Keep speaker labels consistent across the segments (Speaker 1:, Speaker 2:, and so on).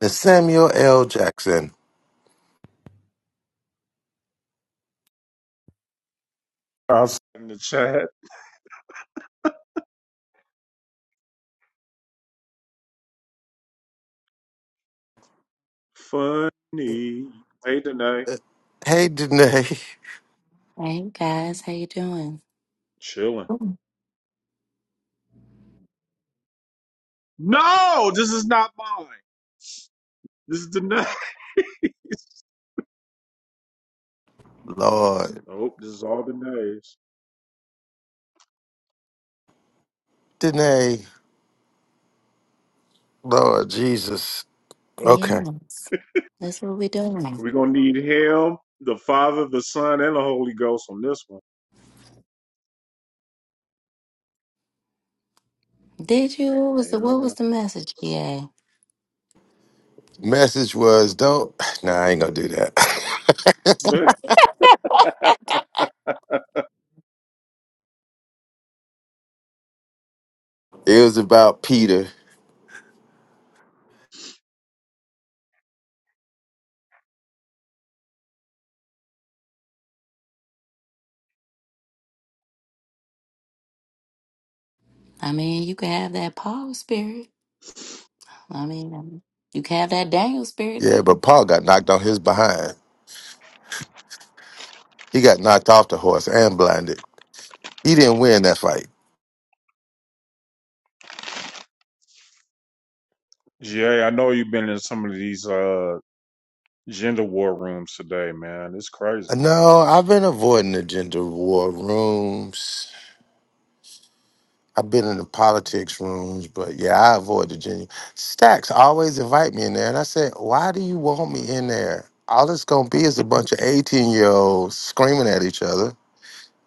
Speaker 1: It's Samuel L. Jackson.
Speaker 2: Also in the chat, funny. Hey, Danae,
Speaker 1: Hey, Danae.
Speaker 3: Hey guys, how you doing?
Speaker 2: chilling.
Speaker 3: Mm.
Speaker 2: No, this is not mine. This is Danae's.
Speaker 1: Lord.
Speaker 2: Nope, this is all Danae's.
Speaker 1: Danae. Lord Jesus. Okay.
Speaker 3: Yes, that's what we're doing.
Speaker 2: We're gonna need him, the Father, the Son, and the Holy Ghost on this one.
Speaker 3: Did you? What was the what was
Speaker 2: Amen.
Speaker 3: the message? Yeah,
Speaker 1: Message was don't. Nah, I ain't gonna do that. it was about Peter.
Speaker 3: I mean, you can have that Paul spirit. I mean, um, you can have that Daniel spirit
Speaker 1: Yeah,
Speaker 3: too.
Speaker 1: but Paul got knocked on his behind. He got knocked off the horse and blinded. He didn't win that fight.
Speaker 2: Jay, I know you've been in some of these uh gender war rooms today, man. It's crazy.
Speaker 1: No, I've been avoiding the gender war rooms. I've been in the politics rooms, but yeah, I avoid the genuine. Stacks always invite me in there. And I said, why do you want me in there? All it's going to be is a bunch of 18 year olds screaming at each other.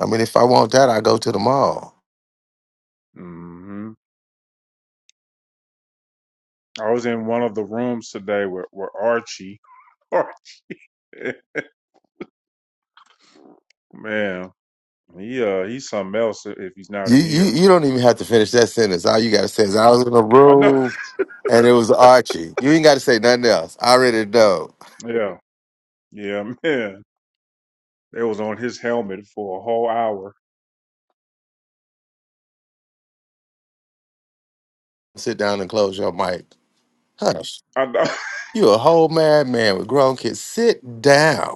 Speaker 1: I mean, if I want that, I go to the mall.
Speaker 2: hmm I was in one of the rooms today with, with Archie. Man, He uh he's something else if he's not
Speaker 1: You,
Speaker 2: in here.
Speaker 1: you, you don't even have to finish that sentence. All you got to say is, I was in a
Speaker 2: I know.
Speaker 1: room and it was Archie. You ain't got to say nothing else. I already know.
Speaker 2: Yeah, yeah, man. They was on his helmet for a whole hour.
Speaker 1: Sit down and close your mic. Hush.
Speaker 2: I know.
Speaker 1: You a whole mad man with grown kids. Sit down.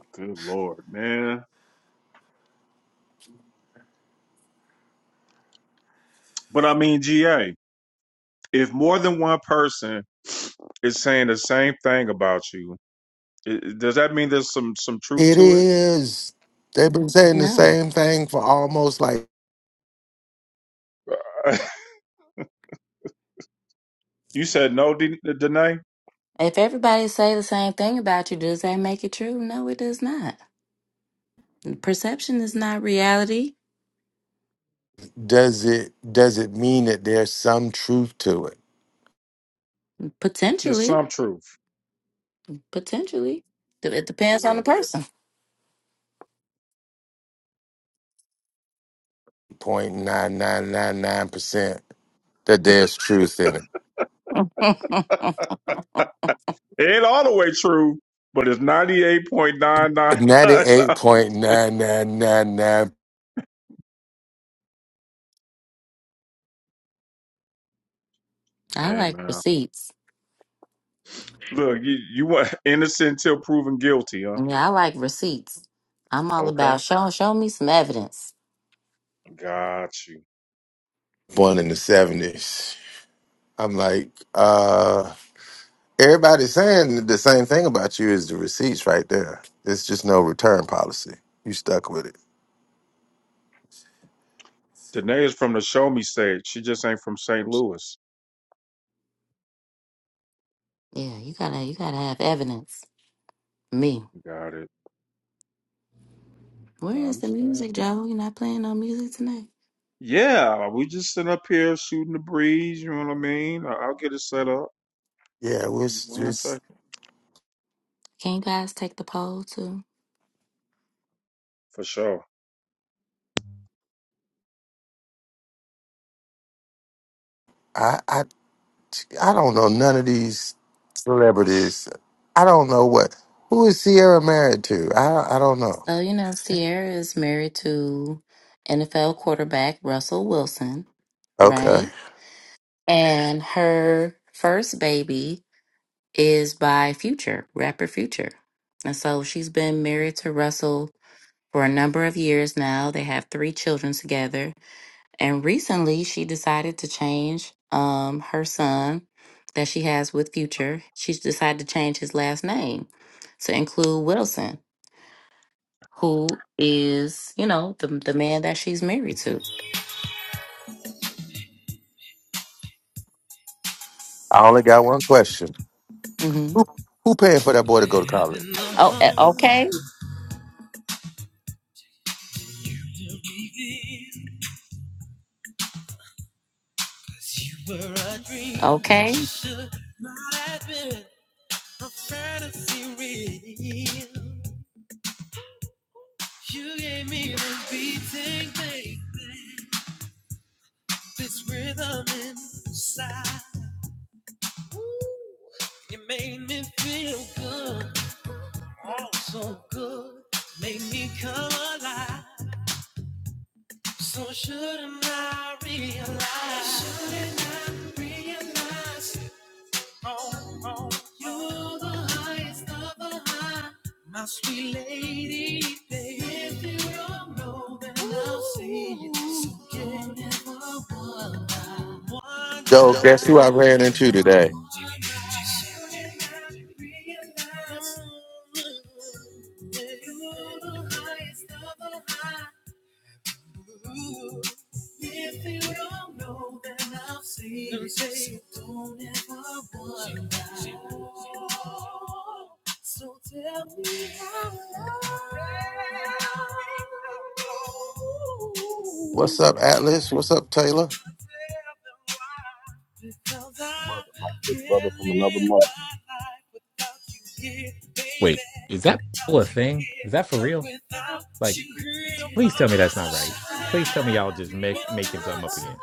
Speaker 2: Good lord, man. But I mean, GA, if more than one person is saying the same thing about you, i i- does that mean there's some some truth
Speaker 1: It
Speaker 2: to it?
Speaker 1: is. They've been saying the
Speaker 3: No,
Speaker 1: same thing for almost like
Speaker 2: Uh, you said no, D- Danae.
Speaker 3: if everybody say the same thing about you, does that make it true? No, it does not. Perception is not reality.
Speaker 1: does it does it mean that there's some truth to it?
Speaker 2: Just
Speaker 3: Potentially,
Speaker 2: some truth.
Speaker 3: potentially, it depends on
Speaker 2: Yeah,
Speaker 3: the person.
Speaker 1: Point nine nine nine nine percent that there's truth in it.
Speaker 2: it ain't all the way true, but it's ninety eight point nine nine
Speaker 1: Ninety
Speaker 2: nine
Speaker 1: eight
Speaker 2: nine
Speaker 1: point
Speaker 2: percent.
Speaker 1: nine nine nine nine one
Speaker 3: I
Speaker 2: Hey
Speaker 3: like
Speaker 2: man.
Speaker 3: receipts.
Speaker 2: Look, you you want innocent till proven guilty, huh?
Speaker 3: Yeah, I like receipts. I'm all
Speaker 2: Okay,
Speaker 3: about show show me some evidence.
Speaker 2: got you.
Speaker 1: born in the 70s. I'm like, uh everybody's saying the same thing about you is the receipts right there. There's just no return policy. You stuck with it.
Speaker 2: Danae is from the Show Me state. She just ain't from St. Louis.
Speaker 3: Yeah, you gotta you gotta have evidence. Me.
Speaker 2: Got it.
Speaker 3: Where
Speaker 2: No, I
Speaker 3: is the
Speaker 2: understand.
Speaker 3: music, Joe? You're not playing no music tonight.
Speaker 2: Yeah, we just sitting up here shooting the breeze. You know what I mean? I- I'll get it set up.
Speaker 1: Yeah, we're, s- we're
Speaker 2: One second,
Speaker 1: s-
Speaker 3: Can you guys take the poll too?
Speaker 2: for sure.
Speaker 1: I I I don't know none of these celebrities. I don't know what. Who is Sierra married to? I I don't know.
Speaker 3: So you know, Sierra is married to NFL quarterback Russell Wilson,
Speaker 1: Okay,
Speaker 3: right? And her first baby is by Future, rapper Future. And so she's been married to Russell for a number of years now. They have three children together And recently, she decided to change um, her son that she has with Future. She's decided to change his last name to include Wilson, who is, you know, the the man that she's married to.
Speaker 1: I only got one question.
Speaker 3: hmm
Speaker 1: Who who paying for that boy to go to
Speaker 2: I've
Speaker 1: college?
Speaker 2: been the
Speaker 3: Oh,
Speaker 2: one
Speaker 3: eh, okay,
Speaker 2: to reveal 'cause you were a dream that you
Speaker 3: okay,
Speaker 2: should not have been a fantasy real. You gave me the beating baby. This rhythm inside. You made me feel good. Oh, so good. Made me come alive. So shouldn't I realize? Shouldn't I realize? You're the highest of the high, my sweet lady. baby. If you don't know, then I'll see you. So you never wonder. Wonder.
Speaker 1: Yo,
Speaker 2: Yo,
Speaker 1: guess
Speaker 2: okay.
Speaker 1: who I ran into today?
Speaker 2: You're the highest of the high. Ooh. If you don't know, then I'll see. Let So don't ever wonder. So tell me how love.
Speaker 1: What's up, Atlas? What's up, Taylor?
Speaker 2: Because I'm
Speaker 4: brother, my good brother from another
Speaker 2: killing
Speaker 4: mother.
Speaker 2: my life without you here, baby.
Speaker 5: Wait, is that
Speaker 2: Without
Speaker 5: poll a
Speaker 2: you
Speaker 5: thing? Is that for
Speaker 2: here,
Speaker 5: real?
Speaker 2: without
Speaker 5: Like,
Speaker 2: you here, my
Speaker 5: please tell me that's not right.
Speaker 2: life.
Speaker 5: Please tell me y'all just make making something up again.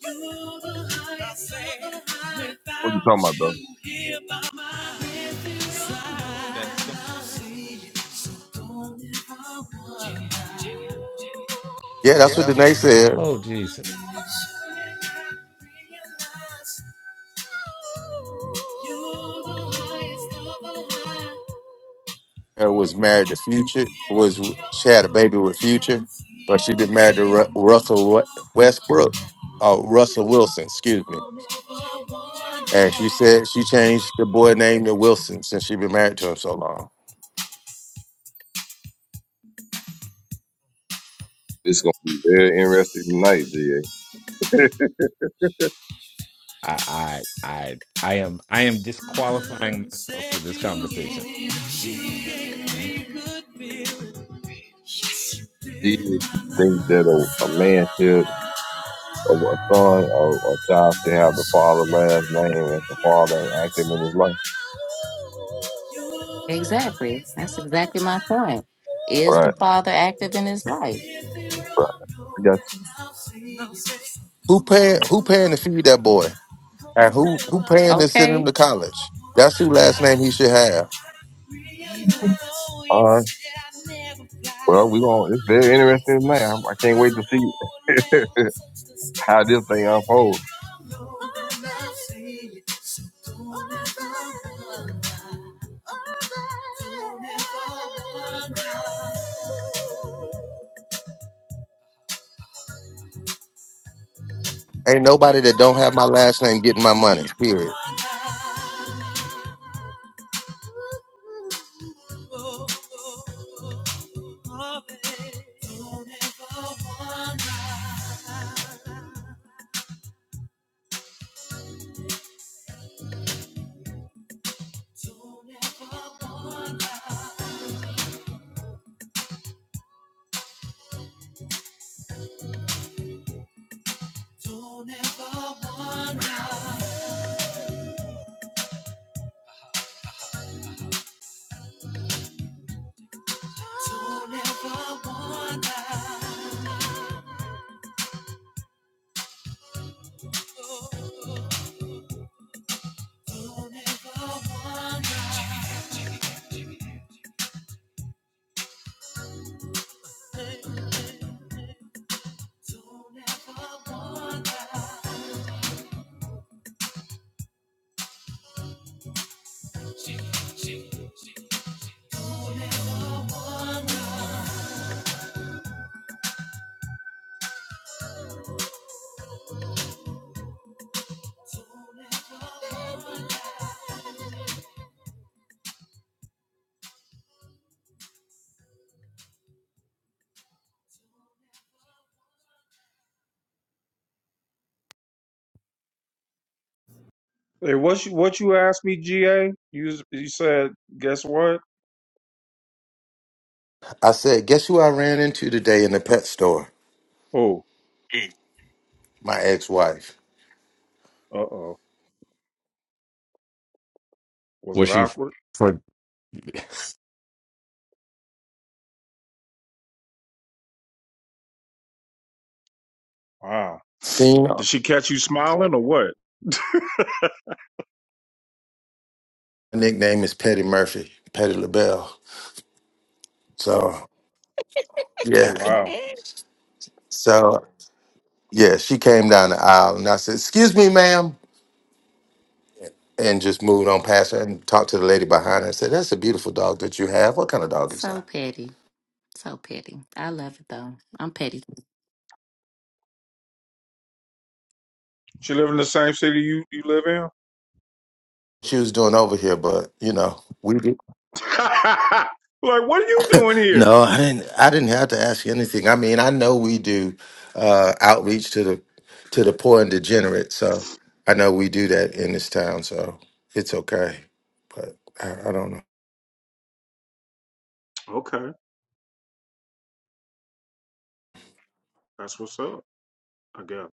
Speaker 2: You're the highest. I say,
Speaker 4: What
Speaker 2: without
Speaker 4: you talking about, bro?
Speaker 2: you here by my side. so don't ever wonder.
Speaker 1: Yeah, that's what
Speaker 2: Yeah,
Speaker 1: Danae said.
Speaker 5: Oh Jesus.
Speaker 1: Uh, was married to Future. Was she had a baby with Future, but she been married to Ru- Russell Wa- Westbrook. Oh, Russell Wilson. Excuse me. And she said she changed the boy name to Wilson since she been married to him so long.
Speaker 4: It's gonna be very interesting tonight, GA.
Speaker 5: I I I I am I am disqualifying myself
Speaker 2: Said
Speaker 5: for this
Speaker 2: you,
Speaker 5: conversation.
Speaker 2: you gave me good feelings. Yes, you
Speaker 4: Do
Speaker 2: did,
Speaker 4: you
Speaker 2: my love.
Speaker 4: think that a, a man should, a, a son or a child should have the father's
Speaker 2: Surely
Speaker 4: last
Speaker 2: I
Speaker 4: name if the
Speaker 2: realize
Speaker 4: father ain't active in his life?
Speaker 2: you're the
Speaker 3: exactly.
Speaker 2: highest
Speaker 3: That's
Speaker 2: of the
Speaker 3: exactly my
Speaker 2: high.
Speaker 3: point. Is the
Speaker 4: Right,
Speaker 3: father active in his life?
Speaker 2: If they don't
Speaker 4: right. I
Speaker 2: know,
Speaker 4: got
Speaker 2: then I'll say, I'll say,
Speaker 1: Who
Speaker 2: oh,
Speaker 1: paying who paying to
Speaker 2: never,
Speaker 1: feed that boy?
Speaker 2: oh,
Speaker 1: And who who
Speaker 2: never.
Speaker 1: paying to send him
Speaker 3: Okay,
Speaker 1: to college? That's who last name he should have.
Speaker 2: Even
Speaker 4: you. Mhm.
Speaker 2: though
Speaker 4: All right.
Speaker 2: it's that I never
Speaker 4: Well,
Speaker 2: fly,
Speaker 4: we
Speaker 2: you're
Speaker 4: going to it's
Speaker 2: the
Speaker 4: very interesting tonight. I, I can't wait to
Speaker 2: Oh, I never
Speaker 4: see
Speaker 2: touch the sky.
Speaker 4: how this thing
Speaker 2: If you
Speaker 4: unfolds.
Speaker 2: don't know, then I'll see it. So don't ever wonder. Don't ever wonder.
Speaker 1: Ain't nobody that don't have my last name getting my money. Period.
Speaker 2: Don't ever wonder. Oh, oh, oh, oh, babe. Don't ever wonder. Don't ever wonder. Don't ever wonder. Don't ever wonder. Oh, oh, oh. Don't ever wonder. Hey, hey, hey. Don't ever wonder. Hey, what you what you asked me, GA? You s- you said, guess what?
Speaker 1: I said, guess who I ran into today in the pet store?
Speaker 2: Oh,
Speaker 1: My ex-wife.
Speaker 2: uh oh. Was it
Speaker 5: Was she f-
Speaker 2: awkward?
Speaker 5: for
Speaker 2: Wow.
Speaker 1: Seen her
Speaker 2: Did she catch you smiling or what?
Speaker 1: nickname is Petty Murphy, Petty LaBelle. So
Speaker 2: Oh
Speaker 1: yeah.
Speaker 2: wow.
Speaker 3: Eh,
Speaker 1: So yeah, she came down the aisle and I said, Excuse me, ma'am. and just moved on past her and talked to the lady behind her and said, That's a beautiful dog that you have. What kind of dog is
Speaker 3: so
Speaker 1: that?
Speaker 3: petty, so petty. I love it though. I'm petty.
Speaker 2: She live in the same city you, you live in?
Speaker 1: She was doing over here, but you know, we did.
Speaker 2: like, what are you doing here?
Speaker 1: No, I didn't I didn't have to ask you anything. I mean, I know we do uh outreach to the to the poor and degenerate, so I know we do that in this town, so it's okay. But I, I don't know.
Speaker 2: Okay. That's what's up, I guess.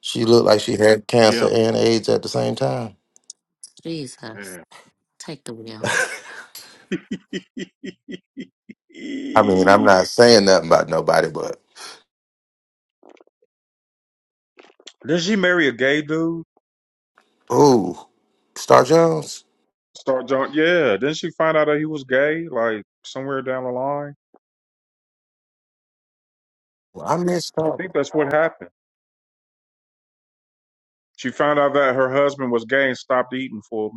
Speaker 1: She looked like she had cancer
Speaker 2: Yeah.
Speaker 1: and AIDS at the same time.
Speaker 3: Jesus,
Speaker 2: Damn.
Speaker 3: take the wheel.
Speaker 1: I mean, I'm
Speaker 2: Did
Speaker 1: not saying nothing about nobody, but
Speaker 2: she marry a gay dude?
Speaker 1: ooh, Star Jones.
Speaker 2: Start John. Yeah. Didn't she find out that he was gay, like somewhere down the line?
Speaker 1: I miss
Speaker 2: I
Speaker 1: her.
Speaker 2: think that's what happened. She found out that her husband was gay and stopped eating for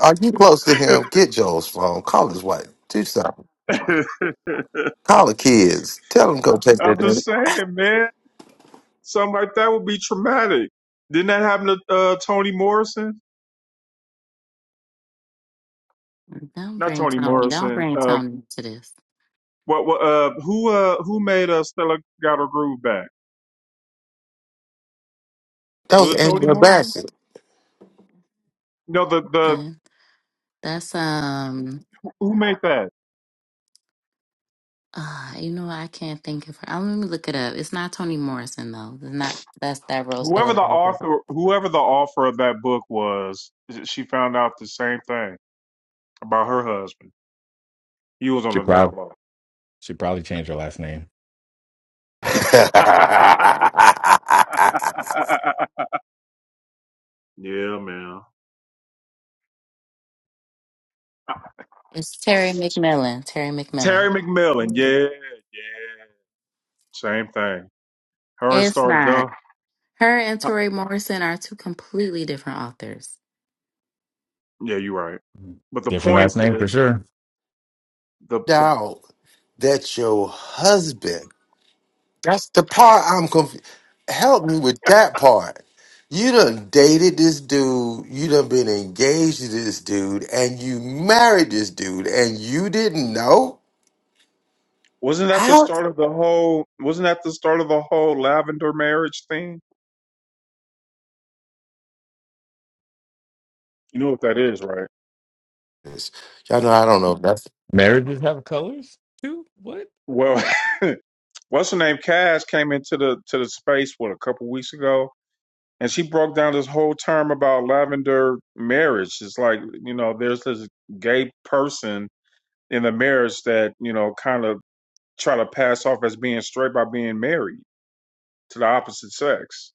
Speaker 1: Are you close to
Speaker 2: a
Speaker 1: him?
Speaker 2: minute.
Speaker 1: Get Joel's phone. Call his wife. Do something. Call the kids. Tell them to go take that.
Speaker 2: I'm
Speaker 1: That
Speaker 2: just saying, man. Something like that would be traumatic. Didn't that happen to uh, Toni Morrison?
Speaker 3: Don't
Speaker 2: Not
Speaker 3: bring
Speaker 2: Toni
Speaker 3: Tony. Don't
Speaker 2: Morrison.
Speaker 3: bring
Speaker 2: Uh,
Speaker 3: Tony to this.
Speaker 2: what? what uh, who? Uh, who made uh, Stella got her groove back?
Speaker 1: that
Speaker 2: Was
Speaker 1: was
Speaker 2: it Toni
Speaker 1: Angela
Speaker 2: Morrison?
Speaker 1: Bassett.
Speaker 2: No, the the
Speaker 3: Then that's um.
Speaker 2: who made that?
Speaker 3: Uh, you know I can't think of her. Uh, let me look it up. It's not Toni Morrison though. It's not. That's that Rose
Speaker 2: Whoever
Speaker 3: Helen
Speaker 2: the
Speaker 3: Bible.
Speaker 2: author, whoever the author of that book was, she found out the same thing about her husband. He was on
Speaker 5: she
Speaker 2: the down
Speaker 5: probably
Speaker 2: low.
Speaker 5: she probably changed her last name.
Speaker 2: yeah, man.
Speaker 3: It's Terry McMillan. Terry
Speaker 2: Terry
Speaker 3: McMillan.
Speaker 2: McMillan. Yeah, yeah. Same thing. Her and
Speaker 3: It's
Speaker 2: Star
Speaker 3: not.
Speaker 2: Jones.
Speaker 3: Her and Toni Morrison are two completely different authors.
Speaker 2: Yeah, you're right. But the
Speaker 5: Different
Speaker 2: point
Speaker 5: last name for
Speaker 2: is,
Speaker 5: sure.
Speaker 2: the, the
Speaker 1: Dog, that's your husband. That's the part I'm confused. Help me with that part. You done dated this dude. You done been engaged to this dude, and you married this dude, and you didn't know
Speaker 2: wasn't that the
Speaker 1: how.
Speaker 2: start of the whole wasn't that the start of the whole lavender marriage thing? You know what that is, right?
Speaker 1: Y'all know I don't know. That's
Speaker 5: Marriages have colors too? What?
Speaker 2: Well, what's her name? Cass came into the to the space what a couple weeks ago, and she broke down this whole term about lavender marriage. It's like you know, there's this gay person in the marriage that you know kind of try to pass off as being straight by being married to the opposite sex.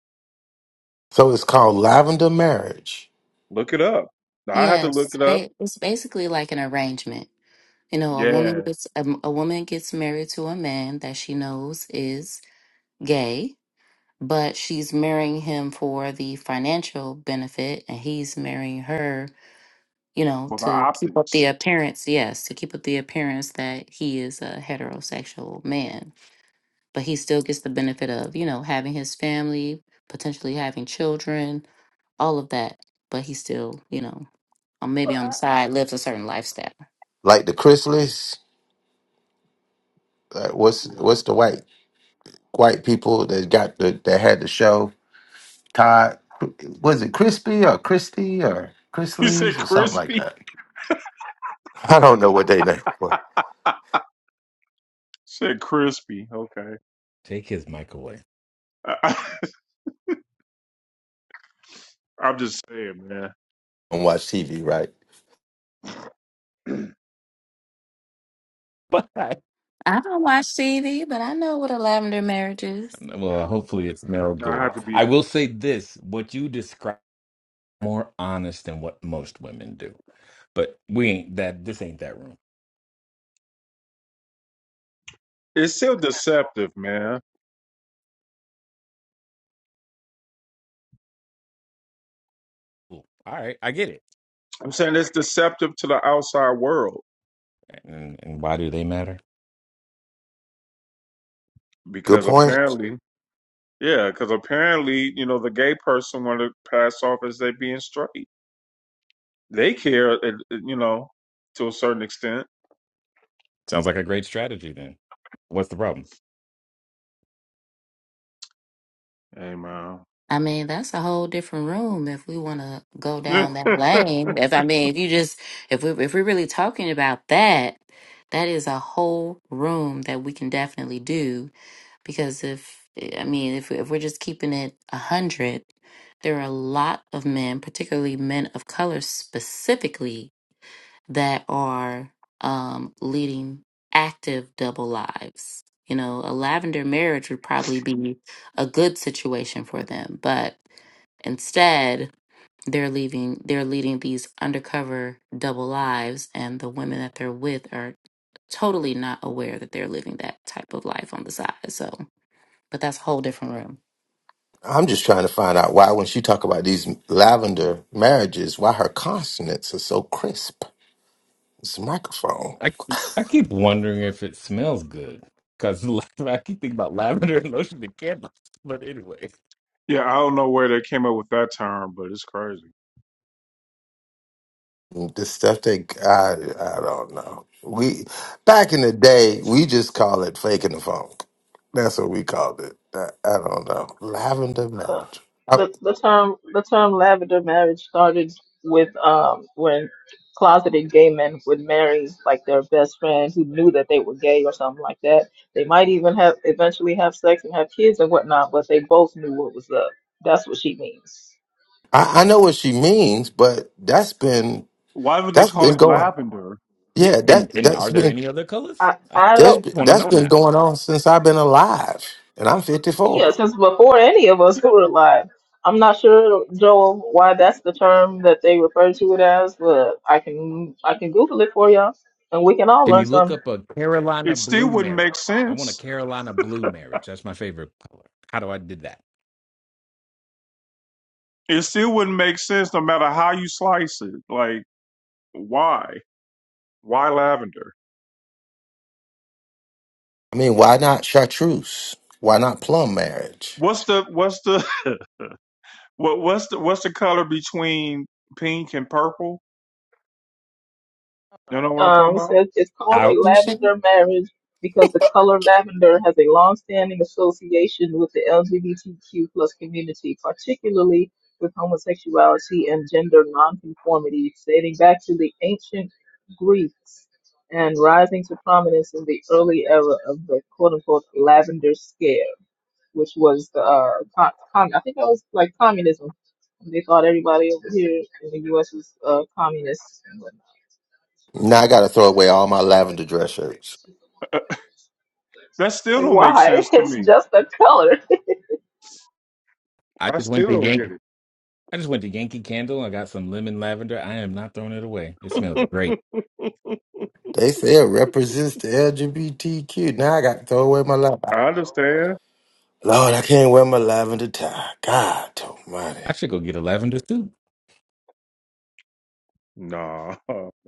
Speaker 1: so. It's called lavender marriage.
Speaker 2: Look it up. I have to look
Speaker 3: Yes,
Speaker 2: it up.
Speaker 3: ba- it's basically like an arrangement. You know, a
Speaker 2: Yeah,
Speaker 3: woman gets a, a woman gets married to a man that she knows is gay but she's marrying him for the financial benefit and he's marrying her you know
Speaker 2: for the
Speaker 3: to keep up
Speaker 2: optics.
Speaker 3: the appearance yes to keep up the appearance that he is a heterosexual man but he still gets the benefit of you know having his family potentially having children all of that but he still you know um, maybe on the
Speaker 5: Ah.
Speaker 3: side lives a certain lifestyle
Speaker 1: like the Chrysalis. Uh, what's
Speaker 2: Yeah,
Speaker 1: what's the white white people that got the that had the show? Todd was it Crispy or Christy or
Speaker 2: you said
Speaker 1: Chrisleys or something like
Speaker 2: crispy.
Speaker 1: that? I don't know what they name was.
Speaker 2: Said crispy. Okay,
Speaker 5: Take his mic away.
Speaker 2: I, I, I'm just saying, man.
Speaker 1: Don't watch TV, right?
Speaker 5: But I,
Speaker 3: i don't watch tv but i know what a lavender marriage is
Speaker 5: well, hopefully it's smelled
Speaker 2: I
Speaker 5: good.
Speaker 2: have to be.
Speaker 5: I will say this: what you describe. more honest than what most women do. But we ain't that. This ain't that room.
Speaker 2: It's still deceptive, man.
Speaker 5: Cool. All right, I get it.
Speaker 2: I'm saying it's deceptive to the outside world
Speaker 5: And, and why do they matter?
Speaker 1: Good
Speaker 2: because
Speaker 1: point.
Speaker 2: apparently, yeah, because apparently, you know, the gay person want to pass off as they being straight. They care, uh, uh, you know, to a certain extent.
Speaker 5: Sounds like a great strategy. Then what's the problem?
Speaker 2: Hey, man.
Speaker 3: I mean, that's a whole different room if we want to go
Speaker 2: yeah,
Speaker 3: down that lane. If I mean, if you just if we if we're really talking about that, that is a whole room that we can definitely do because if I mean, if if we're just keeping it a hundred, there are a lot of men, particularly men of color specifically, that are um, leading active double lives. You know, a lavender marriage would probably be a good situation for them, but Instead, they're leaving they're leading these undercover double lives and the women that they're with are totally not aware that they're living that type of life on the side. So but that's a whole different room.
Speaker 1: I'm just trying to find out why when she talk about these lavender marriages, why her consonants are so crisp. It's a microphone.
Speaker 5: I I keep wondering if it smells good because I keep thinking about lavender and lotion and candles. But anyway,
Speaker 2: I don't know where they came up with that term, but it's crazy.
Speaker 1: the stuff they I I don't know. We back in the day, we just call it faking the funk. That's what we called it. I, I don't know. Lavender
Speaker 6: Uh,
Speaker 1: marriage. I,
Speaker 6: the the term the term lavender marriage started with um when closeted gay men would marry like their best friend who knew that they were gay or something like that. They might even have eventually have sex and have kids and whatnot, but they both knew what was up. That's what she means.
Speaker 1: I I know what she means, but that's been
Speaker 2: Why would they
Speaker 1: that's
Speaker 2: call
Speaker 1: been
Speaker 2: it
Speaker 1: going.
Speaker 2: lavender?
Speaker 5: yeah.
Speaker 1: Yeah, that
Speaker 5: And and
Speaker 1: that's
Speaker 5: are there
Speaker 1: been
Speaker 5: any other colors?
Speaker 6: I
Speaker 5: I
Speaker 6: I
Speaker 1: that's
Speaker 6: don't
Speaker 1: been-
Speaker 5: want to
Speaker 1: that's
Speaker 5: know
Speaker 1: been
Speaker 5: now.
Speaker 1: going on since I've been alive, and I'm
Speaker 6: yeah,
Speaker 1: 54.
Speaker 6: since before any of us were alive. I'm not sure Joel why that's the term that they refer to it as, but I can I can Google it for y'all and we can all
Speaker 5: Can
Speaker 6: learn
Speaker 5: you look
Speaker 6: something.
Speaker 5: up a Carolina
Speaker 2: It still
Speaker 5: blue
Speaker 2: wouldn't make
Speaker 5: marriage? I want a
Speaker 2: sense.
Speaker 5: Carolina blue marriage. That's my favorite color. How do I did that?
Speaker 2: It still wouldn't make sense no matter how you slice it. Like, why? Why lavender?
Speaker 1: I mean, why not chartreuse? Why not plum marriage?
Speaker 2: What's the what's the What what's the what's the color between pink and purple? You
Speaker 6: Right.
Speaker 2: know what I'm
Speaker 6: Um,
Speaker 2: talking
Speaker 6: it
Speaker 2: about?
Speaker 6: says it's called a
Speaker 5: Out.
Speaker 6: lavender marriage because the color lavender has a long-standing association with the LGBTQ plus community, particularly with homosexuality and gender nonconformity, dating back to the ancient Greeks and rising to prominence in the early era of the quote-unquote lavender scare, which was the uh, con- con- I think that was like communism. They thought everybody over here in the U.S. was uh, communist and whatnot.
Speaker 1: Now I got to throw away all my lavender dress shirts.
Speaker 2: Uh, uh, That still don't make sense
Speaker 6: Why?
Speaker 2: to
Speaker 6: It's
Speaker 2: me.
Speaker 6: just a color.
Speaker 5: I
Speaker 2: I
Speaker 5: just went
Speaker 2: still
Speaker 5: to
Speaker 2: don't
Speaker 5: Yankee.
Speaker 2: get
Speaker 5: I just went to Yankee Candle. I got some lemon lavender. I am not throwing it away. It smells
Speaker 2: it.
Speaker 5: great.
Speaker 1: They say it represents the LGBTQ. Now I got to throw away my lavender.
Speaker 2: I understand.
Speaker 1: Lord, I can't wear my lavender tie. God
Speaker 5: I
Speaker 1: almighty.
Speaker 5: should go get a lavender too.
Speaker 2: Nah,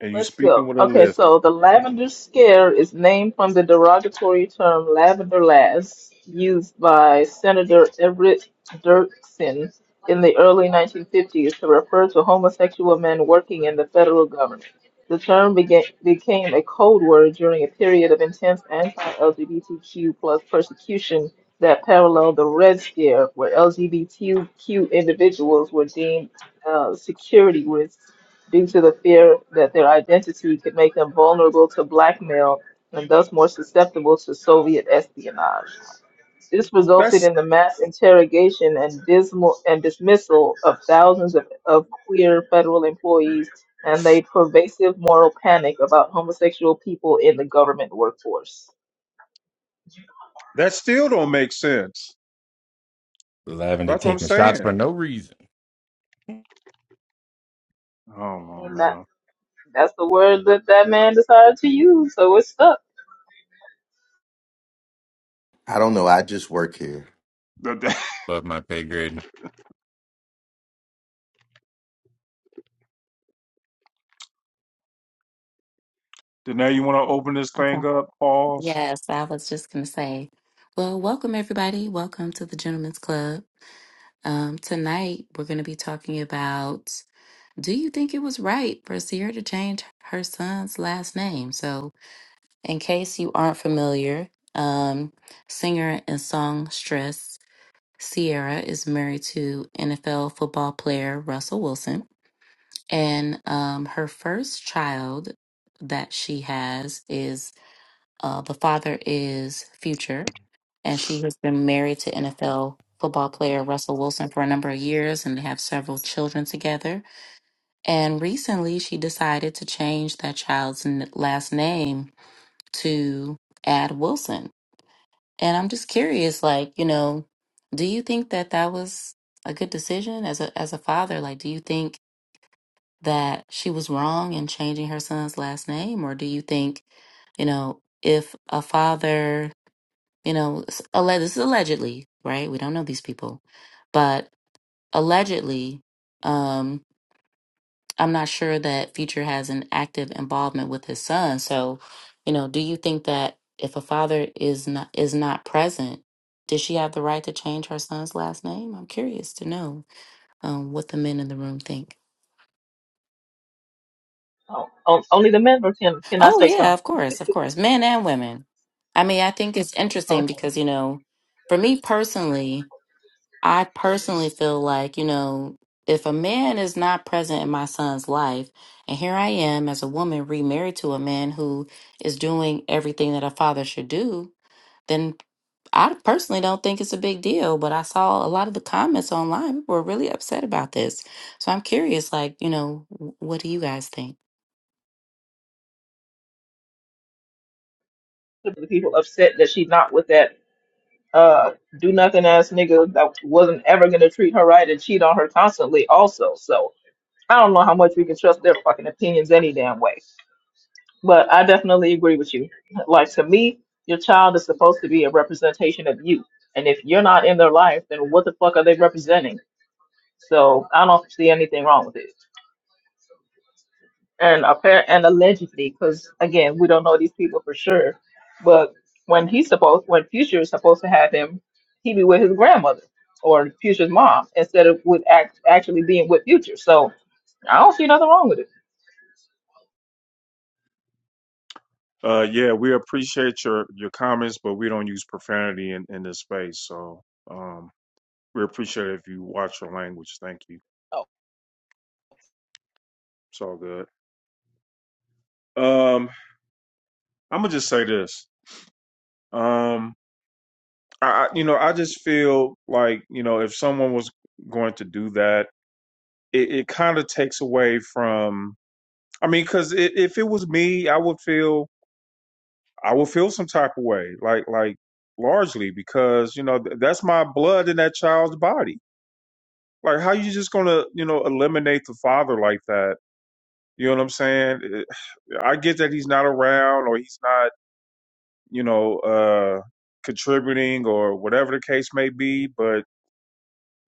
Speaker 2: and you
Speaker 6: Let's
Speaker 2: speaking
Speaker 6: go.
Speaker 2: with a
Speaker 6: Okay,
Speaker 2: lift.
Speaker 6: so the lavender scare is named from the derogatory term lavender lass used by Senator Everett Dirksen in the early 1950s to refer to homosexual men working in the federal government. The term began, became a code word during a period of intense anti-LGBTQ plus persecution that paralleled the Red Scare, where LGBTQ individuals were deemed uh, security risks due to the fear that their identity could make them vulnerable to blackmail and thus more susceptible to Soviet espionage. This resulted
Speaker 2: That's
Speaker 6: in the mass interrogation and dismal and dismissal of thousands of, of queer federal employees and a pervasive moral panic about homosexual people in the government workforce.
Speaker 2: that still don't make sense.
Speaker 5: Lavender
Speaker 2: That's what I'm
Speaker 5: taking shots
Speaker 2: saying.
Speaker 5: for no reason.
Speaker 2: Oh do
Speaker 6: And that,
Speaker 2: man.
Speaker 6: that's the word that that man decided to use, so it's stuck.
Speaker 1: I don't know. I just work here.
Speaker 2: That- that-
Speaker 5: Above my pay grade.
Speaker 2: Then now you want to open this
Speaker 3: Okay.
Speaker 2: thing up? Pause.
Speaker 3: Yes, I was just gonna say, well, welcome everybody. Welcome to the Gentlemen's Club. Um, tonight we're gonna be talking about do you think it was right for Sierra to change her son's last name? So In case you aren't familiar, um, singer and songstress Sierra is married to NFL football player Russell Wilson. And um, her first child that she has is uh, the father is Future. And she has been married to NFL football player Russell Wilson for a number of years, and they have several children together. And recently, she decided to change that child's n- last name to add Wilson and I'm just curious, like, you know, do you think that that was a good decision as a as a father? Like, do you think that she was wrong in changing her son's last name, or do you think, you know, if a father, you know, s- alle- this is allegedly, right? We don't know these people, but allegedly. um, I'm not sure that Future has an active involvement with his son. So, you know, do you think that if a father is not is not present, does she have the right to change her son's last name? I'm curious to know um, what the men in the room think.
Speaker 6: Oh, on- only the men were can, cannot
Speaker 3: Oh
Speaker 6: say
Speaker 3: yeah,
Speaker 6: something.
Speaker 3: of course, of course, men and women. I mean, I think it's
Speaker 6: Okay.
Speaker 3: interesting because you know, for me personally, I personally feel like, you know, if a man is not present in my son's life, and here I am as a woman remarried to a man who is doing everything that a father should do, then I personally don't think it's a big deal. But I saw a lot of the comments online. People were really upset about this. So I'm curious, like, you know, wh- what do you guys think?
Speaker 6: The people upset that she's not with that uh do nothing ass nigga that wasn't ever gonna treat her right and cheat on her constantly also. So I don't know how much we can trust their fucking opinions any damn way. But I definitely agree with you. Like to me, your child is supposed to be a representation of you. And if you're not in their life, then what the fuck are they representing? So I don't see anything wrong with it. and apparent and allegedly, because again, we don't know these people for sure. But when he's supposed, when Future is supposed to have him, he be with his grandmother or Future's mom instead of with act, actually being with Future. So I don't see nothing wrong with it.
Speaker 2: Uh, yeah, we appreciate your your comments, but we don't use profanity in in this space. So, um, we appreciate it if you watch your language. Thank you. It's all good. Um, I'm gonna just say this. Um, I, I you know I just feel like you know if someone was going to do that, it, it kind of takes away from. I mean, because if it was me, I would feel I would feel some type of way, like like largely because you know th- that's my blood in that child's body. Like, how you just gonna you know eliminate the father like that? You know what I'm saying? It- I get that he's not around or he's not you know, uh, contributing or whatever the case may be. But,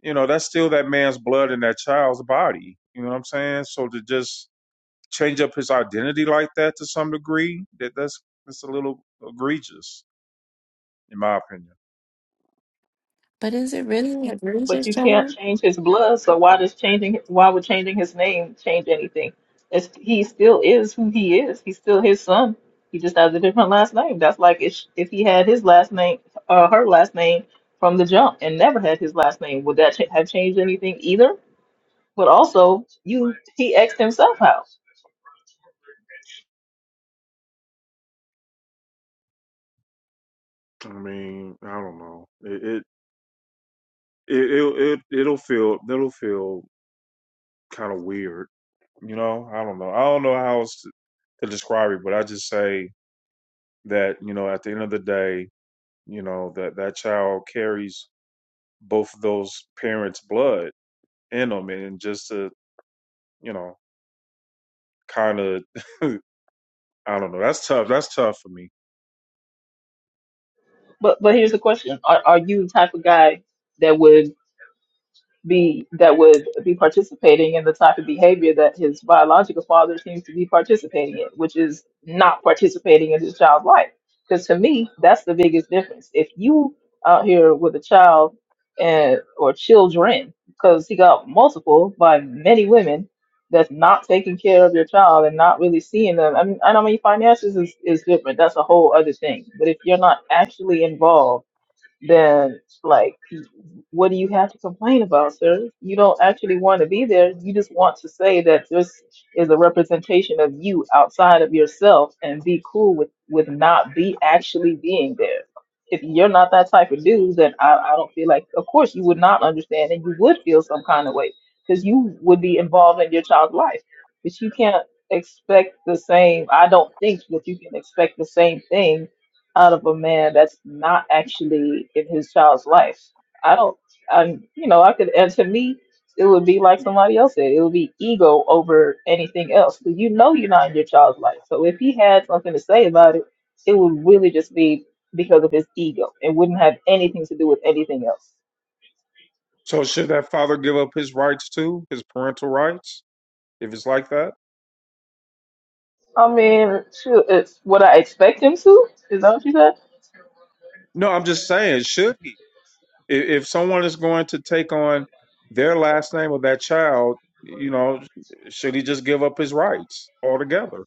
Speaker 2: you know, that's still that man's blood in that child's body. You know what I'm saying? So to just change up his identity like that to some degree, that that's, that's a little egregious, in my opinion.
Speaker 3: But is it really a
Speaker 6: But
Speaker 3: egregious,
Speaker 6: you can't
Speaker 3: Joel?
Speaker 6: change his blood, so why does changing why would changing his name change anything? It's, he still is who he is. He's still his son. He just has a different last name. That's like if if he had his last name, uh, her last name from the jump, and never had his last name, would that ch have changed anything either? But also, you he asked himself how.
Speaker 2: I mean, I don't know. It it it it'll, it, it'll feel it'll feel kind of weird. You know, I don't know. I don't know how else to to describe it, but I just say that, you know, at the end of the day, you know, that that child carries both those parents' blood in them, and just to you know, kind of, I don't know. That's tough. That's tough for me.
Speaker 6: But but here's the question: Are are you the type of guy that would? be that would be participating in the type of behavior that his biological father seems to be participating in, which is not participating in his child's life. Because to me, that's the biggest difference. If you out here with a child and or children, because he got multiple by many women that's not taking care of your child and not really seeing them. I mean, I know I mean finances is, is different. That's a whole other thing. But if you're not actually involved then like what do you have to complain about sir you don't actually want to be there you just want to say that this is a representation of you outside of yourself and be cool with with not be actually being there if you're not that type of dude then i, I don't feel like of course you would not understand and you would feel some kind of way because you would be involved in your child's life but you can't expect the same i don't think that you can expect the same thing out of a man that's not actually in his child's life. I don't, I, you know, I could, and to me, it would be like somebody else said, it would be ego over anything else. Because you know you're not in your child's life. So if he had something to say about it, it would really just be because of his ego. It wouldn't have anything to do with anything else.
Speaker 2: So should that father give up his rights too, his parental rights, if it's like that?
Speaker 6: I mean, shoot, it's what I expect him to. Is that what you said?
Speaker 2: No, I'm just saying, should he? If, if someone is going to take on their last name of that child, you know, should he just give up his rights altogether?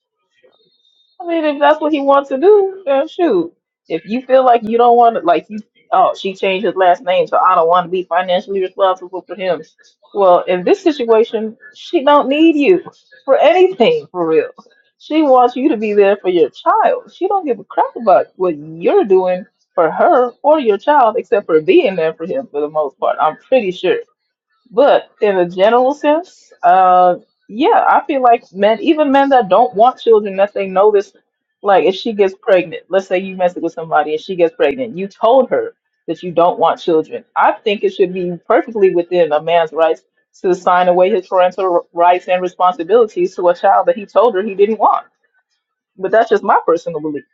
Speaker 6: I mean, if that's what he wants to do, then shoot. If you feel like you don't want to, like you, oh, she changed his last name, so I don't want to be financially responsible for him. Well, in this situation, she don't need you for anything, for real. She wants you to be there for your child. She don't give a crap about what you're doing for her or your child, except for being there for him for the most part. I'm pretty sure. But in a general sense, uh, yeah, I feel like men, even men that don't want children, that they know this, like if she gets pregnant, let's say you mess with somebody and she gets pregnant, you told her that you don't want children. I think it should be perfectly within a man's rights to sign away his parental rights and responsibilities to a child that he told her he didn't want. But that's just my personal belief.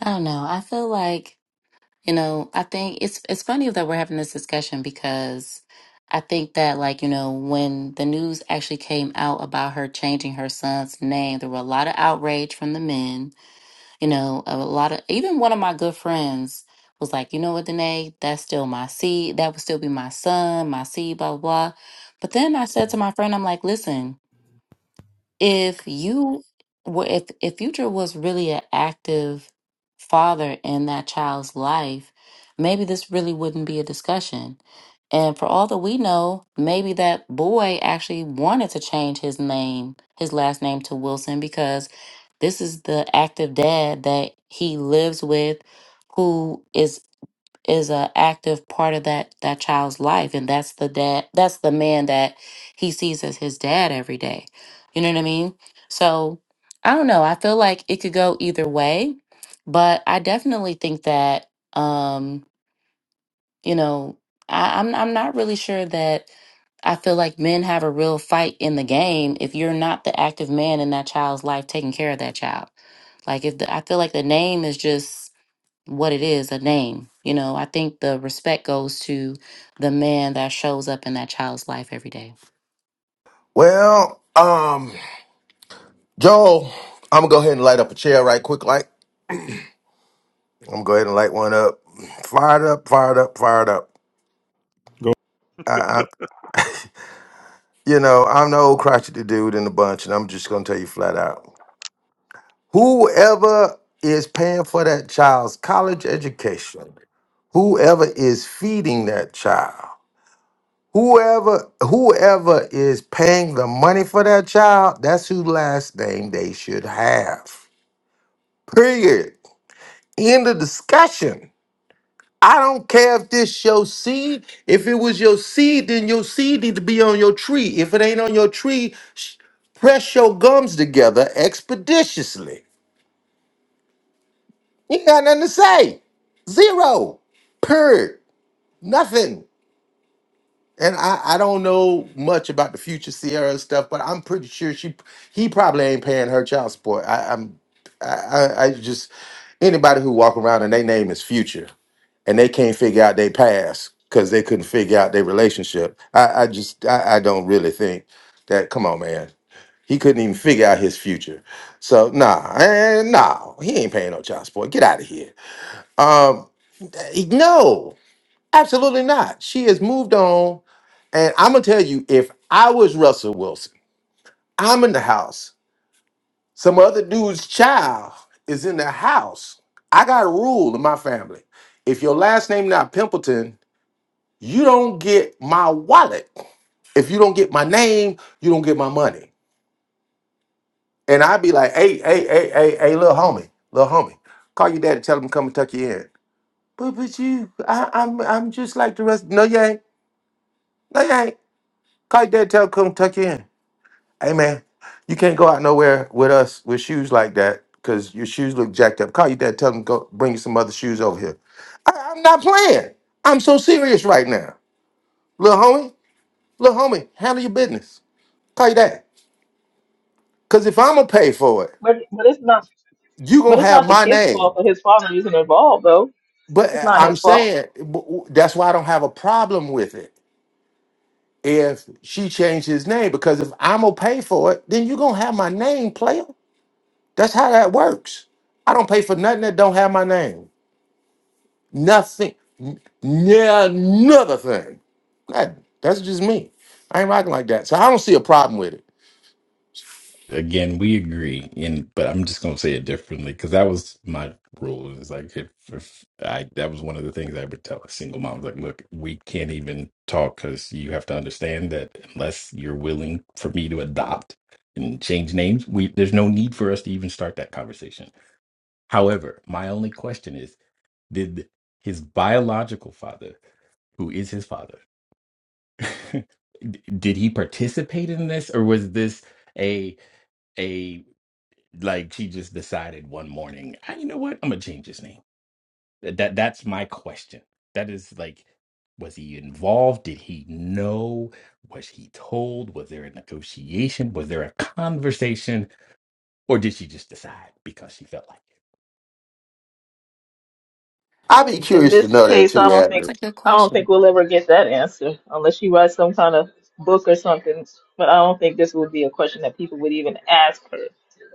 Speaker 3: I don't know. I feel like You know, I think it's it's funny that we're having this discussion because I think that like, you know, when the news actually came out about her changing her son's name, there were a lot of outrage from the men, you know, a lot of even one of my good friends was like, you know what, Danae, that's still my seed, that would still be my son, my seed, blah, blah, blah. But then I said to my friend, I'm like, listen, if you were if if future was really an active father in that child's life maybe this really wouldn't be a discussion and for all that we know maybe that boy actually wanted to change his name his last name to wilson because this is the active dad that he lives with who is is a active part of that that child's life and that's the dad that's the man that he sees as his dad every day you know what i mean so i don't know i feel like it could go either way but i definitely think that um you know I, i'm i'm not really sure that I feel like men have a real fight in the game if you're not the active man in that child's life taking care of that child. Like if the, I feel like the name is just what it is a name you know i think the respect goes to the man that shows up in that child's life every day
Speaker 1: Well, um, Joel, I'm gonna go ahead and light up a chair right quick. Like I'm gonna go ahead and light one up. Fired up, fired up, fired up.
Speaker 2: Go.
Speaker 1: I, I, you know, I'm the old crotchety dude in the bunch, and I'm just gonna tell you flat out: whoever is paying for that child's college education, whoever is feeding that child. Whoever whoever is paying the money for that child, that's who last name they should have. Period. End of discussion. I don't care if this your seed. If it was your seed, then your seed need to be on your tree. If it ain't on your tree, sh- press your gums together expeditiously. You ain't got nothing to say. Zero. Period. Nothing. And I, I don't know much about the future Sierra stuff, but I'm pretty sure she he probably ain't paying her child support. I, I'm I, I I just anybody who walk around and they name is future and they can't figure out their past because they couldn't figure out their relationship. I, I just I, I don't really think that come on man. He couldn't even figure out his future. So nah, and nah, he ain't paying no child support. Get out of here. Um eh, no, absolutely not. She has moved on and I'm gonna tell you, if I was Russell Wilson, I'm in the house. Some other dude's child is in the house. I got a rule in my family. If your last name not Pimpleton, you don't get my wallet. If you don't get my name, you don't get my money. And I'd be like, hey, hey, hey, hey, hey, little homie, little homie, call your dad and tell him to come and tuck you in. But but you, I, I'm I'm just like the rest. No, you ain't. No, you ain't. Call your dad and tell him to come tuck you in. Hey man, you can't go out nowhere with us with shoes like that because your shoes look jacked up. Call your dad, tell him go bring you some other shoes over here. I, am not playing. I'm so serious right now, little homie. Little homie, handle your business. Call your dad. Cause if I'ma pay for it,
Speaker 6: But but it's not
Speaker 1: you
Speaker 6: but
Speaker 1: gonna
Speaker 6: it's
Speaker 1: have
Speaker 6: not the
Speaker 1: my
Speaker 6: kid's
Speaker 1: name.
Speaker 6: fault that his father isn't involved though.
Speaker 1: But
Speaker 6: It's
Speaker 1: uh,
Speaker 6: not
Speaker 1: I'm
Speaker 6: his fault.
Speaker 1: saying b- w- that's why I don't have a problem with it if she changed his name. Because if I'ma pay for it, then you gonna have my name, player. That's how that works. I don't pay for nothing that don't have my name. Nothing. n- Yeah, another thing. That, that's just me. I ain't rocking like that. So I don't see a problem with it.
Speaker 5: Again, we agree. And but I'm just gonna say it differently because that was my rule. It's like if, if I that was one of the things I would tell a single mom. Like, look, we can't even talk because you have to understand that unless you're willing for me to adopt and change names, we there's no need for us to even start that conversation. However, my only question is Did his biological father, who is his father, did he participate in this, or was this a a like she just decided one morning, "Ah, you know what, I'm gonna change his name. That, that that's my question. That is like, was he involved? Did he know? Was he told? Was there a negotiation? Was there a conversation, or did she just decide because she felt like it?
Speaker 1: I'd be
Speaker 6: In
Speaker 1: curious to
Speaker 6: this
Speaker 1: know that
Speaker 6: case, I
Speaker 1: too,
Speaker 6: don't think
Speaker 3: that's
Speaker 1: Atlas.
Speaker 3: a good
Speaker 6: I don't think
Speaker 3: question
Speaker 6: we'll ever get that answer unless she writes some kind of book or something. But I don't think this would be a question that people would even ask her.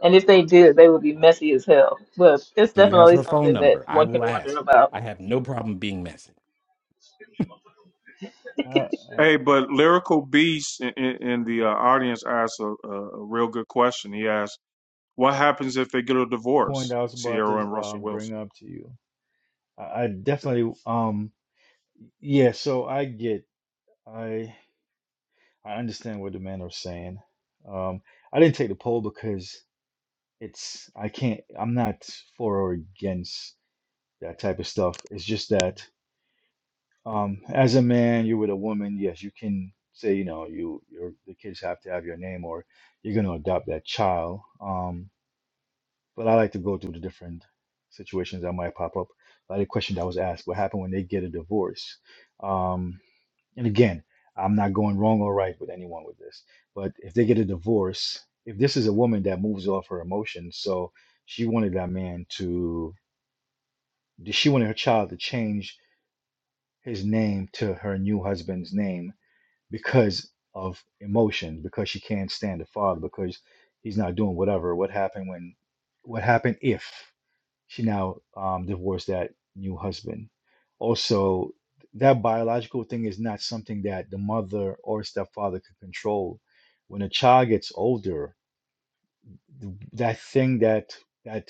Speaker 6: And if they did, they would be messy as hell. But it's
Speaker 5: Do you have
Speaker 6: definitely
Speaker 5: her phone
Speaker 6: something that
Speaker 5: number? I
Speaker 6: one can
Speaker 5: will
Speaker 6: wonder
Speaker 5: ask.
Speaker 6: about.
Speaker 5: I have no problem being
Speaker 7: uh, uh,
Speaker 2: Hey, but Lyrical Beast in, in, in the uh, audience asked a, a, real good question. He asked What happens if they get a
Speaker 7: point
Speaker 2: divorce,
Speaker 7: I was about
Speaker 2: Sierra
Speaker 7: to
Speaker 2: and Russell
Speaker 7: um,
Speaker 2: Wilson?
Speaker 7: bring up to you. I, I definitely, um, yeah. So I get, I, I understand what the men are saying. Um, I didn't take the poll because it's, I can't, I'm not for or against that type of stuff. It's just that, um, as a man, you're with a woman. Yes, you can say, you know, you, your, the kids have to have your name, or you're going to adopt that child. Um, but I like to go through the different situations that might pop up. Like the question that was asked, what happened when they get a divorce? Um, and again, I'm not going wrong or right with anyone with this, but if they get a divorce, if this is a woman that moves off her emotions, so she wanted that man to, she wanted her child to change his name to her new husband's name because of emotion, because she can't stand the father, because he's not doing whatever. What happened when, what happened if? She now um, divorced that new husband. Also, that biological thing is not something that the mother or stepfather could control. When a child gets older, th- that thing that that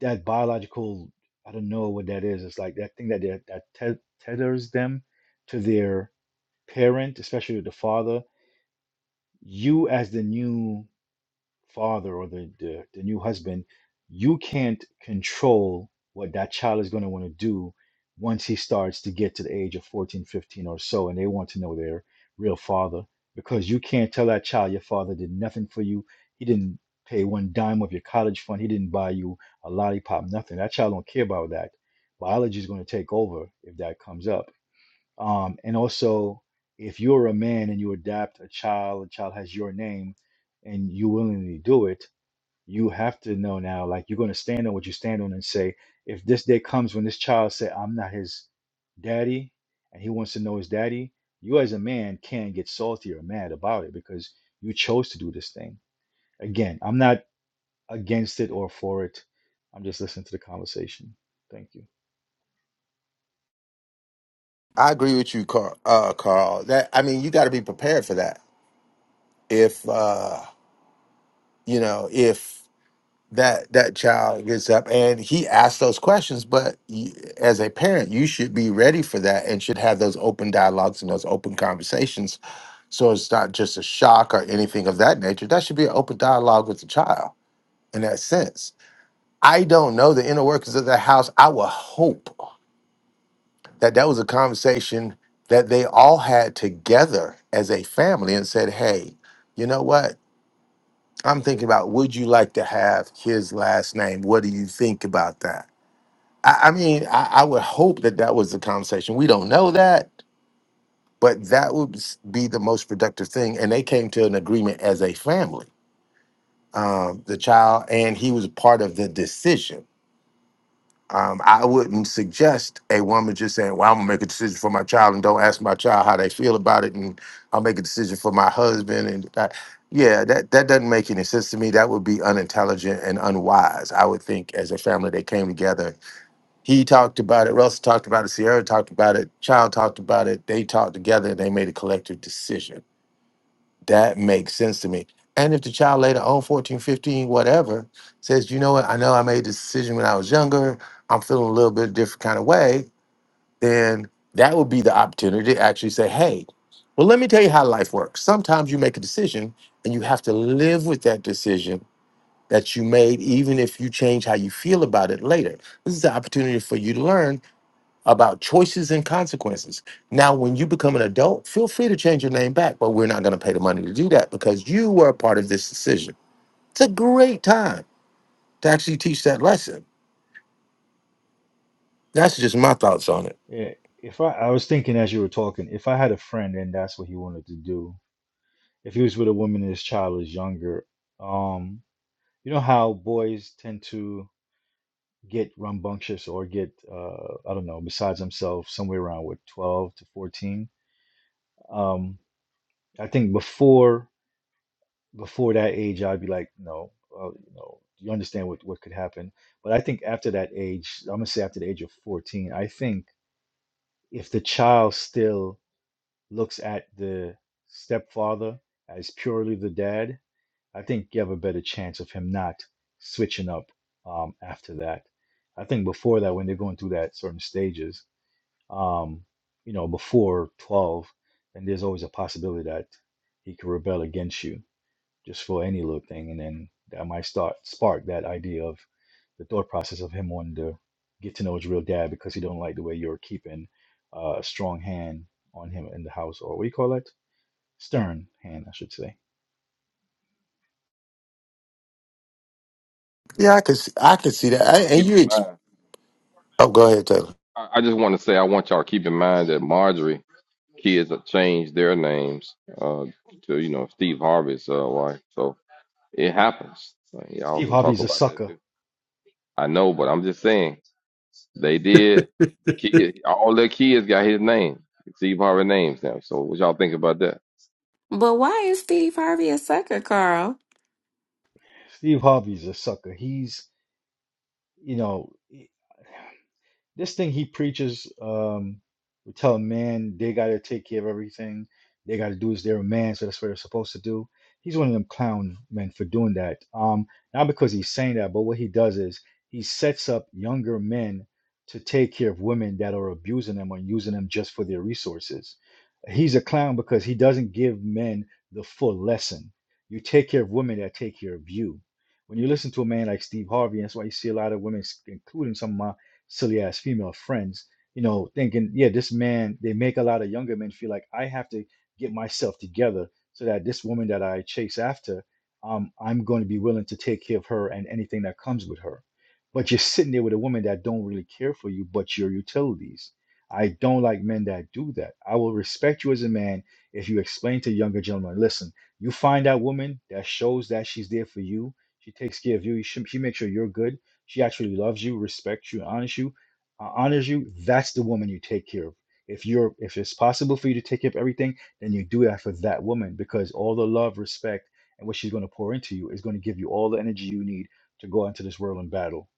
Speaker 7: that biological I don't know what that is. It's like that thing that that, that te- tethers them to their parent, especially the father. You as the new father or the, the, the new husband, you can't control what that child is going to want to do once he starts to get to the age of 14, 15 or so, and they want to know their real father because you can't tell that child your father did nothing for you. He didn't pay one dime of your college fund. He didn't buy you a lollipop, nothing. That child don't care about that. Biology is going to take over if that comes up um, and also, if you're a man and you adopt a child, a child has your name, and you willingly do it, you have to know now, like you're going to stand on what you stand on and say, if this day comes when this child say, I'm not his daddy, and he wants to know his daddy, you as a man can get salty or mad about it because you chose to do this thing. Again, I'm not against it or for it. I'm just listening to the conversation. Thank you.
Speaker 1: I agree with you, Carl. Uh, Carl. That I mean, you got to be prepared for that. If uh, you know, if that that child gets up and he asks those questions, but y as a parent, you should be ready for that and should have those open dialogues and those open conversations. So it's not just a shock or anything of that nature. That should be an open dialogue with the child in that sense. I don't know the inner workings of that house. I would hope that that was a conversation that they all had together as a family and said, hey, you know what? I'm thinking about would you like to have his last name? What do you think about that? I, I mean, I, I would hope that that was the conversation. We don't know that, but that would s- be the most productive thing. And they came to an agreement as a family, um, the child, and he was part of the decision Um, I wouldn't suggest a woman just saying, "Well, I'm gonna make a decision for my child and don't ask my child how they feel about it, and I'll make a decision for my husband." And I, yeah, that that doesn't make any sense to me. That would be unintelligent and unwise. I would think as a family they came together. He talked about it. Russell talked about it. Sierra talked about it. Child talked about it. They talked together and they made a collective decision. That makes sense to me. And if the child later on, 14, fifteen, whatever, says, you know what, I know I made this decision when I was younger, I'm feeling a little bit different kind of way, then that would be the opportunity to actually say, hey, well, let me tell you how life works. Sometimes you make a decision and you have to live with that decision that you made, even if you change how you feel about it later. This is the opportunity for you to learn about choices and consequences. Now, when you become an adult, feel free to change your name back, but we're not going to pay the money to do that because you were a part of this decision. It's a great time to actually teach that lesson. That's just my thoughts on it.
Speaker 7: Yeah, if I, I was thinking as you were talking, if I had a friend and that's what he wanted to do, if he was with a woman and his child was younger, um, you know how boys tend to get rambunctious or get, uh, I don't know, besides themselves somewhere around what, 12 to 14. Um, I think before before that age, I'd be like, no, uh, you know, you understand what what could happen. But I think after that age, I'm gonna say after the age of 14, I think if the child still looks at the stepfather as purely the dad, I think you have a better chance of him not switching up um, after that. I think before that, when they're going through that certain stages, um, you know, before 12, then there's always a possibility that he could rebel against you just for any little thing. And then that might start spark that idea of the thought process of him wanting to get to know his real dad because he don't like the way you're keeping uh, a strong hand on him in the house or what do you call that? Stern hand, I should say.
Speaker 1: Yeah, I could see, I could see that. I,
Speaker 4: Y'all to
Speaker 1: and
Speaker 4: keep
Speaker 1: you,
Speaker 4: in
Speaker 1: ex-
Speaker 4: mind.
Speaker 1: oh, go ahead, Taylor.
Speaker 4: I, I just want to say I want y'all to keep in mind that Marjorie kids have changed their names uh, to you know Steve Harvey's uh, wife. So it happens. Like, y'all
Speaker 7: Steve
Speaker 4: can talk
Speaker 7: Harvey's a
Speaker 4: about that
Speaker 7: sucker.
Speaker 4: too. I know, but I'm just saying they did. The kid, all their kids got his name, Steve Harvey names now. So what y'all think about that?
Speaker 3: But why is Steve Harvey a sucker, Carl?
Speaker 7: Steve Harvey's a sucker. He's, you know, this thing he preaches, um, we tell a man they gotta take care of everything, they gotta do as they're a man, so that's what they're supposed to do. He's one of them clown men for doing that. Um, not because he's saying that, but what he does is he sets up younger men to take care of women that are abusing them or using them just for their resources. He's a clown because he doesn't give men the full lesson. You take care of women that take care of you. When you listen to a man like Steve Harvey, that's why you see a lot of women, s- including some of my silly ass female friends, you know, thinking, yeah, this man, they make a lot of younger men feel like I have to get myself together so that this woman that I chase after, um, I'm going to be willing to take care of her and anything that comes with her. But you're sitting there with a woman that don't really care for you, but your utilities. I don't like men that do that. I will respect you as a man if you explain to younger gentlemen, listen, you find that woman that shows that she's there for you. She takes care of you. She, she makes sure you're good she actually loves you, respects you, honors you, uh, honors you, that's the woman you take care of. If you're if it's possible for you to take care of everything, then you do that for that woman because all the love, respect, and what she's going to pour into you is going to give you all the energy you need to go into this world and battle.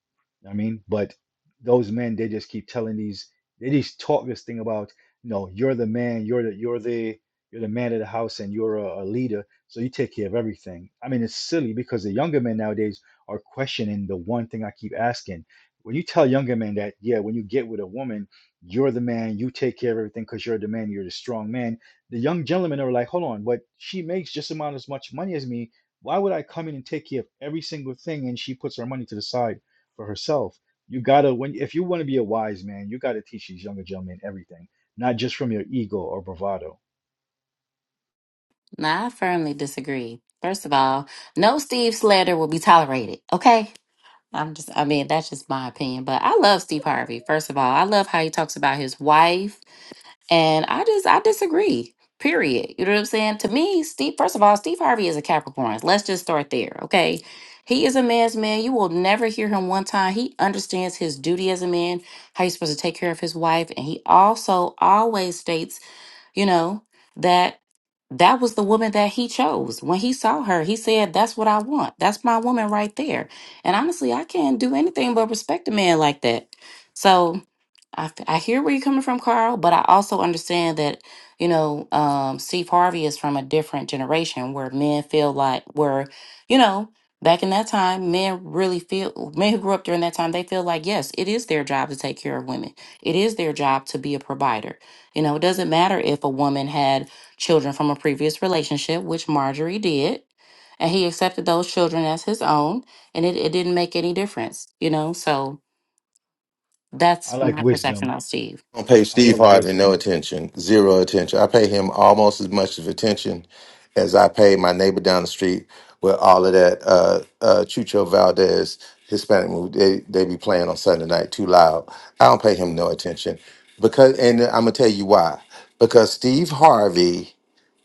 Speaker 7: You know what I mean, but those men they just keep telling these they just talk this thing about no, you're the man, you're the you're the you're the man of the house and you're a, a leader, so you take care of everything. I mean, it's silly because the younger men nowadays are questioning the one thing I keep asking. When you tell younger men that, yeah, when you get with a woman, you're the man, you take care of everything because you're the man, you're the strong man. The young gentlemen are like, hold on, but she makes just about as much money as me. Why would I come in and take care of every single thing and she puts her money to the side for herself? You gotta when if you want to be a wise man, you gotta teach these younger gentlemen everything, not just from your ego or bravado.
Speaker 3: now i firmly disagree first of all no steve slander will be tolerated okay i'm just i mean that's just my opinion but i love steve harvey first of all i love how he talks about his wife And I just I disagree. Period. You know what I'm saying? To me, Steve, first of all, Steve Harvey is a Capricorn. Let's just start there, okay? He is a man's man. You will never hear him one time. He understands his duty as a man, how he's supposed to take care of his wife, and he also always states, you know, that that was the woman that he chose. When he saw her, he said, "That's what I want. That's my woman right there." And honestly, I can't do anything but respect a man like that. So, I, f- I hear where you're coming from, Carl, but I also understand that, you know, um, Steve Harvey is from a different generation where men feel like, where, you know, back in that time, men really feel, men who grew up during that time, they feel like, yes, it is their job to take care of women. It is their job to be a provider. You know, it doesn't matter if a woman had children from a previous relationship, which Marjorie did, and he accepted those children as his own, and it, it didn't make any difference, you know? So
Speaker 7: I
Speaker 3: that's
Speaker 7: like
Speaker 3: my perception
Speaker 7: wisdom.
Speaker 3: on Steve.
Speaker 1: I don't pay
Speaker 7: I
Speaker 1: Steve
Speaker 7: love
Speaker 1: Harvey no
Speaker 7: wisdom.
Speaker 1: attention, zero attention. I pay him almost as much of attention as I pay my neighbor down the street with all of that uh, uh, Chucho Valdez Hispanic movie. They, they be playing on Sunday night too loud. I don't pay him no attention because, and I'm gonna tell you why. Because Steve Harvey,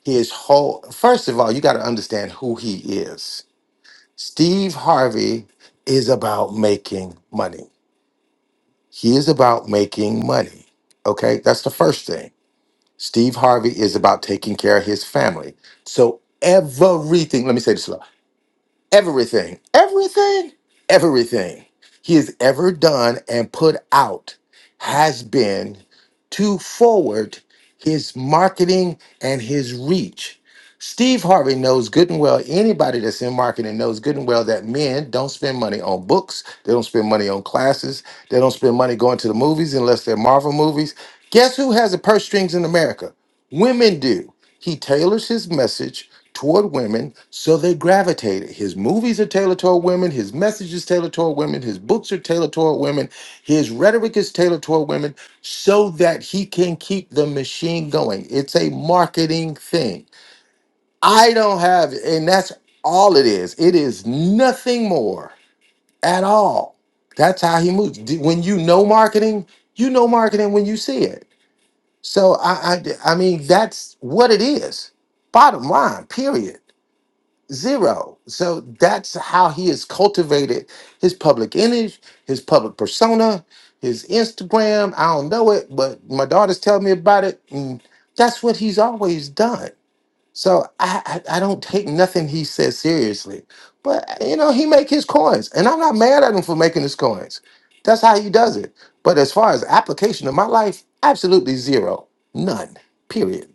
Speaker 1: his whole first of all, you got to understand who he is. Steve Harvey is about making money. He is about making money. Okay, that's the first thing. Steve Harvey is about taking care of his family. So everything, let me say this slow everything, everything, everything he has ever done and put out has been to forward his marketing and his reach. Steve Harvey knows good and well, anybody that's in marketing knows good and well that men don't spend money on books, they don't spend money on classes, they don't spend money going to the movies unless they're Marvel movies. Guess who has the purse strings in America? Women do. He tailors his message toward women, so they gravitated. His movies are tailored toward women, his messages tailored toward women, his books are tailored toward women, his rhetoric is tailored toward women, so that he can keep the machine going. It's a marketing thing. I don't have, and that's all it is. It is nothing more at all. That's how he moves. D- When you know marketing, you know marketing when you see it. So I, I, I mean, that's what it is. Bottom line, period. Zero. So that's how he has cultivated his public image, his public persona, his Instagram. I don't know it, but my daughters tell me about it. And that's what he's always done. So I, I, I don't take nothing he says seriously. But you know, he make his coins. And I'm not mad at him for making his coins. That's how he does it. But as far as application of my life, absolutely zero. None. Period.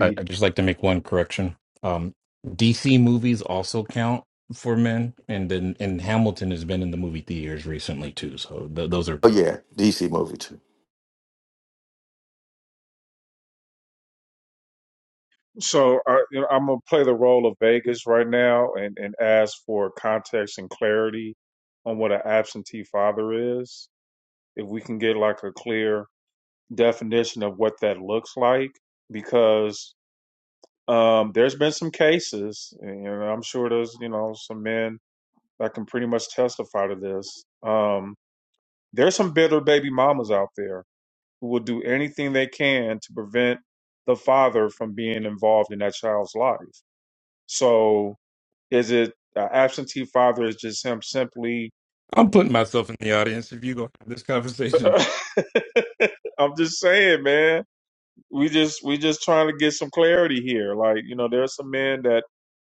Speaker 5: I, I'd just like to make one correction. Um, DC movies also count for men, and then and Hamilton has been in the movie theaters recently too. So th- those are
Speaker 1: Oh
Speaker 5: good.
Speaker 1: yeah, DC movie too.
Speaker 2: So I, you know, I'm gonna play the role of Vegas right now and, and ask for context and clarity on what an absentee father is. If we can get like a clear definition of what that looks like, because um, there's been some cases, and you know, I'm sure there's you know some men that can pretty much testify to this. Um, there's some bitter baby mamas out there who will do anything they can to prevent the father from being involved in that child's life. So, is it an absentee father? Is just him simply?
Speaker 5: I'm putting myself in the audience if you go have this conversation
Speaker 2: I'm just saying, man. We just we just trying to get some clarity here. Like you know, there's some men that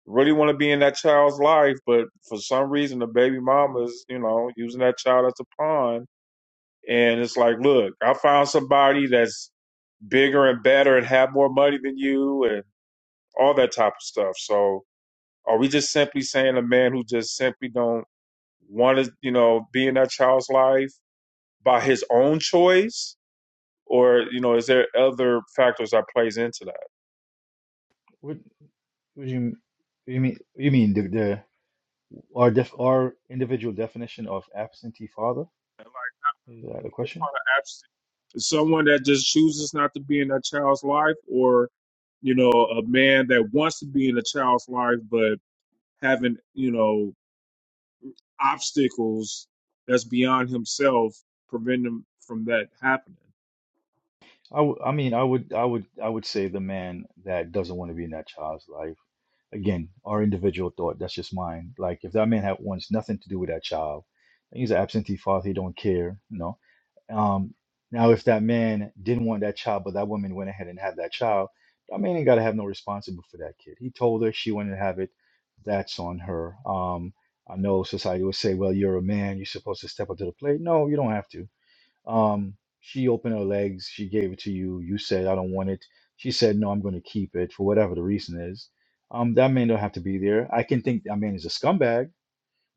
Speaker 2: really want to be in that child's life, but for some reason, the baby mama is you know using that child as a pawn. And it's like, look, I found somebody that's bigger and better and have more money than you, and all that type of stuff. So are we just simply saying a man who just simply don't want to, you know, be in that child's life by his own choice? Or, you know, is there other factors that plays into that?
Speaker 7: What, what do you what do you mean? You mean the, the Our def our individual definition of absentee father?
Speaker 2: And like
Speaker 7: Is that a
Speaker 2: as far
Speaker 7: question?
Speaker 2: as abs- someone that just chooses not to be in that child's life or, you know, a man that wants to be in a child's life but having, you know, obstacles that's beyond himself prevent him from that happening.
Speaker 7: I w I mean, I would, I would, I would say the man that doesn't want to be in that child's life. Again, our individual thought. That's just mine. Like, if that man had wants nothing to do with that child, he's an absentee father. He don't care. No. Um, now, if that man didn't want that child, but that woman went ahead and had that child, that man ain't got to have no responsible for that kid. He told her she wanted to have it. That's on her. Um, I know society would say, well, you're a man. You're supposed to step up to the plate. No, you don't have to. Um, she opened her legs. She gave it to you. You said, I don't want it. She said, no, I'm going to keep it for whatever the reason is. Um, that man don't have to be there. I can think that man is a scumbag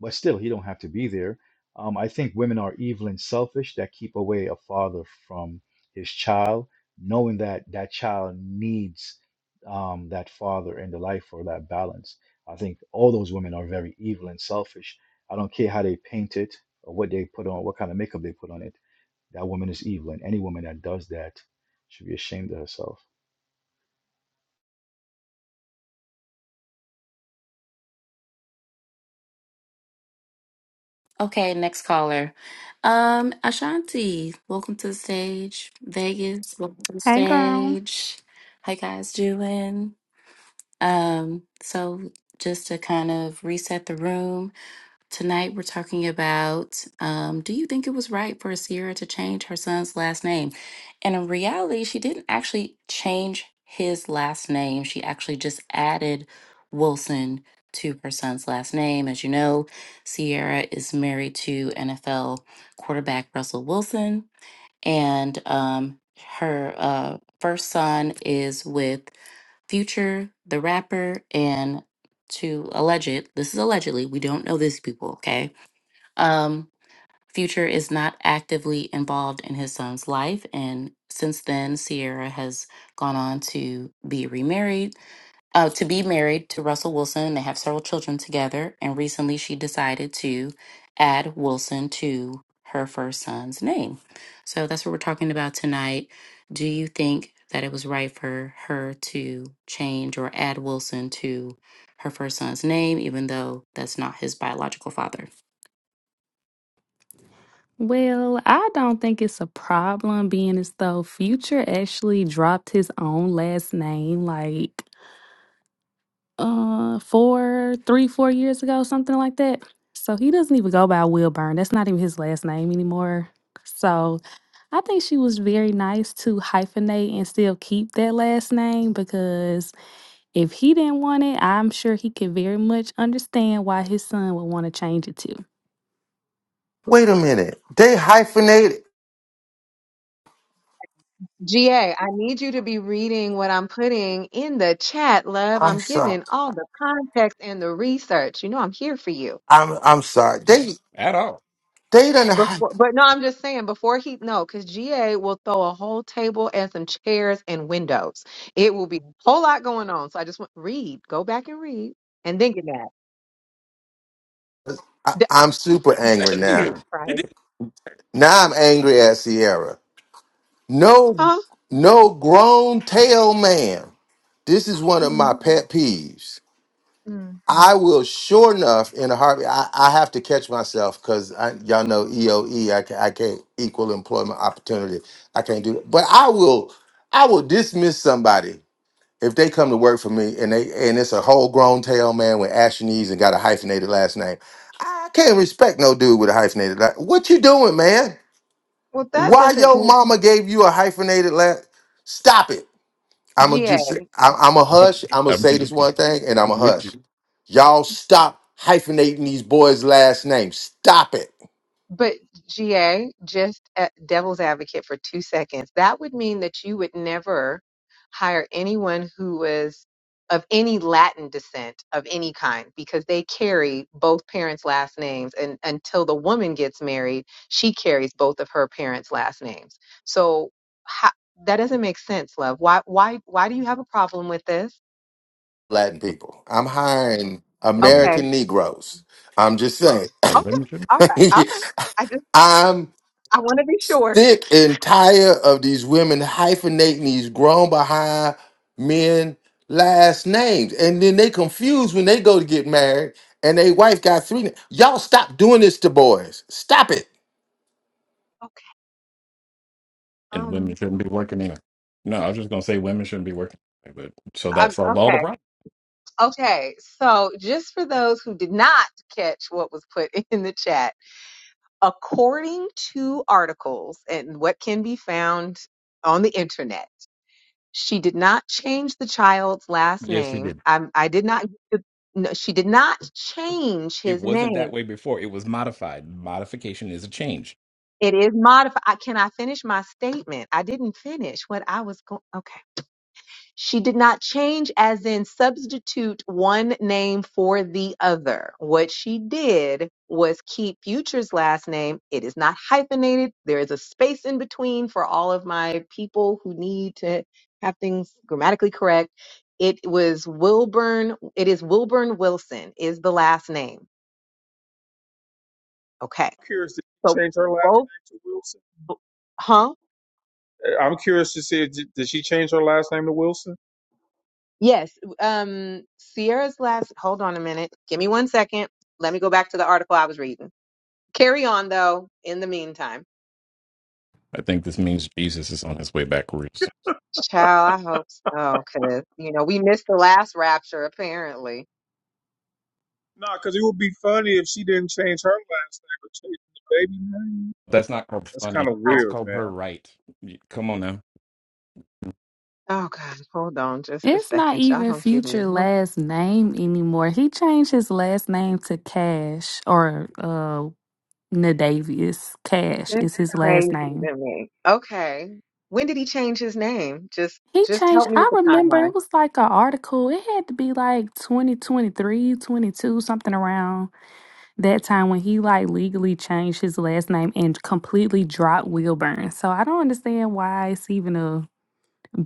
Speaker 7: but still, he don't have to be there. Um, I think women are evil and selfish that keep away a father from his child, knowing that that child needs um, that father in the life or that balance. I think all those women are very evil and selfish. I don't care how they paint it or what they put on, what kind of makeup they put on it. That woman is evil, and any woman that does that should be ashamed of herself.
Speaker 3: Okay, next caller. Um, Ashanti, welcome to the stage. Vegas, welcome to the
Speaker 8: Hey girl.
Speaker 3: stage. How you guys doing? Um, so just to kind of reset the room, Tonight, we're talking about um, do you think it was right for Sierra to change her son's last name? And in reality, she didn't actually change his last name. She actually just added Wilson to her son's last name. As you know, Sierra is married to NFL quarterback Russell Wilson, and um, her uh, first son is with Future, the rapper, and to alleged, this is allegedly, we don't know these people, okay? Um, Future is not actively involved in his son's life, and since then, Sierra has gone on to be remarried, uh, to be married to Russell Wilson. They have several children together, and recently she decided to add Wilson to her first son's name. So that's what we're talking about tonight. Do you think that it was right for her to change or add Wilson to her first son's name, even though that's not his biological father?
Speaker 8: Well, I don't think it's a problem being as though Future actually dropped his own last name like uh four, three, four years ago, something like that. So he doesn't even go by Wilburn. That's not even his last name anymore. So I think she was very nice to hyphenate and still keep that last name because if he didn't want it, I'm sure he could very much understand why his son would want to change it to.
Speaker 1: Wait a minute. They hyphenate
Speaker 9: GA, I need you to be reading what I'm putting in the chat, love.
Speaker 1: I'm
Speaker 9: I'm
Speaker 1: sorry.
Speaker 9: giving all the context and the research. You know, I'm here for you.
Speaker 1: I'm I'm sorry. They
Speaker 5: at all.
Speaker 1: they done.
Speaker 9: Before,
Speaker 1: I,
Speaker 9: but no, I'm just saying before he, no, because GA will throw a whole table and some chairs and windows. It will be a whole lot going on. So I just want read, go back and read, and then get mad. D-
Speaker 1: I'm super angry
Speaker 5: Thank
Speaker 9: Jesus
Speaker 1: now.
Speaker 5: you. It
Speaker 9: Christ.
Speaker 1: Now I'm angry at Sierra. No,
Speaker 9: Huh?
Speaker 1: no grown tail man. This is one of
Speaker 9: Mm,
Speaker 1: my pet peeves.
Speaker 9: mm.
Speaker 1: I will sure enough in a heartbeat. I, I have to catch myself because y'all know EOE. I, ca- I can't equal employment opportunity. I can't do that. But I will. I will dismiss somebody if they come to work for me and they and it's a whole grown tail man with ashen knees and got a hyphenated last name, I can't respect no dude with a hyphenated last. What you doing, man?
Speaker 9: Well, that
Speaker 1: Why
Speaker 9: doesn't
Speaker 1: your
Speaker 9: make
Speaker 1: mama gave you a hyphenated last? Stop it! I'm gonna
Speaker 9: GA.
Speaker 1: just say- I'm, I'm a
Speaker 5: is-
Speaker 1: hush. I'm gonna
Speaker 5: I'm
Speaker 1: say this
Speaker 5: with you.
Speaker 1: one thing and I'm
Speaker 5: I'm
Speaker 1: a
Speaker 5: with you.
Speaker 1: hush. Y'all stop hyphenating these boys' last names. Stop it,
Speaker 9: But GA, just a devil's advocate for two seconds, that would mean that you would never hire anyone who was of any Latin descent of any kind because they carry both parents' last names. And until the woman gets married, she carries both of her parents' last names. So how, that doesn't make sense, love. Why, why, why do you have a problem with this?
Speaker 1: Latin people. I'm hiring
Speaker 5: And
Speaker 9: Okay.
Speaker 1: American Negroes. I'm just saying.
Speaker 5: and
Speaker 9: Okay.
Speaker 5: women shouldn't
Speaker 9: All right. All right. I just,
Speaker 1: I'm
Speaker 9: I want to be sure.
Speaker 1: Thick and tired of these women hyphenating these grown behind men last names. And then they confused when they go to get married and they wife got three. na- Y'all stop doing this to boys. Stop it.
Speaker 9: Okay.
Speaker 5: and women
Speaker 9: Um,
Speaker 5: shouldn't be working either. No, I was just gonna say women shouldn't be working, but so that
Speaker 9: I'm
Speaker 5: solves all
Speaker 9: okay.
Speaker 5: the problems.
Speaker 9: Okay, so just for those who did not catch what was put in the chat, according to articles and what can be found on the internet, she did not change the child's last
Speaker 5: Yes, she
Speaker 9: name.
Speaker 5: did.
Speaker 9: I, I did not. No, she did not change
Speaker 5: It
Speaker 9: his
Speaker 5: wasn't
Speaker 9: name.
Speaker 5: that way before. It was modified. Modification is a change
Speaker 9: It is modified. Can I finish my statement? I didn't finish what I was going. Okay. She did not change, as in substitute one name for the other. What she did was keep Future's last name. It is not hyphenated. There is a space in between for all of my people who need to have things grammatically correct. It was Wilburn. It is Wilburn Wilson is the last name. Okay.
Speaker 2: curious, did she
Speaker 9: So
Speaker 2: change her last
Speaker 9: both,
Speaker 2: name to Wilson?
Speaker 9: huh?
Speaker 2: Uh, I'm curious to see, did, did she change her last name to Wilson?
Speaker 9: Yes. Um, Sierra's last, hold on a minute. Give me one second. Let me go back to the article I was reading Carry on though. In the meantime,
Speaker 5: I think this means Jesus is on his way back roots.
Speaker 9: child, I hope so, because you know we missed the last rapture apparently.
Speaker 2: Nah, because it would be funny if she didn't change her last name but changed the baby name.
Speaker 5: That's not called
Speaker 2: That's
Speaker 5: funny.
Speaker 2: kind of
Speaker 9: I,
Speaker 5: That's
Speaker 2: weird,
Speaker 5: called
Speaker 2: man.
Speaker 5: her right. Y- Come on now.
Speaker 9: oh God, hold on just a
Speaker 8: It's not
Speaker 9: second, y'all.
Speaker 8: even
Speaker 9: Don't give me
Speaker 8: future
Speaker 9: no.
Speaker 8: last name anymore. He changed his last name to Cash or uh Nadavius Cash
Speaker 9: This is
Speaker 8: is his last
Speaker 9: crazy
Speaker 8: name.
Speaker 9: to me. Okay, when did he change his name? Just,
Speaker 8: He
Speaker 9: just
Speaker 8: changed
Speaker 9: help me with
Speaker 8: I
Speaker 9: the
Speaker 8: remember
Speaker 9: timeline.
Speaker 8: it was like an article. It had to be like 2023, 22, something around that time when he like legally changed his last name and completely dropped Wilburn. So I don't understand why it's even a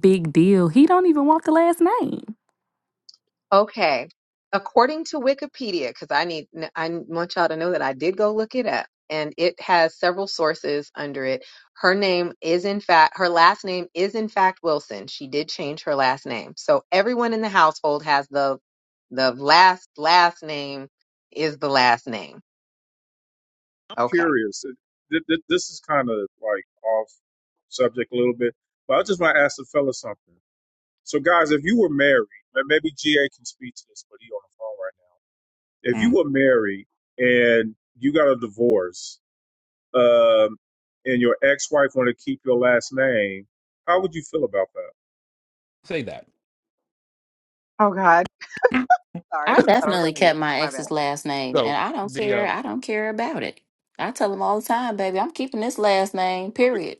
Speaker 8: Big deal. He don't even want the last name.
Speaker 9: Okay. According to Wikipedia, because I need, I want y'all to know that I did go look it up and it has several sources under it. Her name is in fact, her last name is in fact Wilson. She did change her last name. So everyone in the household has the, the last, last name is the last name.
Speaker 2: I'm
Speaker 9: Okay.
Speaker 2: curious. uh, Th- th- This is kind of like off subject a little bit, but I just want to ask the fella something. So, guys, if you were married, and maybe GA can speak to this, but he on the phone right now. If you
Speaker 5: Mm.
Speaker 2: were married and you got a divorce, um, and your ex-wife wanted to keep your last name, how would you feel about that?
Speaker 5: Say that.
Speaker 9: Oh God. Sorry.
Speaker 3: I
Speaker 9: Thought I was
Speaker 3: definitely
Speaker 9: on mute.
Speaker 3: kept my
Speaker 9: My bad.
Speaker 3: ex's last name,
Speaker 5: So
Speaker 3: and I don't
Speaker 5: the
Speaker 3: care.
Speaker 5: uh,
Speaker 3: I don't care about it. I tell them all the time, baby, I'm keeping this last name, period.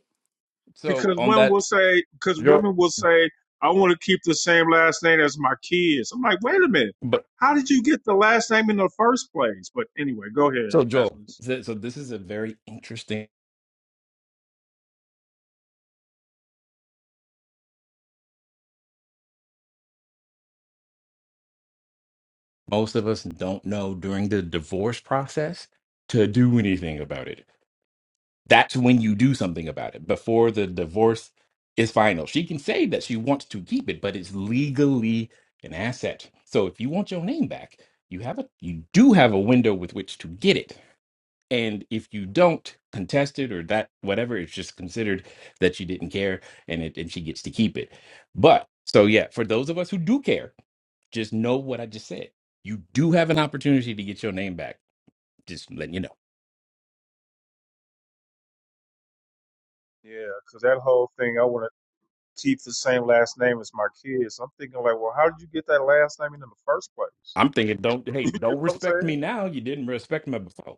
Speaker 5: so
Speaker 2: because
Speaker 5: on
Speaker 2: women will
Speaker 5: that
Speaker 2: say because
Speaker 5: Joel,
Speaker 2: women will say I want to keep the same last name as my kids. I'm like, wait a minute,
Speaker 5: but
Speaker 2: how did you get the last name in the first place? But anyway, go ahead,
Speaker 5: so Joel,
Speaker 2: Atlas.
Speaker 5: so, so this is a very interesting. Most of us don't know during the divorce process to do anything about it. that's when you do something about it before the divorce is final. She can say that she wants to keep it, but it's legally an asset. So if you want your name back, you have a you do have a window with which to get it. And if you don't contest it or that whatever, it's just considered that you didn't care and it and she gets to keep it. But so yeah, for those of us who do care, just know what I just said. You do have an opportunity to get your name back. Just letting you know.
Speaker 2: Yeah, because that whole thing, I want to keep the same last name as my kids. I'm thinking like, well, how did you get that last name in the first place?
Speaker 5: I'm thinking, don't hey,
Speaker 2: you
Speaker 5: don't
Speaker 2: know what I'm
Speaker 5: respect
Speaker 2: saying?
Speaker 5: me now. You didn't respect me before.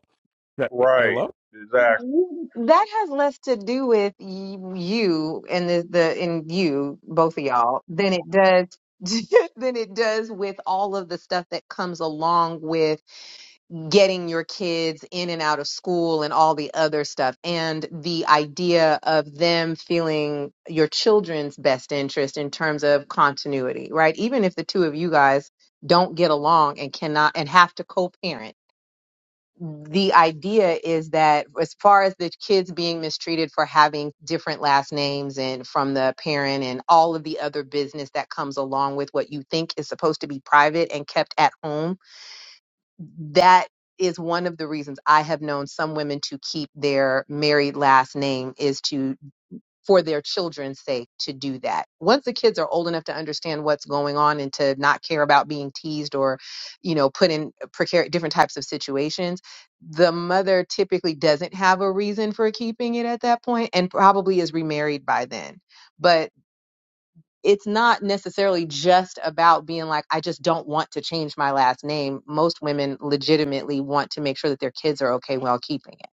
Speaker 5: But,
Speaker 2: Right,
Speaker 5: Hello,
Speaker 2: exactly.
Speaker 9: That has less to do with y- you and the, the and you, both of y'all, than it does than it does with all of the stuff that comes along with getting your kids in and out of school and all the other stuff and the idea of them feeling your children's best interest in terms of continuity, right? Even if the two of you guys don't get along and cannot and have to co-parent the idea is that as far as the kids being mistreated for having different last names and from the parent and all of the other business that comes along with what you think is supposed to be private and kept at home that is one of the reasons I have known some women to keep their married last name is to for their children's sake to do that. Once the kids are old enough to understand what's going on and to not care about being teased or, you know, put in precar- different types of situations, the mother typically doesn't have a reason for keeping it at that point and probably is remarried by then. But it's not necessarily just about being like, I just don't want to change my last name. Most women legitimately want to make sure that their kids are okay while keeping it.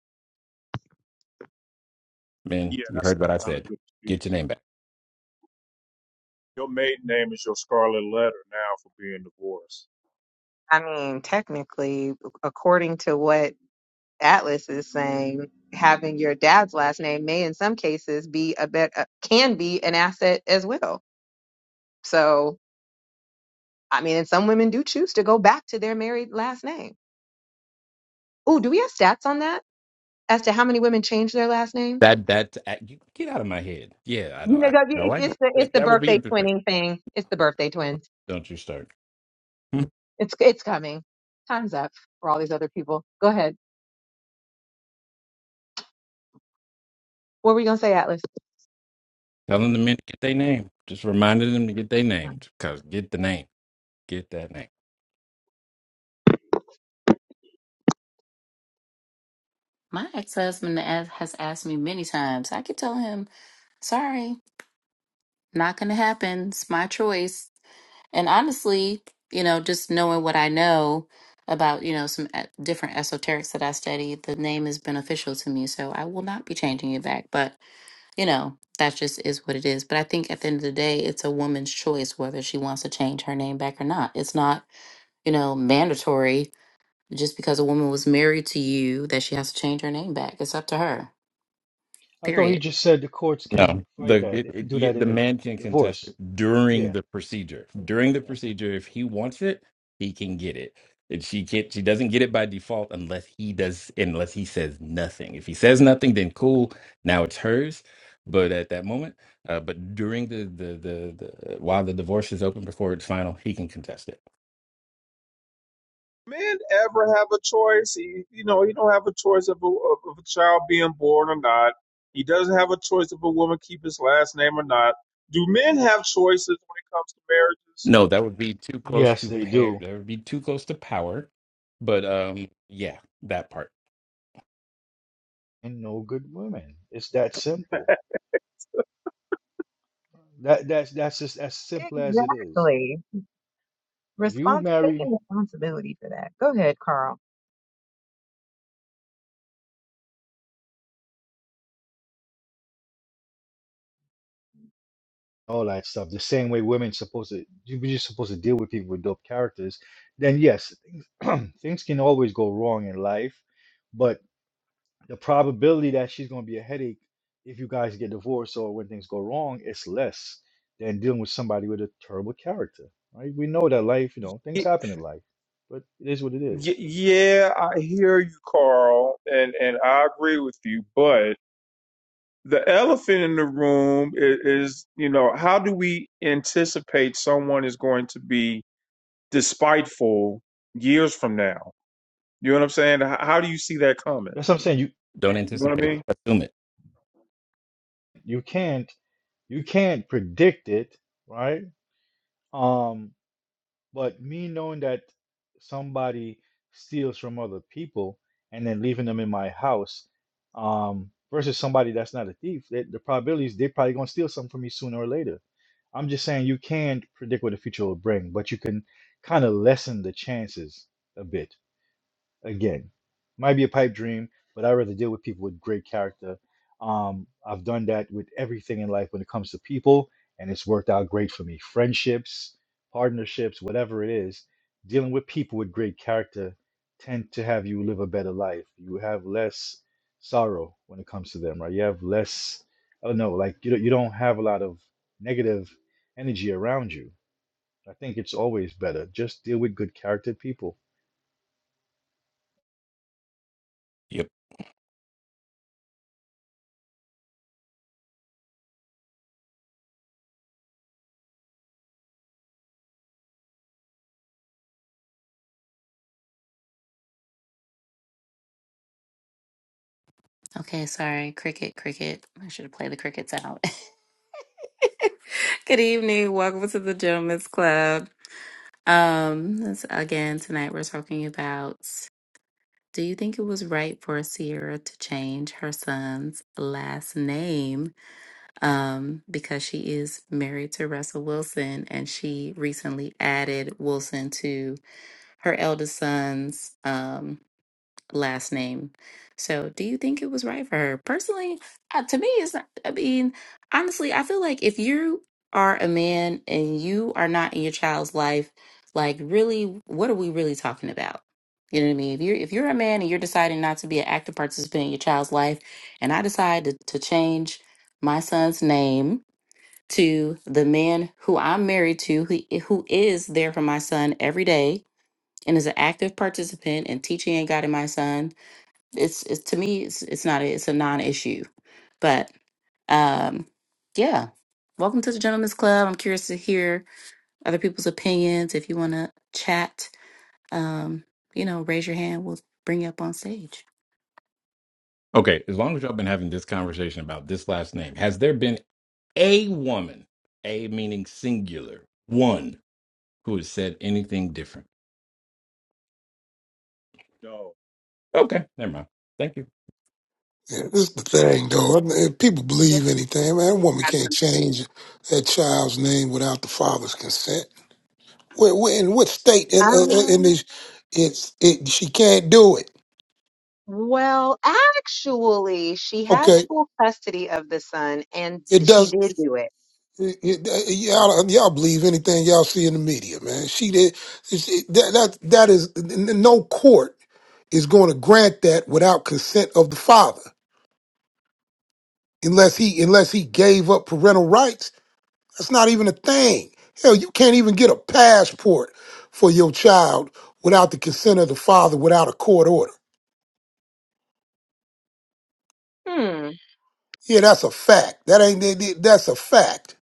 Speaker 5: man.
Speaker 2: Yeah,
Speaker 5: You
Speaker 2: that's
Speaker 5: heard what I
Speaker 2: not a
Speaker 5: said.
Speaker 2: good
Speaker 5: Get your
Speaker 2: excuse.
Speaker 5: name back.
Speaker 2: Your maiden name is your scarlet letter now for being divorced.
Speaker 9: I mean, technically, according to what Atlas is saying having your dad's last name may in some cases be a bet uh, can be an asset as well. So, I mean, and some women do choose to go back to their married last name. Oh, do we have stats on that as to how many women change their last names?
Speaker 5: That that uh, you- get out of my head. Yeah, I
Speaker 9: You
Speaker 5: don't.
Speaker 9: know,
Speaker 5: I
Speaker 9: it-
Speaker 5: no,
Speaker 9: it-
Speaker 5: I
Speaker 9: it's the it's
Speaker 5: that,
Speaker 9: the
Speaker 5: that would be
Speaker 9: birthday
Speaker 5: interesting.
Speaker 9: twinning thing. It's the birthday twins.
Speaker 5: Don't you start Hmm.
Speaker 9: It's it's coming. Time's up for all these other people. Go ahead. What were you gonna say, Atlas?
Speaker 5: telling the men to get their name. Just reminding them to get their
Speaker 9: Right.
Speaker 5: names. Cause get the name. Get that name.
Speaker 3: My ex husband has asked me many times. I keep telling him, sorry, not going to happen. It's my choice. And honestly, you know, just knowing what I know about, you know, some e- different esoterics that I study, the name is beneficial to me. So I will not be changing it back. But you know, that just is what it is. But I think at the end of the day, it's a woman's choice whether she wants to change her name back or not. It's not, you know, mandatory just because a woman was married to you that she has to change her name back. It's up to her,
Speaker 7: I thought he
Speaker 3: period.
Speaker 7: just said the courts
Speaker 5: No,
Speaker 7: can fight
Speaker 5: the
Speaker 7: that
Speaker 5: it,
Speaker 7: if you
Speaker 5: it,
Speaker 7: do
Speaker 5: y-
Speaker 7: that
Speaker 5: the
Speaker 7: in the
Speaker 5: man can contest
Speaker 7: divorce.
Speaker 5: it during
Speaker 7: Yeah,
Speaker 5: the procedure. During the
Speaker 7: yeah.
Speaker 5: procedure, if he wants it, he can get it. And she can't. She doesn't get it by default unless he does. Unless he says nothing. If he says nothing, then cool. Now it's hers. But at that moment, uh, but during the, the the the while the divorce is open before it's final, he can contest it.
Speaker 2: men ever have a choice? He, you know, he don't have a choice of a, of of a child being born or not. He doesn't have a choice if a woman keep his last name or not. Do men have choices when it comes to marriages?
Speaker 5: No, that would be too close
Speaker 7: Yes,
Speaker 5: to
Speaker 7: they
Speaker 5: pair.
Speaker 7: do.
Speaker 5: That would be too close to power. But um, yeah, that part.
Speaker 7: and no good women. It's that simple. That that's that's just as simple as it is.
Speaker 9: Exactly.
Speaker 7: If you
Speaker 9: Response taking
Speaker 7: marry
Speaker 9: responsibility for that. Go ahead, Carl.
Speaker 7: all that stuff the same way women supposed to you- are just supposed to deal with people with dope characters, then yes, things, things can always go wrong in life, but the probability that she's going to be a headache if you guys get divorced or when things go wrong is less than dealing with somebody with a terrible character. Right? We know that life, you know, things
Speaker 2: Y-
Speaker 7: happen in life, but it is what it is.
Speaker 2: y- yeah, I hear you, Carl, and and I agree with you. But the elephant in the room is, is you know, how do we anticipate someone is going to be despiteful years from now? You know what I'm saying? How, how do you see that coming?
Speaker 7: That's what I'm saying. You
Speaker 5: Don't
Speaker 2: You know what I
Speaker 5: anticipate
Speaker 2: mean?
Speaker 5: it. Assume
Speaker 7: you can't. you can't predict it, right? Um, but me knowing that somebody steals from other people and then leaving them in my house, um, versus somebody that's not a thief, that the probability is they're probably gonna steal something from me sooner or later. I'm just saying you can't predict what the future will bring, but you can kind of lessen the chances a bit again, might be a pipe dream, but I'd rather deal with people with great character. Um, I've done that with everything in life when it comes to people, and it's worked out great for me. Friendships, partnerships, whatever it is, dealing with people with great character tend to have you live a better life. You have less sorrow when it comes to them, right? You have less, I don't know, like you don't, you don't have a lot of negative energy around you. I think it's always better. Just deal with good character people
Speaker 5: it.
Speaker 3: Okay, sorry. Cricket, cricket. I should have played the crickets out. Good evening. Welcome to the Gentlemen's Club. Um, this- again, tonight we're talking about do you think it was right for Sierra to change her son's last name um, because she is married to Russell Wilson, and she recently added Wilson to her eldest son's um, last name. So, do you think it was right for her? Personally, uh, to me, it's not. I mean, honestly, I feel like if you are a man and you are not in your child's life, like really, what are we really talking about? You know what I mean? If you're if you're a man and you're deciding not to be an active participant in your child's life, and I decide to, to change my son's name to the man who I'm married to, who, who is there for my son every day and is an active participant in teaching and guiding my son. It's, it's to me, it's, it's not, a, it's a non-issue. But um, yeah, welcome to the Gentlemen's Club. I'm curious to hear other people's opinions. If you want to chat, um, you know, raise your hand. We'll bring you up on stage.
Speaker 5: Okay, as long as y'all been having this conversation about this last name, has there been a woman, a meaning singular, one who has said anything different?
Speaker 2: No.
Speaker 5: Okay, never mind. Thank you.
Speaker 10: Yeah, this is the thing, though. If people
Speaker 9: Can
Speaker 10: believe anything, man, a woman
Speaker 9: describe
Speaker 10: can't
Speaker 9: something?
Speaker 10: change that child's name without the father's consent. Where, where, in what state? In, uh, uh, in
Speaker 9: Um,
Speaker 10: this, it's it. She can't do it.
Speaker 9: well, actually, she has
Speaker 10: Okay,
Speaker 9: full custody of the son, and
Speaker 10: it
Speaker 9: she
Speaker 10: does.
Speaker 9: did do it.
Speaker 10: It, it, uh, y'all, uh, y'all believe anything y'all see in the media, man. She did. she- that that that is n- n- no court is going to grant that without consent of the father, unless he unless he gave up parental rights That's not even a thing. Hell, you can't even get a passport for your child without the consent of the father, without a court order.
Speaker 9: Hmm.
Speaker 10: Yeah, that's a fact. That ain't that- that- that's a fact.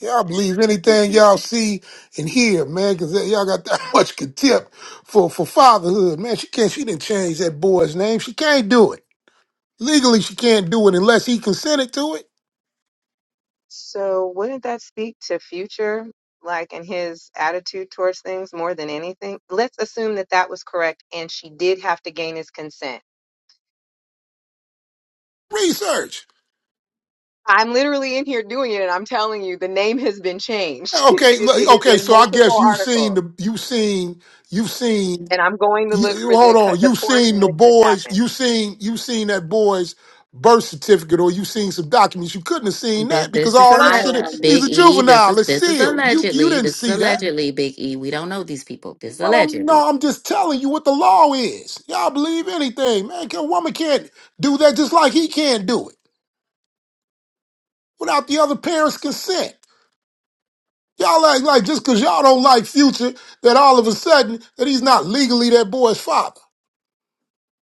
Speaker 2: What I was
Speaker 10: believe
Speaker 2: saying,
Speaker 10: anything
Speaker 2: Biggie.
Speaker 10: y'all see and hear, man, because y'all got that much contempt for for fatherhood, man. She can't. She didn't change that boy's name. She can't do it legally. She can't do it unless he consented to it.
Speaker 9: So wouldn't that speak to future, like in his attitude towards things more than anything? Let's assume that that was correct and she did have to gain his consent.
Speaker 10: Research.
Speaker 9: I'm literally in here doing it and I'm telling you the name has been changed.
Speaker 10: Okay,
Speaker 9: it, is, it
Speaker 10: l-
Speaker 9: is
Speaker 10: okay.
Speaker 9: in
Speaker 10: So I guess
Speaker 9: multiple
Speaker 10: you've seen
Speaker 9: articles
Speaker 10: the you've seen you've seen
Speaker 9: and I'm going to
Speaker 10: you,
Speaker 9: look
Speaker 10: you-
Speaker 9: for the,
Speaker 10: hold
Speaker 9: co-
Speaker 10: on.
Speaker 9: the
Speaker 10: You've
Speaker 9: court
Speaker 10: seen
Speaker 9: in
Speaker 10: the
Speaker 9: which this
Speaker 10: boys.
Speaker 9: happened.
Speaker 10: You seen you seen that boy's birth certificate, or you seen some documents. You couldn't have seen
Speaker 3: This,
Speaker 10: that because
Speaker 3: this is
Speaker 10: all that
Speaker 9: I
Speaker 3: alle- uh,
Speaker 10: shit.
Speaker 9: am.
Speaker 10: He's
Speaker 3: Big
Speaker 10: a
Speaker 3: E. This is
Speaker 10: juvenile. It's
Speaker 3: this is
Speaker 10: sealed. You you
Speaker 3: allegedly.
Speaker 10: didn't
Speaker 3: This is
Speaker 10: see that.
Speaker 3: allegedly Big E. We don't know these people. This is
Speaker 10: But I'm
Speaker 3: allegedly.
Speaker 10: no. I'm just telling you what the law is. Y'all believe anything, man? A woman can't do that just like he can't do it without the other parent's consent. Y'all act like just because y'all don't like Future, that all of a sudden that he's not legally that boy's father.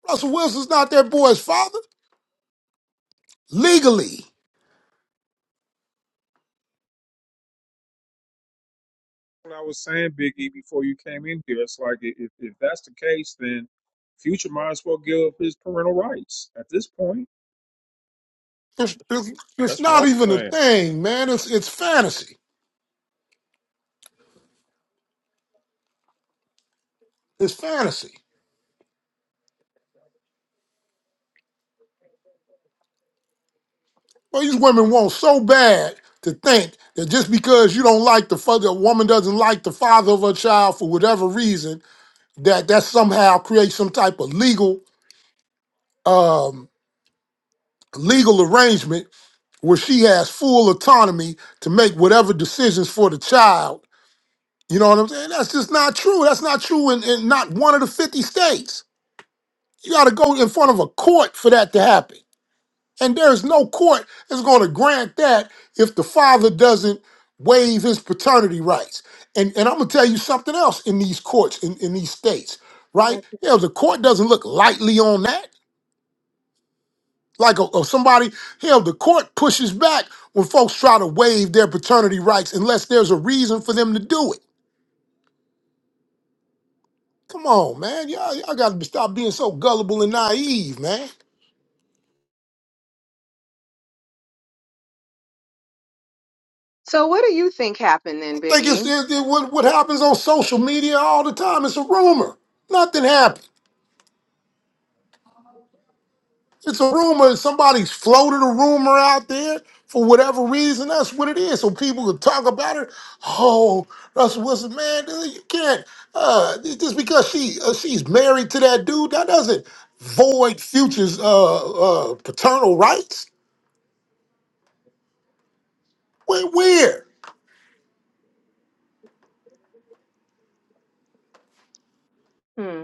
Speaker 10: Russell Wilson's not that boy's father legally.
Speaker 2: What I was saying, Biggie, before you came in here, it's like i- if, if that's the case, then Future might as well give up his parental rights at this point.
Speaker 10: It's, it's, it's
Speaker 2: That's what I
Speaker 10: not
Speaker 2: was
Speaker 10: even a
Speaker 2: saying.
Speaker 10: thing, man. It's it's fantasy. It's fantasy. Well, these women want so bad to think that just because you don't like the father, a woman doesn't like the father of her child for whatever reason, that that somehow creates some type of legal um legal arrangement where she has full autonomy to make whatever decisions for the child. You know what I'm saying? That's just not true. That's not true in, in not one of the 50 states. You got to go in front of a court for that to happen. And there's no court that's going to grant that if the father doesn't waive his paternity rights. And, and I'm going to tell you something else in these courts, in, in these states, right? Yeah, the court doesn't look lightly on that like a, or somebody hell the court pushes back when folks try to waive their paternity rights unless there's a reason for them to do it come on man y'all, y'all gotta stop being so gullible and naive man
Speaker 9: So what do you think happened
Speaker 10: i
Speaker 9: then,
Speaker 10: think it's
Speaker 9: Biggie?
Speaker 10: it, it- what, what happens on social media all the time it's a rumor nothing happened It's a rumor. Somebody's floated a rumor out there for whatever reason. That's what it is. So people could talk about it. Oh, Russell Wilson, man, dude, you can't. Uh, just because she uh, she's married to that dude, that doesn't void Future's uh, uh, paternal rights. Where, where?
Speaker 9: Hmm.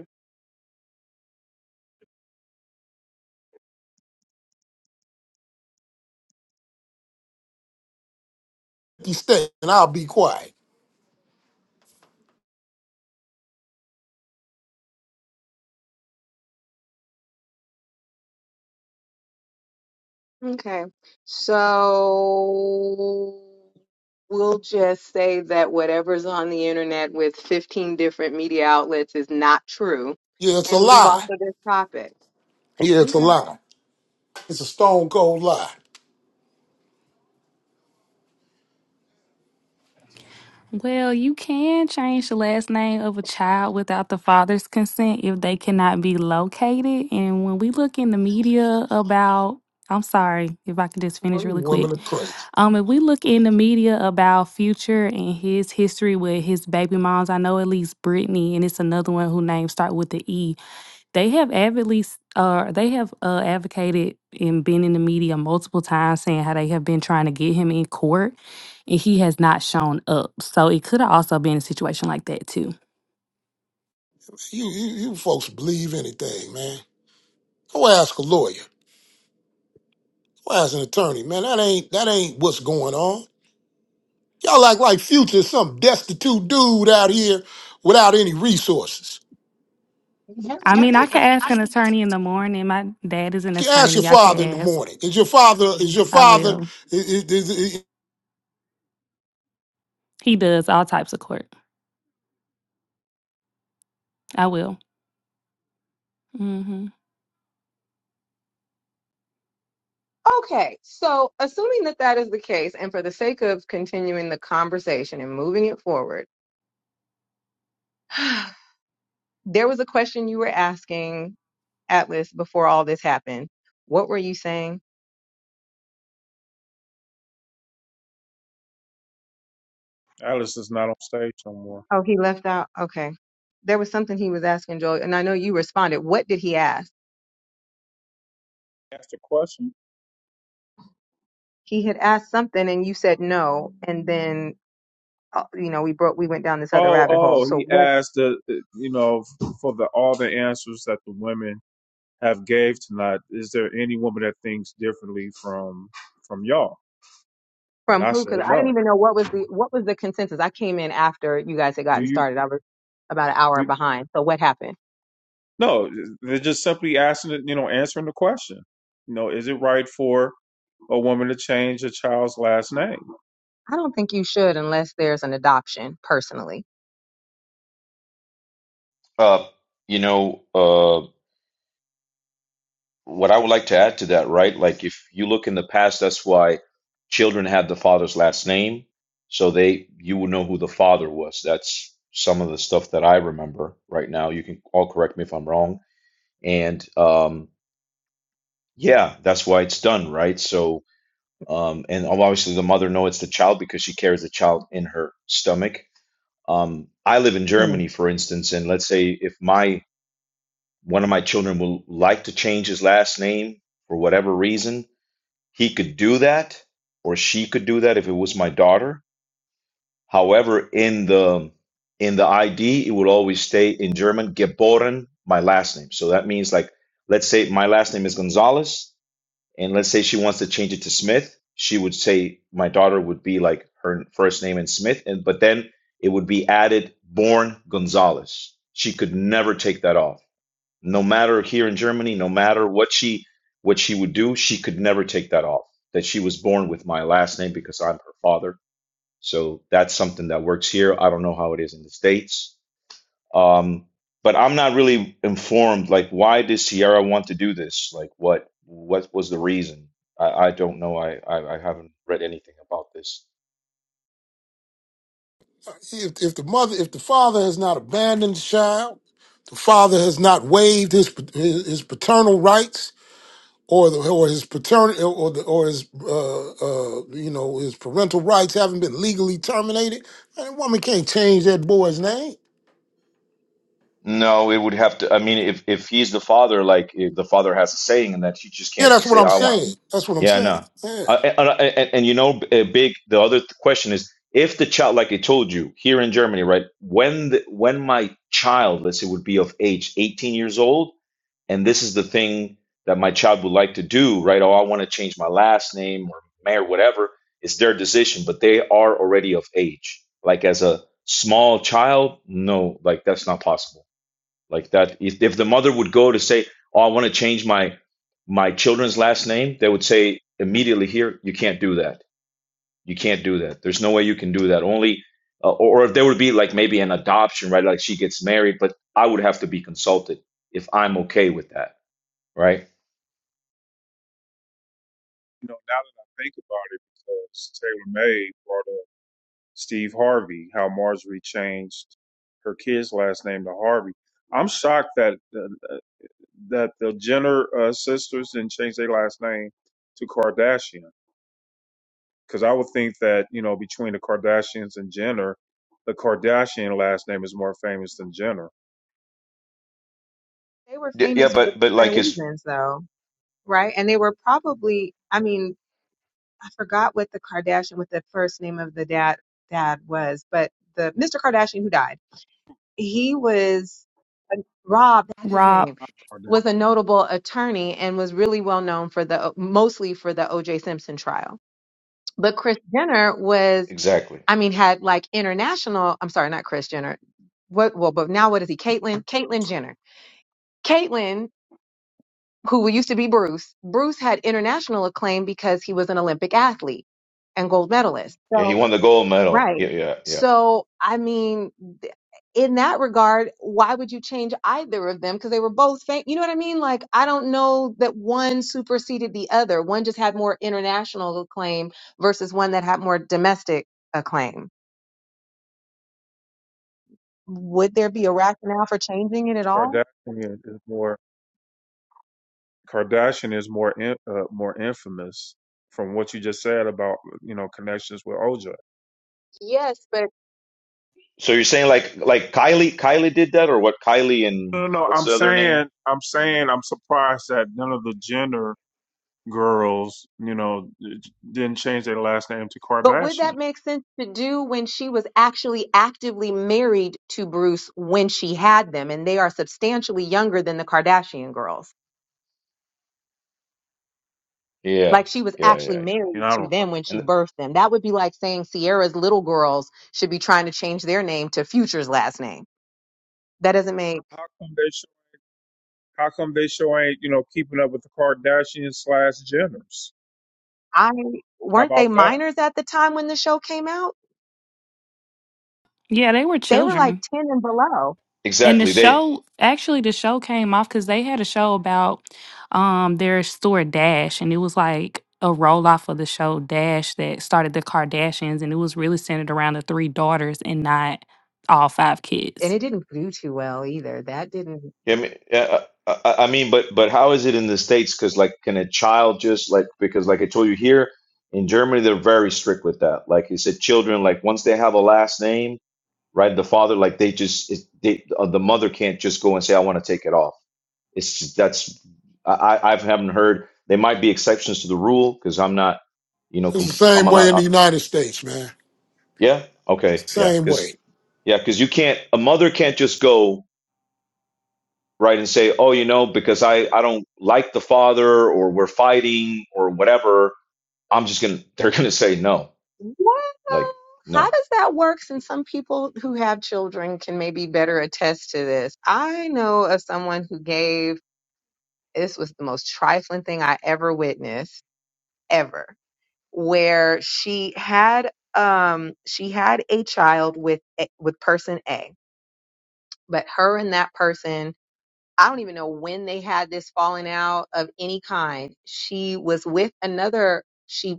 Speaker 10: You stay, and I'll be quiet.
Speaker 9: Okay, so we'll just say that whatever's on the internet with 15 different media outlets is not true
Speaker 10: Yeah, it's a
Speaker 9: and move off
Speaker 10: lie.
Speaker 9: of this topic.
Speaker 10: Yeah, it's a
Speaker 9: Okay.
Speaker 10: lie. It's a stone cold lie.
Speaker 8: Well, you can change the last name of a child without the father's consent if they cannot be located. And when we look in the media about, I'm sorry if I could just
Speaker 10: Well,
Speaker 8: finish really quick.
Speaker 10: Women are crazy.
Speaker 8: Um, if we look in the media about Future and his history with his baby moms, I know at least Brittany, and it's another one who names start with the E. They have avidly, s- uh, they have uh, advocated and been in the media multiple times saying how they have been trying to get him in court, and he has not shown up. So it could have also been a situation like that too.
Speaker 10: You, you, you folks believe anything, man. Go ask a lawyer. Well, as an attorney, man, that ain't that ain't what's going on. Y'all act like Future is some destitute dude out here without any resources.
Speaker 8: I mean, I could ask an attorney in the morning. My dad is an
Speaker 10: Ask your
Speaker 8: attorney. I could
Speaker 10: father in the
Speaker 8: ask.
Speaker 10: morning. Is your father? Is your
Speaker 8: I
Speaker 10: father?
Speaker 8: will.
Speaker 10: i- i- is-
Speaker 8: He does all types of court. I will. Hmm.
Speaker 9: Okay, so assuming that that is the case, and for the sake of continuing the conversation and moving it forward, there was a question you were asking, Atlas, before all this happened. What were you saying?
Speaker 2: Alice is not on stage no more.
Speaker 9: Oh, he left out. Okay. There was something he was asking Joel, and I know you responded. What did he ask?
Speaker 2: Asked a question.
Speaker 9: he had asked something and you said no and then uh, you know we broke we went down this other
Speaker 2: Oh,
Speaker 9: rabbit hole
Speaker 2: oh,
Speaker 9: so
Speaker 2: he
Speaker 9: what
Speaker 2: asked the, you know, for the all the answers that the women have gave tonight. Is there any woman that thinks differently from from y'all? And
Speaker 9: from
Speaker 2: I
Speaker 9: who
Speaker 2: said
Speaker 9: because i didn't
Speaker 2: no.
Speaker 9: even know what was the what was the consensus i came in after you guys had
Speaker 2: Do
Speaker 9: gotten
Speaker 2: you?
Speaker 9: started i was about an hour
Speaker 2: do?
Speaker 9: behind so what happened
Speaker 2: No, they're just simply asking, you know, answering the question. You know, is it right for a woman to change a child's last name? You
Speaker 9: i don't think you should unless there's an adoption personally
Speaker 11: Uh, you know, uh, what I would like to add to that, right? Like, if you look in the past, that's why children had the father's last name, so they you would know who the father was. That's some of the stuff that I remember right now. You can all correct me if I'm wrong. And um, yeah, that's why it's done, right? So, um, and obviously the mother knows it's the child because she carries the child in her stomach. Um, I live in
Speaker 9: Hmm.
Speaker 11: Germany, for instance, and let's say if my one of my children will like to change his last name for whatever reason, he could do that or she could do that if it was my daughter. However, in the in the ID, it would always stay in German geboren, my last name. So that means like let's say my last name is Gonzalez and let's say she wants to change it to Smith, she would say my daughter would be like her first name and Smith and but then it would be added born Gonzalez. She could never take that off no matter here in Germany, no matter what she what she would do, she could never take that off. That she was born with my last name because I'm her father. So that's something that works here. I don't know how it is in the states, um, but I'm not really informed. Like, why did Sierra want to do this? Like, what what was the reason? I, I don't know. I, I I haven't read anything about this.
Speaker 10: If, if the mother, if the father has not abandoned the child, the father has not waived his his, his paternal rights or the, or his paternal or the, or his uh, uh, you know his parental rights haven't been legally terminated. Man, that woman can't change that boy's name.
Speaker 11: No, it would have to. I mean, if if he's the father, like if the father has a saying, and that she just
Speaker 10: Yeah,
Speaker 11: can't
Speaker 10: that's
Speaker 11: just
Speaker 10: what
Speaker 11: say,
Speaker 10: I'm
Speaker 11: "I want."
Speaker 10: saying. That's what I'm
Speaker 11: Yeah, no,
Speaker 10: saying. Yeah.
Speaker 11: Uh, and, and, and you know, uh, big. The other th- question is, if the child, like I told you, here in Germany, right? When the, when my child, let's say, would be of age, eighteen years old, and this is the thing that my child would like to do, right? Oh, I want to change my last name or mayor, whatever. It's their decision, but they are already of age. Like as a small child, no, like that's not possible like that if, if the mother would go to say oh i want to change my my children's last name they would say immediately here you can't do that you can't do that there's no way you can do that only uh, or, or if there would be like maybe an adoption right like she gets married but i would have to be consulted if i'm okay with that right
Speaker 2: know, now that I think about it, because Taylor May brought up Steve Harvey, how Marjorie changed her kid's last name to Harvey. I'm shocked that the, that the Jenner uh, sisters didn't change their last name to Kardashian, because I would think that you know between the Kardashians and Jenner, the Kardashian last name is more famous than Jenner.
Speaker 9: they were
Speaker 11: yeah
Speaker 9: famous for
Speaker 11: but but like
Speaker 9: different
Speaker 11: it's
Speaker 9: reasons though right and they were probably i mean i forgot what the kardashian what the first name of the dad dad was but the mr kardashian who died he was Rob, that's his
Speaker 8: Rob.
Speaker 9: name, was a notable attorney and was really well known for the mostly for the O.J. Simpson trial. But Chris Jenner was,
Speaker 11: exactly
Speaker 9: I mean, had like international. I'm sorry, not Chris Jenner. What? Well, but now what is he? Caitlyn, Caitlyn Jenner. Caitlyn, who used to be Bruce. Bruce had international acclaim because he was an Olympic athlete and gold medalist.
Speaker 11: yeah he
Speaker 9: So.
Speaker 11: won the gold medal yeah
Speaker 9: Right.
Speaker 11: yeah yeah
Speaker 9: So, I mean, th- in that regard, why would you change either of them? Because they were both, fam- you know what I mean? Like, I don't know that one superseded the other. One just had more international acclaim versus one that had more domestic acclaim. Would there be a rationale for changing it at all?
Speaker 2: Kardashian is more Kardashian is more in, uh, more infamous from what you just said about you know connections with OJ.
Speaker 9: Yes, but
Speaker 11: so you're saying like like kylie kylie did that or what kylie
Speaker 2: No, no,
Speaker 11: and
Speaker 2: no.
Speaker 11: what's
Speaker 2: I'm
Speaker 11: the other name
Speaker 2: saying, I'm saying, I'm surprised that none of the Jenner girls, you know, didn't change their last name to
Speaker 9: but would
Speaker 2: Kardashian.
Speaker 9: that make sense to do when she was actually actively married to Bruce when she had them, and they are substantially younger than the Kardashian girls?
Speaker 11: yeah
Speaker 9: like she was
Speaker 11: yeah
Speaker 9: actually
Speaker 11: yeah yeah
Speaker 2: You
Speaker 9: married
Speaker 2: know, I don't
Speaker 9: to
Speaker 2: know.
Speaker 9: them when she
Speaker 11: and
Speaker 9: birthed them. That would be like saying Sierra's little girls should be trying to change their name to Future's last name. That doesn't make
Speaker 2: How come they show? How come they show ain't you know keeping up with the Kardashians slash Jenners?
Speaker 9: I
Speaker 2: How
Speaker 9: weren't
Speaker 2: about
Speaker 9: they
Speaker 2: that?
Speaker 9: minors at the time when the show came out?
Speaker 8: Yeah, they were
Speaker 9: They were like
Speaker 8: children.
Speaker 9: 10 and below.
Speaker 8: And the
Speaker 11: exactly they
Speaker 8: show, actually, the show came off because they had a show about um their store Dash, and it was like a roll off of the show Dash that started the Kardashians, and it was really centered around the three daughters and not all five
Speaker 9: And
Speaker 8: kids.
Speaker 9: it didn't do too well either. That didn't
Speaker 11: Yeah, I mean, yeah, I, I I mean, but but how is it in the States? Because like, can a child just like because like I told you here in Germany, they're very strict with that. Like you said, children like once they have a last name, right? The father like they just it, they uh, the mother can't just go and say I want to take it off. It's just- that's I I I haven't heard. There might be exceptions to the rule because I'm not, you know,
Speaker 10: It's the
Speaker 11: comp I'm
Speaker 10: same way
Speaker 11: not.
Speaker 10: in
Speaker 11: I,
Speaker 10: the United States, man.
Speaker 11: yeah, okay, yeah,
Speaker 10: Same
Speaker 11: because
Speaker 10: way.
Speaker 11: yeah, because you can't. A mother can't just go. right and say oh you know because i i don't like the father or we're fighting or whatever i'm just gonna they're gonna say no like
Speaker 9: well, how
Speaker 11: no
Speaker 9: does that work since some people who have children can maybe better attest to this? I know of someone who gave this was the most trifling thing I ever witnessed ever where she had um she had a child with a- with person A, but her and that person I don't even know when they had this falling out of any kind. She was with another. she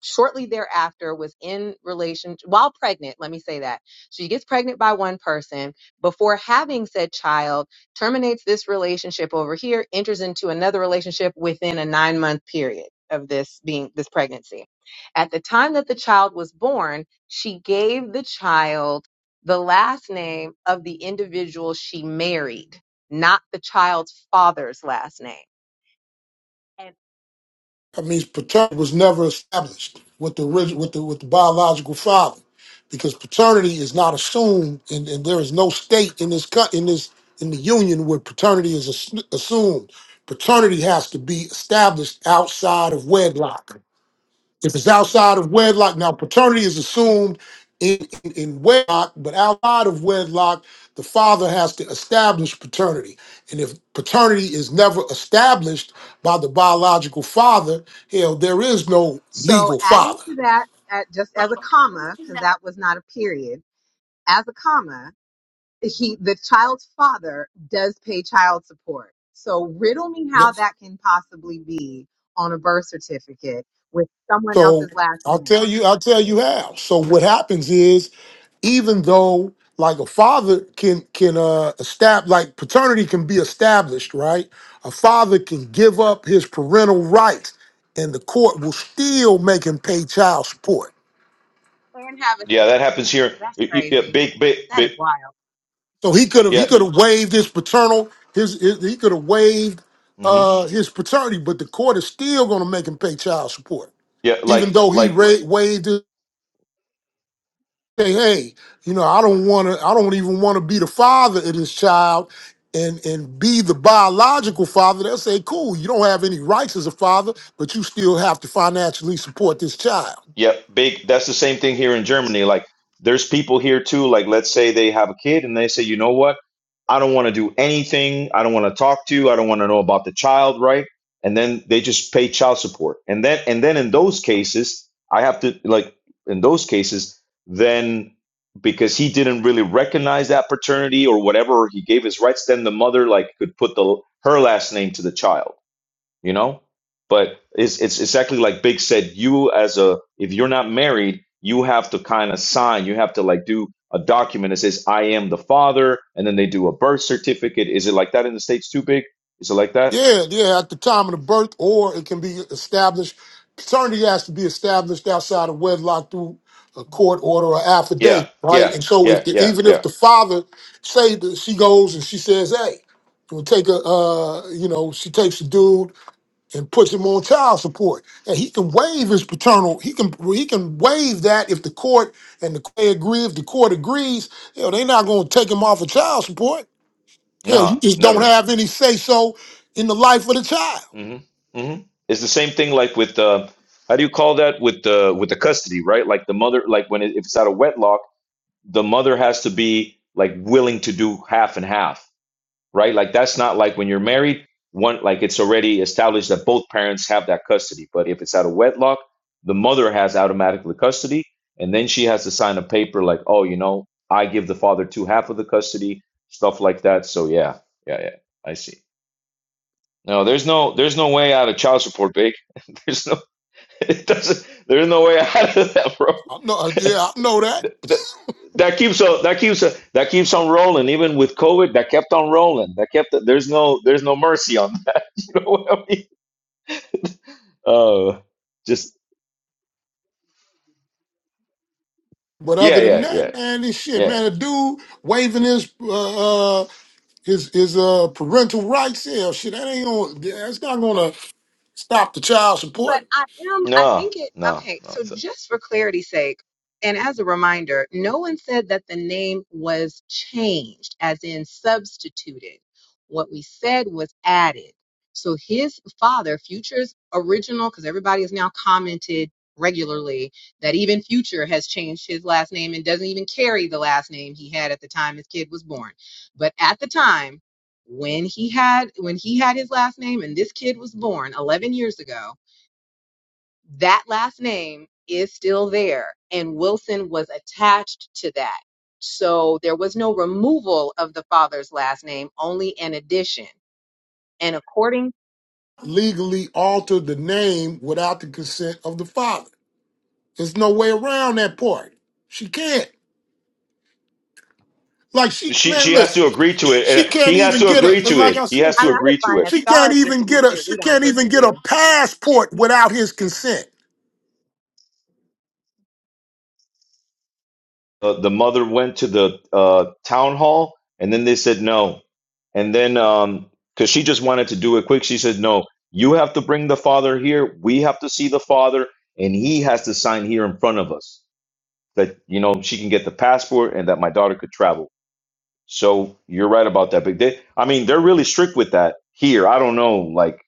Speaker 9: shortly thereafter was in relation while pregnant let me say that she gets pregnant by one person before having said child terminates this relationship over here enters into another relationship within a 9 month period of this being this pregnancy at the time that the child was born she gave the child the last name of the individual she married not the child's father's last name And
Speaker 10: I mean, paternity was never established with the orig- with the with the biological father, because paternity is not assumed, and, and there is no state in this cut in this in the union where paternity is ass- assumed. Paternity has to be established outside of wedlock. If it's outside of wedlock, now paternity is assumed in, in, in wedlock, but outside of wedlock, the father has to establish paternity. And if paternity is never established by the biological father, hell, there is no
Speaker 9: So
Speaker 10: legal
Speaker 9: adding
Speaker 10: father.
Speaker 9: to that, at, just as a comma, because that was not a period, as a comma, he the child's father does pay child support. So riddle me how that can possibly be on a birth certificate with someone
Speaker 10: So
Speaker 9: else's last
Speaker 10: I'll
Speaker 9: name.
Speaker 10: tell you, I'll tell you how. So what happens is, even though like a father can can uh establish like paternity can be established, right? A father can give up his parental rights, and the court will still make him pay child support.
Speaker 9: And Anne
Speaker 11: yeah
Speaker 9: Havison
Speaker 11: that happens
Speaker 9: completely
Speaker 11: here
Speaker 9: that's
Speaker 11: Y- y- yeah,
Speaker 9: crazy.
Speaker 11: big big
Speaker 9: That is
Speaker 11: big
Speaker 9: wild.
Speaker 10: So he could have
Speaker 11: yeah
Speaker 10: he could have waived his paternal his, his he could have waived
Speaker 11: hmm
Speaker 10: uh his paternity, but the court is still going to make him pay child support,
Speaker 11: yeah
Speaker 10: even
Speaker 11: like
Speaker 10: though he
Speaker 11: like
Speaker 10: ra- waived. say, hey, you know, I don't want to, I don't even want to be the father of this child and and be the biological father. They'll say, cool, you don't have any rights as a father, but you still have to financially support this child.
Speaker 11: Yep, big. That's the same thing here in Germany. Like, there's people here too. Like, let's say they have a kid and they say, you know what? I don't want to do anything. I don't want to talk to you. I don't want to know about the child, right? And then they just pay child support. And then, and then in those cases, I have to like in those cases, then because he didn't really recognize that paternity or whatever, or he gave his rights, then the mother like could put the her last name to the child you know but it's it's exactly like big said you as a if you're not married you have to kind of sign you have to like do a document that says i am the father and then they do a birth certificate is it like that in the states too big is it like that
Speaker 10: Yeah, yeah, at the time of the birth, or it can be established. Paternity has to be established outside of wedlock through a court order or
Speaker 11: yeah
Speaker 10: affidavit, right?
Speaker 11: yeah
Speaker 10: And so, if
Speaker 11: yeah
Speaker 10: the,
Speaker 11: yeah
Speaker 10: even if
Speaker 11: yeah
Speaker 10: the father say that she goes and she says, "Hey, we'll take a, uh, you know, she takes a dude and puts him on child support. And he can waive his paternal. He can he can waive that if the court and the they agree. If the court agrees, hell, they're not going to take him off of child support. Hell, you
Speaker 11: no
Speaker 10: just don't
Speaker 11: never
Speaker 10: have any say so in the life of the child.
Speaker 11: hmm hmm it's the same thing like with uh how do you call that with the with the custody right like the mother like when it, if it's out of wedlock the mother has to be like willing to do half and half right? Like that's not like when you're married, one like it's already established that both parents have that custody. But if it's out of wedlock, the mother has automatically custody, and then she has to sign a paper like, oh, you know, I give the father two half of the custody, stuff like that. So yeah, yeah, yeah, I see. No, there's no there's no way out of child support, big. There's no it doesn't there's no way out of that, bro.
Speaker 10: I know, uh, yeah, I know that.
Speaker 11: Th- th- that keeps on that keeps on- that keeps on rolling even with covid that kept on rolling that kept there's no there's no mercy on that you know what i mean uh just
Speaker 10: But
Speaker 11: yeah
Speaker 10: other than
Speaker 11: yeah yeah
Speaker 10: that, man, this shit,
Speaker 11: yeah
Speaker 10: man, a dude waiving his uh, uh his his uh parental rights, yeah, shit, that ain't gonna, that's not gonna stop the child
Speaker 9: But
Speaker 10: support.
Speaker 9: I am, I
Speaker 11: no
Speaker 9: think it,
Speaker 11: no
Speaker 9: okay,
Speaker 11: no
Speaker 9: so
Speaker 11: so
Speaker 9: just for clarity's sake, and as a reminder, no one said that the name was changed, as in substituted. What we said was added. So his father, Future's original, because everybody has now commented regularly that even Future has changed his last name and doesn't even carry the last name he had at the time his kid was born. But at the time, when he had when he had his last name and this kid was born 11 years ago that last name is still there, and Wilson was attached to that. So there was no removal of the father's last name, only an addition. And according,
Speaker 10: legally alter the name without the consent of the father. There's no way around that part. She can't. Like she
Speaker 11: she
Speaker 10: man,
Speaker 11: she has
Speaker 10: listen,
Speaker 11: to agree to it
Speaker 10: she
Speaker 11: and
Speaker 10: can't
Speaker 11: he has
Speaker 10: even
Speaker 11: to
Speaker 10: get a
Speaker 11: agree to
Speaker 10: and like
Speaker 11: it
Speaker 10: I
Speaker 11: he
Speaker 10: said,
Speaker 11: has
Speaker 9: I
Speaker 11: to
Speaker 9: mean,
Speaker 10: she
Speaker 9: I
Speaker 11: agree
Speaker 9: just
Speaker 11: to it
Speaker 9: find that
Speaker 10: she can't
Speaker 9: stars get
Speaker 10: even
Speaker 9: to do
Speaker 10: get a
Speaker 9: shit we
Speaker 10: she
Speaker 9: don't
Speaker 10: can't
Speaker 9: get
Speaker 10: even
Speaker 9: to
Speaker 10: get a
Speaker 9: do.
Speaker 10: passport without his consent.
Speaker 11: uh, the mother went to the uh, town hall and then they said no and then um because she just wanted to do it quick she said no you have to bring the father here we have to see the father and he has to sign here in front of us that you know she can get the passport and that my daughter could travel so you're right about that. But they, I mean, they're really strict with that here. I don't know, like,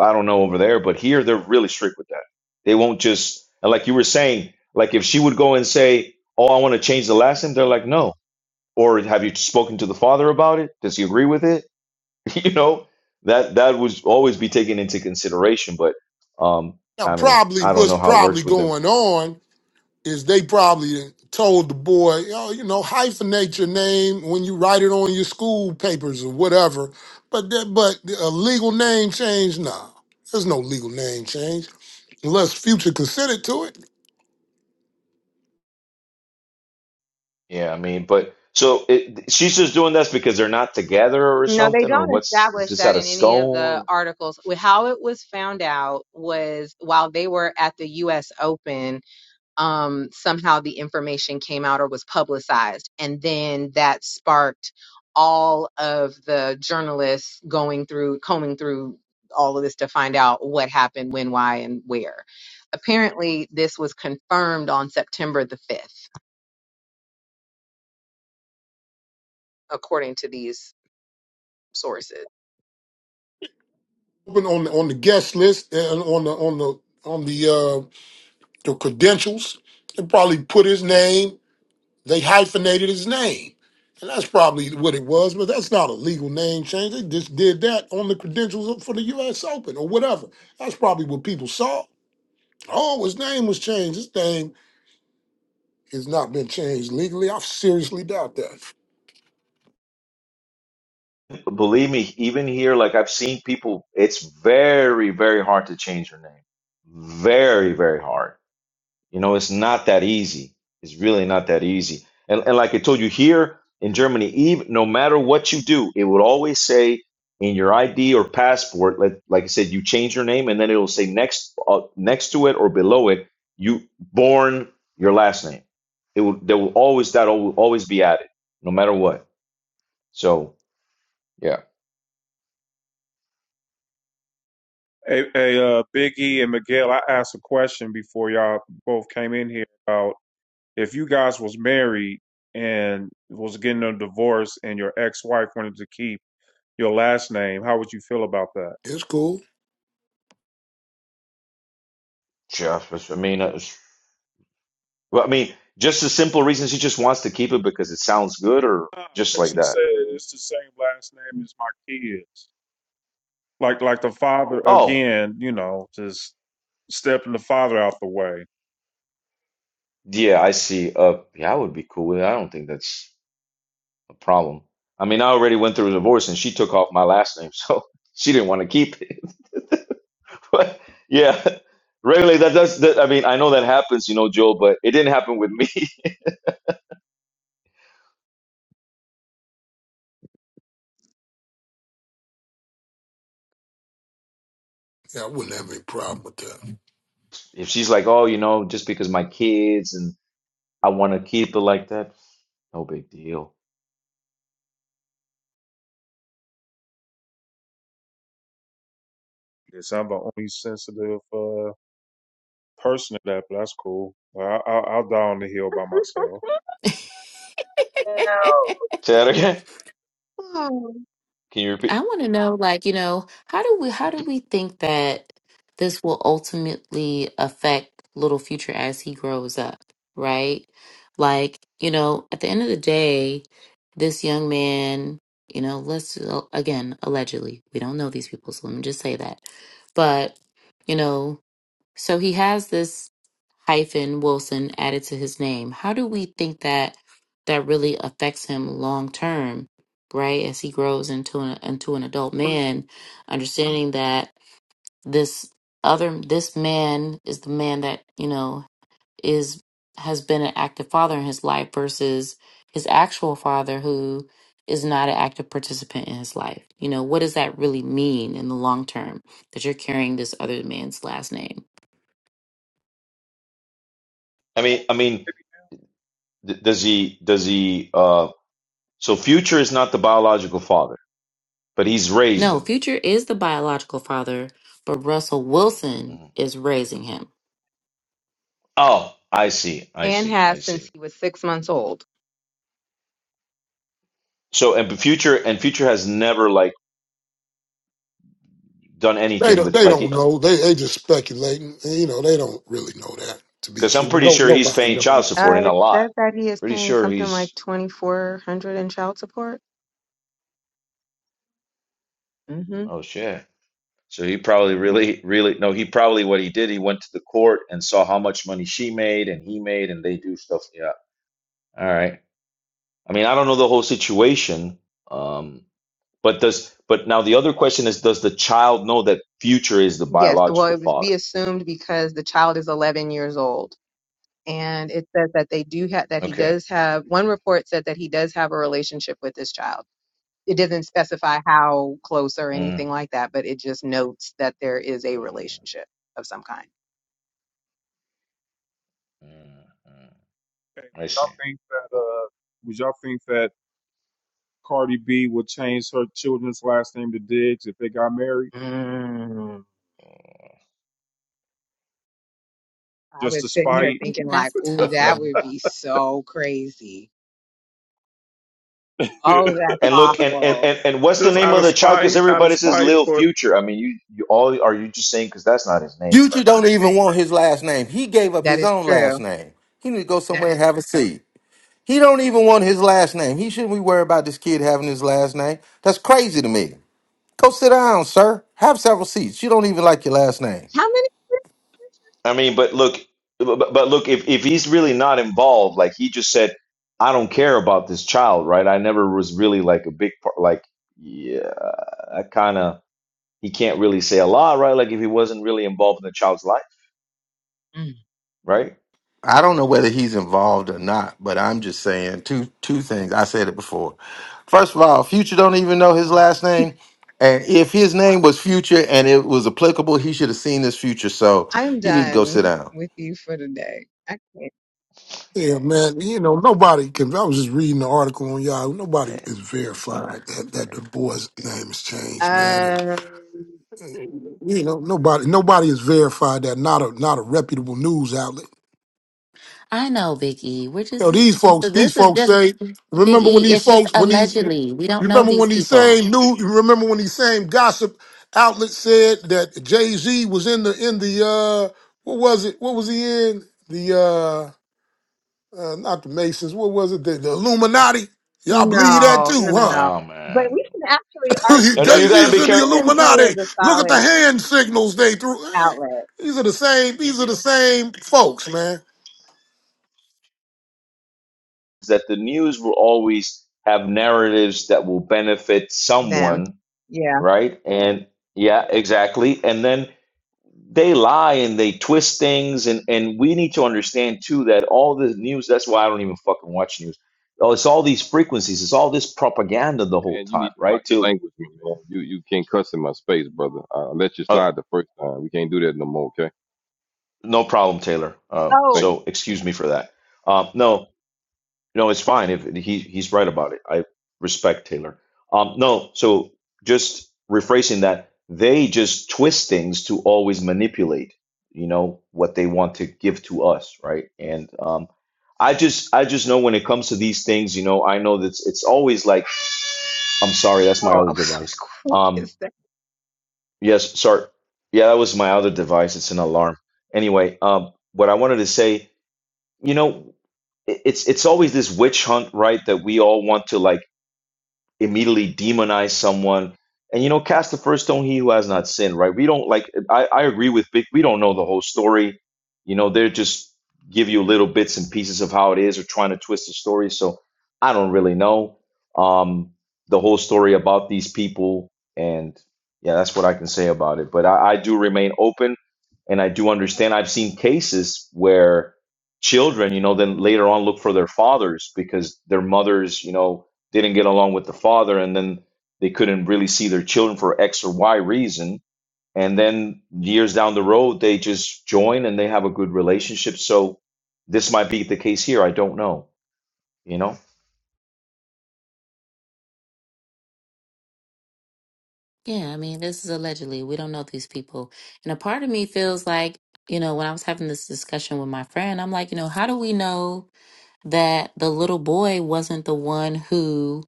Speaker 11: I don't know over there, but here they're really strict with that. They won't just, and like you were saying, like if she would go and say, "Oh, I want to change the last name," they're like, "No." Or have you spoken to the father about it? Does he agree with it? you know, that that would always be taken into consideration. But um,
Speaker 10: Now
Speaker 11: I mean,
Speaker 10: probably
Speaker 11: I don't
Speaker 10: what's
Speaker 11: know how it
Speaker 10: probably
Speaker 11: works with them.
Speaker 10: going on. is they probably told the boy, oh, you know, hyphenate your name when you write it on your school papers or whatever. But that, but a legal name change, nah, there's no legal name change unless Future consented to it.
Speaker 11: Yeah, I mean, but so it, she's just doing this because they're not together or
Speaker 9: No, they
Speaker 11: something, or
Speaker 9: don't
Speaker 11: what's is
Speaker 9: establish
Speaker 11: this
Speaker 9: that
Speaker 11: out of
Speaker 9: in any of the
Speaker 11: scone?
Speaker 9: articles. How it was found out was while they were at the U.S. Open um, somehow the information came out or was publicized. And then that sparked all of the journalists going through, combing through all of this to find out what happened, when, why, and where. Apparently, this was confirmed on September the 5th, according to these sources.
Speaker 10: Open on the, on the guest list and on the on the on the uh, the credentials, they probably put his name. They hyphenated his name. And that's probably what it was, but that's not a legal name change. They just did that on the credentials for the US Open or whatever. That's probably what people saw. Oh, his name was changed. His name has not been changed legally. I seriously doubt that.
Speaker 11: Believe me, even here, like I've seen people, it's very, very hard to change her name. Very, very hard. You know, it's not that easy. It's really not that easy. And, and like I told you here in Germany, even no matter what you do, it would always say in your ID or passport, like, like I said, you change your name, and then it'll say next uh, next to it or below it, you born your last name. It will there will always that will always be added, no matter what. So yeah,
Speaker 2: Hey, hey uh, Big E and Miguel, I asked a question before y'all both came in here about. if you guys was married and was getting a divorce and your ex-wife wanted to keep your last name, how would you feel about that?
Speaker 10: It's cool.
Speaker 11: just I mean, uh, well, I mean, just the simple reasons he just wants to keep it because it sounds good, or
Speaker 2: Because
Speaker 11: just
Speaker 2: uh,
Speaker 11: like
Speaker 2: she
Speaker 11: that.
Speaker 2: said it's the same last name as my kids. Like, like the father
Speaker 11: Oh.
Speaker 2: again, you know, just stepping the father out the way.
Speaker 11: Yeah, I see. Uh, yeah, I would be cool with it. I don't think that's a problem. I mean, I already went through a divorce and she took off my last name, so she didn't want to keep it. But yeah, regularly that does that. I mean, I know that happens, you know, Joel, but it didn't happen with me.
Speaker 10: Yeah, I wouldn't have any problem with that.
Speaker 11: If she's like, oh, you know, just because my kids and I want to keep it like that, no big deal.
Speaker 2: Yes, I'm the only sensitive uh, person in that, but that's cool. I, I, I'll die on the hill by myself.
Speaker 9: No.
Speaker 11: Say that again.
Speaker 9: Oh.
Speaker 11: Can you
Speaker 3: I
Speaker 11: repeat?
Speaker 3: want to know, like, you know, how do we how do we think that this will ultimately affect little future as he grows up, right? Like, you know, at the end of the day, this young man, you know, let's again, allegedly, we don't know these people, so let me just say that. But, you know, so he has this hyphen Wilson added to his name. How do we think that that really affects him long term, right? As he grows into an into an adult
Speaker 2: What is-
Speaker 3: man, understanding that this other this man is the man that you know is has been an active father in his life versus his actual father who is not an active participant in his life. You know, what does that really mean in the long term that you're carrying this other man's last name?
Speaker 11: I
Speaker 2: what
Speaker 11: mean, I
Speaker 2: is-
Speaker 11: mean, d does he, does he, uh, so Future is not the biological father, but he's raised
Speaker 3: No,
Speaker 11: him.
Speaker 3: Future is the biological father, but Russell Wilson
Speaker 11: Mm-hmm.
Speaker 3: is raising him.
Speaker 11: Oh, I see. I
Speaker 9: And
Speaker 11: see. I
Speaker 9: has since
Speaker 11: see.
Speaker 9: he was six months old.
Speaker 11: So and future and future has never like done
Speaker 10: They
Speaker 11: anything
Speaker 10: don't
Speaker 11: with
Speaker 10: they
Speaker 11: like
Speaker 10: don't
Speaker 11: he
Speaker 10: know. They they just speculating. And, you know, they don't really know that to be
Speaker 11: because I'm
Speaker 10: true.
Speaker 11: pretty
Speaker 10: No,
Speaker 11: sure he's
Speaker 10: nobody
Speaker 11: paying
Speaker 10: knows.
Speaker 11: child
Speaker 9: Uh,
Speaker 11: support and a
Speaker 9: it
Speaker 11: lot.
Speaker 9: says that he is
Speaker 11: Pretty
Speaker 9: paying
Speaker 11: sure
Speaker 9: something like
Speaker 11: he's
Speaker 9: 2400 in child support.
Speaker 11: oh shit. So he probably really really no he probably what he did he went to the court and saw how much money she made and he made and they do stuff. Yeah. All right. I mean I don't know the whole situation. Um. But does but now the other question is does the child know that future is the
Speaker 9: Yes, well,
Speaker 11: biological
Speaker 9: it would be
Speaker 11: father?
Speaker 9: assumed because the child is 11 years old. And it says that they do have, that he
Speaker 11: Okay.
Speaker 9: does have, one report said that he does have a relationship with this child. It doesn't specify how close or anything
Speaker 11: Mm.
Speaker 9: like that, but it just notes that there is a
Speaker 11: Mm.
Speaker 9: relationship of some kind.
Speaker 11: Mm. mm. I see.
Speaker 2: Y'all think that? Uh, would y'all think that Cardi B would change her children's last name to Diggs if they got married,
Speaker 9: Mm. I
Speaker 2: just
Speaker 9: was
Speaker 2: to
Speaker 9: sitting
Speaker 3: That's
Speaker 9: here
Speaker 2: spite,
Speaker 9: thinking like,
Speaker 3: that's a
Speaker 9: ooh,
Speaker 3: tough
Speaker 9: that
Speaker 3: one.
Speaker 9: would be so crazy. Oh,
Speaker 2: just
Speaker 9: that's
Speaker 11: And look, and and
Speaker 9: awful.
Speaker 11: and, and what's the name
Speaker 2: out
Speaker 11: of
Speaker 2: of
Speaker 11: the child? Because
Speaker 2: spite, out of
Speaker 11: everybody says
Speaker 2: spite.
Speaker 11: Lil
Speaker 2: But
Speaker 11: Future. I mean, you you all are you just saying because that's not his name, bro?
Speaker 1: Future don't even want his last name. He gave up
Speaker 9: That
Speaker 1: his
Speaker 9: is
Speaker 1: own
Speaker 9: true.
Speaker 1: last name. He need to go somewhere and have a seat. He don't even want his last name. He shouldn't be worried about this kid having his last name. That's crazy to me. Go sit down, sir. Have several seats. You don't even like your last name.
Speaker 9: How
Speaker 11: I mean, but look, but, but look, if if he's really not involved, like he just said, I don't care about this child, right? I never was really like a big part. Like, yeah, I kind of he can't really say a lot, right? Like if he wasn't really involved in the child's life,
Speaker 9: many? Mm.
Speaker 11: right?
Speaker 1: I don't know whether he's involved or not, but I'm just saying two two things. I said it before. First of all, Future don't even know his
Speaker 9: Stop.
Speaker 1: last name, and if his name was Future and it was applicable, he should have seen this Future. So
Speaker 9: I am
Speaker 1: he need to go sit
Speaker 9: done
Speaker 1: down.
Speaker 9: with you for today. I can't.
Speaker 10: Yeah, man. You know, nobody can. I was just reading the article on Yahoo.
Speaker 11: Eh,
Speaker 10: Nobody is verified that that the boy's name is changed, man.
Speaker 9: Um,
Speaker 10: And you know, nobody, nobody is verified that. Not a, not a reputable news outlet.
Speaker 3: I know, Big E. We're
Speaker 10: You
Speaker 3: just
Speaker 10: know,
Speaker 3: this is
Speaker 10: these
Speaker 3: just
Speaker 10: folks, these
Speaker 3: this is
Speaker 10: folks
Speaker 3: just
Speaker 10: say.
Speaker 3: Big
Speaker 10: Remember
Speaker 3: E.
Speaker 10: when these
Speaker 3: It's just
Speaker 10: folks, when these,
Speaker 3: allegedly. We don't know
Speaker 10: remember
Speaker 3: these
Speaker 10: when these
Speaker 3: people.
Speaker 10: same new, remember when these same gossip outlets said that Jay Z was in the in the uh, what was it? What was he in the uh? uh, not the Masons. What was it? The, the Illuminati. Y'all believe that
Speaker 9: no,
Speaker 11: Um,
Speaker 9: no,
Speaker 10: too,
Speaker 9: no,
Speaker 10: huh?
Speaker 9: no.
Speaker 11: no,
Speaker 9: But
Speaker 11: man.
Speaker 9: we can actually
Speaker 11: No, no,
Speaker 9: argue
Speaker 11: you
Speaker 10: Jay-Z
Speaker 11: got to
Speaker 10: is
Speaker 11: be
Speaker 10: in the
Speaker 11: careful.
Speaker 9: TMZ
Speaker 10: Illuminati.
Speaker 9: is a
Speaker 10: Look at the
Speaker 9: solid
Speaker 10: hand signals they threw. Eh,
Speaker 9: outlet.
Speaker 10: These are the same. These are the same folks, man.
Speaker 11: that the news will always have narratives that will benefit
Speaker 9: Them.
Speaker 11: someone,
Speaker 9: Yeah.
Speaker 11: right? And yeah, exactly. And then they lie and they twist things and and we need to understand too that all the news that's why I don't even fucking watch news. Oh, it's all these frequencies, it's all this propaganda the whole
Speaker 4: And you need
Speaker 11: time,
Speaker 4: to watch
Speaker 11: right?
Speaker 4: your
Speaker 11: To
Speaker 4: language, man. You you can't cuss in my space, brother. I let you
Speaker 11: uh,
Speaker 4: slide the first time. We can't do that no more. Okay,
Speaker 11: no problem, Taylor. Uh,
Speaker 4: thank
Speaker 9: Oh,
Speaker 11: so
Speaker 4: you.
Speaker 11: excuse me for that. Um, no, No, it's fine if he he's right about it. I respect Taylor. Um, no, so just rephrasing that, they just twist things to always manipulate, you know, what they want to give to us, right? And um, I just I just know when it comes to these things, you know, I know that it's, it's always like, I'm sorry, that's my
Speaker 9: oh, I
Speaker 11: other
Speaker 9: was
Speaker 11: device.
Speaker 9: like, what
Speaker 11: Um,
Speaker 9: is that?
Speaker 11: yes, sorry. Yeah, that was my other device. It's an alarm. Anyway, um, what I wanted to say you know, it- it's it's always this witch hunt, right? That we all want to like immediately demonize someone and you know cast the first stone he who has not sinned right we don't like i, I agree with big we don't know the whole story you know they're just give you little bits and pieces of how it is or trying to twist the story so i don't really know um the whole story about these people and yeah that's what i can say about it but i, I do remain open and i do understand i've seen cases where children you know then later on look for their fathers because their mothers you know didn't get along with the father and then they couldn't really see their children for x or y reason and then years down the road they just join and they have a good relationship so this might be the case here i don't know you know
Speaker 3: Yeah, I mean, this is allegedly. We don't know these people, and a part of me feels like you know when I was having this discussion with my friend, I'm like, you know, how do we know that the little boy wasn't the one who?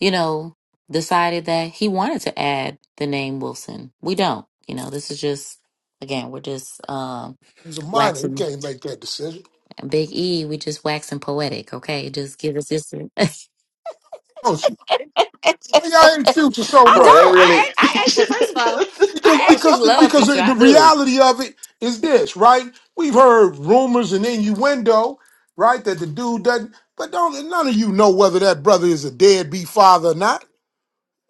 Speaker 3: you know, decided that he wanted to add the name Wilson. We don't. You know, this is just again, we're just um
Speaker 10: He's a minor. He
Speaker 3: waxing
Speaker 10: can't make that decision.
Speaker 3: Big E, we just waxing poetic, okay? Just give us this. I
Speaker 10: Oh, shoot. Why y'all ain't future so
Speaker 11: bro
Speaker 10: much?
Speaker 11: they
Speaker 3: don't. I
Speaker 11: really
Speaker 3: act- I actually first of all,
Speaker 10: Because
Speaker 3: I actually
Speaker 10: because the,
Speaker 3: love
Speaker 10: because
Speaker 3: Future.
Speaker 10: the, the
Speaker 3: I do.
Speaker 10: reality of it is this, right? We've heard rumors and innuendo, right? That the dude doesn't. But don't none of you know whether that brother is a deadbeat father or not.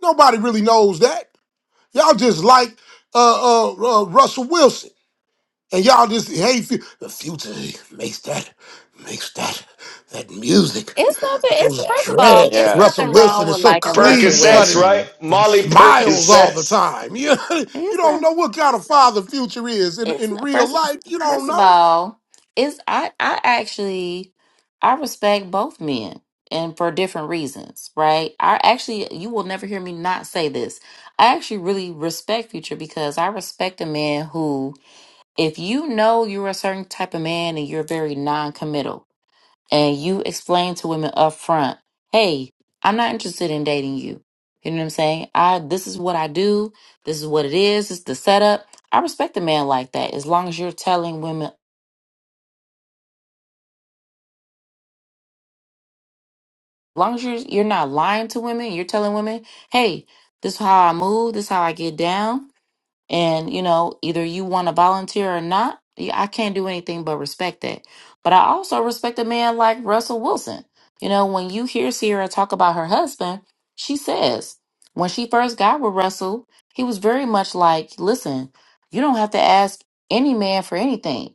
Speaker 10: Nobody really knows that. Y'all just like uh, uh, uh, Russell Wilson, and y'all just hate fu- the future makes that makes that that music
Speaker 3: It's nothing
Speaker 10: with
Speaker 3: it's
Speaker 10: those
Speaker 3: first of all,
Speaker 10: dreads.
Speaker 3: it's
Speaker 11: yeah
Speaker 10: Russell
Speaker 3: nothing
Speaker 10: Wilson
Speaker 3: wrong
Speaker 10: is
Speaker 3: with
Speaker 10: so
Speaker 3: liking Russell
Speaker 10: clean cut
Speaker 11: percocets
Speaker 10: and,
Speaker 11: right
Speaker 3: Wilson.
Speaker 10: and
Speaker 11: molly
Speaker 10: smiles all the
Speaker 11: percocets
Speaker 10: time. You you
Speaker 3: It's
Speaker 10: don't
Speaker 3: nothing.
Speaker 10: know what kind of father future is in
Speaker 3: It's
Speaker 10: in
Speaker 3: not-
Speaker 10: real
Speaker 3: first
Speaker 10: life. You don't
Speaker 3: first of
Speaker 10: know
Speaker 3: all, it's I I actually I respect both men and for different reasons, right? I actually you will never hear me not say this. I actually really respect Future because I respect a man who if you know you're a certain type of man and you're very non-committal and you explain to women up front, hey, I'm not interested in dating you. You know what I'm saying? I this is what I do, this is what it is, it's the setup. I respect a man like that as long as you're telling women as long as you're you're not lying to women, you're telling women, hey, this is how I move, this is how I get down. And, you know, either you want to volunteer or not, yeah, I can't do anything but respect that. But I also respect a man like Russell Wilson. You know, when you hear Sierra talk about her husband, she says when she first got with Russell, he was very much like, listen, you don't have to ask any man for anything.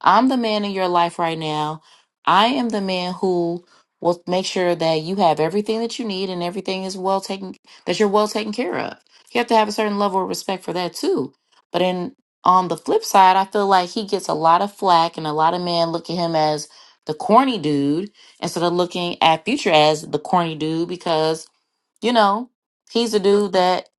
Speaker 3: I'm the man in your life right now. I am the man who will make sure that you have everything that you need and everything is well taken, that you're well taken care of. You have to have a certain level of respect for that too. But in on the flip side, I feel like he gets a lot of flack and a lot of men look at him as the corny dude instead of looking at Future as the corny dude because, you know, he's a dude that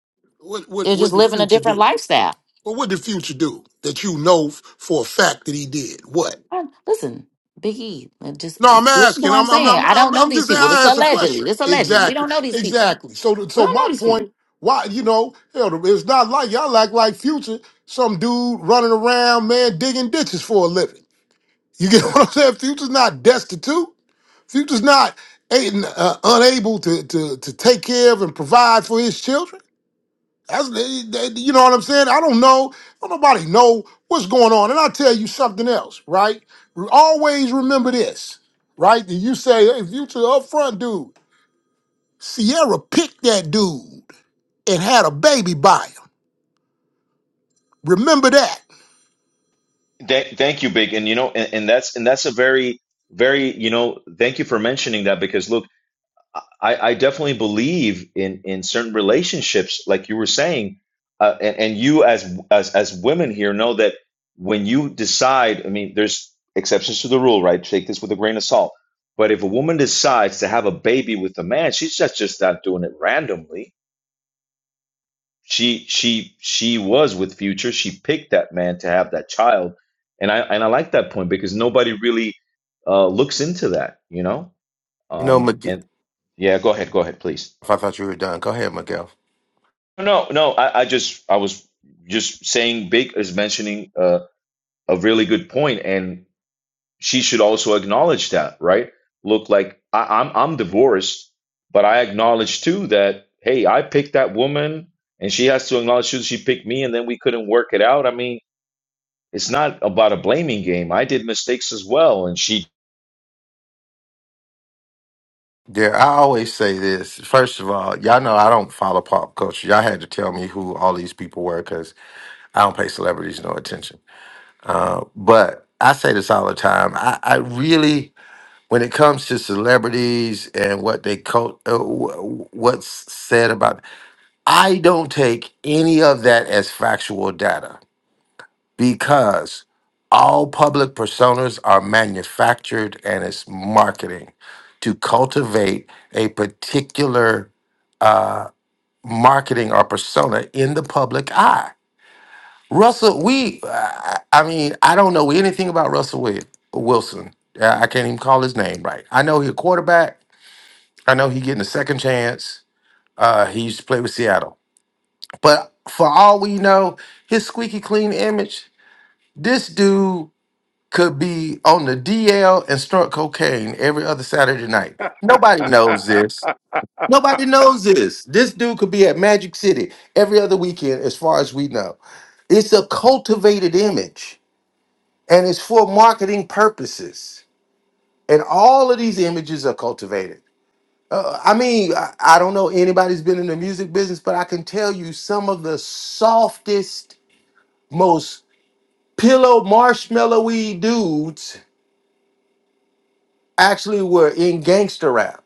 Speaker 10: what what
Speaker 3: is just
Speaker 10: what did
Speaker 3: living a
Speaker 10: future
Speaker 3: different
Speaker 10: do.
Speaker 3: lifestyle.
Speaker 10: Well, what did future do that you know f- for a fact that he did? what?
Speaker 3: Uh, Listen, Big E, uh, just uh,
Speaker 10: No, I'm
Speaker 3: listen to what
Speaker 10: asking.
Speaker 3: I'm
Speaker 10: I'm I'm
Speaker 3: saying.
Speaker 10: I'm
Speaker 3: I don't
Speaker 10: I'm,
Speaker 3: know
Speaker 10: I'm
Speaker 3: these
Speaker 10: just
Speaker 3: people. This
Speaker 10: I asked a
Speaker 3: allegedly.
Speaker 10: question.
Speaker 3: This alleged. We
Speaker 10: Exactly.
Speaker 3: don't know these people.
Speaker 10: Exactly. So the-
Speaker 3: We
Speaker 10: so
Speaker 3: don't
Speaker 10: my
Speaker 3: know these people.
Speaker 10: point, why you know, hell, it's not like y'all act like future, some dude running around, man, digging ditches for a living. You get what I'm saying? Future's not destitute. Future's not ain't, uh, unable to, to to take care of and provide for his children. That's they, they- you know what I'm saying. I don't know. Don't nobody know what's going on. And I tell you something else, right? Re- Always remember this, right? That you say if you to up front, dude, Sierra picked that dude and had a baby by him. Remember that.
Speaker 11: Th- thank you big and you know and, and that's and that's a very very you know thank you for mentioning that because look I, I definitely believe in in certain relationships, like you were saying, uh, and, and you as as as women here know that when you decide, I mean, there's exceptions to the rule, right? Take this with a grain of salt. But if a woman decides to have a baby with a man, she's just just not doing it randomly. She she she was with Future. She picked that man to have that child, and I and I like that point because nobody really uh, looks into that, you know.
Speaker 1: You know,
Speaker 11: Um,
Speaker 1: Miguel,
Speaker 11: and yeah, go ahead, go ahead, please.
Speaker 1: if I thought you were done, go ahead, Miguel.
Speaker 11: No, no, I, I just I was just saying Big is mentioning uh, a really good point, and she should also acknowledge that, right? Look, like I, I'm I'm divorced, but I acknowledge too that hey, I picked that woman, and she has to acknowledge too she picked me, and then we couldn't work it out. I mean, it's not about a blaming game. I did mistakes as well, and she.
Speaker 1: There, I always say this. First of all, y'all know I don't follow pop culture. Y'all had to tell me who all these people were because I don't pay celebrities no attention. But I say this all the time. I, I really when it comes to celebrities and what they co- uh, wh- what's said about i don't take any of that as factual data because all public personas are manufactured and it's marketing to cultivate a particular uh, marketing or persona in the public eye russell we i I mean i don't know anything about russell Wil- wilson Uh, i can't even call his name right i know he's a quarterback I know he getting a second chance. Uh, he used to play with Seattle, but for all we know, his squeaky clean image, this dude could be on the DL and snort cocaine every other Saturday night.
Speaker 2: have
Speaker 1: Nobody knows this. Nobody knows this. This dude could be at Magic City every other weekend, as far as we know. It's a cultivated image, and it's for marketing purposes. And all of these images are cultivated. Uh, I mean, I, I don't know anybody's been in the music business, but I can tell you some of the softest, most pillow marshmallowy dudes actually were in gangster rap.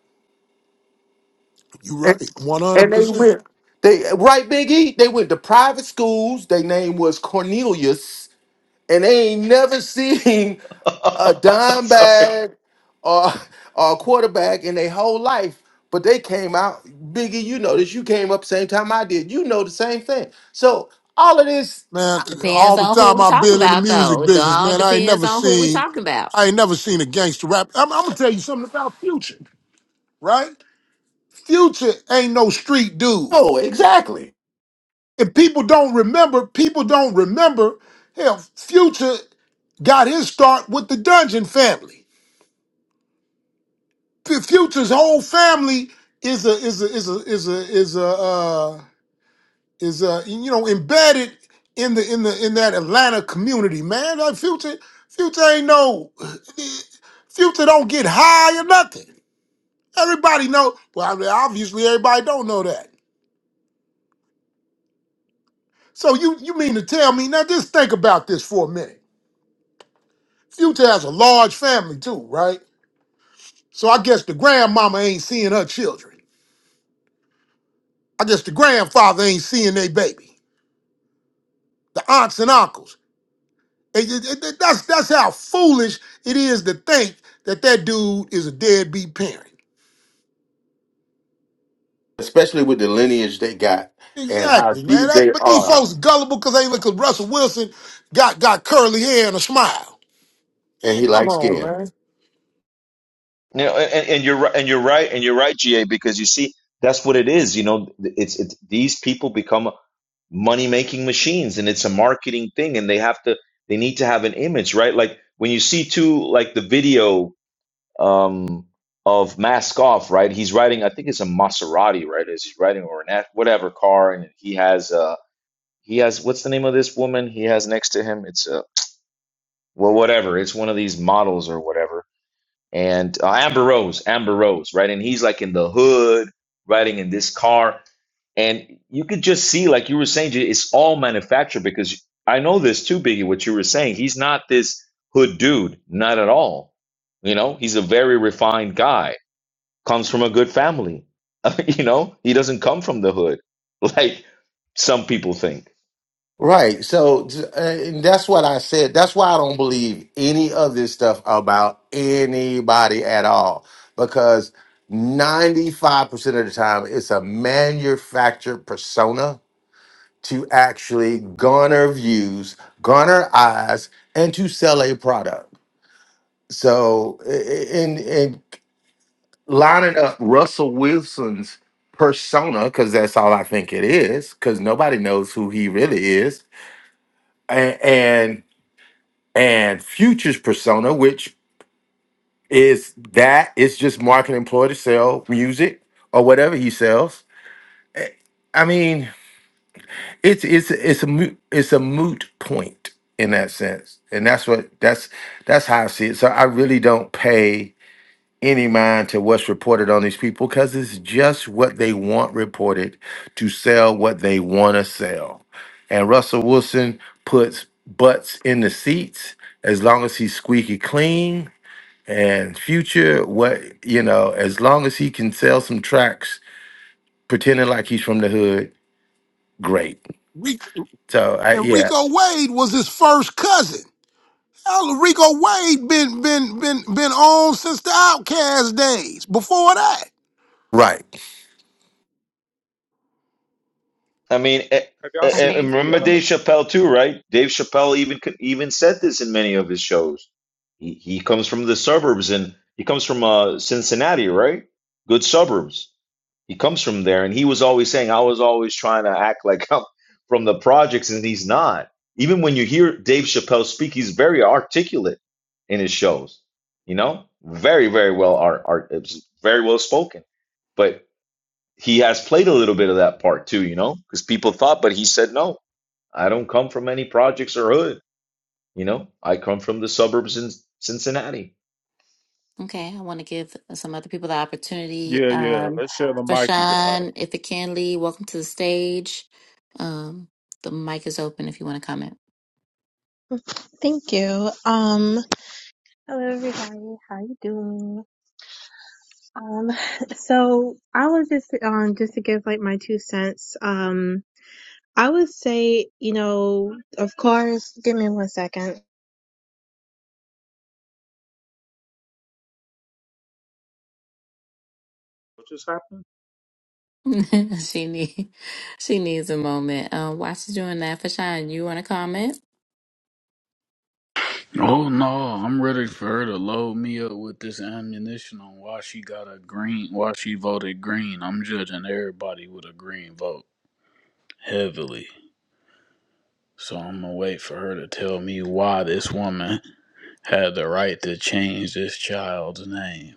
Speaker 10: You're
Speaker 1: And,
Speaker 10: right, one
Speaker 1: and
Speaker 10: hundred
Speaker 1: they
Speaker 10: percent,
Speaker 1: went, they right, Big E, they went to private schools. Their name was Cornelius, and they ain't never seen a dime
Speaker 11: Sorry.
Speaker 1: bag or, or a quarterback in their whole life, but they came out. Biggie, you know this. You came up same time I did. You know the same thing. So all of this,
Speaker 10: man.
Speaker 3: Depends
Speaker 10: All the
Speaker 3: on who
Speaker 10: time
Speaker 3: we're
Speaker 10: I've
Speaker 3: talking
Speaker 10: been in the
Speaker 3: about, though.
Speaker 10: music
Speaker 3: It
Speaker 10: business,
Speaker 3: all
Speaker 10: man, I ain't
Speaker 3: depends
Speaker 10: never
Speaker 3: on who we're
Speaker 10: seen,
Speaker 3: talking about.
Speaker 10: I ain't never seen a gangster rap. I'm, I'm gonna tell you something about Future, right? Future ain't no street dude.
Speaker 1: oh, exactly.
Speaker 10: And people don't remember, people don't remember. Hell, Future got his start with the Dungeon family. F- Future's whole family is a is a is a is a is a uh, is a you know embedded in the in the in that Atlanta community, man. Like Future, Future ain't no Future don't get high or nothing. Everybody know. Well, I mean, obviously everybody don't know that. So you you mean to tell me now? Just think about this for a minute. Future has a large family too, right? So I guess the grandmama ain't seeing her children. I guess the grandfather ain't seeing their baby. The aunts and uncles. it- it- it- that's that's how foolish it is to think that that dude is a deadbeat parent.
Speaker 1: Especially with the lineage they got and how
Speaker 10: Exactly, man.
Speaker 1: deep
Speaker 10: That's,
Speaker 1: they
Speaker 10: but these
Speaker 1: are.
Speaker 10: folks gullible because they look. Cause Russell Wilson got got curly hair and a smile.
Speaker 1: And he
Speaker 10: Man, come
Speaker 1: likes
Speaker 10: on,
Speaker 1: skin.
Speaker 10: man.
Speaker 11: You know, and, and you're right, and you're right, and you're right, GA, because you see, that's what it is. You know, it's it's these people become money making machines, and it's a marketing thing, and they have to they need to have an image, right? Like when you see too, like the video um, of Mask Off, right? He's riding, I think it's a Maserati, right? Is he's riding or an F- whatever car, and he has uh he has what's the name of this woman he has next to him? It's a well, whatever. It's one of these models or whatever and uh, Amber Rose, Amber Rose, right? And he's like in the hood, riding in this car, and you could just see, like you were saying, Jay, it's all manufactured because I know this too, Biggie. What you were saying, he's not this hood dude, not at all. You know, he's a very refined guy, comes from a good family. you know, he doesn't come from the hood like some people think.
Speaker 1: Right. So, uh, and that's what I said. That's why I don't believe any of this stuff about anybody at all, because 95% of the time it's a manufactured persona to actually garner views, garner eyes, and to sell a product. So, i- i- in, in lining up Russell Wilson's persona, because that's all I think it is, because nobody knows who he really is. and and Future's persona, which is that it's just marketing employee to sell music or whatever he sells. Eh, I mean, it's it's it's a moot, it's a moot point in that sense, and that's what that's that's how I see it. So I really don't pay any mind to what's reported on these people because it's just what they want reported to sell what they want to sell, and Russell Wilson puts butts in the seats as long as he's squeaky clean And Future, what you know, as long as he can sell some tracks pretending like he's from the hood, great.
Speaker 10: Rico,
Speaker 1: So I
Speaker 10: and
Speaker 1: yeah.
Speaker 10: Rico Wade was his first cousin. Rico Wade been been been been on since the Outcast days. Before that,
Speaker 1: Right.
Speaker 11: I mean, eh,
Speaker 2: y'all
Speaker 11: eh,
Speaker 2: seen
Speaker 11: eh,
Speaker 3: Okay.
Speaker 11: and
Speaker 2: the?
Speaker 11: remember
Speaker 2: Uh,
Speaker 11: Dave Chappelle too, right? Dave Chappelle even could- even said this in many of his shows. He he comes from the suburbs, and he comes from uh, Cincinnati, right? Good suburbs. He comes from there, and he was always saying, "I was always trying to act like I'm from the projects," and he's not. Even when you hear Dave Chappelle speak, he's very articulate in his shows. You know, very very well art art it's very well spoken. But he has played a little bit of that part too, you know, because people thought, but he said, no, I don't come from any projects or hood. You know, I come from the suburbs in Cincinnati.
Speaker 3: Okay, I want to give some other people the opportunity.
Speaker 2: yeah, yeah.
Speaker 3: Um,
Speaker 2: Let's share the mic, you guys.
Speaker 3: Fashawn, if it can lead, welcome to the stage. Um, the mic is open if you want to comment.
Speaker 12: Thank you. Um, hello everybody. How you doing? Um, so I was just um just to give like my two cents. Um, I would say you know of course. Give me one second.
Speaker 2: What just happened?
Speaker 3: she need, she needs a moment. Um, while she's doing that, Fashan? you want to comment?
Speaker 13: Oh no, I'm ready for her to load me up with this ammunition on why she got a green, why she voted green. I'm judging everybody with a green vote heavily. So I'm gonna wait for her to tell me why this woman had the right to change this child's name.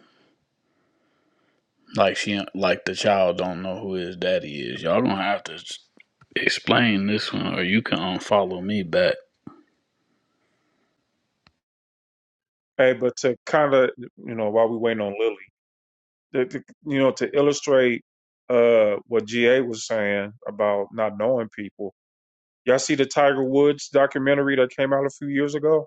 Speaker 13: Like she, like the child don't know who his daddy is. Y'all gonna have to s- explain this one, or you can unfollow me back.
Speaker 2: Hey, but to kind of you know while we waiting on Lily, to, to, you know to illustrate uh what GA was saying about not knowing people. Y'all see the Tiger Woods documentary that came out a few years ago?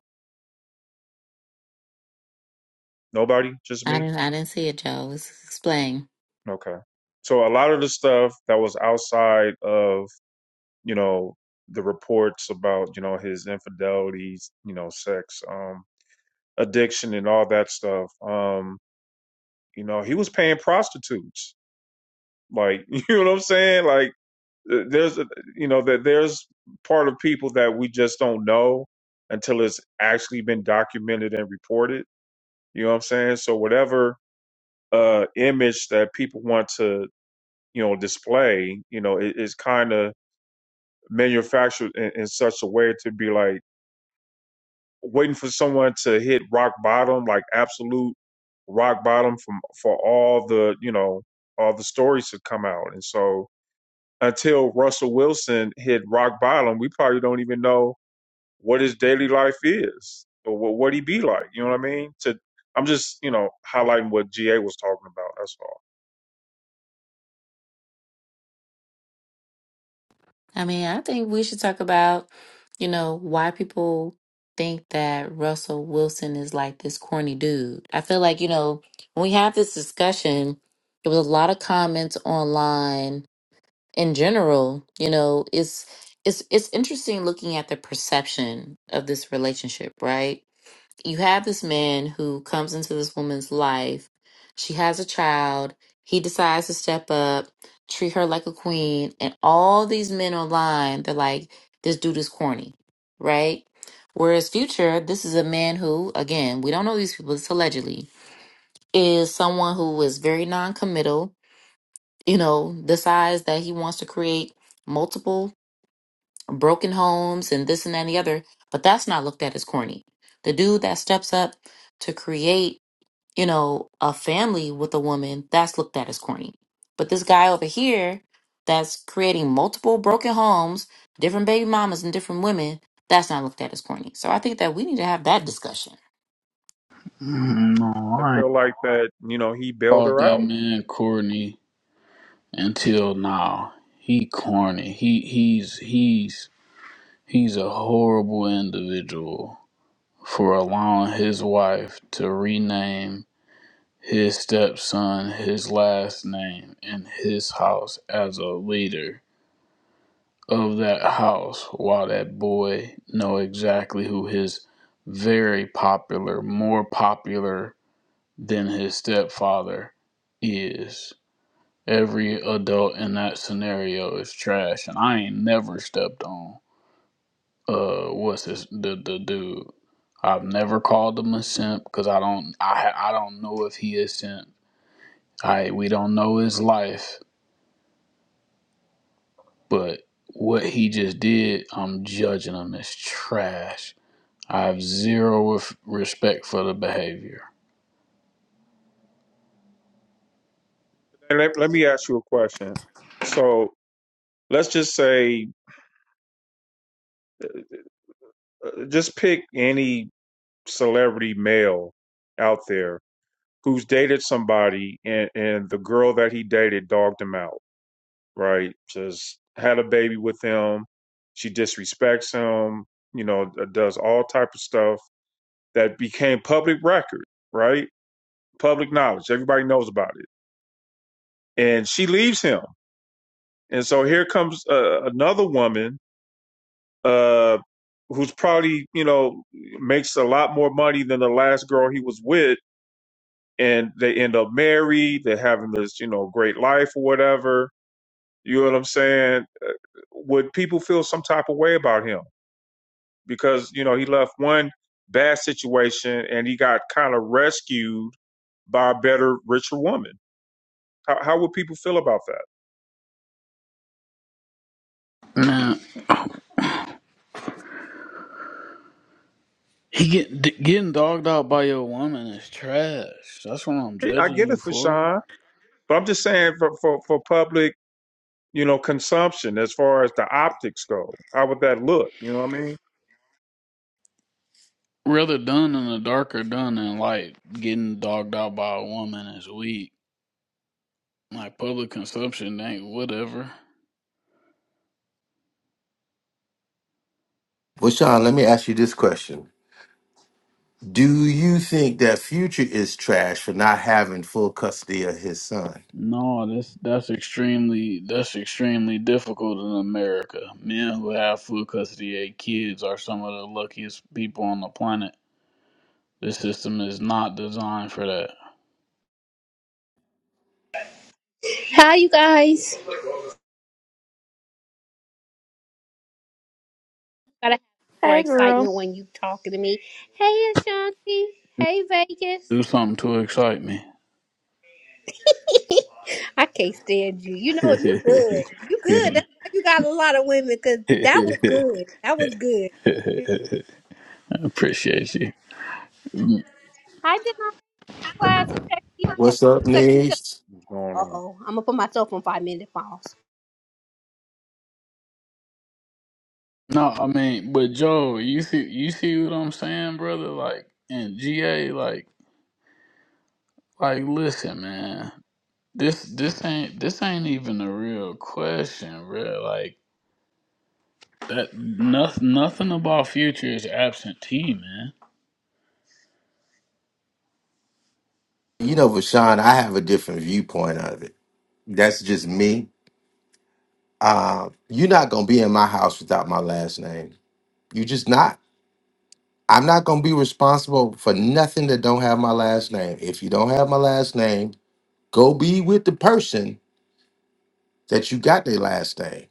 Speaker 2: Nobody, just me.
Speaker 3: I didn't, I didn't see it, Joe. Let's explain.
Speaker 2: Okay. So a lot of the stuff that was outside of, you know, the reports about, you know, his infidelities, you know, sex, um, addiction and all that stuff, um, you know, he was paying prostitutes. Like, you know what I'm saying? Like th- there's a, you know, that there's part of people that we just don't know until it's actually been documented and reported. You know what I'm saying? So whatever uh image that people want to, you know, display, you know, it, it's kind of manufactured in, in such a way to be like waiting for someone to hit rock bottom, like absolute rock bottom from for all the you know all the stories to come out. And so until Russell Wilson hit rock bottom, we probably don't even know what his daily life is or what what he be like. You know what I mean? To I'm just you know highlighting what GA was talking about. That's all.
Speaker 3: I mean, I think we should talk about, you know, why people think that Russell Wilson is like this corny dude. I feel like, you know, when we have this discussion, there was a lot of comments online in general, you know, it's it's it's interesting looking at the perception of this relationship, right? you have this man who comes into this woman's life. She has a child. He decides to step up, treat her like a queen. And all these men online, they're like, this dude is corny, right? Whereas Future, this is a man who, again, we don't know these people, it's allegedly, is someone who is very non committal, you know, decides that he wants to create multiple broken homes and this and that and the other. But that's not looked at as corny. The dude that steps up to create you know, a family with a woman, that's looked at as corny. But this guy over here that's creating multiple broken homes, different baby mamas and different women, that's not looked at as corny. So I think that we need to have that discussion.
Speaker 13: Mm, No,
Speaker 2: I
Speaker 13: I ain't
Speaker 2: feel like that you know he bailed
Speaker 13: called
Speaker 2: her
Speaker 13: that
Speaker 2: out.
Speaker 13: man Courtney. until now. He corny. He he's he's he's a horrible individual for allowing his wife to rename his stepson his last name in his house as a leader of that house while that boy know exactly who his very popular more popular than his stepfather is Every adult in that scenario is trash, and I ain't never stepped on. Uh, what's this? The the dude. I've never called him a simp because I don't. I I don't know if he is simp. I we don't know his life, but what he just did, I'm judging him as trash. I have zero respect for the behavior.
Speaker 2: And let, let me ask you a question. So let's just say Just pick any celebrity male out there who's dated somebody and, and the girl that he dated dogged him out, right? Just had a baby with him. She disrespects him, you know, does all type of stuff that became public record, right? Public knowledge. Everybody knows about it. And she leaves him. And so here comes uh, another woman uh, who's probably, you know, makes a lot more money than the last girl he was with and they end up married. They're having this, you know, great life or whatever. You know what I'm saying? Uh, Would people feel some type of way about him because you know he left one bad situation and he got kind of rescued by a better, richer woman? How, how would people feel about
Speaker 13: Man, he get getting dogged out by your woman is trash. That's what I'm
Speaker 2: that? I
Speaker 13: judging
Speaker 2: get
Speaker 13: you
Speaker 2: it for
Speaker 13: for.
Speaker 2: Sean, but I'm just saying for for, for public. You know, consumption as far as the optics go. How would that look? You know what I mean?
Speaker 13: Whether done in the dark or done in light, getting dogged out by a woman is weak. Like public consumption ain't whatever.
Speaker 1: Well, Sean, let me ask you this question. Do you think that Future is trash for not having full custody of his son?
Speaker 13: No, that's that's extremely that's extremely difficult in America. Men who have full custody of kids are some of the luckiest people on the planet. This system is not designed for that.
Speaker 14: Hi, you guys. Gotta have more
Speaker 8: Hey, girl.
Speaker 14: excitement when you talking to me. Hey, Ashanti. Hey, Vegas.
Speaker 13: Do something to excite me.
Speaker 14: I can't stand you. You know you good. You good. That's why you got a lot of women. Cause that was good. That was good.
Speaker 13: Appreciate you.
Speaker 14: I did not realize he sexy. ass.
Speaker 1: What's up,
Speaker 14: Sexy. Se-
Speaker 1: Nice?
Speaker 2: What's going
Speaker 14: uh
Speaker 2: on?
Speaker 14: oh. I'm gonna put myself on five minute pause.
Speaker 13: No, I mean, but Joe, you see, you see what I'm saying, brother? Like, and GA, like, like, listen, man, this, this ain't, this ain't even a real question, bro. Like that, nothing, nothing about future is absentee, man.
Speaker 1: You know, Vashawn, I have a different viewpoint of it. That's just me. Uh, you're not gonna be in my house without my last name. You just not. I'm not gonna be responsible for nothing that don't have my last name. If you don't have my last name, go be with the person that you got their last name.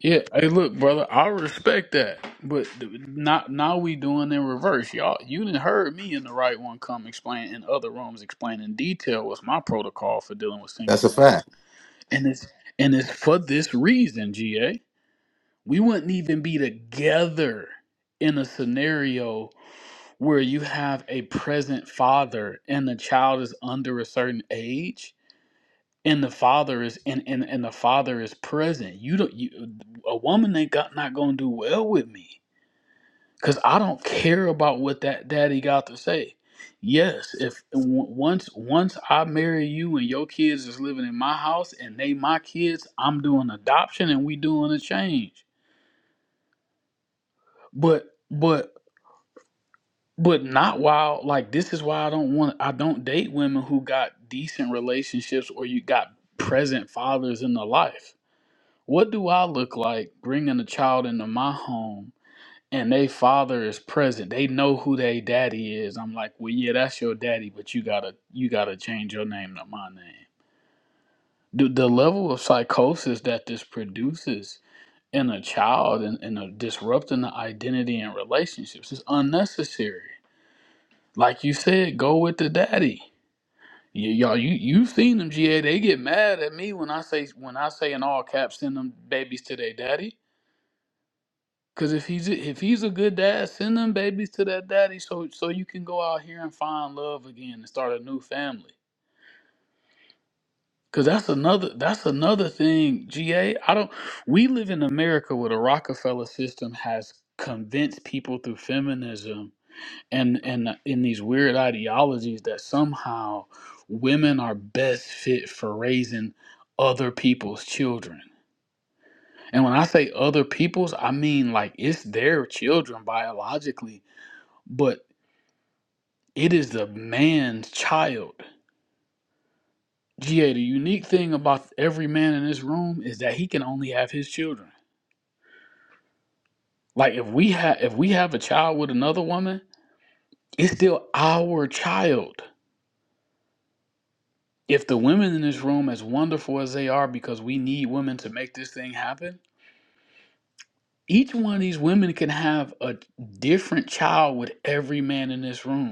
Speaker 13: Yeah, hey, look, brother, I respect that, but th- not now we doing in reverse, y'all. You didn't heard me in the right one come explain in other rooms, explain in detail what's my protocol for dealing with single
Speaker 1: That's a
Speaker 13: mothers.
Speaker 1: fact.
Speaker 13: And it's and it's for this reason, GA. We wouldn't even be together in a scenario where you have a present father and the child is under a certain age and the father is and and, and the father is present. You don't you a woman ain't got not gonna do well with me because I don't care about what that daddy got to say. Yes, if w- once once I marry you and your kids is living in my house and they my kids, I'm doing adoption and we doing a change. But but but not while like this is why I don't want I don't date women who got decent relationships or you got present fathers in their life. What do I look like bringing a child into my home and they father is present. They know who they daddy is. I'm like, well, yeah, that's your daddy, but you gotta you gotta change your name to my name. The, the level of psychosis that this produces in a child and, and a disrupting the identity and relationships is unnecessary. Like you said, go with the daddy. Y- y'all, you you've seen them, GA. They get mad at me when I say when I say in all caps, send them babies to their daddy. Cause if he's if he's a good dad, send them babies to that daddy so so you can go out here and find love again and start a new family. Cause that's another that's another thing, GA. I don't we live in America where the Rockefeller system has convinced people through feminism and and uh, in these weird ideologies that somehow women are best fit for raising other people's children. And when I say other people's, I mean like it's their children biologically but It is the man's child. GA, the unique thing about every man in this room is that he can only have his children. Like if we have if we have a child with another woman, it's still our child. If the women in this room, as wonderful as they are, because we need women to make this thing happen, each one of these women can have a different child with every man in this room.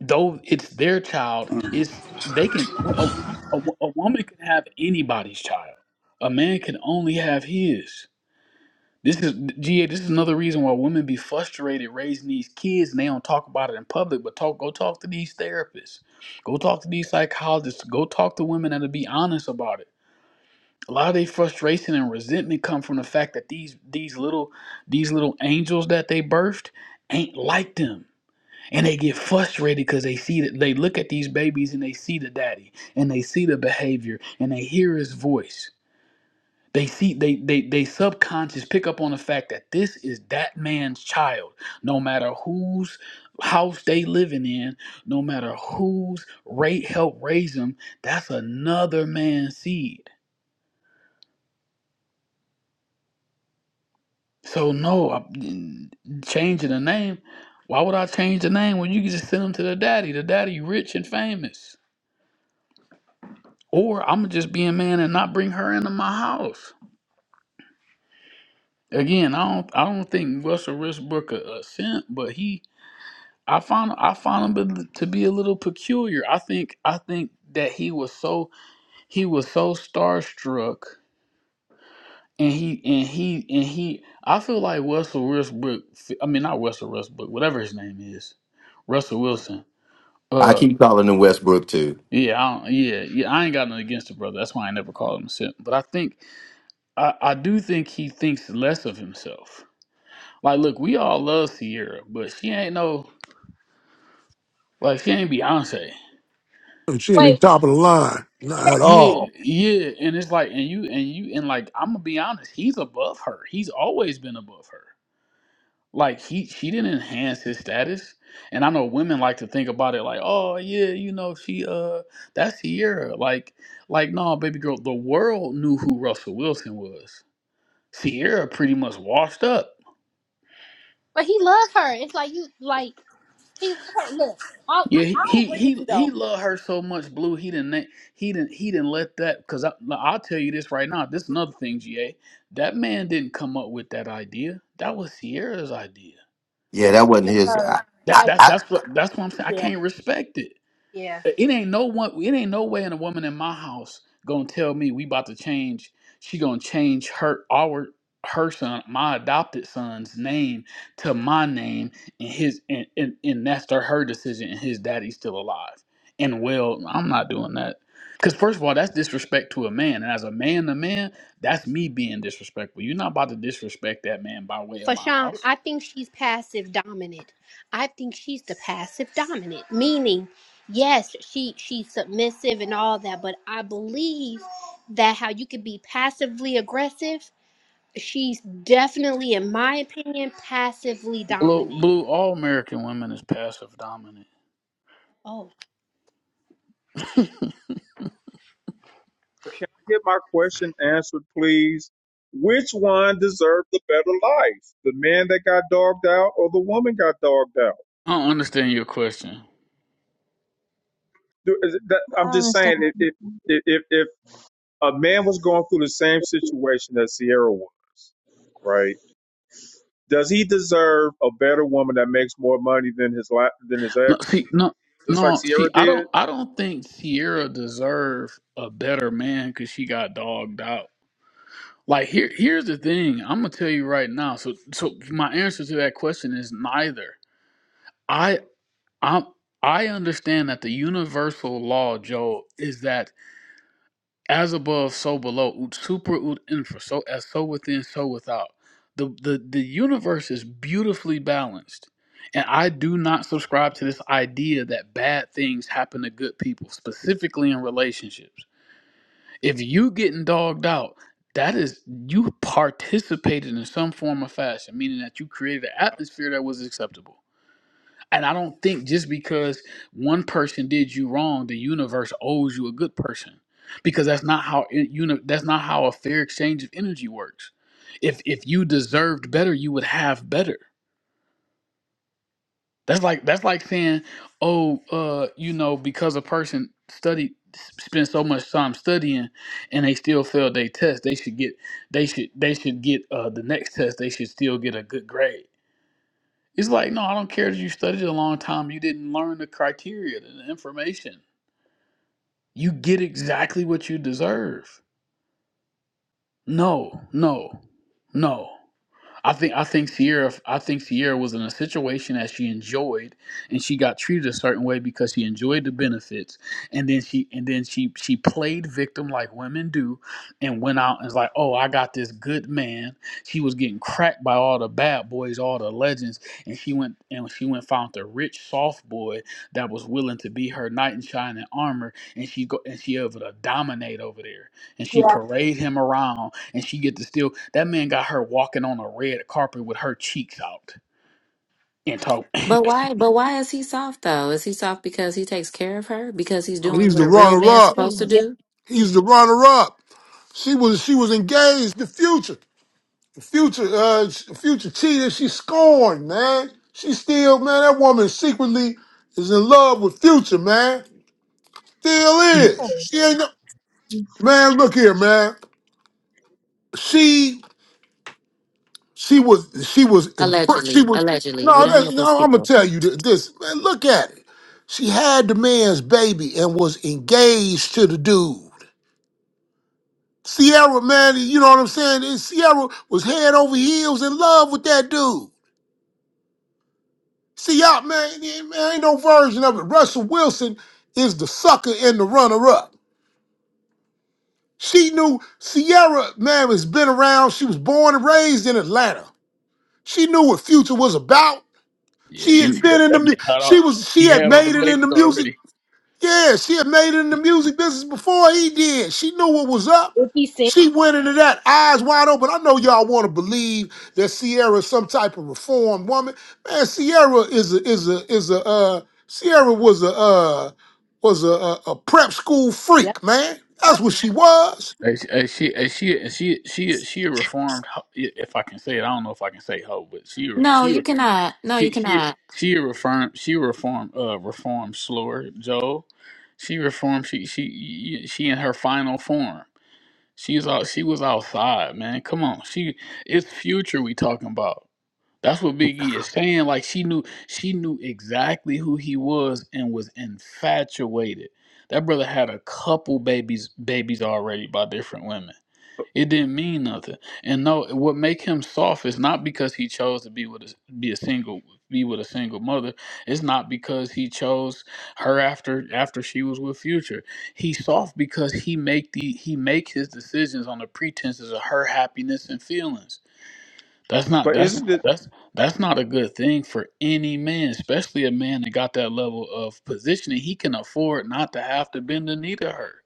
Speaker 13: though it's their child, it's they can well, a, a, a woman can have anybody's child. A man can only have his. This is GA, this is another reason why women be frustrated raising these kids and they don't talk about it in public, but talk go talk to these therapists. Go talk to these psychologists. Go talk to women that'll be honest about it. A lot of their frustration and resentment come from the fact that these these little these little angels that they birthed ain't like them and they get frustrated because they see that they look at these babies and they see the daddy and they see the behavior and they hear his voice they see they they they subconscious pick up on the fact that this is that man's child no matter whose house they living in no matter whose rate help raise them that's another man's seed so no I'm- mm, changing the name why would i change the name when you can just send them to the daddy the daddy rich and famous Or I'm gonna just be a man and not bring her into my house. Again, I don't I don't think Russell Westbrook a, a simp, but he I found I found him to be a little peculiar. I think I think that he was so he was so starstruck and he and he and he I feel like Russell Westbrook I mean not Russell Westbrook, whatever his name is. Russell Wilson.
Speaker 1: I
Speaker 13: Uh
Speaker 1: keep calling him Westbrook too.
Speaker 13: yeah, I don't, yeah, yeah. I ain't got nothing against the brother. That's why I never called him a simp. But I think I, I do think he thinks less of himself Like, look, we all love Sierra, but she ain't no like she ain't Beyonce.
Speaker 10: she
Speaker 13: Mm.
Speaker 14: Wait,
Speaker 10: ain't top of the line, not at
Speaker 13: Yeah,
Speaker 10: all.
Speaker 13: yeah, and it's like, and you, and you, and like, I'm gonna be honest, he's above her. He's always been above her. Like he, she didn't enhance his status. And I know women like to think about it like, oh yeah, you know, she, uh, that's Sierra. Like, like no, baby girl, the world knew who Russell Wilson was. Sierra pretty much washed up.
Speaker 14: but he loved her. It's like you like he loved her. Look, I, I,
Speaker 13: Yeah, he
Speaker 14: I
Speaker 13: he
Speaker 14: agree with
Speaker 13: he,
Speaker 14: you
Speaker 13: he
Speaker 14: though.
Speaker 13: loved her so much, Blue. He didn't let- he didn't he didn't let that because I I'll tell you this right now. This is another thing, GA. That man didn't come up with that idea. That was Sierra's idea.
Speaker 14: Yeah,
Speaker 1: Yeah, that wasn't
Speaker 14: it was
Speaker 1: his.
Speaker 14: her.
Speaker 1: I, I,
Speaker 13: That
Speaker 14: That was,
Speaker 13: that's
Speaker 1: I
Speaker 13: that's what that's what I'm saying. I
Speaker 14: yeah,
Speaker 13: can't respect it
Speaker 14: yeah.
Speaker 13: it ain't no one it ain't no way in a woman in my house gonna tell me we about to change she gonna change her our her son my adopted son's name to my name and his and and, and that's their, her decision and his daddy's still alive and well i'm not doing that because first of all that's disrespect to a man and as a man to man that's me being disrespectful you're not about to disrespect that man by way of
Speaker 14: For
Speaker 13: my
Speaker 14: Sean,
Speaker 13: house
Speaker 14: I think she's passive dominant. I think she's the passive dominant, meaning, yes, she she's submissive and all that, but I believe that how you could be passively aggressive, she's definitely, in my opinion, passively
Speaker 13: blue
Speaker 14: dominant.
Speaker 13: blue all american women is passive dominant
Speaker 14: Oh,
Speaker 2: Can I get my question answered, please? Which one deserved the better life? The man that got dogged out or the woman got dogged out?
Speaker 13: i don't understand your question
Speaker 2: Do- is it- that-
Speaker 12: I
Speaker 2: I'm
Speaker 12: don't
Speaker 2: just saying,
Speaker 12: understand.
Speaker 2: if, if, if, if a man was going through the same situation that Sierra was, right? Does he deserve a better woman that makes more money than his la- than his
Speaker 13: No,
Speaker 2: ex,
Speaker 13: see, no,
Speaker 2: just like
Speaker 13: no, see,
Speaker 2: Sierra
Speaker 13: I don't,
Speaker 2: did?
Speaker 13: I don't think Sierra deserved a better man because she got dogged out. Like here, here's the thing. I'm gonna tell you right now. So, so my answer to that question is neither. I, i I understand that the universal law, Joe, is that as above, so below. Ut super, ut infra. So as so within, so without. The, the the universe is beautifully balanced. And I do not subscribe to this idea that bad things happen to good people, specifically in relationships. If you getting dogged out, that is you participated in some form or fashion, meaning that you created an atmosphere that was acceptable. And I don't think just because one person did you wrong, the universe owes you a good person, because that's not how it, uni- that's not how a fair exchange of energy works. If if you deserved better, you would have better. That's like that's like saying, oh, uh, you know, because a person studied spent so much time studying and they still failed their test, they should get they should they should get uh, the next test. They should still get a good grade it's like, no, I don't care that you studied a long time. You didn't learn the criteria, the information. You get exactly what you deserve. No, no, no. I think I think Sierra I think Sierra was in a situation that she enjoyed and she got treated a certain way because she enjoyed the benefits and then she and then she she played victim like women do and went out and was like, "Oh, I got this good man." She was getting cracked by all the bad boys, all the legends, and she went and she went found the rich soft boy that was willing to be her knight in shining armor and she go and she able to dominate over there and she
Speaker 14: yeah,
Speaker 13: parade him around and she get to steal. That man got her walking on a red carpet with her cheeks out and talk.
Speaker 3: But why but why is he soft though? Is he soft because he takes care of her? Because he's doing
Speaker 10: He's
Speaker 3: what
Speaker 10: the
Speaker 3: a real
Speaker 10: runner
Speaker 3: man's
Speaker 10: up.
Speaker 3: supposed
Speaker 14: she's
Speaker 3: to do?
Speaker 14: definitely
Speaker 10: He's the runner up. She was she was engaged. The future, the future, uh, the future cheater. She scorned, man. She still, man. That woman secretly is in love with Future, man. Still
Speaker 13: he,
Speaker 10: is. She ain't no man. Look here, man. She. She was she was impressed. She
Speaker 3: Allegedly.
Speaker 10: was
Speaker 3: Allegedly. We
Speaker 10: no,
Speaker 3: don't
Speaker 10: that,
Speaker 3: know these
Speaker 10: no I'm gonna
Speaker 3: people.
Speaker 10: tell you this. this man, look at it. She had the man's baby and was engaged to the dude. Sierra, man, you know what I'm saying? And Sierra was head over heels in love with that dude. See y'all, man, there- man, ain't no version of it. Russell Wilson is the sucker and the runner-up. She knew Sierra, man, has been around. She was born and raised in Atlanta. She knew what future was about.
Speaker 13: yeah,
Speaker 10: She
Speaker 13: she
Speaker 10: had
Speaker 13: that,
Speaker 10: been in the
Speaker 13: that man
Speaker 10: mu-
Speaker 13: had all
Speaker 10: she was she
Speaker 13: he
Speaker 10: had
Speaker 13: had all the
Speaker 10: made it in the
Speaker 13: babies
Speaker 10: music.
Speaker 13: already.
Speaker 10: Yeah, she had made it in the music business before he did. She knew what was up.
Speaker 14: what he
Speaker 10: She went into that eyes wide open. I know y'all want to believe that Sierra is some type of reformed woman. Man, Sierra is a is a is a uh Sierra was a uh was a, a, a prep school
Speaker 14: Yep.
Speaker 10: freak, man. That's
Speaker 14: Yep.
Speaker 10: what she was.
Speaker 13: And she, and she, and she, and she, she, she a reformed. ho- yeah, If I can say it, I don't know if I can say hoe, but she, a-
Speaker 3: No,
Speaker 13: she, a-
Speaker 3: you cannot. No, you
Speaker 13: she, she,
Speaker 3: cannot.
Speaker 13: she a reformed. She a reformed. Uh, reformed slower, Joe. She reformed. She, she, she in her final form. She's out. She was outside, man. Come on. She, it's future we talking about. That's what Biggie is saying. Like she knew she knew exactly who he was and was infatuated. That brother had a couple babies babies already by different women. It didn't mean nothing. And no, what make him soft is not because he chose to be with a, be a single be with a single mother. It's not because he chose her after after she was with Future. He's soft because he make the he make his decisions on the pretenses of her happiness and feelings that's not
Speaker 2: But
Speaker 13: that's
Speaker 2: isn't
Speaker 13: not
Speaker 2: it?
Speaker 13: that's that's not a good thing for any man, especially a man that got that level of positioning. He can afford not to have to bend the knee to her.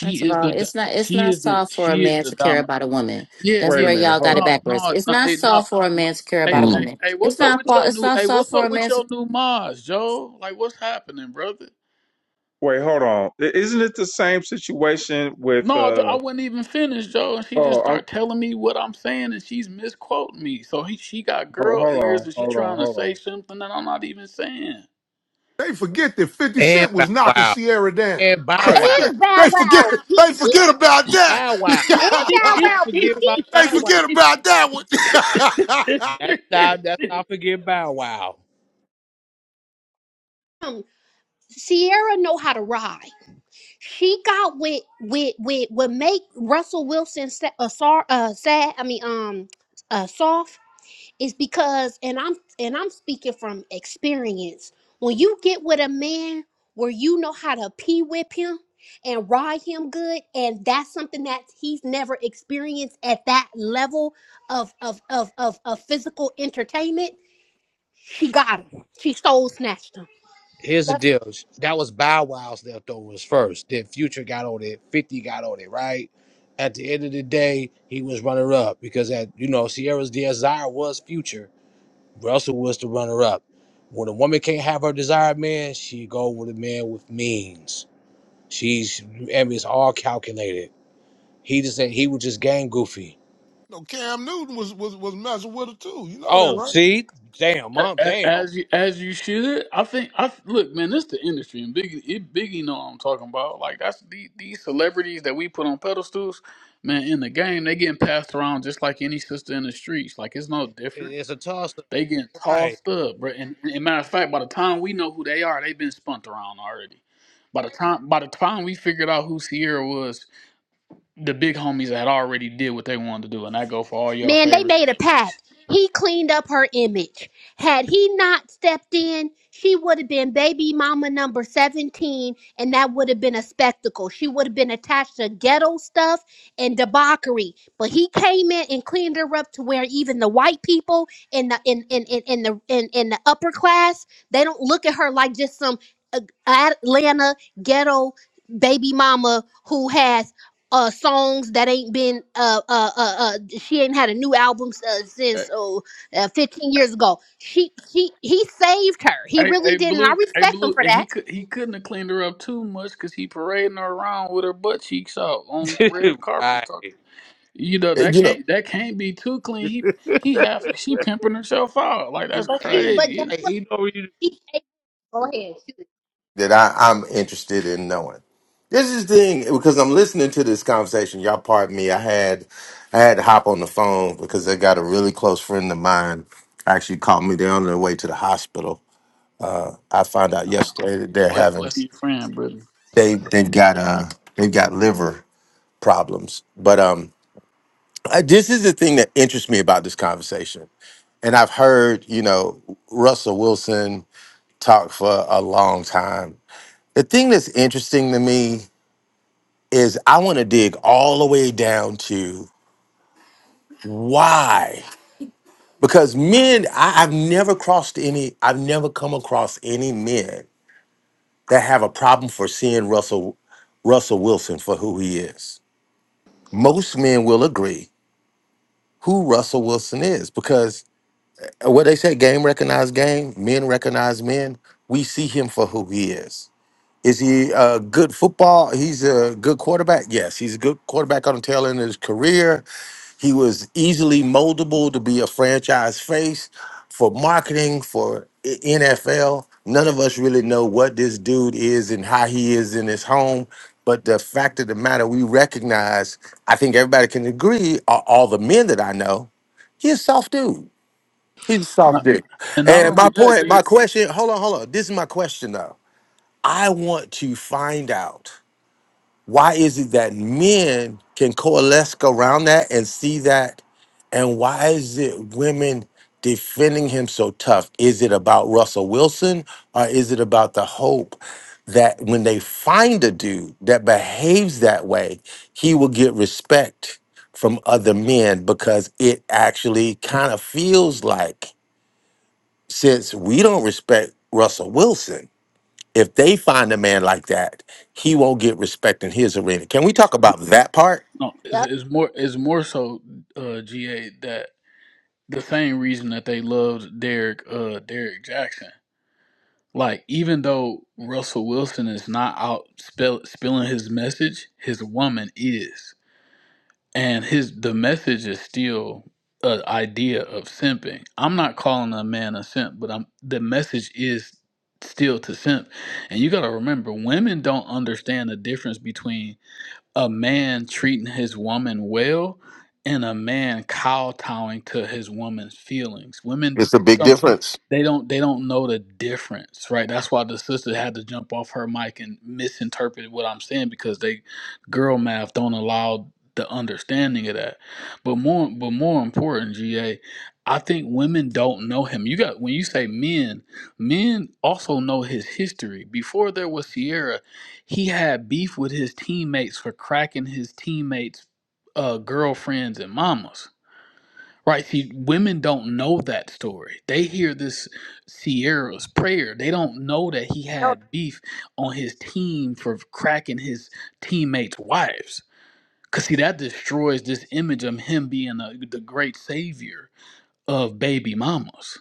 Speaker 3: First of
Speaker 13: is
Speaker 3: all,
Speaker 13: the do-
Speaker 3: it's not it's
Speaker 13: she
Speaker 3: not
Speaker 13: is the
Speaker 3: soft for a
Speaker 13: she is
Speaker 3: man
Speaker 13: the
Speaker 3: to care
Speaker 13: dominant.
Speaker 3: about a woman.
Speaker 13: Yeah,
Speaker 3: That's
Speaker 2: Wait a
Speaker 3: where
Speaker 13: yeah.
Speaker 2: minute.
Speaker 3: y'all got
Speaker 2: Hold
Speaker 3: it
Speaker 13: No,
Speaker 2: on.
Speaker 3: backwards.
Speaker 13: no,
Speaker 3: It's
Speaker 13: no.
Speaker 3: not
Speaker 13: Hey, no,
Speaker 3: soft for a
Speaker 13: no.
Speaker 3: man to care about
Speaker 13: Hey,
Speaker 3: a
Speaker 13: hey,
Speaker 1: mm,
Speaker 3: woman.
Speaker 13: hey.
Speaker 3: It's
Speaker 13: What's up
Speaker 3: not
Speaker 13: with
Speaker 3: fa-
Speaker 13: your
Speaker 3: it's
Speaker 13: new?
Speaker 3: not
Speaker 13: Hey,
Speaker 3: soft
Speaker 13: what's
Speaker 3: for
Speaker 13: up
Speaker 3: a
Speaker 13: with
Speaker 3: man to
Speaker 13: your new Mars, Joe? Like, what's happening, brother?
Speaker 2: Wait. Hold on. I- Isn't it the same situation with?
Speaker 13: No, Joe, I
Speaker 2: uh
Speaker 13: wasn't even finished, Joe, and she just
Speaker 2: Oh,
Speaker 13: started telling me what I'm saying, and she's misquoting me. So he, she got
Speaker 2: Hold,
Speaker 13: girl
Speaker 2: hold
Speaker 13: ears,
Speaker 2: on,
Speaker 13: and she
Speaker 2: hold on,
Speaker 13: trying to
Speaker 2: hold on.
Speaker 13: say something that I'm not even saying.
Speaker 10: They forget that 50
Speaker 15: And
Speaker 10: Cent
Speaker 15: Bow
Speaker 10: was knocking
Speaker 15: Wow.
Speaker 10: Sierra down.
Speaker 15: And Bow
Speaker 10: They,
Speaker 13: Cracking,
Speaker 15: Wow.
Speaker 14: And Bow
Speaker 10: they forget
Speaker 14: Wow,
Speaker 10: they
Speaker 14: Biggie.
Speaker 10: forget
Speaker 15: And
Speaker 10: about
Speaker 15: Bow Wow.
Speaker 14: And
Speaker 10: that.
Speaker 14: Bow
Speaker 15: That's not
Speaker 14: Wow,
Speaker 15: forget about
Speaker 14: Biggie.
Speaker 10: They
Speaker 15: Bow Wow.
Speaker 10: forget about that one.
Speaker 15: That's not that's not forget Bow Wow.
Speaker 14: Um, Sierra know how to ride. she got with with with what make Russell Wilson sa- uh, sor- uh, sad. I mean, um, uh, soft is because, and I'm and I'm speaking from experience. When you get with a man where you know how to pee whip him and ride him good, and that's something that he's never experienced at that level of of of of, of physical entertainment. She got him. She soul snatched him.
Speaker 15: Here's the deal. That was Bow Wow's leftovers first. Then Future got on it. 50 got on it, right? At the end of the day, he was runner up because at you know, Sierra's desire was future. Russell was the runner up. When a woman can't have her desired man, she go with a man with means. She's and it's all calculated He just said he was just gang goofy.
Speaker 10: no, Cam Newton was, was was messing with her too. You know that,
Speaker 15: Oh,
Speaker 10: right?
Speaker 15: see, damn,
Speaker 13: A-
Speaker 15: mom,
Speaker 13: a-
Speaker 15: damn,
Speaker 13: as you as you should. I think I look, man. This the industry, and Biggie, it, Biggie know what I'm talking about. Like that's the, these celebrities that we put on pedestals, man. In the game, they getting passed around just like any sister in the streets. Like it's no different.
Speaker 15: It- it's a toss up,
Speaker 13: They getting
Speaker 15: right?
Speaker 13: tossed up, bro. And, and matter of fact, by the time we know who they are, they've been spun around already. By the time by the time we figured out who Sierra was, the big homies had already did what they wanted to do, and I go for all y'all
Speaker 14: Man, they
Speaker 13: favorite
Speaker 14: made a
Speaker 13: celebrities.
Speaker 14: pact. He cleaned up her image. Had he not stepped in, she would have been baby mama number 17, and that would have been a spectacle. She would have been attached to ghetto stuff and debauchery. But he came in and cleaned her up to where even the white people in the in in, in, in the in, in the upper class, they don't look at her like just some uh, Atlanta ghetto baby mama who has uh songs that ain't been uh uh uh, uh she ain't had a new album uh,
Speaker 13: Hey,
Speaker 14: since oh uh, 15
Speaker 13: hey,
Speaker 14: years ago she she he saved her he
Speaker 13: hey,
Speaker 14: really
Speaker 13: hey,
Speaker 14: did and i
Speaker 13: blue, hey,
Speaker 14: respect him
Speaker 13: blue,
Speaker 14: for
Speaker 13: and he
Speaker 14: that
Speaker 13: could he couldn't have cleaned her up too much because he parading her around with her butt cheeks out on red carpet
Speaker 15: right.
Speaker 13: talking. You know that
Speaker 1: you know
Speaker 13: can't that can't be too clean. He he half she pimping herself out like that's
Speaker 15: You-
Speaker 14: but she
Speaker 15: Hey,
Speaker 14: but
Speaker 13: crazy.
Speaker 14: that-
Speaker 13: It ain't-
Speaker 15: hey, you know you
Speaker 14: she go ahead she
Speaker 1: that I, I'm interested in knowing. This is the thing because I'm listening to this conversation. Y'all, pardon me. I had I had to hop on the phone because I got a really close friend of mine actually called me. They're on their way to the hospital. I found out yesterday that they're having
Speaker 13: Blessings to your friend, brother.
Speaker 1: they they've
Speaker 14: was
Speaker 1: got
Speaker 14: playing.
Speaker 1: uh they've got liver problems. But um, I, this is the thing that interests me about this conversation. And I've heard you know Russell Wilson talk for a long time. The thing that's interesting to me is I want to dig all the way down to why. Because men, I, I've never crossed any, I've never come across any men that have a problem for seeing Russell Russell Wilson for who he is. Most men will agree who Russell Wilson is because uh, what they say, game recognize game, men recognize men. We see him for who he is. Is he a good football? He's a good quarterback. Yes, he's a good quarterback on the tail end of his career. He was easily moldable to be a franchise face for marketing for I- NFL. None of us really know what this dude is and how he is in his home. But the fact of the matter, we recognize, I think everybody can agree, a- all the men that I know He's a soft dude. He's a soft dude.
Speaker 13: And not
Speaker 1: And my
Speaker 13: only that,
Speaker 1: point, my
Speaker 13: G
Speaker 1: question, hold on, hold on. This is my question though. I want to find out why is it that men can coalesce around that and see that? And why is it women defending him so tough? Is it about Russell Wilson or is it about the hope that when they find a dude that behaves that way, he will get respect from other men because it actually kind of feels like since we don't respect Russell Wilson, if they find a man like that, he won't get respect in his arena. Can we talk about that part?
Speaker 13: no, is
Speaker 14: Yep.
Speaker 13: is more is more so uh, GA that the same reason that they loved Derek uh Derek Jackson. Like even though Russell Wilson is not out spell, spilling his message, his woman is, and his the message is still an idea of simping. I'm not calling a man a simp, but I'm the message is still to simp. And you got to remember, women don't understand the difference between a man treating his woman well and a man kowtowing to his woman's feelings. Women,
Speaker 1: It's a big
Speaker 13: some
Speaker 1: difference.
Speaker 13: they don't they don't know the difference, right? That's why the sister had to jump off her mic and misinterpret what I'm saying because they girl math don't allow the understanding of that. But more but more important, GA, I think women don't know him. You got when you say men, men also know his history. Before there was Sierra, he had beef with his teammates for cracking his teammates' uh, girlfriends and mamas Right. See, women don't know that story. They hear this Sierra's prayer. They don't know that he
Speaker 14: no
Speaker 13: had beef on his team for cracking his teammates' wives. Cause see, that destroys this image of him being a, the great savior of baby mamas.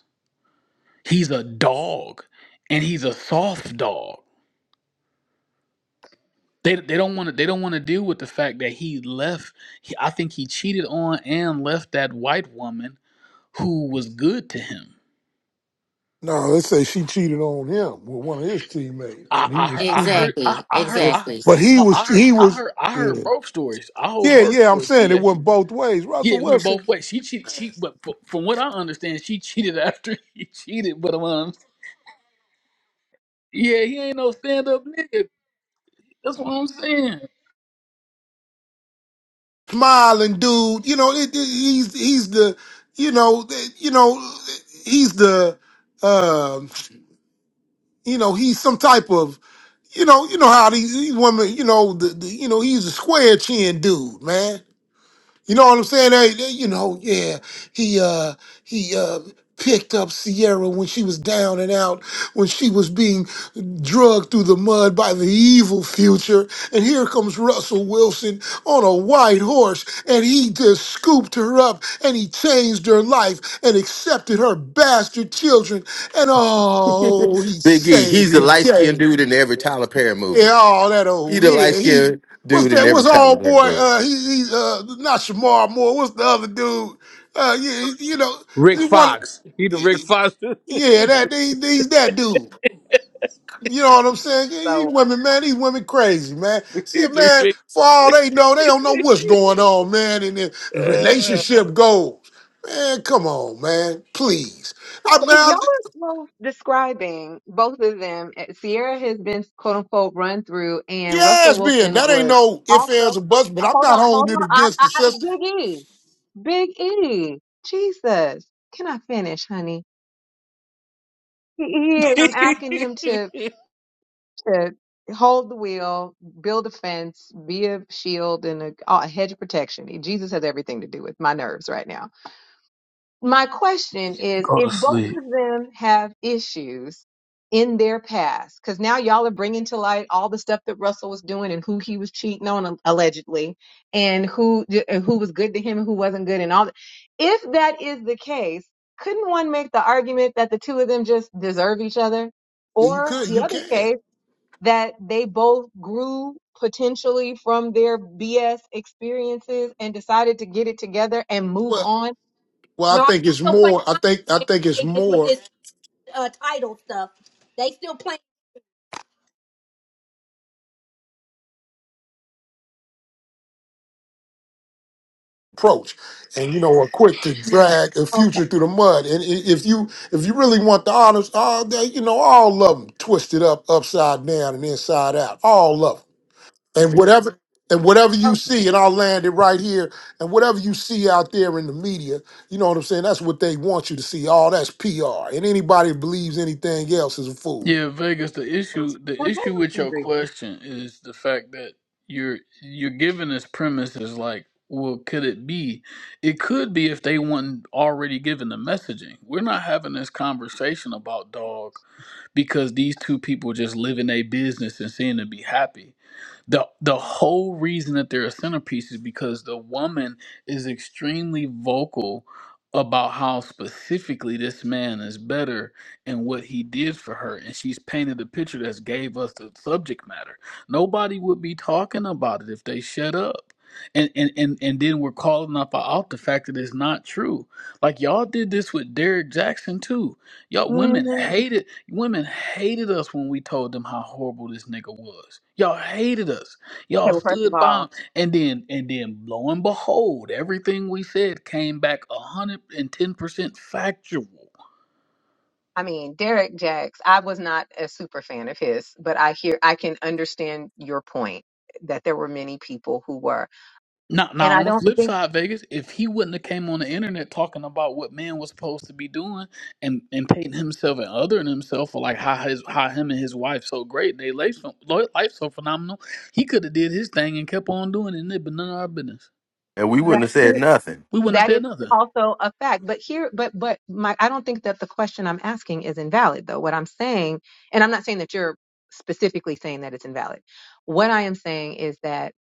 Speaker 13: He's a dog, and he's a soft dog. They, they don't want to they don't want to deal with the fact that he left. He, I think he cheated on and left that white woman who was good to him
Speaker 10: No, they say she cheated on him with one of his teammates,
Speaker 13: I
Speaker 10: and he
Speaker 13: I
Speaker 10: was
Speaker 13: heard I
Speaker 10: cheating.
Speaker 13: heard I,
Speaker 3: Exactly.
Speaker 13: I heard
Speaker 10: with-
Speaker 13: I
Speaker 3: Exactly.
Speaker 10: But he
Speaker 13: no
Speaker 10: was
Speaker 13: I heard
Speaker 10: he
Speaker 13: I
Speaker 10: was
Speaker 13: heard I heard
Speaker 10: yeah
Speaker 13: birth stories. I heard
Speaker 10: yeah
Speaker 13: birth
Speaker 10: yeah. I'm
Speaker 13: stories.
Speaker 10: saying it
Speaker 13: Yeah,
Speaker 10: wasn't both ways.
Speaker 13: yeah.
Speaker 10: Russell
Speaker 13: It went
Speaker 10: Wilson,
Speaker 13: both ways. She cheated. She but fr- from what I understand, she cheated after he cheated. But um, yeah, he ain't no stand up nigga. That's what I'm saying.
Speaker 10: smiling dude. You know it, it- he's he's the you know the- you know he's the um you know he's some type of you know you know how these, these women you know the, the you know he's a square chin dude man You know what I'm saying? They, they- you know, yeah. He uh he uh picked up Sierra when she was down and out, when she was being drugged through the mud by the evil future. And here comes Russell Wilson on a white horse, and he just scooped her up and he changed her life and accepted her bastard children. And oh, he
Speaker 1: Big E, he's
Speaker 10: saved
Speaker 1: the
Speaker 10: the
Speaker 1: light skinned
Speaker 10: day.
Speaker 1: dude in every Tyler Perry
Speaker 10: Yeah,
Speaker 1: movie.
Speaker 10: all that
Speaker 1: He
Speaker 10: old.
Speaker 1: the
Speaker 10: Yeah,
Speaker 1: light
Speaker 10: he
Speaker 1: skinned
Speaker 10: what's
Speaker 1: dude in
Speaker 10: that?
Speaker 1: every
Speaker 10: What's
Speaker 1: Tyler
Speaker 10: old
Speaker 1: Perry
Speaker 10: boy?
Speaker 1: movie.
Speaker 10: Uh, he, he uh, not Shamar Moore. What's the other dude? Uh, yeah, you know,
Speaker 15: Rick
Speaker 10: you want
Speaker 15: Fox. He the Rick Fox. he,
Speaker 10: yeah,
Speaker 15: the,
Speaker 10: that he, he's that dude. You know what I'm saying? Yeah,
Speaker 9: So.
Speaker 10: These women, man, these women crazy, man. See,
Speaker 15: he the
Speaker 10: man,
Speaker 15: Rick.
Speaker 10: for all they know, they don't know what's going on, man. And the the relationship goals, man. Come on, man, please. I
Speaker 9: So
Speaker 10: mean,
Speaker 9: if
Speaker 10: I,
Speaker 9: y'all are both describing both of them, eh, Sierra has been quote unquote run through, and Russell
Speaker 10: yes, Ben,
Speaker 9: Wilson
Speaker 10: that ain't
Speaker 9: was
Speaker 10: no ifs ands
Speaker 9: also.
Speaker 10: or buts, but
Speaker 9: uh,
Speaker 10: I'm
Speaker 9: Hold
Speaker 10: not
Speaker 9: on,
Speaker 10: holding
Speaker 9: hold
Speaker 10: it
Speaker 9: on. I,
Speaker 10: against
Speaker 9: I,
Speaker 10: the
Speaker 9: I,
Speaker 10: system.
Speaker 9: Big E, Big E, Jesus, can I finish, honey? He, he is. I'm asking him to to hold the wheel, build a fence, be a shield and a, a hedge of protection. Jesus has everything to do with my nerves right now. my question is
Speaker 13: Go
Speaker 9: if
Speaker 13: to
Speaker 9: both
Speaker 13: sleep.
Speaker 9: of them have issues in their past because now y'all are bringing to light all the stuff that russell was doing and who he was cheating on um, allegedly and who and who was good to him and who wasn't good and all that if that is the case couldn't one make the argument that the two of them just deserve each other
Speaker 10: Yeah, you
Speaker 9: or
Speaker 10: could,
Speaker 9: the
Speaker 10: you
Speaker 9: other
Speaker 10: can.
Speaker 9: case that they both grew potentially from their BS experiences and decided to get it together and move
Speaker 10: Well,
Speaker 9: on.
Speaker 10: well, I
Speaker 14: no i'm
Speaker 10: think it's
Speaker 14: still playing
Speaker 10: more. I
Speaker 14: my
Speaker 10: think I
Speaker 14: game
Speaker 10: think it's
Speaker 14: they get with
Speaker 10: more
Speaker 14: this uh title stuff they still playing
Speaker 10: approach, and you know, are quick to drag a
Speaker 9: Okay.
Speaker 10: future through the mud. And i- if you if you really want the honors, all they, you know, all of them twisted up, upside down, and inside out, all of them, and whatever. And whatever you
Speaker 9: Okay.
Speaker 10: see, and I'll land it right here. And whatever you see out there in the media, you know what I'm saying? That's what they want you to see. All that's PR. And anybody who believes anything else is a fool.
Speaker 13: Yeah, Vegas. The issue, the
Speaker 9: Now that
Speaker 13: issue
Speaker 9: I
Speaker 13: with
Speaker 9: can
Speaker 13: your
Speaker 9: agree with.
Speaker 13: question is the fact that you're you're giving this premise is like, well, could it be? It could be if they weren't already given the messaging. We're not having this conversation about dog because these two people just living a business and seem to be happy the the whole reason that they're a centerpiece is because the woman is extremely vocal about how specifically this man is better and what he did for her and she's painted the picture that's gave us the subject matter nobody would be talking about it if they shut up and and and, and then we're calling up out the fact that it's not true like y'all did this with derek jackson too Y'all women
Speaker 9: Mm,
Speaker 13: hated women hated us when we told them how horrible this nigga was. Y'all hated us.
Speaker 9: okay.
Speaker 13: Y'all
Speaker 9: Well, first of
Speaker 13: stood
Speaker 9: all,
Speaker 13: by him. And then and then lo and behold, everything we said came back hundred and ten percent factual.
Speaker 9: I mean, Derek Jacks, I was not a super fan of his, but I hear I can understand your point that there were many people who were.
Speaker 13: Now
Speaker 9: And
Speaker 13: now
Speaker 9: I
Speaker 13: on the
Speaker 9: don't
Speaker 13: flip
Speaker 9: think
Speaker 13: side, Vegas, if he wouldn't have came on the internet talking about what man was supposed to be doing and, and painting himself and othering himself for like how his how him and his wife so great, they life so life so phenomenal, he could have did his thing and kept on doing it and it been none of our business.
Speaker 1: And we
Speaker 9: that
Speaker 1: wouldn't have said nothing.
Speaker 13: we wouldn't
Speaker 9: that
Speaker 13: say
Speaker 9: is
Speaker 13: nothing.
Speaker 9: also a fact. But here but but my I don't think that the question I'm asking is invalid though. What I'm saying, and I'm not saying that you're specifically saying that it's invalid. What I am saying is that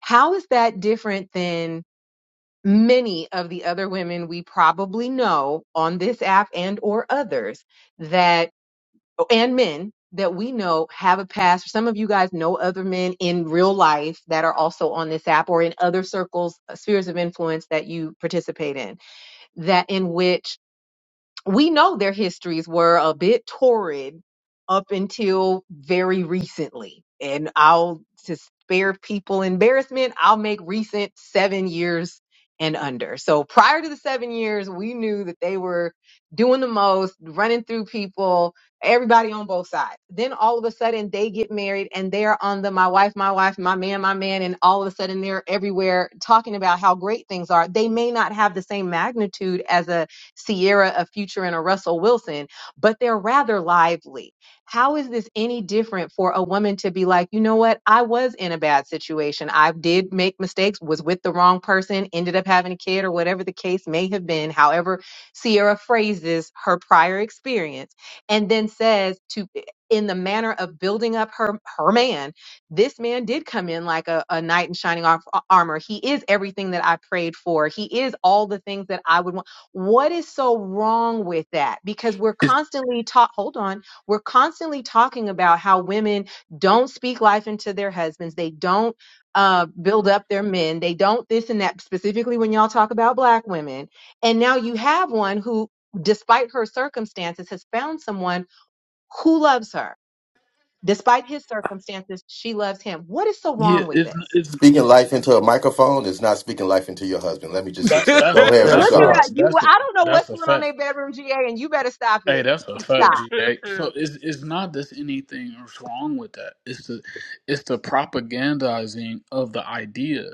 Speaker 9: how is that different than many of the other women we probably know on this app and or others? that and men that we know have a past. Some of you guys know other men in real life that are also on this app or in other circles, uh, spheres of influence that you participate in, that in which we know their histories were a bit torrid up until very recently. And I'll to spare people embarrassment, I'll make recent seven years and under. So prior to the seven years, we knew that they were doing the most, running through people, everybody on both sides. Then all of a sudden they get married and they're on the my wife, my wife, my man, my man, and all of a sudden they're everywhere talking about how great things are. They may not have the same magnitude as a Sierra, a Future, and a Russell Wilson, but they're rather lively. How is this any different for a woman to be like, you know what? I was in a bad situation. I did make mistakes, was with the wrong person, ended up having a kid, or whatever the case may have been. However, Sierra phrases her prior experience and then says to, eh, in the manner of building up her her man, this man did come in like a, a knight in shining ar- armor. He is everything that I prayed for. He is all the things that I would want what is so wrong with that? Because we're
Speaker 13: It's
Speaker 9: constantly taught, hold on, we're constantly talking about how women don't speak life into their husbands. They don't uh, build up their men. They don't this and that, specifically when y'all talk about black women. And now you have one who, despite her circumstances, has found someone who loves her. Despite his circumstances, she loves him. What is so
Speaker 13: yeah,
Speaker 9: wrong with
Speaker 13: it's
Speaker 9: this?
Speaker 13: it's
Speaker 1: Speaking life into a microphone is not speaking life into your husband. Let me just
Speaker 13: that
Speaker 1: fix that.
Speaker 13: that's a,
Speaker 1: Go ahead,
Speaker 10: Yeah, of
Speaker 9: Look
Speaker 13: that's
Speaker 9: at
Speaker 13: a
Speaker 9: that.
Speaker 1: Bashar.
Speaker 10: course.
Speaker 9: You,
Speaker 13: that's a
Speaker 9: I don't know what's
Speaker 13: that's a
Speaker 9: going on
Speaker 13: fact.
Speaker 9: in their bedroom, GA, and you better stop
Speaker 13: Hey,
Speaker 9: it.
Speaker 13: that's a fact,
Speaker 9: Stop.
Speaker 13: GA. So it's it's not that anything is wrong with that. It's the it's the propagandizing of the idea.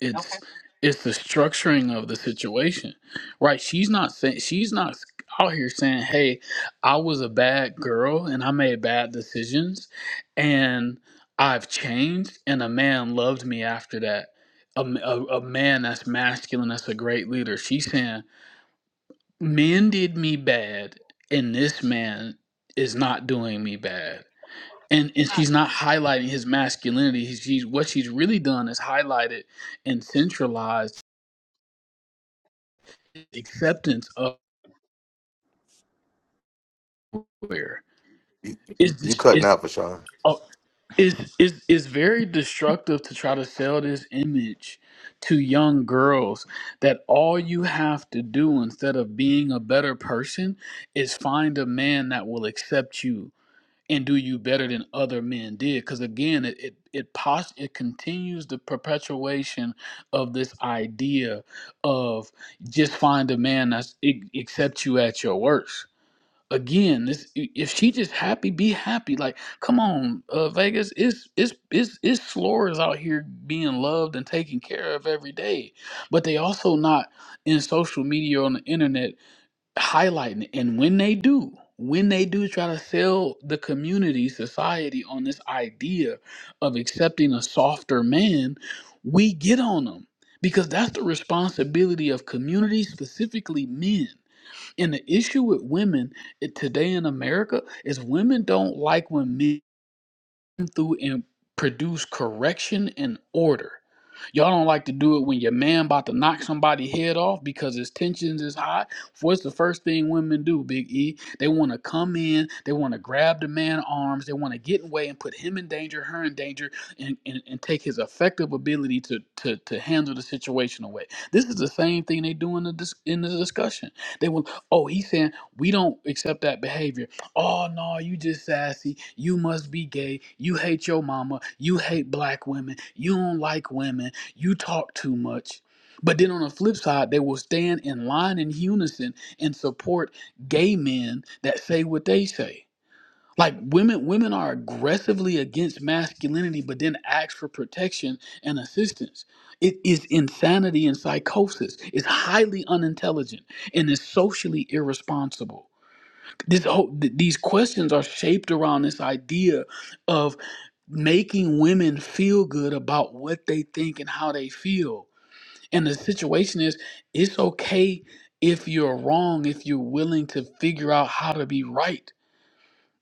Speaker 13: It's it's the structuring of the situation, right? She's not saying she's not out here saying, "Hey, I was a bad girl and I made bad decisions, and I've changed, and a man loved me after that." A, a, a man that's masculine, that's a great leader. She's saying man did me bad and this man is not doing me bad and and she's not highlighting his masculinity she's what she's really done is highlighted and centralized acceptance of where
Speaker 1: You,
Speaker 13: is
Speaker 1: you
Speaker 13: this
Speaker 1: cutting
Speaker 13: is
Speaker 1: out, Rashawn.
Speaker 13: uh, is is is very destructive to try to sell this image to young girls that all you have to do instead of being a better person is find a man that will accept you and do you better than other men did because again it it it, pos- it continues the perpetuation of this idea of just find a man that accepts you at your worst again this if she just happy be happy like come on uh, vegas it's it's it's it's slores out here being loved and taken care of every day but they also not in social media or on the internet highlighting it. And when they do, when they do try to sell the community, society on this idea of accepting a softer man, we get on them because that's the responsibility of community, specifically men. And the issue with women eh, today in America is women don't like when men through and produce correction and order. Y'all don't like to do it when your man about to knock somebody head off because his tensions is high. What's the first thing women do, Big E? They want to come in, they want to grab the man arms, they want to get away and put him in danger, her in danger, and, and, and take his effective ability to, to to handle the situation away. This is the same thing they do in the dis- in the discussion. They will, oh, he's saying we don't accept that behavior Oh no, you just sassy. You must be gay. You hate your mama. You hate black women. You don't like women. You talk too much. But then on the flip side, they will stand in line in unison and support gay men that say what they say. Like women women are aggressively against masculinity but then ask for protection and assistance. It is insanity and psychosis. It's highly unintelligent and is socially irresponsible this whole th- these questions are shaped around this idea of making women feel good about what they think and how they feel and the situation is it's okay if you're wrong if you're willing to figure out how to be right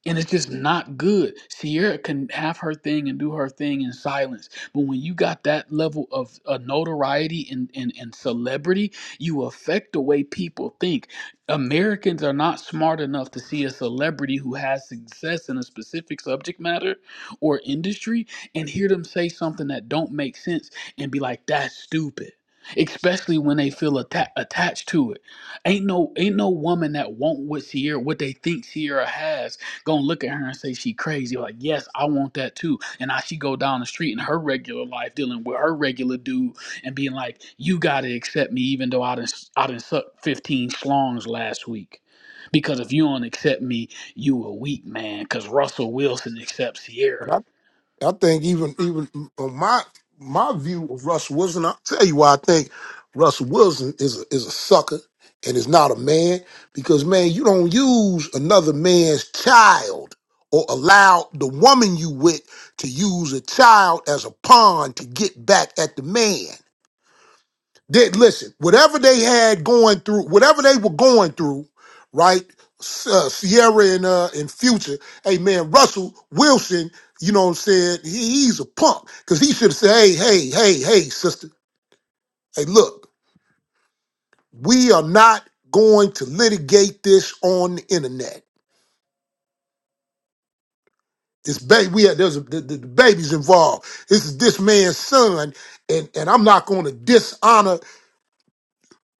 Speaker 13: and it's just not good. Sierra can have her thing and do her thing in silence, but when you got that level of uh, notoriety and, and and celebrity, you affect the way people think. Americans are not smart enough to see a celebrity who has success in a specific subject matter or industry and hear them say something that don't make sense and be like, "That's stupid." Especially when they feel atta- attached to it, ain't no ain't no woman that want what Sierra what they think Sierra has gonna look at her and say she crazy. Like, yes, I want that too. And now she go down the street in her regular life, dealing with her regular dude, and being like, "You gotta accept me, even though I done I done sucked fifteen schlongs last week." Because if you don't accept me, you a weak man. Because Russell Wilson accepts Sierra.
Speaker 10: I think even even on my my view of Russell Wilson, I'll tell you why I think Russell Wilson is a, is a sucker and is not a man because man, you don't use another man's child or allow the woman you with to use a child as a pawn to get back at the man. Did listen, whatever they had going through, whatever they were going through, right? S- Uh, Sierra and uh and Future, hey man, Russell Wilson, you know what I'm saying? He, he's a punk because he should have said, hey, hey, hey, hey, sister, hey, look, we are not going to litigate this on the internet. This baby, we had there's a, the, the the baby's involved. This is this man's son, and and I'm not going to dishonor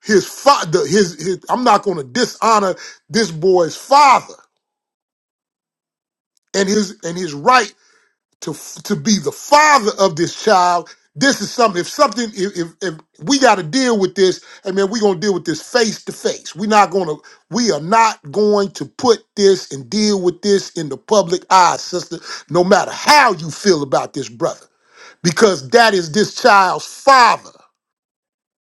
Speaker 10: his father. His, his I'm not going to dishonor this boy's father. and his and his right to to be the father of this child. This is something. If something, if if, if we got to deal with this, I mean, we're gonna deal with this face to face. We're not gonna. We are not going to put this and deal with this in the public eye, sister. No matter how you feel about this brother, because that is this child's father.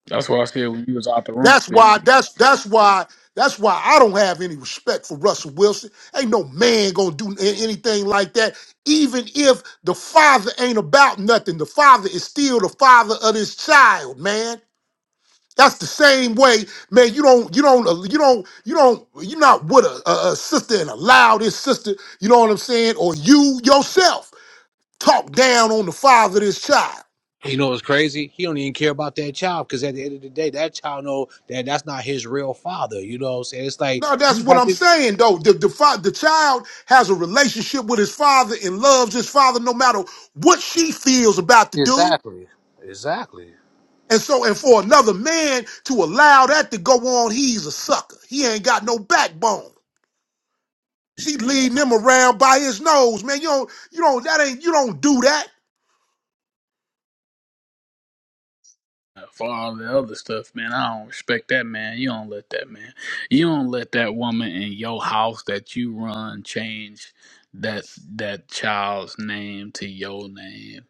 Speaker 13: That's why I said when you was out the room,
Speaker 10: That's
Speaker 13: big.
Speaker 10: why. That's that's why. That's why I don't have any respect for Russell Wilson. Ain't no man gonna do a- anything like that. Even if the father ain't about nothing, the father is still the father of this child, man. That's the same way, man. You don't, you don't, uh, you don't, you don't. You're not with a, a, a sister and allow this sister. You know what I'm saying? Or you yourself talk down on the father of this child.
Speaker 15: you know what's crazy? He don't even care about that child because at the end of the day, that child know that that's not his real father. You know what I'm saying? It's like
Speaker 10: No, that's
Speaker 15: you
Speaker 10: what
Speaker 15: have
Speaker 10: I'm
Speaker 15: to.
Speaker 10: saying though. The, the fa- the child has a relationship with his father and loves his father no matter what she feels about the dude.
Speaker 15: Exactly. Exactly.
Speaker 10: And so, and for another man to allow that to go on, he's a sucker. He ain't got no backbone. She leading him around by his nose, man. You don't, you don't, that ain't, you don't do that.
Speaker 13: uh, for all the other stuff, man. I don't respect that man. You don't let that man. You don't let that woman in your house that you run change that that child's name to your name.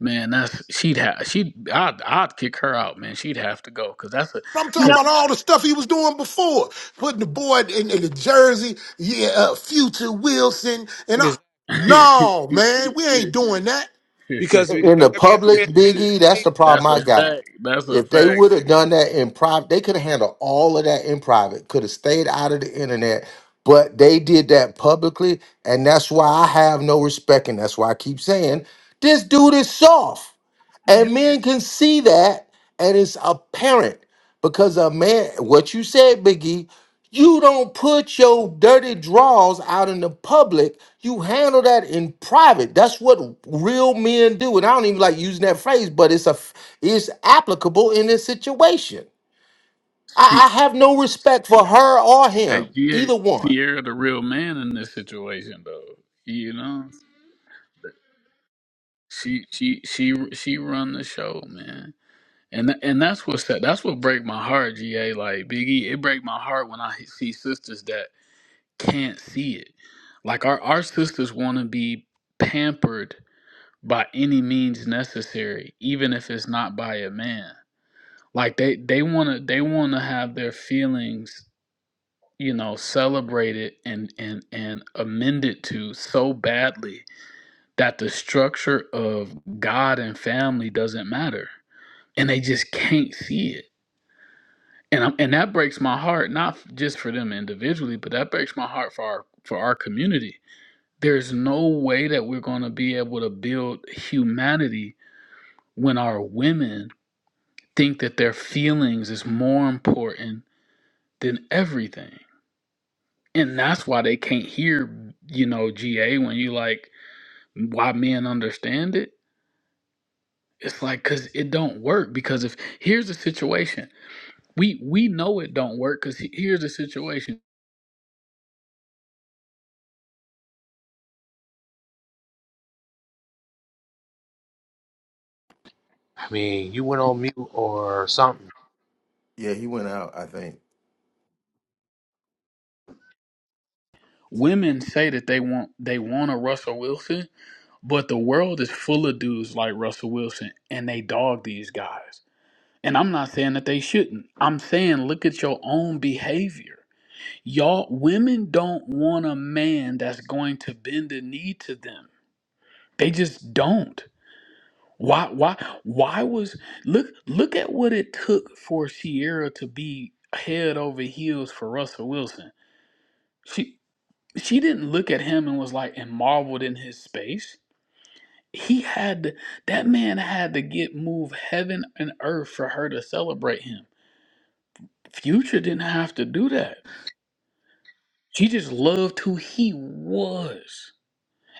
Speaker 13: Man, that's she'd have she I'd I'd kick her out, man. She'd have to go cuz that's a
Speaker 10: I'm
Speaker 14: you
Speaker 10: talking
Speaker 14: know
Speaker 13: cuz
Speaker 10: about all the stuff he was doing before, putting the boy in, in the jersey, yeah, uh, future Wilson, and I.
Speaker 15: Exactly.
Speaker 10: No, man, we ain't doing that.
Speaker 15: Because we-
Speaker 1: in
Speaker 15: I mean,
Speaker 1: the
Speaker 15: at the
Speaker 1: public,
Speaker 15: end of
Speaker 1: Biggie,
Speaker 15: the
Speaker 1: that's
Speaker 15: day,
Speaker 1: the problem
Speaker 13: that's
Speaker 1: I
Speaker 13: a
Speaker 1: got.
Speaker 13: fact. That's a
Speaker 1: If they
Speaker 13: fact.
Speaker 1: would have done that in private, they could have handled all of that in private, could have stayed out of the internet, but they did that publicly, and that's why I have no respect, and that's why I keep saying this dude is soft.
Speaker 14: Yeah.
Speaker 1: And men can see that, and it's apparent because a man, what you said, Biggie, you don't put your dirty draws out in the public. You handle that in private. That's what real men do. And I don't even like using that phrase, but it's a it's applicable in this situation. I, I
Speaker 13: She
Speaker 1: have no respect for her or
Speaker 13: hey,
Speaker 1: him,
Speaker 13: yeah,
Speaker 1: either one.
Speaker 13: Sierra the real man in this situation though. You know? She she she she run the show, man. And tha- and that's what that that's what break my heart, GA. Like Biggie, it break my heart when I see sisters that can't see it. Like our our sisters want to be pampered by any means necessary, even if it's not by a man. Like they they want to they want to have their feelings, you know, celebrated and and and amended to so badly that the structure of God and family doesn't matter. and they just can't see it. And I'm, and that breaks my heart, not just for them individually, but that breaks my heart for our for our community. There's no way that we're going to be able to build humanity when our women think that their feelings is more important than everything. And that's why they can't hear, you know, GA when you like why men understand it. It's like cuz it don't work because if here's the situation. We we know it don't work cuz here's the situation
Speaker 15: I mean, you went on mute or something.
Speaker 1: Yeah, he went out, I think.
Speaker 13: Women say that they want they want a Russell Wilson, but the world is full of dudes like Russell Wilson and they dog these guys. And I'm not saying that they shouldn't. I'm saying look at your own behavior. Y'all women don't want a man that's going to bend the knee to them. They just don't. Why why why was look look at what it took for Sierra to be head over heels for Russell Wilson. She. she didn't look at him and was like and marveled in his space. He had to, that man had to get move heaven and earth for her to celebrate him. Future didn't have to do that. She just loved who he was.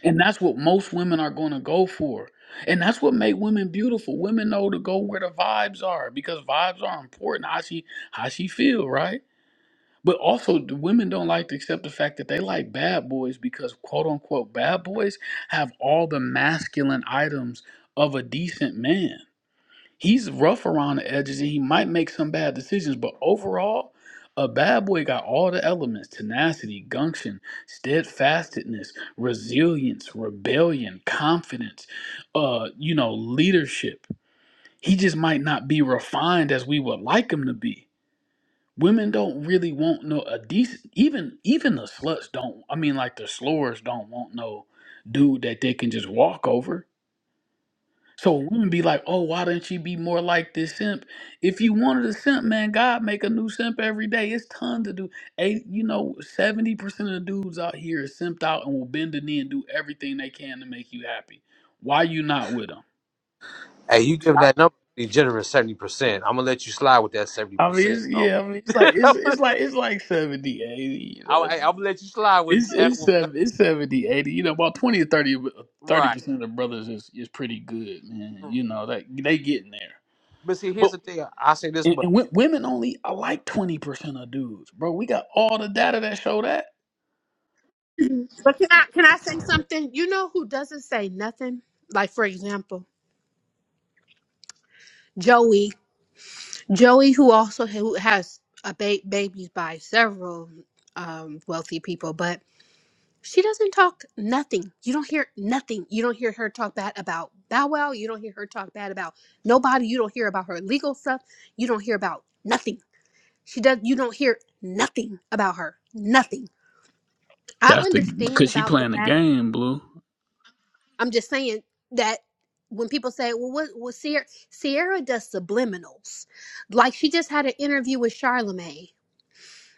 Speaker 13: And that's what most women are going to go for. And that's what make women beautiful. Women know to go where the vibes are because vibes are important. How she how she feel, right? But also, the women don't like to accept the fact that they like bad boys because, quote unquote, bad boys have all the masculine items of a decent man. He's rough around the edges and he might make some bad decisions, but overall, a bad boy got all the elements tenacity, gumption, steadfastness, resilience, rebellion, confidence, uh, you know, leadership. He just might not be refined as we would like him to be Women don't really want no a decent even even the sluts don't I mean like the slores don't want no dude that they can just walk over. So women be like, oh, why didn't she be more like this simp? If you wanted a simp, man, God make a new simp every day. It's tons to do. Eight, you know, seventy percent of the dudes out here is simped out and will bend the knee and do everything they can to make you happy. Why you not with them?
Speaker 15: Hey, you giving
Speaker 13: I,
Speaker 15: that number pretty generous, seventy percent. I'm gonna let you slide with that seventy
Speaker 13: I mean,
Speaker 15: percent,
Speaker 13: it's,
Speaker 15: though.
Speaker 13: yeah, I mean, it's like it's it's like it's like 70 80 you
Speaker 15: I'm,
Speaker 13: know.
Speaker 15: I'm gonna let you slide with
Speaker 13: It's
Speaker 15: that
Speaker 13: it's
Speaker 15: one,
Speaker 13: sev- it's 70 80 You know, about 20 or thirty thirty
Speaker 15: right?
Speaker 13: percent of brothers is, is pretty good, man. You know, that they getting there.
Speaker 15: But see, here's
Speaker 13: But
Speaker 15: the thing. I say this,
Speaker 13: and,
Speaker 15: but
Speaker 13: and wo- women only are like twenty percent of dudes, bro. We got all the data that show that.
Speaker 14: i say you know something? like for example joey joey who also who has a ba- babies by several um wealthy people but She doesn't talk nothing. You don't hear nothing. You don't hear her talk bad about Bow Wow. You don't hear her talk bad about nobody. You don't hear about her legal stuff. You don't hear about nothing. She does. You don't hear nothing about her. Nothing. I
Speaker 13: That's the
Speaker 14: understand
Speaker 13: because she
Speaker 14: about the
Speaker 13: playing the
Speaker 14: fact.
Speaker 13: game, blue.
Speaker 14: I'm just saying that when people say, "Well, what?" Well, Sierra, Sierra does subliminals. Like she just had an interview with Charlamagne."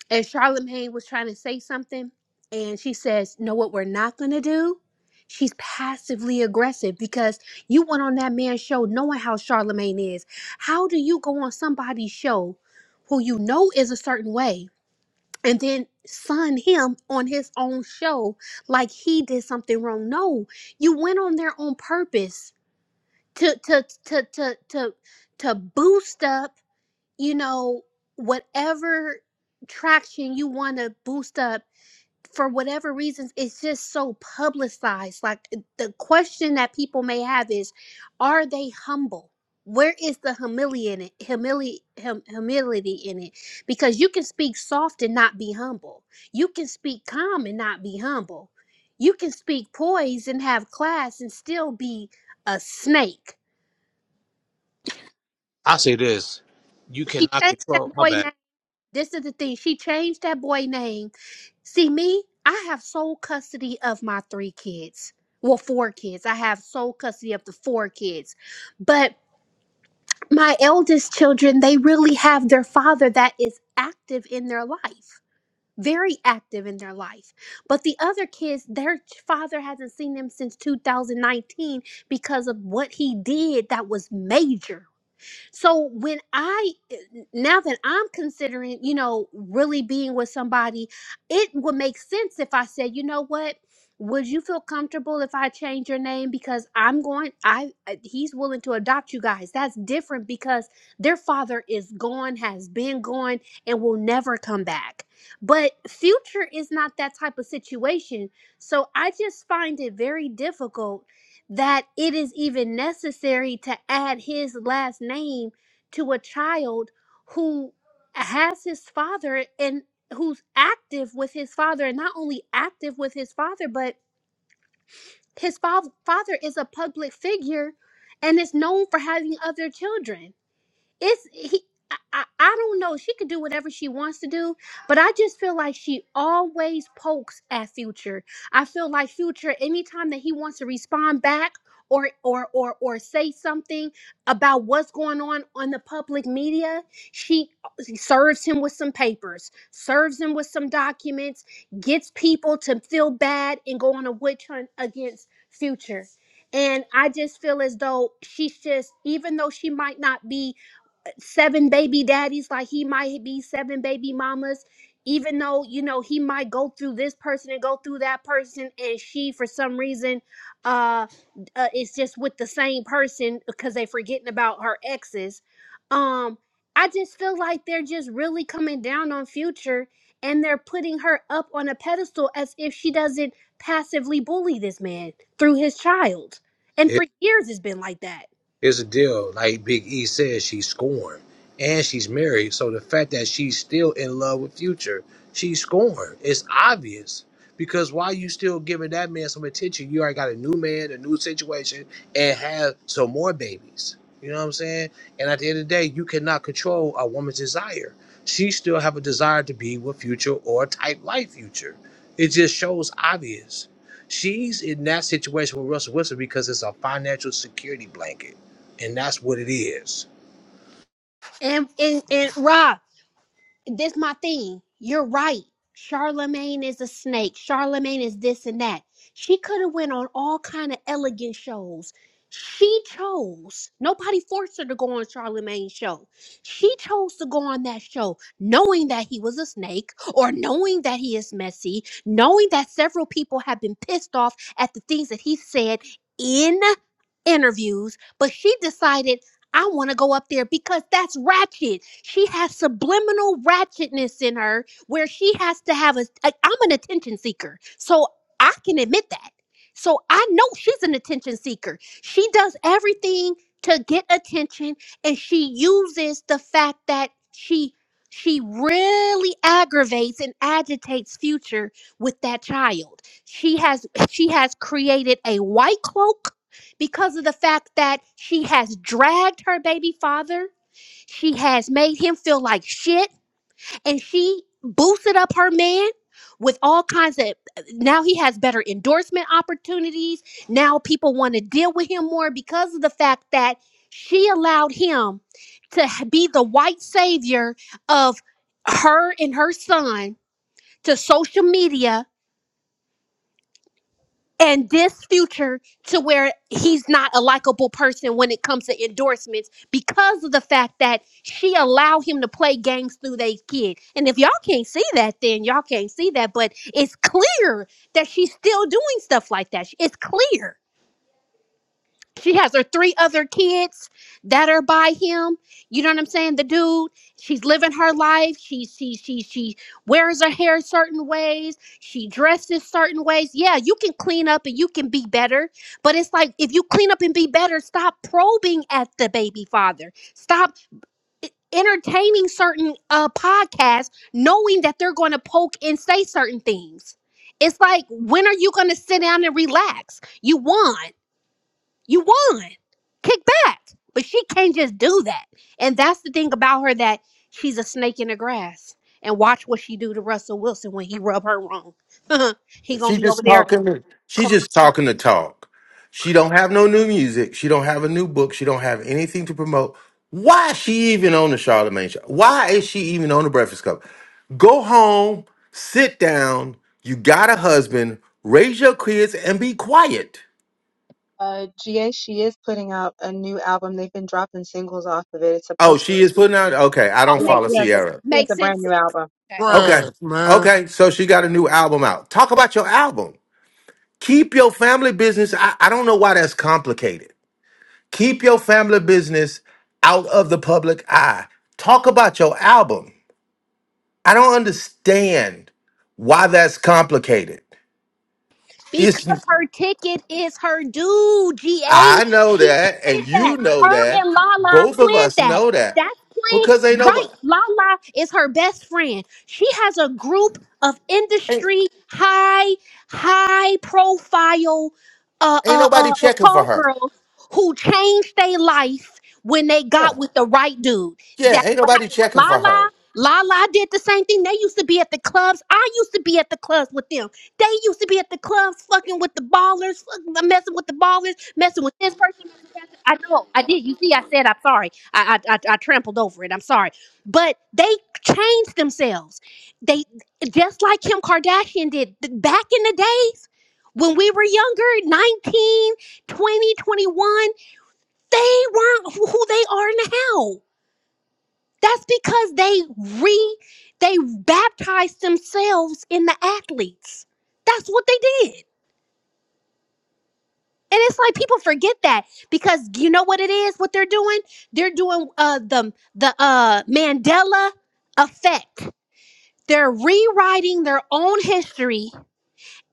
Speaker 14: and Charlemagne was trying to say something, and she says, "Know what we're not gonna do?" She's passively aggressive because you went on that man's show knowing how Charlemagne is. How do you go on somebody's show who you know is a certain way and then sun him on his own show like he did something wrong? No, you went on there on purpose to to to to to to boost up you know, whatever traction you want to boost up for whatever reasons, it's just so publicized. Like eh, the question that people may have is, are they humble? Where is the humility in it? Humili- hum- humility in it, because you can speak soft and not be humble. You can speak calm and not be humble. You can speak poised and have class and still be a snake.
Speaker 15: I say this. You
Speaker 14: She
Speaker 15: cannot
Speaker 14: changed
Speaker 15: control.
Speaker 14: that
Speaker 15: My
Speaker 14: boy name.
Speaker 15: bad.
Speaker 14: This is the thing. She changed that boy name See, me, I have sole custody of my three kids. Well, four kids. I have sole custody of the four kids. But my eldest children, they really have their father that is active in their life, very active in their life. But the other kids, their ch- father hasn't seen them since 2019 because of what he did that was major so when I eh, now that I'm considering, you know, really being with somebody, it would make sense if I said, you know what, would you feel comfortable if I change your name because I'm going I uh, he's willing to adopt you guys. That's different because their father is gone, has been gone and will never come back. But future is not that type of situation. So I just find it very difficult that it is even necessary to add his last name to a child who has his father and who's active with his father and not only active with his father but his fa- father is a public figure and is known for having other children it's he I, I I don't know. She could do whatever she wants to do, but I just feel like she always pokes at Future. I feel like Future, anytime that he wants to respond back or or or or say something about what's going on on the public media, she uh, serves him with some papers, serves him with some documents, gets people to feel bad and go on a witch hunt against Future. And I just feel as though she's just, even though she might not be seven baby daddies like he might be seven baby mamas even though you know he might go through this person and go through that person and she for some reason uh, uh is just with the same person because they forgetting about her exes um i just feel like they're just really coming down on future and they're putting her up on a pedestal as if she doesn't passively bully this man through his child and for years it's been like that
Speaker 15: Here's the deal, like Big E says, she's scorned. And she's married, so the fact that she's still in love with Future, she's scorned. It's obvious. Because why you still giving that man some attention? You already got a new man, a new situation, and have some more babies. You know what I'm saying? And at the end of the day, you cannot control a woman's desire. She still have a desire to be with Future or type like Future. It just shows obvious. She's in that situation with Russell Wilson because it's a financial security blanket and that's what it is.
Speaker 14: and and and Rob. this my thing. You're right. Charlemagne is a snake. Charlemagne is this and that. She could have went on all kind of elegant shows. She chose. Nobody forced her to go on Charlemagne's show. She chose to go on that show knowing that he was a snake or knowing that he is messy, knowing that several people have been pissed off at the things that he said in interviews, but she decided I want to go up there because that's ratchet. She has subliminal ratchetness in her where she has to have a. I, I'm an attention seeker. So I can admit that. So I know she's an attention seeker. She does everything to get attention and she uses the fact that she she really aggravates and agitates future with that child. She has she has created a white cloak because of the fact that she has dragged her baby father, she has made him feel like shit, and she boosted up her man with all kinds of now he has better endorsement opportunities. Now people want to deal with him more because of the fact that she allowed him to h- be the white savior of her and her son to social media and this future to where he's not a likable person when it comes to endorsements because of the fact that she allowed him to play games through they kid. And if y'all can't see that, then y'all can't see that. But it's clear that she's still doing stuff like that. It's clear. She has her three other kids that are by him. You know what I'm saying? The dude, she's living her life. She she she she wears her hair certain ways. She dresses certain ways. Yeah, you can clean up and you can be better. But it's like if you clean up and be better, stop probing at the baby father. Stop e- entertaining certain uh podcasts knowing that they're going to poke and say certain things. It's like when are you going to sit down and relax? You won. You won. Kick back. But she can't just do that. And that's the thing about her that she's a snake in the grass. And watch what she do to Russell Wilson when he rub her wrong. he gonna
Speaker 1: She
Speaker 14: be over
Speaker 1: just
Speaker 14: there
Speaker 1: talking. To, she
Speaker 14: crying.
Speaker 1: just talking to talk. She don't have no new music. She don't have a new book. She don't have anything to promote. Why is she even on the Charlemagne show? Why is she even on the Breakfast Club? Go home, sit down. You got a husband. Raise your kids and be quiet.
Speaker 9: Uh, GA, she is putting out a new album. They've been dropping singles off of it. It's
Speaker 1: Oh,
Speaker 9: supposed to
Speaker 1: she is
Speaker 9: release.
Speaker 1: putting out. Okay, I
Speaker 14: Oh,
Speaker 1: don't
Speaker 9: Yeah,
Speaker 14: makes
Speaker 1: follow
Speaker 9: she has a
Speaker 14: sense.
Speaker 1: Sierra.
Speaker 9: she has
Speaker 14: Makes
Speaker 9: a
Speaker 14: sense
Speaker 9: brand new
Speaker 14: then.
Speaker 9: album
Speaker 14: Okay.
Speaker 9: coming out.
Speaker 1: Okay,
Speaker 10: Trash, man.
Speaker 1: okay. So she got a new album out. Talk about your album. Keep your family business. I, I don't know why that's complicated. Keep your family business out of the public eye. Talk about your album. I don't understand why that's complicated. It's
Speaker 14: Because her ticket is her due, GA.
Speaker 1: I know
Speaker 14: She
Speaker 1: that,
Speaker 14: planned
Speaker 1: and
Speaker 14: that.
Speaker 1: you know
Speaker 14: Her
Speaker 1: that.
Speaker 14: and Lala
Speaker 1: Both of
Speaker 14: planned
Speaker 1: us
Speaker 14: that.
Speaker 1: know that
Speaker 14: That's planned.
Speaker 1: because ain't
Speaker 14: Right.
Speaker 1: nobody
Speaker 14: Lala is her best friend. She has a group of
Speaker 1: ain't,
Speaker 14: industry high, high profile uh,
Speaker 1: ain't
Speaker 14: uh,
Speaker 1: nobody
Speaker 14: uh, uh,
Speaker 1: checking for
Speaker 14: call
Speaker 1: her.
Speaker 14: girls who changed their life when they got
Speaker 1: Yeah,
Speaker 14: with the right dude. That's
Speaker 1: yeah, ain't
Speaker 14: what
Speaker 1: nobody
Speaker 14: happened with
Speaker 1: checking for
Speaker 14: Lala.
Speaker 1: her.
Speaker 14: Lala did the same thing. They used to be at the clubs. I used to be at the clubs with them. They used to be at the clubs fucking with the ballers, fucking uh, messing with the ballers, messing with this person. messing with that- I know, I did. You see, I said I'm sorry. I, I I I trampled over it. I'm sorry, but they changed themselves. They just like Kim Kardashian did th- back in the days when we were younger, 19, 20, 21. They weren't who who they are now. That's because they re they baptized themselves in the athletes. That's what they did. And it's like people forget that because you know what it is, what they're doing? They're doing uh the the uh Mandela effect. They're rewriting their own history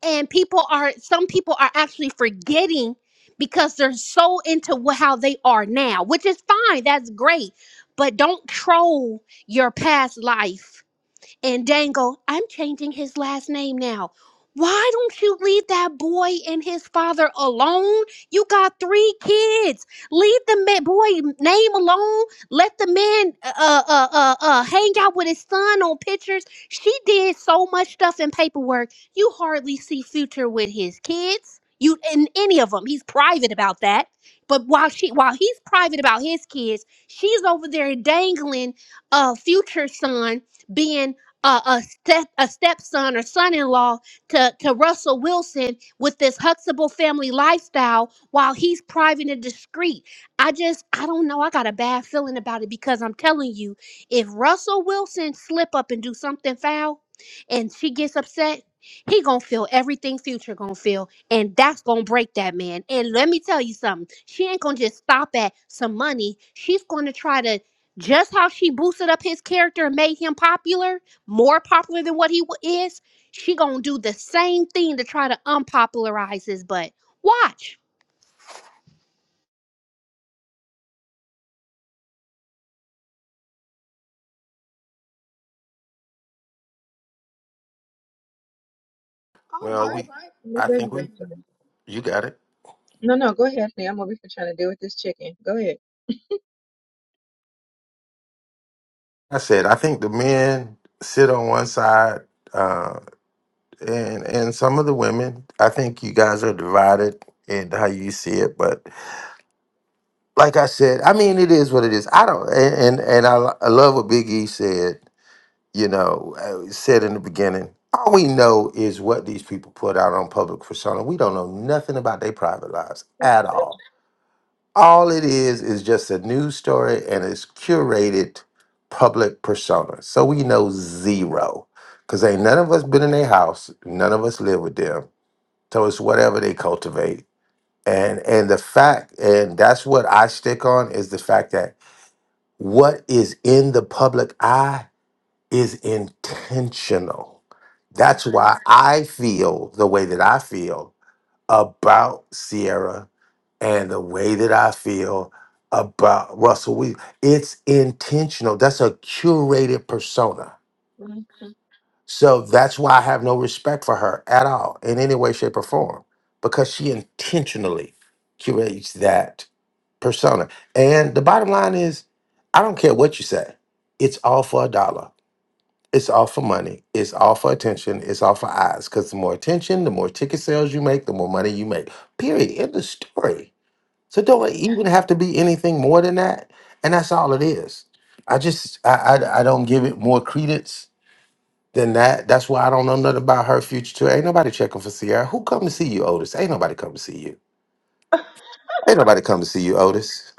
Speaker 14: and people are some people are actually forgetting because they're so into wh- how they are now, which is fine. That's great. But don't troll your past life and Dangle, I'm changing his last name now. Why don't you leave that boy and his father alone? You got three kids. Leave the ma- boy name alone. Let the man uh, uh, uh, uh, hang out with his son on pictures. She did so much stuff in paperwork. You hardly see future with his kids. You in any of them. He's private about that. But while she, while he's private about his kids, she's over there dangling a future son being a, a, step, a stepson or son-in-law to, to Russell Wilson with this Huxtable family lifestyle while he's private and discreet. I just, I don't know. I got a bad feeling about it because I'm telling you, if Russell Wilson slip up and do something foul and she gets upset, he gonna feel everything future gonna feel and that's gonna break that man and let me tell you something she ain't gonna just stop at some money she's gonna try to just how she boosted up his character and made him popular more popular than what he wa- is, she gonna do the same thing to try to unpopularize his butt. Watch.
Speaker 9: All
Speaker 1: Well,
Speaker 9: right.
Speaker 1: we,
Speaker 9: No,
Speaker 1: I
Speaker 9: there you
Speaker 1: think
Speaker 9: go,
Speaker 1: we,
Speaker 9: Shannon.
Speaker 1: you got it.
Speaker 9: No, no, go ahead, honey. I'm over here trying to deal with this chicken. Go ahead.
Speaker 1: I said I think the men sit on one side. uh, and and some of the women i think you guys are divided in how you see it but like i said i mean it is what it is i don't and and, and I, lo- I love what big e said you know uh, said in the beginning all we know is what these people put out on public persona we don't know nothing about their private lives at all all it is is just a news story and it's curated public persona so we know zero because ain't none of us been in their house none of us live with them so it's whatever they cultivate. And and the fact, and that's what I stick on is the fact that what is in the public eye is intentional.
Speaker 9: I
Speaker 1: That's
Speaker 9: agree.
Speaker 1: why I feel the way that I feel about Sierra and the way that I feel about Russell Williams. It's intentional. That's a curated persona
Speaker 9: Mhm.
Speaker 1: so that's why I have no respect for her at all in any way, shape, or form because she intentionally curates that persona. And the bottom line is, I don't care what you say, it's all for a dollar. It's all for money. It's all for attention. It's all for eyes. Because the more attention, the more ticket sales you make, the more money you make. Period. End of story. So don't even have to be anything more than that. And that's all it is. I just I I, I don't give it more credence then that that's why I don't know nothing about her future too. Ain't nobody checking for Sierra. Who come to see you, Otis? Ain't nobody come to see you. Ain't nobody come to see you, Otis.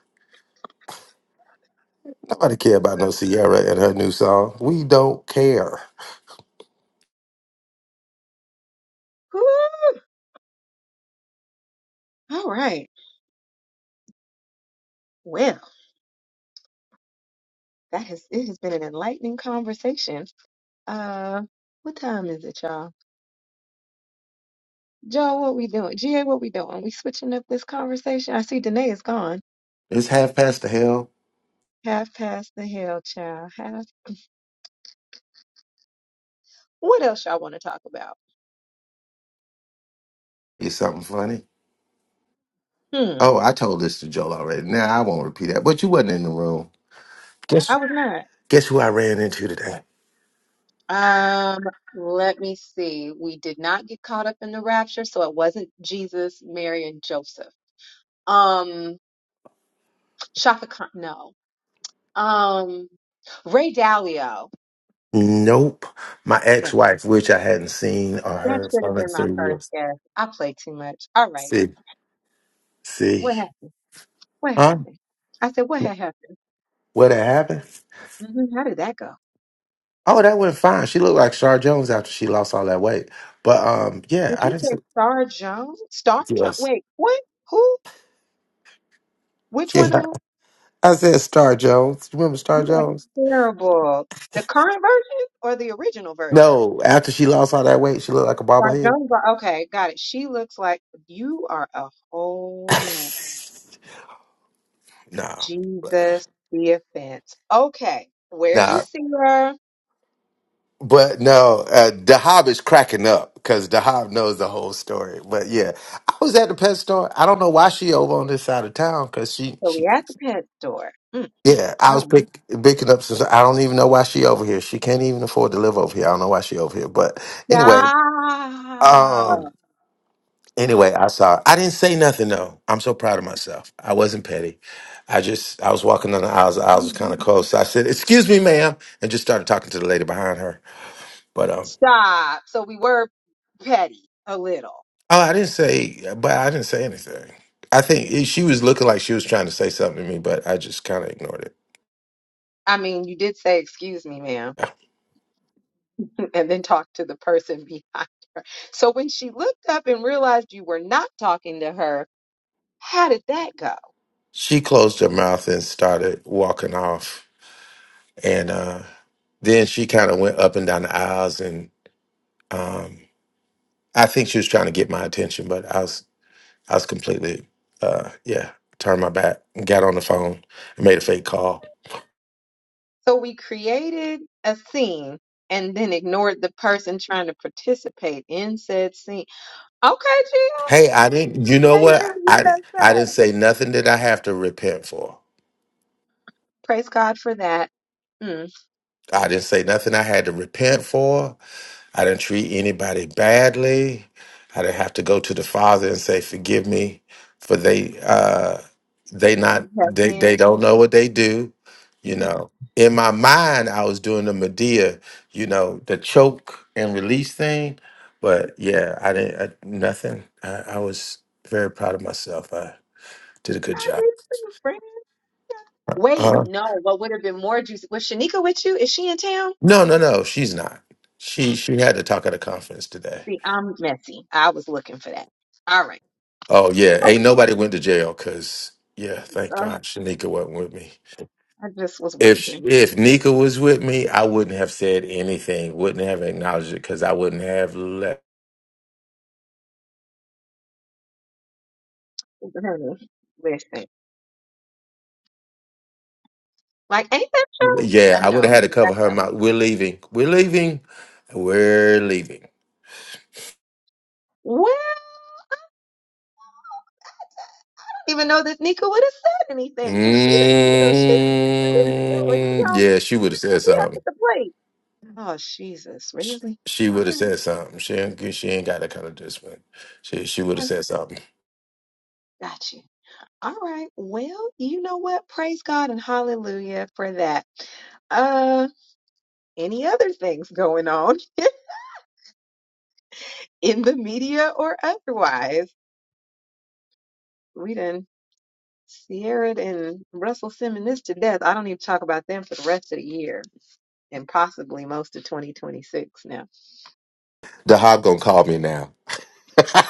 Speaker 1: Nobody care about no Sierra and her new song. We don't care.
Speaker 9: Whew! All right. Well, that has it has been an enlightening conversation. Uh, what time is it, y'all? Joe, what we doing? GA, what we doing? We switching up this conversation. I see Danae is gone.
Speaker 1: It's half past the hell.
Speaker 9: Half past the hell, child. Half. What else y'all want to talk about?
Speaker 1: Is something funny?
Speaker 9: Hmm.
Speaker 1: Oh, I told this to Joel already. Now I won't repeat that. But you wasn't in the room.
Speaker 9: I
Speaker 1: Guess
Speaker 9: was not.
Speaker 1: guess who I ran into today?
Speaker 9: Um, let me see. We did not get caught up in the rapture, so it wasn't Jesus, Mary, and Joseph. Um, Shaka Khan, no. Um, Ray Dalio.
Speaker 1: Nope, my ex-wife, which I hadn't seen or
Speaker 9: That
Speaker 1: heard
Speaker 9: should have
Speaker 1: from in
Speaker 9: been my
Speaker 1: three
Speaker 9: first
Speaker 1: years.
Speaker 9: guess. I played too much. All right.
Speaker 1: See, see,
Speaker 9: What happened? What
Speaker 1: huh?
Speaker 9: happened? I said, what had happened?
Speaker 1: What happened?
Speaker 9: hmm How did that go?
Speaker 1: Oh, that went fine. She looked like Shar Jones after she lost all that weight. But um, yeah,
Speaker 9: Did
Speaker 1: I
Speaker 9: you
Speaker 1: didn't
Speaker 9: say
Speaker 1: say
Speaker 9: Star Jones? Star Jones?
Speaker 1: yes.
Speaker 9: Wait, what? Who? Which one of
Speaker 1: Yeah,
Speaker 9: them?
Speaker 1: I said Star Jones. You remember Star
Speaker 9: You are
Speaker 1: Jones?
Speaker 9: terrible. The current version or the original version?
Speaker 1: No, after she lost all that weight, she looked like a
Speaker 9: Star
Speaker 1: bobblehead.
Speaker 9: Jones. are- Okay, got it. She looks like you are a whole mess.
Speaker 1: no,
Speaker 9: Jesus, the offense. Okay, where'd you
Speaker 1: nah,
Speaker 9: see her?
Speaker 1: but no, uh, Dahab is cracking up because Dahab knows the whole story. But yeah, I was at the pet store. I don't know why she over on this side of town because she
Speaker 9: So
Speaker 1: she
Speaker 9: we at the pet store. Mm,
Speaker 1: Yeah, I was pick, picking up since I don't even know why she over here. She can't even afford to live over here. I don't know why she over here. But anyway, um,
Speaker 9: Stop.
Speaker 1: anyway, I saw. I didn't say nothing though. I'm so proud of myself. I wasn't petty. I just I was walking down the aisles. The aisles was kind of close. So I said, "Excuse me, ma'am," and just started talking to the lady behind her. But um,
Speaker 9: Stop. So we were petty a little.
Speaker 1: oh, I didn't say. But I didn't say anything. I think it- she was looking like she was trying to say something to me, but I just kind of ignored it.
Speaker 9: I mean, you did say, excuse me, ma'am,
Speaker 1: Yeah.
Speaker 9: and then talk to the person behind. So when she looked up and realized you were not talking to her, how did that go?
Speaker 1: She closed her mouth and started walking off And uh, then she kind of went up and down the aisles, and um, I think she was trying to get my attention, but I was I was completely uh, yeah turned my back, and got on the phone, and made a fake call.
Speaker 9: So we created a scene and then ignored the person trying to participate in said scene. Okay, G,
Speaker 1: Hey, I didn't. You know
Speaker 9: I ain't even
Speaker 1: what? I di- I didn't
Speaker 9: USA.
Speaker 1: say nothing that I have to repent for.
Speaker 9: Praise God for that. Mm.
Speaker 1: I didn't say nothing I had to repent for. I didn't treat anybody badly. I didn't have to go to the Father and say, "Forgive me," for they uh, they
Speaker 9: You
Speaker 1: not
Speaker 9: have
Speaker 1: they they
Speaker 9: been.
Speaker 1: don't know what they do. You know, in my mind, I was doing the Medea, you know, the choke and release thing. But yeah, I didn't I, nothing. I, I was very proud of myself. I did a good
Speaker 9: How do
Speaker 1: job.
Speaker 9: you do, friend? Wait,
Speaker 1: Uh,
Speaker 9: no, what would have been more juicy? Was Shanika with you? Is she in town?
Speaker 1: no, no, no. She's not. She she had to talk at a conference today.
Speaker 9: See, I'm messy. I was looking for that. All right.
Speaker 1: Oh yeah, ain't
Speaker 9: Okay.
Speaker 1: nobody went to jail because yeah, thank
Speaker 9: Uh,
Speaker 1: God Shanika wasn't with me.
Speaker 9: I just was
Speaker 1: If
Speaker 9: wondering.
Speaker 1: if Nika was with me, I wouldn't have said anything, wouldn't have acknowledged it because I wouldn't have left.
Speaker 9: Listen, like, ain't that true?
Speaker 1: Yeah,
Speaker 9: You
Speaker 1: I would
Speaker 9: know,
Speaker 1: have had to cover
Speaker 9: that's
Speaker 1: her
Speaker 9: how we.
Speaker 1: mouth. We're leaving. We're leaving. We're leaving.
Speaker 9: Well, I don't even though that Nika would have said anything, because she didn't, you know, she's listen to it. She
Speaker 1: Mm,
Speaker 9: on,
Speaker 1: yeah, she would have said
Speaker 9: she up at
Speaker 1: something.
Speaker 9: the plate. Oh, Jesus. Really?
Speaker 1: She
Speaker 9: All
Speaker 1: would have
Speaker 9: right.
Speaker 1: said something. She ain't, she ain't got that kind of discipline. She she would have
Speaker 9: Okay.
Speaker 1: said something.
Speaker 9: Got you. All right. Well, you know what? Praise God and hallelujah for that. Uh, any other things going on in the media or otherwise. We done Sierra and Russell Simmons this to death. I don't even talk about them for the rest of the year and possibly most of 2026 now.
Speaker 1: The hop gonna call me now.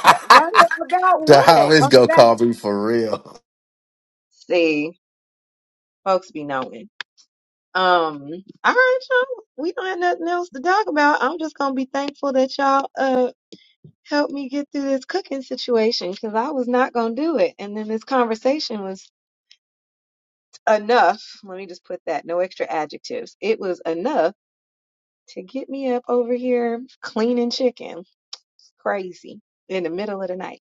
Speaker 9: Yeah, What about
Speaker 1: The
Speaker 9: what?
Speaker 1: highways
Speaker 9: On the
Speaker 1: gonna
Speaker 9: back?
Speaker 1: call me for real.
Speaker 9: See, folks be knowing. Um, all right, y'all. We don't have nothing else to talk about. I'm just gonna be thankful that y'all uh helped me get through this cooking situation because I was not gonna do it. And then this conversation was enough, let me just put that, no extra adjectives. It was enough to get me up over here cleaning chicken. Crazy. In the middle of the night.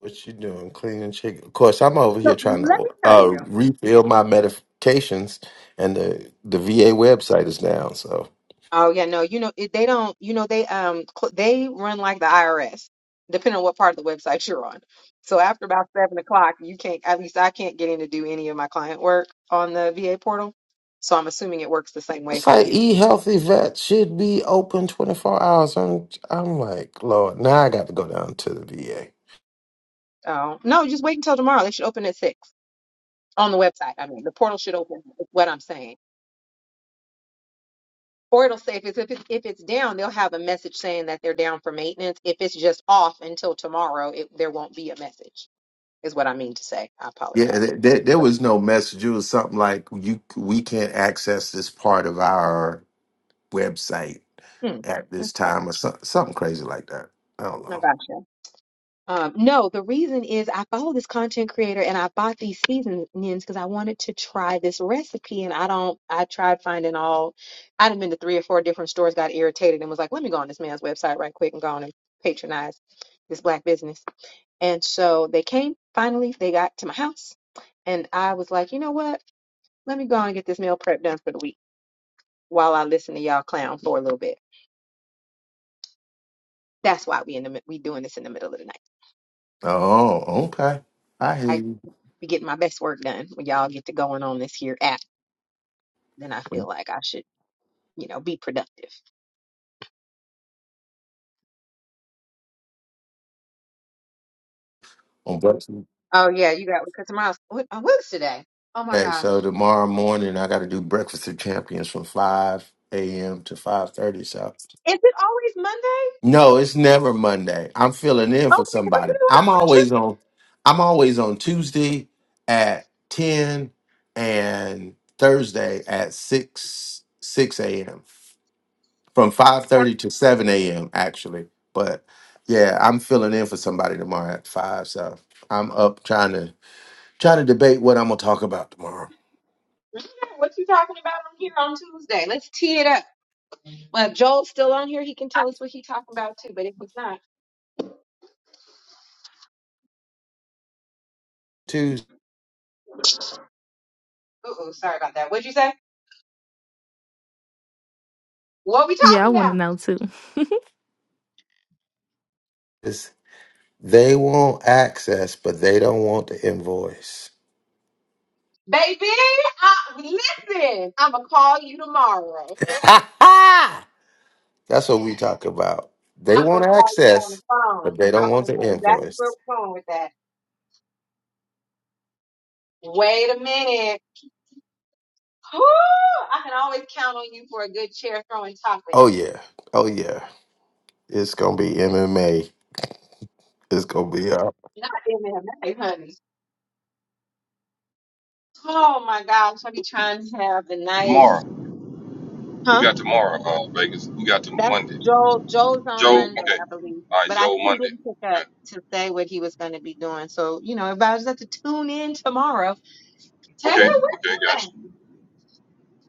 Speaker 1: What you doing, cleaning chicken? Of course, I'm over
Speaker 9: So
Speaker 1: here
Speaker 9: let
Speaker 1: trying to
Speaker 9: me tell
Speaker 1: uh,
Speaker 9: you.
Speaker 1: refill my medications, and the the VA website is down. So
Speaker 9: Oh yeah, no, you know it, they don't. You know they um cl- they run like the IRS, depending on what part of the website you're on. So after about seven o'clock, you can't. At least I can't get in to do any of my client work on the VA portal. So I'm assuming it works the same way
Speaker 1: it's
Speaker 9: for
Speaker 1: like
Speaker 9: you.
Speaker 1: e healthy vet should be open 24 hours. I'm I'm like Lord, now I got to go down to the VA.
Speaker 9: Oh no, just wait until tomorrow. They should open at six. on the website. I mean, the portal should open. Is what I'm saying, or it'll say if it's if it's, if it's down, they'll have a message saying that they're down for maintenance. If it's just off until tomorrow, it, there won't be a message. Is what I mean to say. I
Speaker 1: Yeah,
Speaker 9: apologize for.
Speaker 1: there, there there
Speaker 9: for
Speaker 1: was no message. It was something like you we can't access this part of our website
Speaker 9: hmm,
Speaker 1: at
Speaker 9: that's
Speaker 1: this
Speaker 9: all.
Speaker 1: time, or some, something crazy like that. I don't
Speaker 9: I
Speaker 1: know.
Speaker 9: gotcha. Um, no, the reason is I follow this content creator and I bought these seasonings because I wanted to try this recipe and I don't. I tried finding all. I'd have been to three or four different stores, got irritated, and was like, "Let me go on this man's website right quick and go on and patronize this black business." And so they came finally, they got to my house, and I was like, you know what? Let me go and get this meal prep done for the week while I listen to y'all clown for a little bit. That's why we in the mid- we doing this in the middle of the night.
Speaker 1: Oh, okay. I hear
Speaker 9: I
Speaker 1: you.
Speaker 9: be getting my best work done when y'all get to going on this here app. Then I feel like I should, you know, be productive.
Speaker 1: On breakfast.
Speaker 9: Oh yeah, you got because tomorrow's what uh, what's today? Oh my
Speaker 1: Okay,
Speaker 9: gosh,
Speaker 1: so tomorrow morning I got to do breakfast of champions from five a.m. to five thirty. So,
Speaker 9: is it always Monday?
Speaker 1: no, it's never Monday. I'm filling in for
Speaker 9: Okay, because I
Speaker 1: somebody.
Speaker 9: feel like am
Speaker 1: I'm
Speaker 9: I
Speaker 1: always on. I'm always on Tuesday at ten and Thursday at six six a.m. from five
Speaker 9: tripping?
Speaker 1: thirty to seven a.m. Actually, but yeah, I'm filling in for somebody tomorrow at five. So I'm up trying to Try to debate what I'm gonna talk about tomorrow.
Speaker 9: I forget what you talking about on here on Tuesday. Let's tee it up. Well, if Joel's still on here, he can tell us what he's talking about too. But if it's not,
Speaker 1: Tuesdays
Speaker 9: uh-oh, sorry about that. What'd you say? What we
Speaker 8: Yeah, I
Speaker 9: talking
Speaker 8: want to
Speaker 9: about?
Speaker 8: know too.
Speaker 1: they want access, but they don't want the invoice.
Speaker 9: Baby, I, listen, I'm going to call you tomorrow.
Speaker 1: That's what we talk about. They
Speaker 9: I'm going
Speaker 1: want
Speaker 9: to call you on the
Speaker 1: access,
Speaker 9: phone.
Speaker 1: but they
Speaker 9: I
Speaker 1: don't want
Speaker 9: want to
Speaker 1: the
Speaker 9: know exactly where
Speaker 1: invoice.
Speaker 9: we're going with that. Wait a minute. Whew, I can always count on you for a good chair throwing topic.
Speaker 1: Oh yeah. Oh yeah. It's gonna be MMA. It's gonna be up.
Speaker 9: Not in the night, honey. Oh my gosh, I be trying to have the nice,
Speaker 4: Tomorrow. Who
Speaker 9: huh?
Speaker 4: got tomorrow, uh, Vegas? Who got to
Speaker 9: That's
Speaker 4: Monday?
Speaker 9: Joel. Joel's on
Speaker 4: Joe?
Speaker 9: Monday,
Speaker 4: Okay.
Speaker 9: I believe,
Speaker 4: All right,
Speaker 9: but I
Speaker 4: Joe,
Speaker 9: he
Speaker 4: Monday.
Speaker 9: didn't pick up
Speaker 4: Okay.
Speaker 9: to say what he was going to be doing. So you know, everybody's have to tune in tomorrow. Taylor,
Speaker 4: Okay. Okay,
Speaker 9: what are you
Speaker 4: gotcha.
Speaker 9: doing?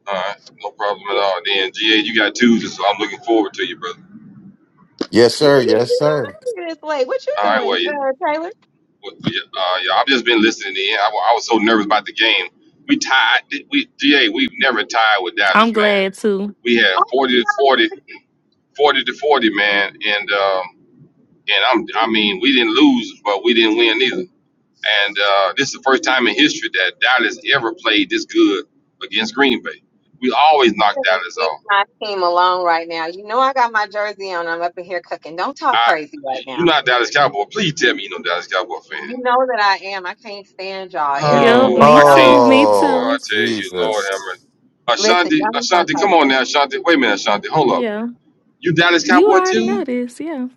Speaker 4: All right, no problem at
Speaker 9: You
Speaker 4: all. Then GA, you got Tuesday, so I'm looking forward to you, brother.
Speaker 1: Yes,
Speaker 9: you
Speaker 1: sir.
Speaker 9: you
Speaker 1: Yes,
Speaker 9: you
Speaker 1: sir.
Speaker 9: down here this late. What you
Speaker 4: All right,
Speaker 9: doing,
Speaker 4: well, yeah,
Speaker 9: uh, Taylor?
Speaker 4: well, well, yeah, uh, yeah, I've just been listening in. I, wa- I was so nervous about the game. We tied. We GA, we've never tied with Dallas,
Speaker 8: I'm
Speaker 4: man.
Speaker 8: glad too.
Speaker 4: We had
Speaker 9: Oh my
Speaker 4: 40 to 40,
Speaker 9: God,
Speaker 4: 40 to 40, man, and um, and I'm I mean, we didn't lose, but we didn't win either. And uh, this is the first time in history that Dallas ever played this good against Green Bay. We always knock
Speaker 9: I'm
Speaker 4: Dallas
Speaker 9: leave
Speaker 4: off.
Speaker 9: my team alone right now. You know I got my jersey on. I'm up in here cooking. Don't talk
Speaker 4: I,
Speaker 9: crazy right
Speaker 4: you're
Speaker 9: now.
Speaker 4: not Dallas Cowboy. Please tell me you're no Dallas Cowboy fan.
Speaker 9: You know that I am. I can't stand y'all every
Speaker 8: Yep,
Speaker 9: year.
Speaker 4: Oh,
Speaker 8: me
Speaker 4: I
Speaker 9: Y'all be
Speaker 4: can't.
Speaker 8: too. Me
Speaker 4: Boy,
Speaker 1: Oh
Speaker 4: I
Speaker 8: too.
Speaker 4: tell you, Lord have mercy.
Speaker 1: Jesus.
Speaker 9: listen.
Speaker 4: Ashanti,
Speaker 9: Y'all ain't gonna
Speaker 4: Ashanti,
Speaker 9: talk
Speaker 4: come on now, Ashanti. Wait a minute, Ashanti. Hold up.
Speaker 8: Yeah,
Speaker 4: You Dallas
Speaker 8: you
Speaker 4: Cowboy
Speaker 8: already know
Speaker 4: too?
Speaker 8: this. Yeah.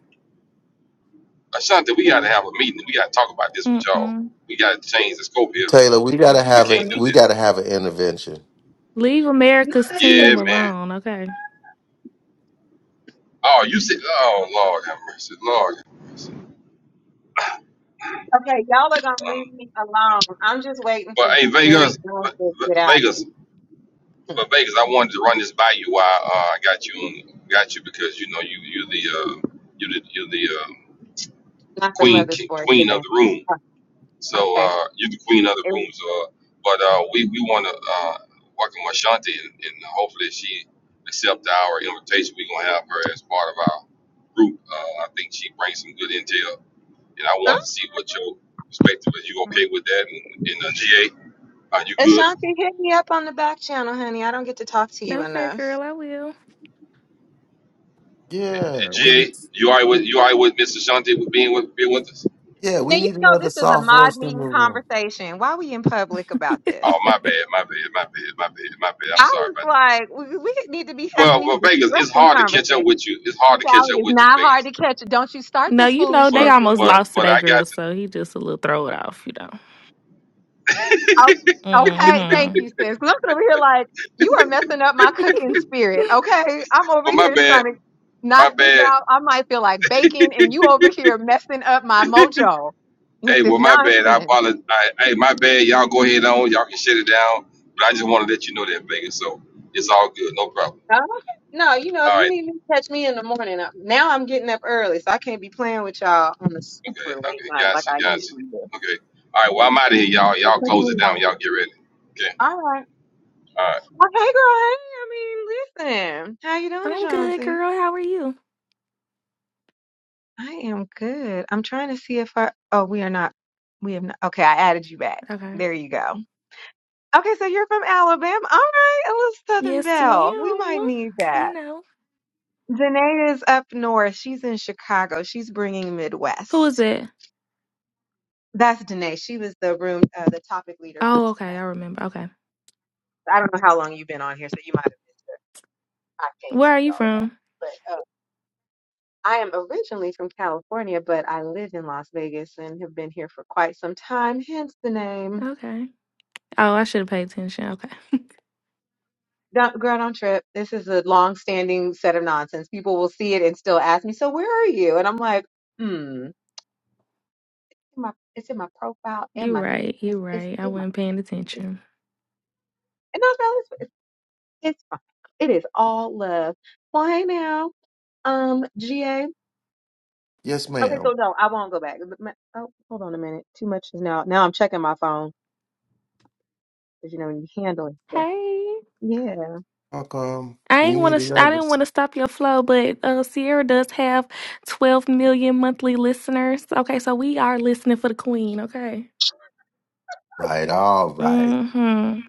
Speaker 4: Ashanti, we got to have a meeting. We got to talk about this with y'all.
Speaker 8: Mm-mm.
Speaker 4: We got to change the scope here.
Speaker 1: Taylor, we gotta
Speaker 4: We
Speaker 1: have a
Speaker 4: can't
Speaker 9: crazy.
Speaker 1: we
Speaker 4: do this.
Speaker 1: gotta have an intervention.
Speaker 8: Leave America's
Speaker 9: Me
Speaker 4: Yeah,
Speaker 8: team
Speaker 4: man.
Speaker 8: alone. Okay.
Speaker 4: Oh, you said, oh, Lord have mercy. Lord.
Speaker 9: Okay, y'all are gonna leave
Speaker 4: Um,
Speaker 9: me alone. I'm just waiting for
Speaker 4: but hey,
Speaker 9: Jerry
Speaker 4: Vegas,
Speaker 9: Jones
Speaker 4: Ve-
Speaker 9: to
Speaker 4: Ve-
Speaker 9: get out of here.
Speaker 4: Vegas, But Vegas, I wanted to run this by you. Why uh, I got you on, got you because you know you you're the uh, you're the you're the uh,
Speaker 9: Not the
Speaker 4: queen
Speaker 9: mother's
Speaker 4: king,
Speaker 9: board
Speaker 4: queen of
Speaker 9: today.
Speaker 4: the room.
Speaker 9: Oh,
Speaker 4: So
Speaker 9: okay.
Speaker 4: uh, you're the queen of the
Speaker 9: Is-
Speaker 4: room. So, uh, but uh, we we want to uh, welcome Ashanti and, and hopefully she accept our invitation. We're gonna have her as part of our group. Uh, I think she brings some good intel, and I
Speaker 9: Huh?
Speaker 4: wanted to see what your perspective is. You okay with that? And, and uh, GA, are you good?
Speaker 9: Ashanti, hit me up on the back channel, honey. I don't get to talk to you
Speaker 8: Okay,
Speaker 9: enough.
Speaker 8: girl, I will.
Speaker 4: Uh,
Speaker 1: Yeah, we need
Speaker 4: GA, you all right with you all right with Miss Ashanti with being with being with us?
Speaker 1: yeah,
Speaker 9: Now
Speaker 1: we
Speaker 9: you
Speaker 1: need
Speaker 9: know
Speaker 1: another
Speaker 9: this is a
Speaker 1: soft
Speaker 9: mod
Speaker 1: voice in
Speaker 9: meeting
Speaker 1: the room.
Speaker 9: conversation. Why we in public about
Speaker 4: Oh,
Speaker 9: this?
Speaker 4: my bad, my bad, my bad, my bad, my bad.
Speaker 9: I
Speaker 4: I'm sorry
Speaker 9: was
Speaker 4: about that.
Speaker 9: like, we, we need to be having
Speaker 4: Well,
Speaker 9: these
Speaker 4: well, Vegas, it's
Speaker 9: discretion
Speaker 4: hard to catch up
Speaker 9: conversations.
Speaker 4: with you. It's hard to catch
Speaker 9: Child, it
Speaker 4: up
Speaker 9: is
Speaker 4: with you,
Speaker 9: not hard to
Speaker 4: Vegas.
Speaker 9: catch it. Don't you start
Speaker 8: No,
Speaker 9: this
Speaker 8: you know they
Speaker 9: foolishness
Speaker 4: But,
Speaker 9: with
Speaker 8: almost
Speaker 9: me.
Speaker 4: but,
Speaker 8: lost to
Speaker 4: but
Speaker 8: that
Speaker 4: I
Speaker 8: girl,
Speaker 4: got
Speaker 8: so he just a little throw it off, you know.
Speaker 4: to.
Speaker 9: Oh, okay, thank you,
Speaker 8: Mm-hmm.
Speaker 9: sis. 'Cause I'm over here like, you are messing up my cooking spirit, okay? I'm over
Speaker 4: but my
Speaker 9: here trying
Speaker 4: bad,
Speaker 9: to knock
Speaker 4: my
Speaker 9: this
Speaker 4: bad.
Speaker 9: out. I might feel like bacon, and you over here messing up my mojo with
Speaker 4: Hey,
Speaker 9: this
Speaker 4: well, my bad. I
Speaker 9: nonsense.
Speaker 4: apologize. I, hey, my bad. Y'all go ahead on. Y'all can shut it down. But I just want to let you know that, Vegas. So it's all good. No problem.
Speaker 9: Oh, No, you know, if
Speaker 4: All
Speaker 9: you
Speaker 4: right.
Speaker 9: need me to catch me in the morning, I- now I'm getting up early, so I can't be playing with y'all on a super late
Speaker 4: Okay.
Speaker 9: night like
Speaker 4: Gotcha.
Speaker 9: I
Speaker 4: Gotcha.
Speaker 9: usually do.
Speaker 4: Okay. All right. Well, I'm out of here, y'all.
Speaker 9: So
Speaker 4: Y'all
Speaker 9: catch me
Speaker 4: close
Speaker 9: in
Speaker 4: it
Speaker 9: the
Speaker 4: down.
Speaker 9: morning.
Speaker 4: Y'all get ready. Okay.
Speaker 9: All right.
Speaker 4: All right.
Speaker 9: Well, hey, girl. Hey, I mean, listen. How you doing,
Speaker 8: I'm good,
Speaker 9: Ashanti?
Speaker 8: girl. How are you?
Speaker 9: I am good. I'm trying to see if I. Oh, we are not. We have not. Okay, I added you back.
Speaker 8: Okay.
Speaker 9: There you go. Okay, so you're from Alabama. All right, a little Southern
Speaker 8: Yes,
Speaker 9: Belle. We might
Speaker 8: ma'am.
Speaker 9: need
Speaker 8: You
Speaker 9: that.
Speaker 8: know.
Speaker 9: Danae is up north. She's in Chicago. She's bringing
Speaker 8: Who is
Speaker 9: Midwest.
Speaker 8: that?
Speaker 9: That's Danae. She was the room, uh, the topic leader for
Speaker 8: Oh, okay. I
Speaker 9: tonight.
Speaker 8: remember. Okay.
Speaker 9: I don't know how long you've been on here, so you might have missed her. I can't
Speaker 8: Where are
Speaker 9: see
Speaker 8: you
Speaker 9: all of
Speaker 8: from?
Speaker 9: that. But uh, I am originally from California, but I live in Las Vegas and have been here for quite some time, hence the name.
Speaker 8: Okay. Oh, I should have paid attention. Okay.
Speaker 9: Don't, girl, don't trip. This is a long-standing set of nonsense. People will see it and still ask me, "So where are you?" And I'm like, "Hmm, it's in my, it's in my profile and
Speaker 8: you
Speaker 9: my name.
Speaker 8: right. You
Speaker 9: It's it's
Speaker 8: right. I
Speaker 9: in my
Speaker 8: wasn't paying
Speaker 9: it's,
Speaker 8: attention.
Speaker 9: and that's all. It's, it's it's fine. It is all love. Well, hey now, um, GA.
Speaker 1: Yes,
Speaker 9: Okay, so
Speaker 1: ma'am.
Speaker 9: no, I won't go back. But my- Oh, hold on a minute. Too much is now. Now I'm checking my phone because you know when you handling stuff.
Speaker 8: Hey.
Speaker 9: Yeah,
Speaker 1: Welcome.
Speaker 8: I
Speaker 1: We
Speaker 8: ain't want
Speaker 1: need
Speaker 8: to. Sh- I
Speaker 1: another.
Speaker 8: didn't
Speaker 1: s-
Speaker 8: want to stop your flow, but uh, Sierra does have 12 million monthly listeners. Okay, so we are listening for the queen. Okay.
Speaker 1: Right. All right.
Speaker 8: Mm-hmm.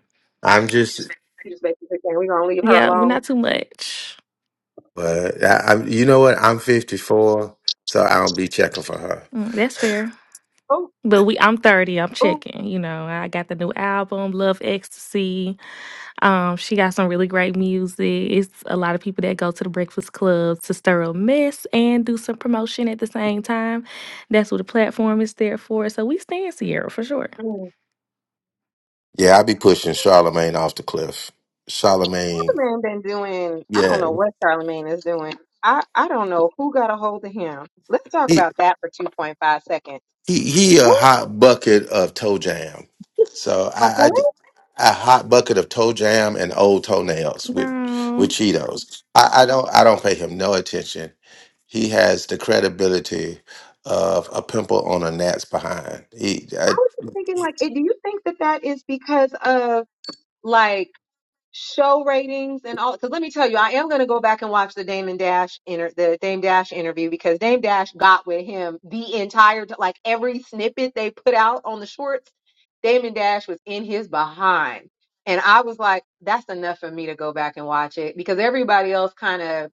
Speaker 1: I'm just,
Speaker 9: you just basically saying we're gonna leave her
Speaker 8: Yeah, we're
Speaker 9: alone.
Speaker 8: not too much.
Speaker 1: but I, I'm. You know what? I'm 54, so I don't be checking for her.
Speaker 8: Mm, that's fair.
Speaker 9: Oh,
Speaker 8: But we I'm 30, I'm
Speaker 9: oh.
Speaker 8: checking, you know. I got the new album, Love Ecstasy. Um, she got some really great music. It's a lot of people that go to the Breakfast Club to stir a mess and do some promotion at the same time. That's what the platform is there for. So we stand Sierra for sure.
Speaker 1: Yeah, I be pushing Charlemagne off the cliff. Charlemagne.
Speaker 9: Charlemagne been doing, I don't
Speaker 1: Yeah,
Speaker 9: know what Charlemagne is doing. I, I don't know who got a hold of him. Let's talk
Speaker 1: he
Speaker 9: about that for 2.5 seconds.
Speaker 1: he he a
Speaker 9: Who,
Speaker 1: hot bucket of toe jam. So
Speaker 9: a
Speaker 1: I, I
Speaker 9: what? I
Speaker 1: a hot bucket of toe jam and old toenails with with
Speaker 8: No.
Speaker 1: Cheetos. I, I don't I don't pay him no attention. He has the credibility of a pimple on a gnat's behind. He, I,
Speaker 9: was just thinking, like, eh, do you think that that is because of, like. show ratings and all because let me tell you i am going to go back and watch the damon dash inter the dame dash interview because dame dash got with him the entire t- like every snippet they put out on the shorts damon dash was in his behind and i was like that's enough for me to go back and watch it because everybody else kind of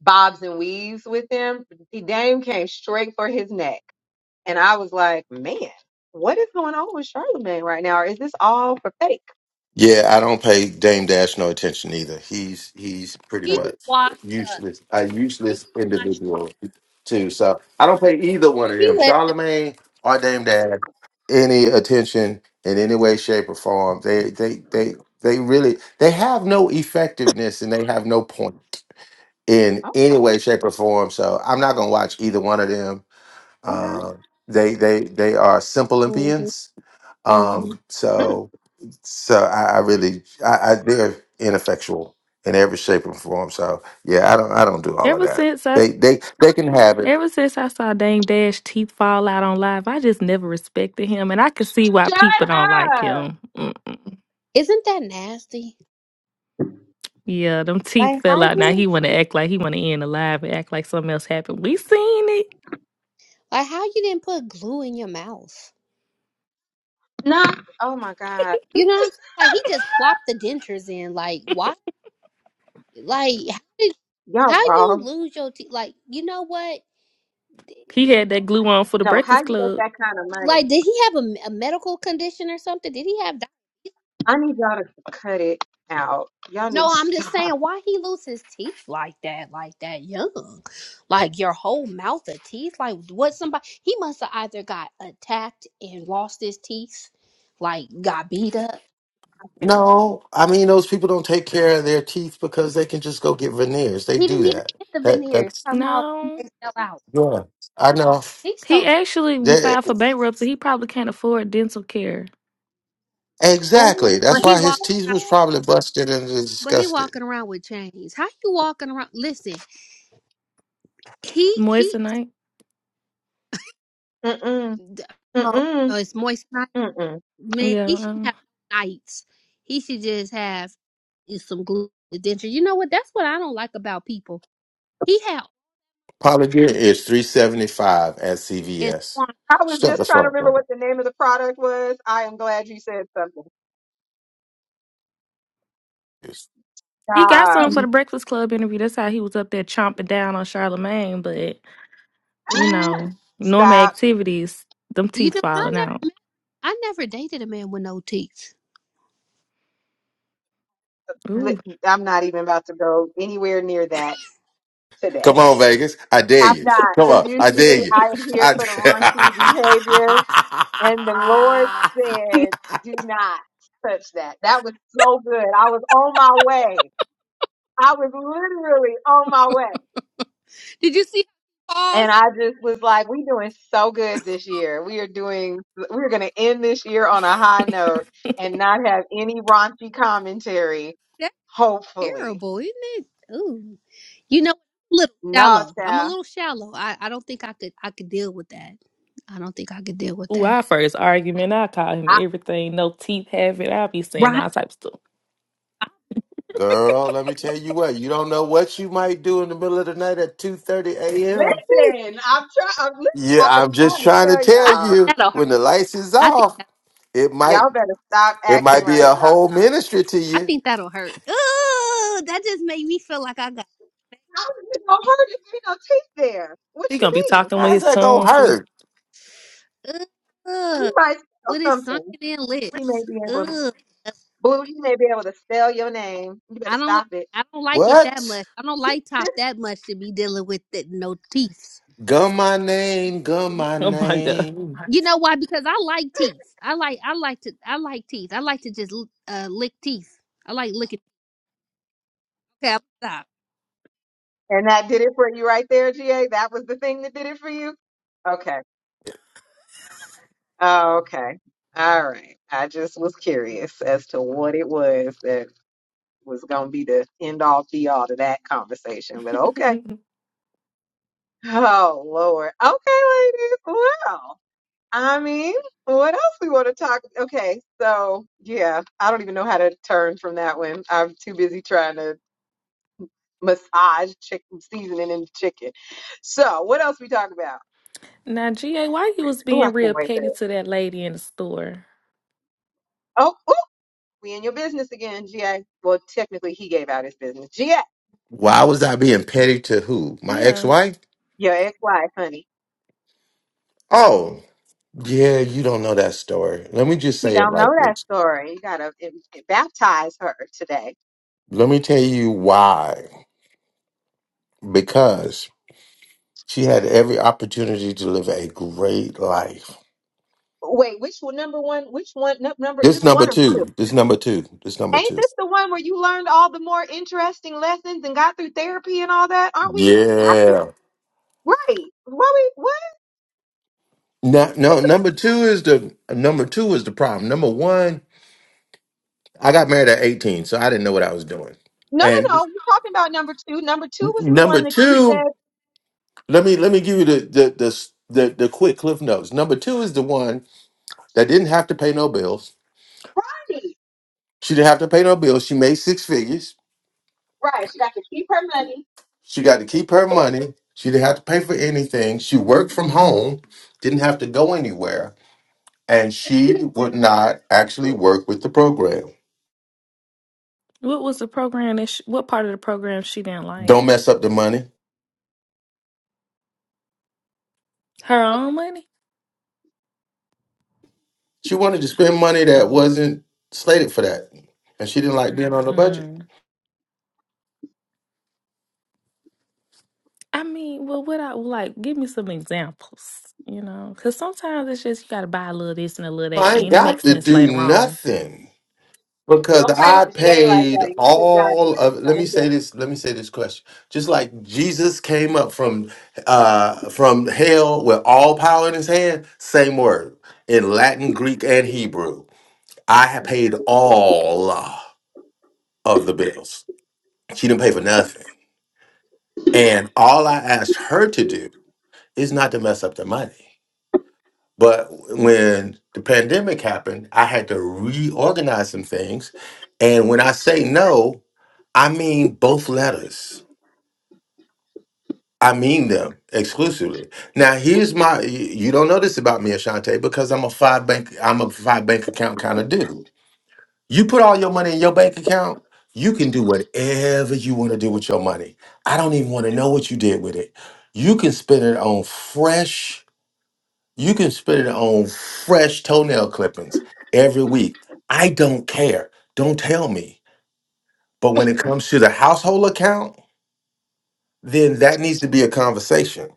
Speaker 9: bobs and weaves with them dame came straight for his neck and i was like man what is going on with charlemagne right now or is this all for fake
Speaker 1: yeah, I don't pay Dame Dash no attention either. He's he's pretty
Speaker 14: He's
Speaker 9: Hmm.
Speaker 1: much
Speaker 14: washed up.
Speaker 1: useless, a
Speaker 14: He's
Speaker 1: useless
Speaker 14: washed. Up.
Speaker 1: individual too. So I don't pay either one of
Speaker 14: He
Speaker 1: them,
Speaker 14: let.
Speaker 1: Charlemagne or Dame Dash, any attention in any way, shape, or form. They they they they really they have no effectiveness and they have no point in
Speaker 9: Oh,
Speaker 1: any way, shape, or form. So I'm not gonna watch either one of them
Speaker 9: okay.
Speaker 1: Uh, they they they are simple
Speaker 14: Mhm.
Speaker 1: Olympians. hmm Um, so so I, I really I, I they're ineffectual in every shape and form. So yeah, I don't I don't do all of
Speaker 8: Ever
Speaker 1: that.
Speaker 8: since I
Speaker 1: They they they can have it.
Speaker 8: Ever since I saw Dame Dash teeth fall out on live, I just never respected him, and I could see why
Speaker 9: Shut
Speaker 8: people don't like
Speaker 9: up.
Speaker 8: him. Mm-mm.
Speaker 14: Isn't that nasty?
Speaker 8: Yeah, them teeth
Speaker 14: Like how
Speaker 8: fell out. Now
Speaker 14: you,
Speaker 8: he want to act like he want to end the live and act like something else happened. We seen it.
Speaker 14: like how you didn't put glue in your mouth?
Speaker 9: No. Oh my God.
Speaker 14: You know what I'm saying? Like he just plopped the dentures in. Like why? Like
Speaker 9: Y'all
Speaker 14: how you
Speaker 9: wrong.
Speaker 14: lose your teeth? Like you know what?
Speaker 8: He had that glue on for the
Speaker 9: No, how
Speaker 8: Breakfast
Speaker 9: you make
Speaker 8: Club.
Speaker 9: that kind of
Speaker 14: Like
Speaker 9: money?
Speaker 14: did he have a, a medical condition or something? Did he have?
Speaker 9: I need y'all to cut it out. Y'all need
Speaker 14: No,
Speaker 9: to
Speaker 14: I'm just
Speaker 9: stop.
Speaker 14: saying why he lose his teeth like that, like that young, like your whole mouth of teeth. Like what somebody he must have either got attacked and lost his teeth, like got beat up.
Speaker 9: Okay.
Speaker 1: No, I mean those people don't take care of their teeth because they can just go get veneers. They
Speaker 14: He
Speaker 1: do
Speaker 14: didn't even
Speaker 1: that.
Speaker 14: get the
Speaker 1: That
Speaker 14: veneers.
Speaker 1: that's
Speaker 14: Somehow
Speaker 8: No,
Speaker 14: they fell out.
Speaker 1: yeah. I know.
Speaker 14: He's
Speaker 8: he
Speaker 14: so.
Speaker 8: actually
Speaker 1: They,
Speaker 8: filed for bankruptcy. He probably can't afford dental care.
Speaker 1: exactly. That's
Speaker 14: But
Speaker 9: Ooh.
Speaker 14: he
Speaker 1: why his
Speaker 14: walking
Speaker 1: teeth
Speaker 14: around.
Speaker 1: was probably busted and
Speaker 14: But he
Speaker 1: disgusted.
Speaker 14: walking around with chains. How you walking around? Listen, he he.
Speaker 8: Moissanite.
Speaker 9: Mm-mm.
Speaker 14: d- Oh,
Speaker 9: Mm-mm.
Speaker 14: oh, it's moist. huh?
Speaker 9: Mm-mm.
Speaker 14: Man,
Speaker 8: Yeah,
Speaker 14: he should have
Speaker 8: um,
Speaker 14: nights. He should just have is some glue denture. You know what? That's what I don't like about people. He had
Speaker 1: Polly Gear is three seventy five at
Speaker 14: and
Speaker 1: CVS.
Speaker 14: Swan,
Speaker 9: I was
Speaker 1: Shut
Speaker 9: just
Speaker 1: the
Speaker 9: trying to
Speaker 1: fuck
Speaker 9: remember
Speaker 1: up.
Speaker 9: what the name of the product was. I am glad you said something.
Speaker 8: he got
Speaker 9: Stop.
Speaker 8: some for
Speaker 14: you
Speaker 8: the Breakfast Club interview. That's how he was up there chomping down on Charlemagne, but. you
Speaker 14: ooh,
Speaker 8: know, normal
Speaker 9: Stop.
Speaker 8: activities, them
Speaker 14: you
Speaker 8: teeth
Speaker 14: know what? I
Speaker 8: falling
Speaker 14: never
Speaker 8: out.
Speaker 14: I never dated a man with no teeth.
Speaker 9: Li-
Speaker 8: Ooh.
Speaker 9: I'm not even about to go anywhere near that today.
Speaker 1: Come on, Vegas. I dare
Speaker 9: I'm
Speaker 1: you.
Speaker 9: not,
Speaker 1: Come
Speaker 9: because
Speaker 1: on. I dare
Speaker 9: usually
Speaker 1: you.
Speaker 9: I am here
Speaker 1: I
Speaker 9: for the raunchy behavior And the Lord said, do not touch that. That was so good. I was on my way. I was literally on my way.
Speaker 14: Did you see how
Speaker 9: And
Speaker 14: false?
Speaker 9: I just was like, we doing so good this year. We are doing, we're going to end this year on a high note and not have any raunchy commentary
Speaker 14: That's
Speaker 9: hopefully.
Speaker 14: terrible, isn't it? Ooh, you know, a little
Speaker 9: No,
Speaker 14: shallow. I'm a
Speaker 9: child.
Speaker 14: little shallow. I I don't think I could I could deal with that. I don't think I could deal with
Speaker 8: Ooh,
Speaker 14: that.
Speaker 8: our first argument, I call him
Speaker 9: I,
Speaker 8: everything, no teeth have it. I'll be saying
Speaker 14: Right?
Speaker 8: all types of stuff.
Speaker 1: Girl, let me tell you what. You don't know what you might do in the middle of the night at two thirty a.m.
Speaker 14: Ooh,
Speaker 9: listen, I'm trying. I'm, lis-
Speaker 1: Yeah,
Speaker 9: I- I'm
Speaker 1: I'm just
Speaker 9: trying to
Speaker 1: trying to
Speaker 9: tell
Speaker 14: I
Speaker 1: tell
Speaker 14: think
Speaker 9: y'all.
Speaker 1: you.
Speaker 14: that'll hurt.
Speaker 1: When the lights is
Speaker 14: I think.
Speaker 1: off, it
Speaker 9: Y'all
Speaker 1: might
Speaker 9: better stop
Speaker 1: it
Speaker 9: acting
Speaker 1: might be a
Speaker 9: right
Speaker 1: whole ministry to
Speaker 14: I
Speaker 1: you.
Speaker 14: think that'll hurt. Ooh, that just made me feel like I got
Speaker 9: How is it gonna hurt if there ain't no teeth there?
Speaker 8: He
Speaker 9: What you
Speaker 8: gonna be
Speaker 9: mean?
Speaker 8: talking with
Speaker 1: How's
Speaker 8: his
Speaker 1: that gonna
Speaker 8: tongue too.
Speaker 1: hurt?
Speaker 9: He
Speaker 14: ugh
Speaker 9: might steal
Speaker 14: with his
Speaker 9: something.
Speaker 14: sunken in
Speaker 9: He may
Speaker 14: lips.
Speaker 9: be able to
Speaker 14: Ugh,
Speaker 9: blue. He may be able to spell your name. You better
Speaker 14: I don't like.
Speaker 9: stop it.
Speaker 14: I don't like it that
Speaker 1: What?
Speaker 14: much. I don't like top that much to be dealing with the, no teeth.
Speaker 1: Gun my name, gun my
Speaker 8: Oh my god.
Speaker 1: name.
Speaker 14: You know why? Because I like teeth. I like. I like to. I like teeth. I like to just uh, lick teeth. I like licking. Okay, i stop.
Speaker 9: and that did it for you right there, GA. That was the thing that did it for you. Okay. Oh, okay. All right. I just was curious as to what it was that was gonna be the end all be all to that conversation, but okay. Oh Lord. Okay, ladies. Wow. I mean, what else we want to talk? Okay, so yeah, I don't even know how to turn from that one. I'm too busy trying to massage chicken seasoning in the chicken. So what else we talk about?
Speaker 8: now GA, why you was
Speaker 9: Oh, I
Speaker 8: being
Speaker 9: can't
Speaker 8: real
Speaker 9: wait for
Speaker 8: petty
Speaker 9: this.
Speaker 8: to that lady in the store?
Speaker 9: Oh, oh, we in your business again, GA. Well, technically, he gave out his business. GA,
Speaker 1: Why was I being petty to who? My
Speaker 8: Yeah.
Speaker 1: ex-wife?
Speaker 9: your ex-wife, honey.
Speaker 1: Oh, yeah, you don't know that story. Let me just
Speaker 9: She
Speaker 1: say it
Speaker 9: don't know
Speaker 1: like
Speaker 9: that
Speaker 1: this.
Speaker 9: story. You gotta eh, baptize her today.
Speaker 1: Let me tell you why. Because she had every opportunity to live a great life.
Speaker 9: Wait, which one? Number one? Which one? nu- Number is
Speaker 1: This
Speaker 9: this
Speaker 1: number
Speaker 9: one or two?
Speaker 1: two. This number two. This number
Speaker 9: Ain't
Speaker 1: two.
Speaker 9: this the one where you learned all the more interesting lessons and got through therapy and all that? Aren't we have to
Speaker 1: Yeah.
Speaker 9: right? What we what?
Speaker 1: No, no, number two is the number two is the problem. Number one I got married at 18, so I didn't know what I was doing.
Speaker 9: No, no,
Speaker 1: And
Speaker 9: no. We're talking about number two. Number two was the
Speaker 1: number
Speaker 9: one that you said
Speaker 1: two, let me let me give you the the the the, the quick cliff notes. Number two is the one that didn't have to pay no bills.
Speaker 9: money.
Speaker 1: She didn't have to pay no bills. She made six figures.
Speaker 9: Right. She got to keep her money.
Speaker 1: She got to keep her money. She didn't have to pay for anything. She worked from home, didn't have to go anywhere, and
Speaker 9: You
Speaker 1: she
Speaker 9: didn't give
Speaker 1: would not
Speaker 9: her
Speaker 1: actually
Speaker 9: food.
Speaker 1: work with the program.
Speaker 8: What was the program that she, what part of the program she didn't like?
Speaker 1: Don't mess up the money.
Speaker 8: Her own money?
Speaker 1: She wanted to spend money that
Speaker 8: Oh.
Speaker 1: wasn't slated for that, and she didn't like being on the budget.
Speaker 8: I mean, well, what I like, give me some examples, you know, because sometimes it's just you got to buy a little this and a little that,
Speaker 1: I ain't
Speaker 8: and it
Speaker 1: got
Speaker 8: makes
Speaker 1: to
Speaker 8: sense
Speaker 1: do
Speaker 8: later on.
Speaker 1: nothing because
Speaker 9: Don't play
Speaker 1: I
Speaker 9: with GA like
Speaker 1: paid
Speaker 9: that. You just got
Speaker 1: all
Speaker 9: here.
Speaker 1: of. Let me
Speaker 9: Don't get-
Speaker 1: say this. Let me say this question. Just like Jesus came up from uh, from hell with all power in his hand, same word in Latin, Greek, and Hebrew. I have paid all of the bills. She didn't pay for nothing, and all I asked her to do is not to mess up the money. But when the pandemic happened, I had to reorganize some things. And when I say no, I mean both letters. I mean them exclusively. Now here's my y- you don't know this about me, Ashante, because I'm a five bank, I'm a five bank account kind of dude. You put all your money in your bank account, you can do whatever you want to do with your money. I don't even want to know what you did with it. You can spend it on fresh You can spend it on fresh toenail clippings every week. I don't care. Don't tell me. But when it comes to the household account, then that needs to be a conversation.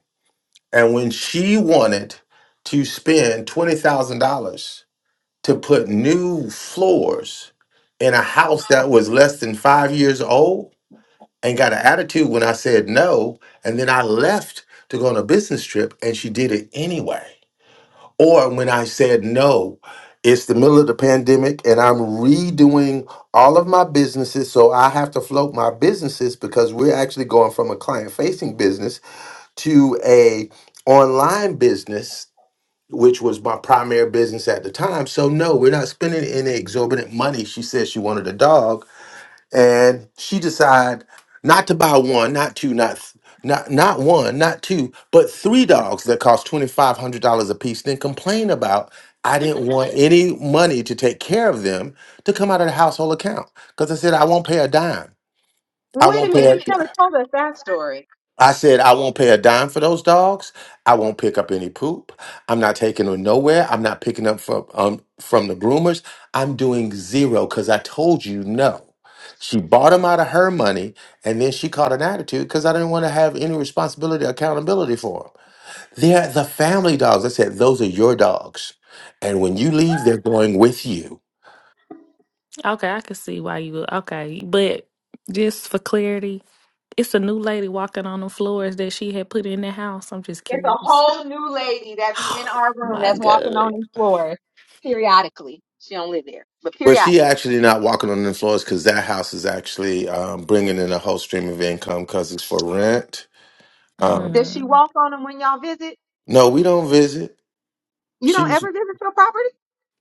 Speaker 1: And when she wanted to spend $20,000 to put new floors in a
Speaker 9: Oh,
Speaker 1: house that was less than five years old and got an attitude when I said no, and then I left to go on a business trip and she did it anyway. Or when I said no, it's the middle of the pandemic and I'm redoing all of my businesses. So I have to float my businesses because we're actually going from a client facing business to a online business, which was my primary business at the time. So no, we're not spending any exorbitant money. She said she wanted a dog and she decided not to buy one, not two, not th- not not one, not two, but three dogs that cost twenty five hundred dollars a piece. Then complain about I didn't want any money to take care of them to come out of the household account because I said I won't pay a dime. I
Speaker 9: Wait a
Speaker 1: won't
Speaker 9: minute.
Speaker 1: pay.
Speaker 9: You never told us that story.
Speaker 1: I said, I won't pay a dime for those dogs. I won't pick up any poop. I'm not taking them nowhere. I'm not picking up from um, from the groomers. I'm doing zero because I told you no. She bought them out of her money, and then she caught an attitude because I didn't want to have any responsibility, accountability for them. They're the family dogs. I said, those are your dogs, and when you leave, they're going with you.
Speaker 8: Okay, I can see why you would. Okay, but just for clarity, it's a new lady walking on the floors that she had put in the house. I'm just
Speaker 9: It's a
Speaker 8: curious.
Speaker 9: whole new lady that be in our
Speaker 8: Oh
Speaker 9: room
Speaker 8: my
Speaker 9: that's walking on
Speaker 8: God.
Speaker 9: these floors periodically. She don't live there, but
Speaker 1: Well,
Speaker 9: periodically.
Speaker 1: she actually not walking on the floors because that house is actually um, bringing in a whole stream of income because it's for rent. Um,
Speaker 9: Does she
Speaker 8: Mm,
Speaker 9: walk on them when y'all visit?
Speaker 1: No, we don't visit.
Speaker 9: You don't
Speaker 1: She's
Speaker 9: ever visit your property?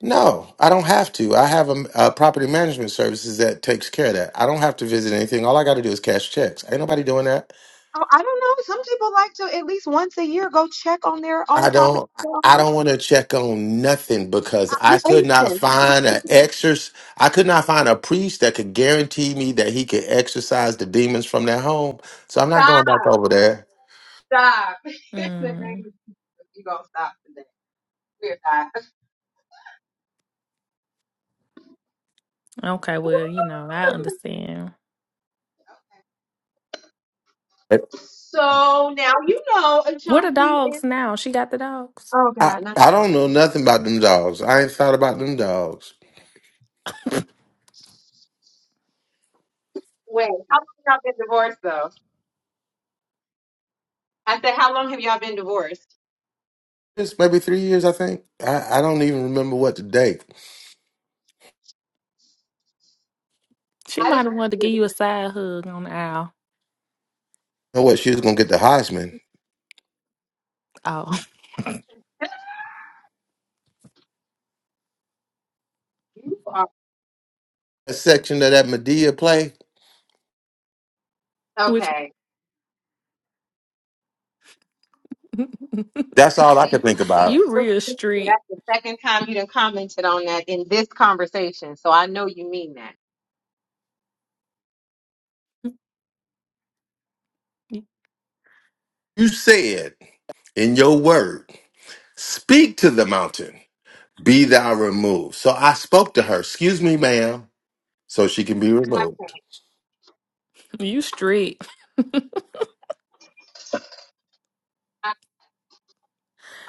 Speaker 1: no, I don't have to. I have a, a property management services that takes care of that. I don't have to visit anything. All I got to do is cash checks. Ain't nobody doing that.
Speaker 9: Oh, I don't know. Some people like to at least once a year go check on their own
Speaker 1: I
Speaker 9: property.
Speaker 1: don't.
Speaker 9: I don't
Speaker 1: I
Speaker 9: know.
Speaker 1: don't want to check on nothing because
Speaker 9: I-
Speaker 1: I
Speaker 9: I-
Speaker 1: could not find an exorc. I could not find a priest that could guarantee me that he could exorcise the demons from their home. So I'm not
Speaker 9: Stop,
Speaker 1: going back over there.
Speaker 9: stop. In the name
Speaker 8: mm.
Speaker 9: is you gonna stop today. We're not.
Speaker 8: Okay, well, you know, I understand.
Speaker 9: So now you know uh,
Speaker 8: What are
Speaker 9: Chauncey is
Speaker 8: dogs now? She got the dogs.
Speaker 9: Oh
Speaker 1: I,
Speaker 9: God, not the
Speaker 1: I don't
Speaker 9: dog.
Speaker 1: know nothing about them dogs. I ain't thought about them dogs.
Speaker 9: Wait, how long have y'all been divorced though? I said, how long have y'all been divorced?
Speaker 1: It's maybe three years, I think. I, I don't even remember what the date.
Speaker 8: She
Speaker 9: I
Speaker 8: might
Speaker 9: just
Speaker 8: have
Speaker 9: was
Speaker 8: wanted to give
Speaker 9: curious.
Speaker 8: you a side hug on the aisle.
Speaker 1: know what? She was gonna get the Heisman.
Speaker 8: Oh,
Speaker 9: You are
Speaker 1: That section of that Medea play.
Speaker 8: which
Speaker 9: okay.
Speaker 1: That's all I could think
Speaker 9: I see
Speaker 1: about.
Speaker 8: you
Speaker 9: you.
Speaker 8: real street.
Speaker 9: That's the second time you done commented on that in this conversation, so I know you mean that.
Speaker 1: You said in your word, "Speak to the mountain, be thou removed." So I spoke to her. Excuse me, ma'am, so she can be removed.
Speaker 8: You street.
Speaker 9: I-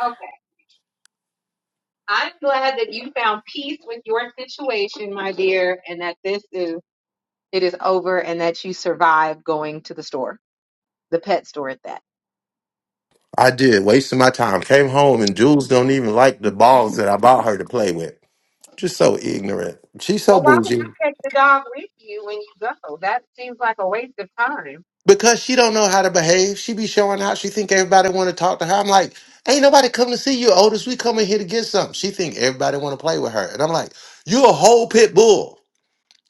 Speaker 9: Okay. I'm glad that you found peace with your situation, my dear, and that this is it is over and that you survived going to the store, the pet store at that.
Speaker 1: I did, wasting my time. Came home and Jules don't even like the balls that I bought her to play with. Just so ignorant. She's so
Speaker 9: Well, why would
Speaker 1: bougie.
Speaker 9: you take the dog with you when you go? That seems like a waste of time.
Speaker 1: because she don't know how to behave. She be showing out. She think everybody want to talk to her. I'm like, ain't nobody come to see you, Otis. We coming here to get something. She think everybody want to play with her, and I'm like, you a whole pit bull.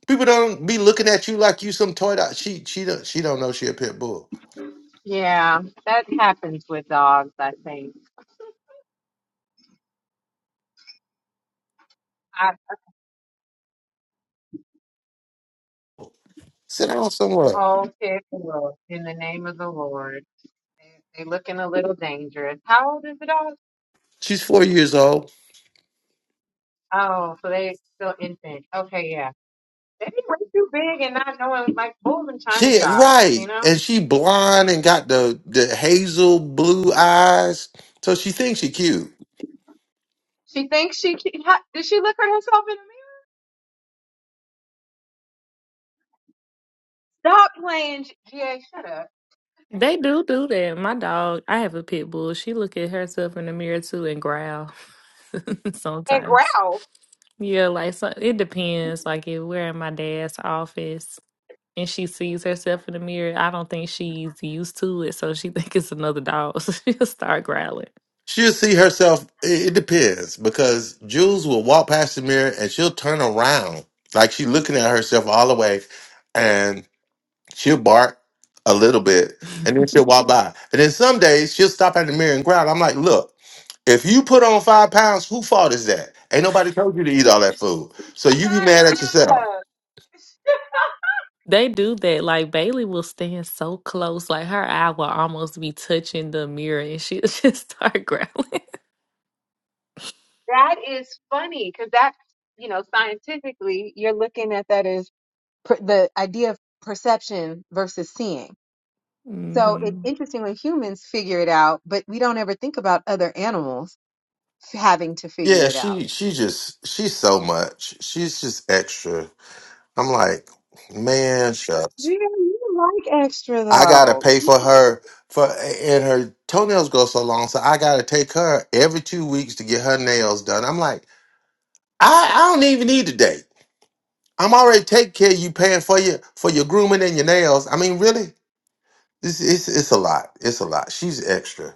Speaker 1: People don't be looking at you like you some toy. Dog. She she don't she don't know she a pit bull.
Speaker 9: Yeah, that happens with dogs, I think. I
Speaker 1: Sit down somewhere.
Speaker 9: whole kid world in the name of the Lord. They, they looking a little dangerous. How old is the dog?
Speaker 1: She's four years old.
Speaker 9: Oh, so they still infant. Okay, yeah. Maybe way too big and not knowing, like bull in china
Speaker 1: She
Speaker 9: shop. You
Speaker 1: right,
Speaker 9: know,
Speaker 1: and she blonde and got the the hazel blue eyes. So she thinks she cute.
Speaker 9: she thinks she can- ha- did. She look at herself in the mirror. Stop playing, GA. Shut up
Speaker 8: They do do that. My dog, I have a pit bull. She look at herself in the mirror too and growl
Speaker 9: and
Speaker 8: sometimes.
Speaker 9: growl.
Speaker 8: Yeah, like so it depends. Like if we're in my dad's office and she sees herself in the mirror, I don't think she's used to it, so she think it's another dog. So she'll start growling.
Speaker 1: She'll see herself. It it depends because Jules will walk past the mirror and she'll turn around like she's looking at herself all the way, and she'll bark a little bit, and then she'll walk by. And then some days she'll stop at the mirror and growl. I'm like, look, if you put on five pounds, who fault is that? Ain't nobody told you to eat all that food, so you be mad
Speaker 9: Shut
Speaker 1: at yourself.
Speaker 9: up.
Speaker 8: they do that. Like Bailey will stand so close, like her eye will almost be touching the mirror, and she'll just start growling.
Speaker 9: That is funny because that, you know, scientifically, you're looking at that as per- the idea of perception versus seeing. So it's
Speaker 8: hmm
Speaker 9: interesting when humans figure it out, but we don't ever think about other animals having to figure
Speaker 1: Yeah,
Speaker 9: it out.
Speaker 1: she she just she's so much. She's just extra. I'm like, man, shucks.
Speaker 9: Yeah, you like extra
Speaker 1: I gotta
Speaker 9: though.
Speaker 1: pay for her for and her toenails go so long, so I gotta take her every two weeks to get her nails done. I'm like, I, I don't even need a date. I'm already taking care of you paying for your for your grooming and your nails. I mean, really? This it's it's a lot. It's a lot. She's extra.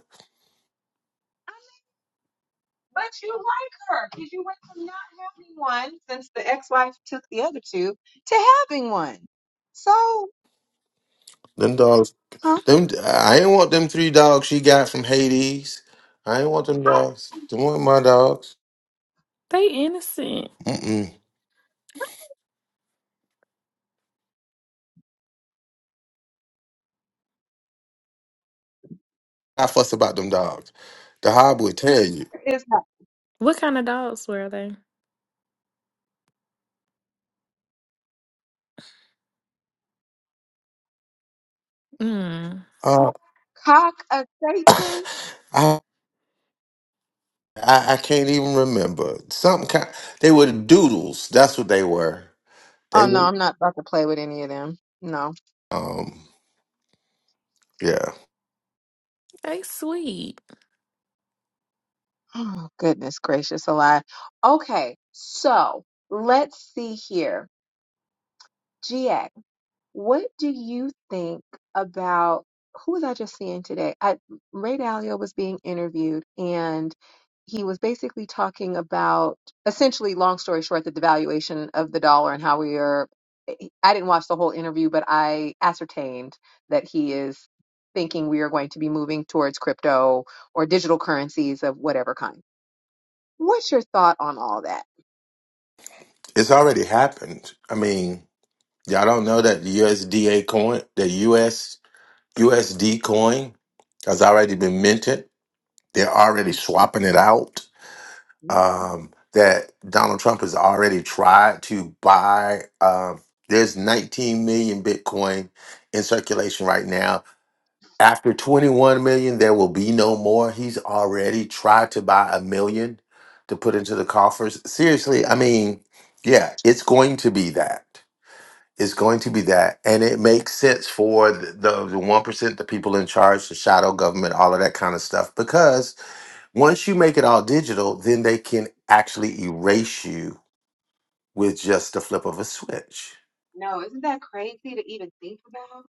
Speaker 9: But you like her because you went from not having one since the ex-wife took the other two to having one. So,
Speaker 1: Them dogs
Speaker 9: huh?
Speaker 1: them I ain't want them three dogs she got from Hades. I ain't want them
Speaker 9: I,
Speaker 1: dogs. Them weren't my dogs.
Speaker 8: They innocent.
Speaker 1: Mm-mm. I fuss about them dogs. The hob would tell you.
Speaker 9: is that
Speaker 8: What kind of dogs were they? Mm,
Speaker 1: Uh,
Speaker 9: cock of Satan?
Speaker 1: I I, I can't even remember. Some kind they were doodles. That's what they were.
Speaker 9: Oh
Speaker 1: They
Speaker 9: no,
Speaker 1: were
Speaker 9: I'm not about to play with any of them. No.
Speaker 1: um yeah.
Speaker 8: they sweet.
Speaker 9: Oh, goodness gracious alive. Okay, so let's see here. GA. What do you think about who was I just seeing today? I, Ray Dalio was being interviewed, and he was basically talking about essentially, long story short, the devaluation of the dollar and how we are. I didn't watch the whole interview, but I ascertained that he is thinking we are going to be moving towards crypto or digital currencies of whatever kind. What's your thought on all that?
Speaker 1: It's already happened. I mean, y'all don't know that the USDA coin, the US USD coin has already been minted. They're already swapping it out.
Speaker 9: Mhm.
Speaker 1: Um that Donald Trump has already tried to buy um there's 19 million Bitcoin in circulation right now After 21 million, there will be no more. He's already tried to buy a million to put into the coffers. Seriously, I mean, yeah, it's going to be that. It's going to be that. And it makes sense for the, the, the 1%, the people in charge, the shadow government, all of that kind of stuff. Because once you make it all digital, then they can actually erase you with just the flip of a switch.
Speaker 9: No, isn't that crazy to even think about?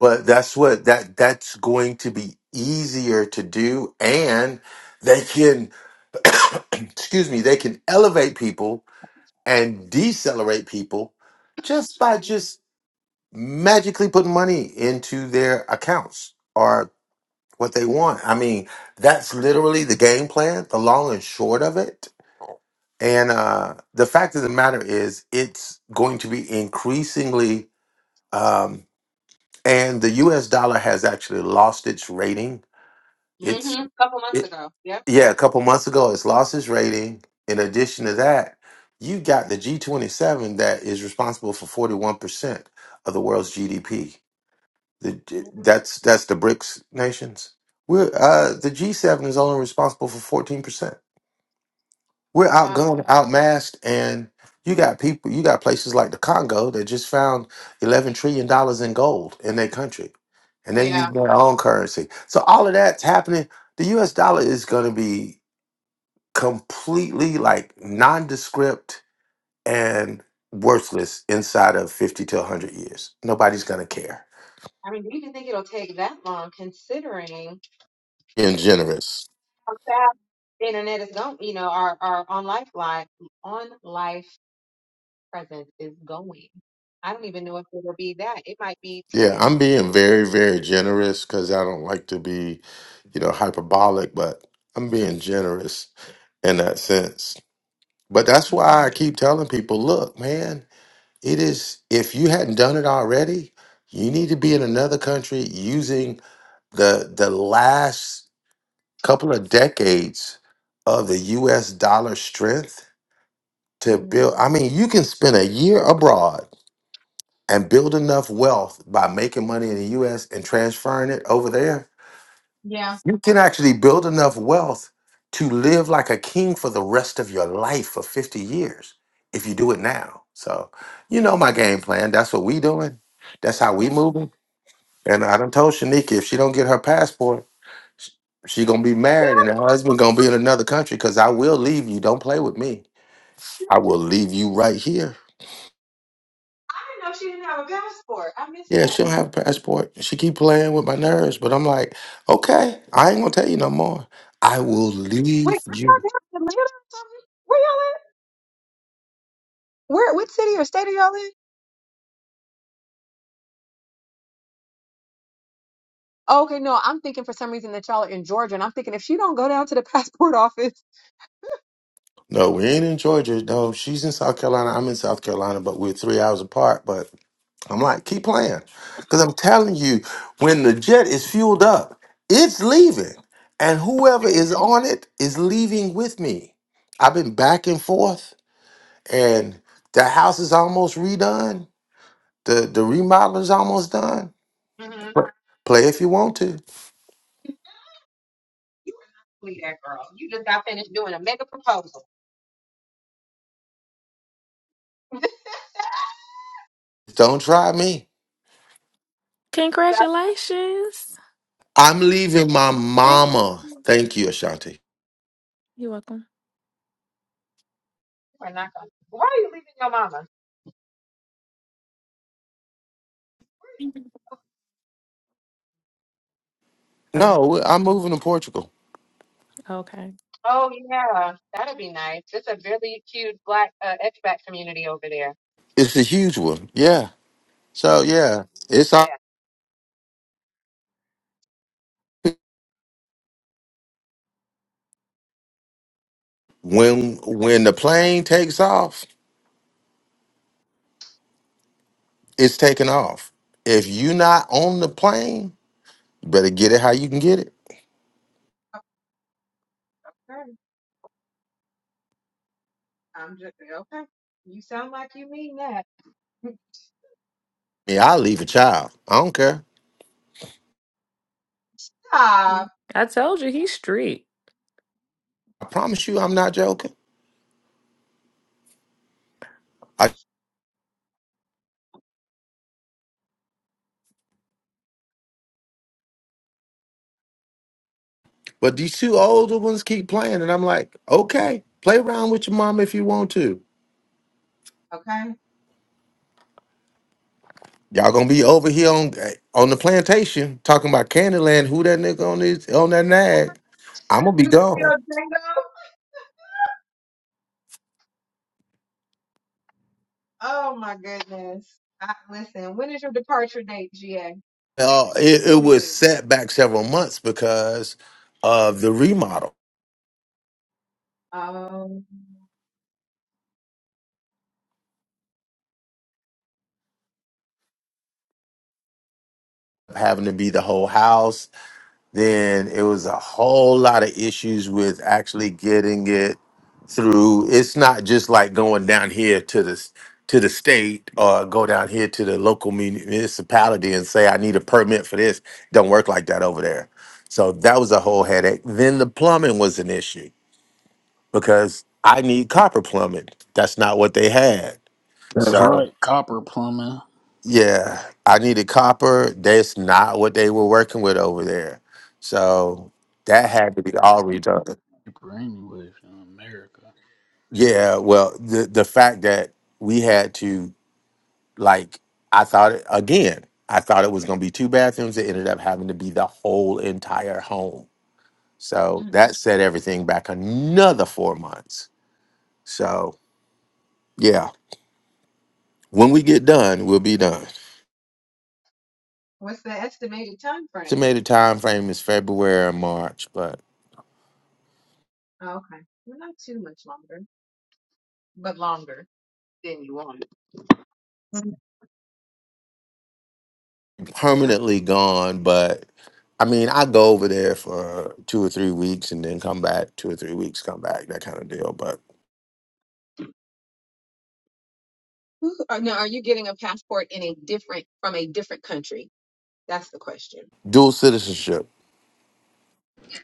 Speaker 1: But that's what that that's going to be easier to do and they can excuse me, they can elevate people and decelerate people just by just magically putting money into their accounts or what they want. I mean, that's literally the game plan, the long and short of it. And uh, the fact of the matter is, it's going to be increasingly, um, and the US dollar has actually lost its rating.
Speaker 9: hmm
Speaker 1: It's
Speaker 9: A couple months ago. Yep.
Speaker 1: yeah, a couple months ago, it's lost its rating. In addition to that, you got the G27 that is responsible for 41% of the world's GDP. The, that's that's the BRICS nations. We're uh, the G7 is only responsible for 14%. We're
Speaker 9: Yeah,
Speaker 1: outgunned, outmassed, and you got people. You got places like the Congo that just found 11 trillion dollars in gold in their country, and they use
Speaker 9: yeah.
Speaker 1: their own currency. So all of that's happening. The U.S. dollar is going to be completely like nondescript and worthless inside of 50 to 100 years. Nobody's going to care.
Speaker 9: I mean, do you even think it'll take that long considering
Speaker 1: And generous.
Speaker 9: how fast the internet is going, you know, our, our on life life on life presence is going. I don't even know if it'll be that. It might be
Speaker 1: Yeah,
Speaker 9: 10.
Speaker 1: I'm being very, very generous because I don't like to be, you know, hyperbolic, but I'm being generous in that sense. But that's why I keep telling people look, man, it is, if you hadn't done it already, you need to be in another country using the the last couple of decades of the US dollar strength to
Speaker 9: Mhm.
Speaker 1: build. I mean, you can spend a year abroad and build enough wealth by making money in the US and transferring it over there.
Speaker 9: Yeah.
Speaker 1: You can actually build enough wealth to live like a king for the rest of your life for 50 years if you do it now. So, you know my game plan. That's what we doing. That's how we
Speaker 9: Yeah.
Speaker 1: moving. And I done told Shanika if she don't get her passport, Sh- She gonna be married, and her husband gonna be in another country. Cause I will leave you. Don't play with me.
Speaker 9: Sure.
Speaker 1: I will leave you right here.
Speaker 9: I didn't know she didn't have a passport. I missed
Speaker 1: Yeah,
Speaker 9: that.
Speaker 1: she don't have a passport. She keep playing with my nerves, but I'm like, okay, I ain't gonna tell you no more. I will
Speaker 9: Wait,
Speaker 1: leave
Speaker 9: I thought
Speaker 1: you.
Speaker 9: that was Atlanta or something. Where y'all at? Where, what city or state are y'all in? Oh, okay, no, I'm thinking for some reason that y'all are in Georgia, and I'm thinking if she don't go down to the passport office,
Speaker 1: No, we ain't in Georgia. No, she's in South Carolina. I'm in South Carolina, but we're three hours apart. But. I'm like, keep playing. Because I'm telling you, when the jet is fueled up, it's leaving. And whoever is on it is leaving with me. I've been back and forth, and the house is almost redone. The the remodel is almost done.
Speaker 9: Mm-hmm.
Speaker 1: Pl- Play if you want to.
Speaker 9: Leave that girl. You just got finished doing a mega proposal.
Speaker 1: Don't try me.
Speaker 9: That's
Speaker 8: Congratulations.
Speaker 1: I'm leaving my
Speaker 8: Thank
Speaker 1: mama.
Speaker 8: you.
Speaker 1: Thank you, Ashanti.
Speaker 8: You're welcome.
Speaker 9: we're not gonna. Why are you leaving your mama?
Speaker 8: Hello.
Speaker 1: No, I'm moving to Portugal.
Speaker 8: Okay.
Speaker 9: Oh yeah, that'd be nice. It's a really cute black uh, expat community over there.
Speaker 1: It's a huge one. Yeah. So yeah, it's
Speaker 9: Yeah.
Speaker 1: all. when when the
Speaker 9: Okay.
Speaker 1: plane takes off, it's taking off. If you're not on the plane, you better get it how you can get it.
Speaker 9: okay. I'm just okay. You sound like you mean that.
Speaker 1: Yeah, I'll leave a child. I don't care.
Speaker 9: Stop.
Speaker 8: Mm. I told you he's strict.
Speaker 1: I promise you, I'm not joking. I, but these two older ones keep playing, and I'm like, okay, play around with your mom if you want to.
Speaker 9: Okay.
Speaker 1: Y'all gonna be over here on on the plantation talking about Candyland. Who that nigga on his on that nag? I'm gonna be
Speaker 9: This is your
Speaker 1: gone.
Speaker 9: Django. Oh my goodness. I, listen. When is your departure date, GA?
Speaker 1: Uh, it,
Speaker 9: When
Speaker 1: it
Speaker 9: we
Speaker 1: was
Speaker 9: leave?
Speaker 1: set back several months because of the remodel
Speaker 9: Um,
Speaker 1: having to be the whole house. Then it was a whole lot of issues with actually getting it through. It's not just like going down here to the to the state or go down here to the local muni- municipality and say I need a permit for this. Don't work like that over there. So that was a whole headache. Then the plumbing was an issue because I need copper plumbing. That's not what they had.
Speaker 13: That's
Speaker 1: So
Speaker 13: right. Copper plumbing.
Speaker 1: Yeah, I needed copper. That's not what they were working with over there. So that had to be all redone.
Speaker 13: Brainwaves in America.
Speaker 1: Yeah, well, the the fact that we had to like, I thought it, again, I thought it was going to be two bathrooms. It ended up having to be the whole entire home. So
Speaker 9: mm,
Speaker 1: that set everything back another four months. So yeah, when we get done, we'll be done.
Speaker 9: what's the estimated time frame?
Speaker 1: Estimated time frame is February or March, but
Speaker 9: Oh, okay, well, not too much longer, but longer than you want. Yeah.
Speaker 1: permanently gone, but I mean, I go over there for two or three weeks and then come back, two or three weeks, come back, that kind of deal. But
Speaker 9: Or no, are you getting a passport in a different from a different country? That's the question.
Speaker 1: dual citizenship,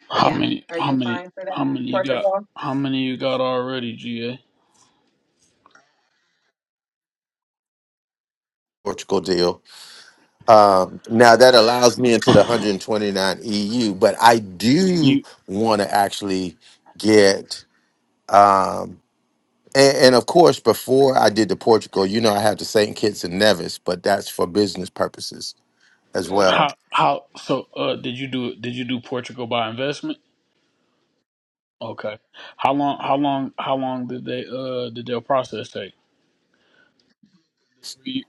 Speaker 13: How
Speaker 9: Yeah.
Speaker 13: many?
Speaker 9: Are
Speaker 13: How
Speaker 9: you
Speaker 13: many?
Speaker 9: applying for that?
Speaker 13: How many
Speaker 9: in
Speaker 13: you got?
Speaker 9: Portugal.
Speaker 13: How many you got already, GA?
Speaker 1: Portugal deal. Um, now that allows me into the 129 EU, but I do
Speaker 13: You
Speaker 1: want to actually get, um, and, and of course, before I did the Portugal, you know, I had the St. Kitts and Nevis, but that's for business purposes as
Speaker 9: hmm
Speaker 1: well.
Speaker 13: how how so? Uh, did you do did you do Portugal by investment? Okay. How long? How long? How long did they uh did your process take? Three-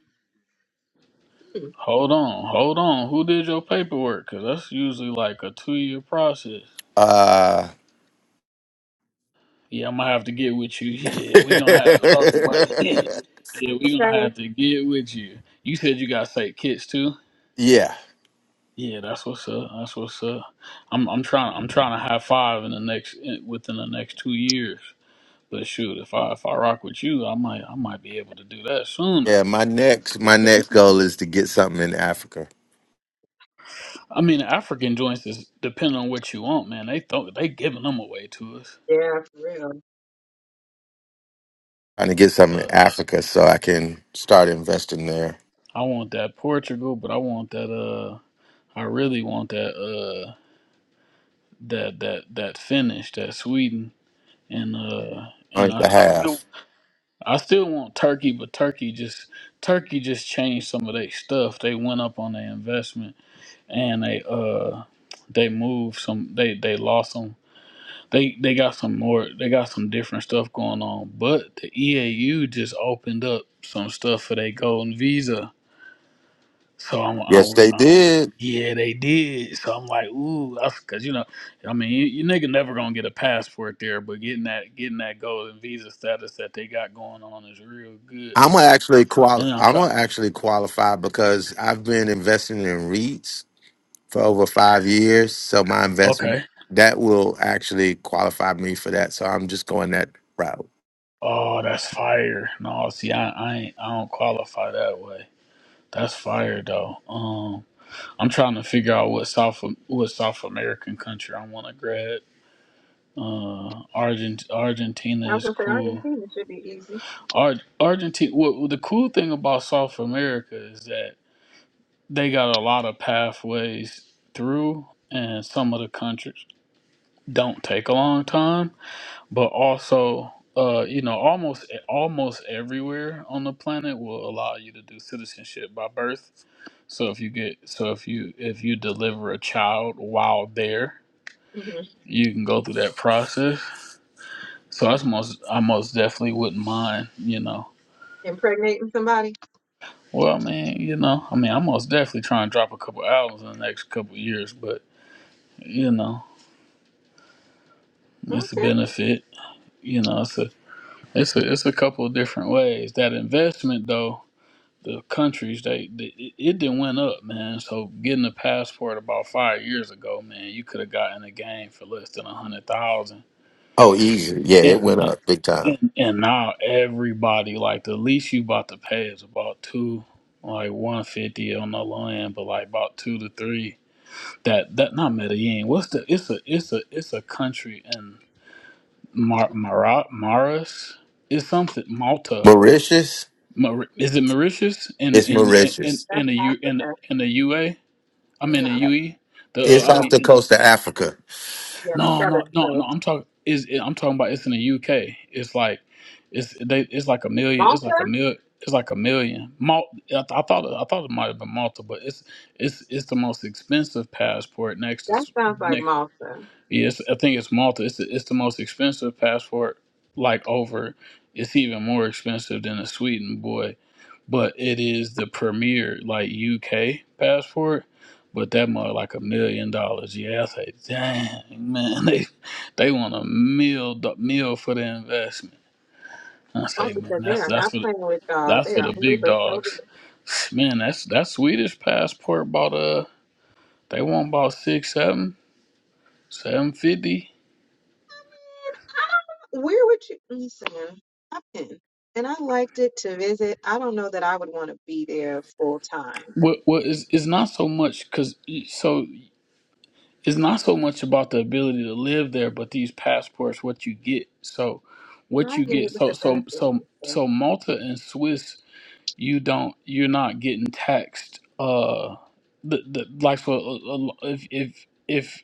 Speaker 9: Hmm.
Speaker 13: Hold on, hold on. Who did your paperwork? Cause that's usually like a two year process.
Speaker 1: Uh,
Speaker 13: Yeah, I'm gonna have to get with you. Yeah, we gonna have to talk about it. yeah, we gonna have
Speaker 9: Okay.
Speaker 13: to get with you. You said you got sick kids too.
Speaker 1: yeah,
Speaker 13: Yeah, that's what's up. That's what's up. I'm I'm trying I'm trying to have five in the next in- within the next two years. But shoot, if I if I rock with you, I might I might be able to do that sooner.
Speaker 1: Yeah, my next my next goal is to get something in Africa.
Speaker 13: I mean, African joints is depend on what you want, man. They thought they giving them away to us.
Speaker 9: Yeah, for real.
Speaker 1: I need to get something in
Speaker 13: The,
Speaker 1: Africa so I can start investing there.
Speaker 13: I want that Portugal, but I want that. Uh, I really want that. Uh, that that that Finnish, that Sweden, and uh, and
Speaker 1: On the
Speaker 13: I, I still
Speaker 1: half.
Speaker 13: I still want Turkey, but Turkey just Turkey just changed some of their stuff. They went up on their investment and they uh they moved some. They they lost 'em They they got some more. They got some different stuff going on. But the EAU just opened up some stuff for their golden visa. So I'm, I,
Speaker 1: Yes,
Speaker 13: wor-
Speaker 1: they
Speaker 13: I'm
Speaker 1: did.
Speaker 13: yeah, they did. So I'm like, ooh, that's because you know, I mean, you, you nigga never gonna get a passport there, but getting that getting that golden visa status that they got going on is real good.
Speaker 1: I'm gonna actually quali-
Speaker 13: And I'm
Speaker 1: I'm
Speaker 13: trying.
Speaker 1: gonna actually qualify because I've been investing in REITs for over five years. So my
Speaker 13: Okay.
Speaker 1: investment that will actually qualify me for that. So I'm just going that route.
Speaker 13: Oh, that's fire. No, see, I I, ain't, I don't qualify that way. That's fire though. Um, I'm trying to figure out what South what South American country I want to grab. Uh, Argent Argentina
Speaker 9: I was
Speaker 13: is
Speaker 9: gonna say
Speaker 13: cool.
Speaker 9: Argentina should be easy.
Speaker 13: Ar- Argentina. What what the cool thing about South America is that they got a lot of pathways through, and some of the countries don't take a long time. But also, uh, you know, almost almost everywhere on the planet will allow you to do citizenship by birth. So if you get so if you if you deliver a child while there you can go through that process. So I most I most definitely wouldn't mind, you know.
Speaker 9: Impregnating somebody?
Speaker 13: Well, I mean, you know, I mean, I'm most definitely trying to drop a couple albums in the next couple years, but you know, it's a
Speaker 9: Okay.
Speaker 13: benefit. You know, it's a it's a it's a couple of different ways. That investment though, the countries they, they it, it didn't went up, man. So getting a passport about five years ago, man, you could have gotten a game for less than a hundred thousand.
Speaker 1: Oh, easy. Yeah, it
Speaker 13: And
Speaker 1: went up big time.
Speaker 13: And and now everybody like the least you about to pay is about two, like one fifty on the low end, but like about two to three. That that not Medellin. What's the? It's a it's a it's a country in Mar Mara Maris. It's something Malta.
Speaker 1: Mauritius,
Speaker 13: Mar, is it Mauritius in
Speaker 1: it's
Speaker 13: in in
Speaker 1: Mauritius.
Speaker 9: That's
Speaker 13: in the U in
Speaker 9: Africa.
Speaker 13: in the UA? I mean in
Speaker 9: No,
Speaker 13: UE. The
Speaker 1: It's
Speaker 13: uh, I
Speaker 1: off
Speaker 9: no.
Speaker 13: mean
Speaker 1: the
Speaker 13: in
Speaker 1: coast of Africa.
Speaker 9: Yes,
Speaker 13: No, no,
Speaker 9: Southern
Speaker 13: no, no.
Speaker 9: So
Speaker 13: I'm talking is I'm talking about it's in the UK. It's like it's they it's like a million.
Speaker 9: Malta?
Speaker 13: It's like a mil. It's like a million. Mal- I, th- I thought I thought it might have been Malta, but it's it's it's the most expensive passport next to
Speaker 9: That
Speaker 13: s-
Speaker 9: sounds like
Speaker 13: next.
Speaker 9: Malta.
Speaker 13: Yes, I think it's Malta. It's the, it's the most expensive passport. Like over, it's even more expensive than a Sweden boy but it is the premier like UK passport. But that mother like a million dollars. Yeah, I say, dang man, they they want a meal do- meal for the investment. I say,
Speaker 9: Malta
Speaker 13: man,
Speaker 9: said they
Speaker 13: that's
Speaker 9: are
Speaker 13: that's
Speaker 9: not
Speaker 13: for
Speaker 9: playing with y'all. They
Speaker 13: that's for
Speaker 9: are
Speaker 13: the
Speaker 9: only
Speaker 13: big
Speaker 9: bestowing.
Speaker 13: dogs. Man, that's that Swedish passport bought uh they want about six seven seven fifty.
Speaker 9: Where would you listen? I've been. And I liked it to visit. I don't know that I would want to be there full time.
Speaker 13: What what is it's not so much because so it's not so much about the ability to live there, but these passports, what you get. So,
Speaker 9: So
Speaker 13: what
Speaker 9: I
Speaker 13: you
Speaker 9: get
Speaker 13: get.
Speaker 9: it with
Speaker 13: So,
Speaker 9: the
Speaker 13: so,
Speaker 9: benefits
Speaker 13: so,
Speaker 9: and
Speaker 13: so Malta and Swiss, you don't, you're not getting taxed. Uh, the, the like for a- a- if if if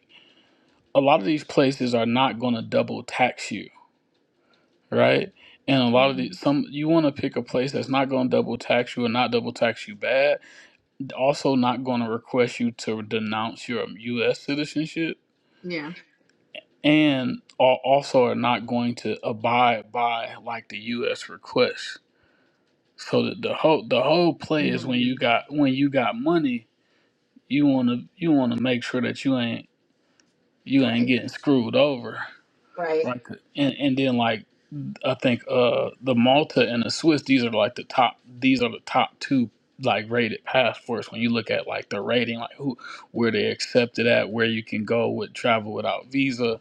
Speaker 13: a lot of these places are not going to double tax you, right? And a
Speaker 9: stuff.
Speaker 13: lot of
Speaker 9: hmm
Speaker 13: these, some you want to pick a place that's not going to double tax you and not double tax you bad. Also, not going to request you to denounce your U.S. citizenship
Speaker 9: Yeah.
Speaker 13: and are also are not going to abide by like the U.S. request. So that the whole the whole play is when you
Speaker 9: Mhm.
Speaker 13: got when you got money, you wanna you wanna make sure that you ain't you ain't
Speaker 9: Right,
Speaker 13: getting screwed over,
Speaker 9: right.
Speaker 13: right? And and then like I think uh the Malta and the Swiss these are like the top these are the top two like rated passports when you look at like the rating like who where they accepted at where you can go with travel without visa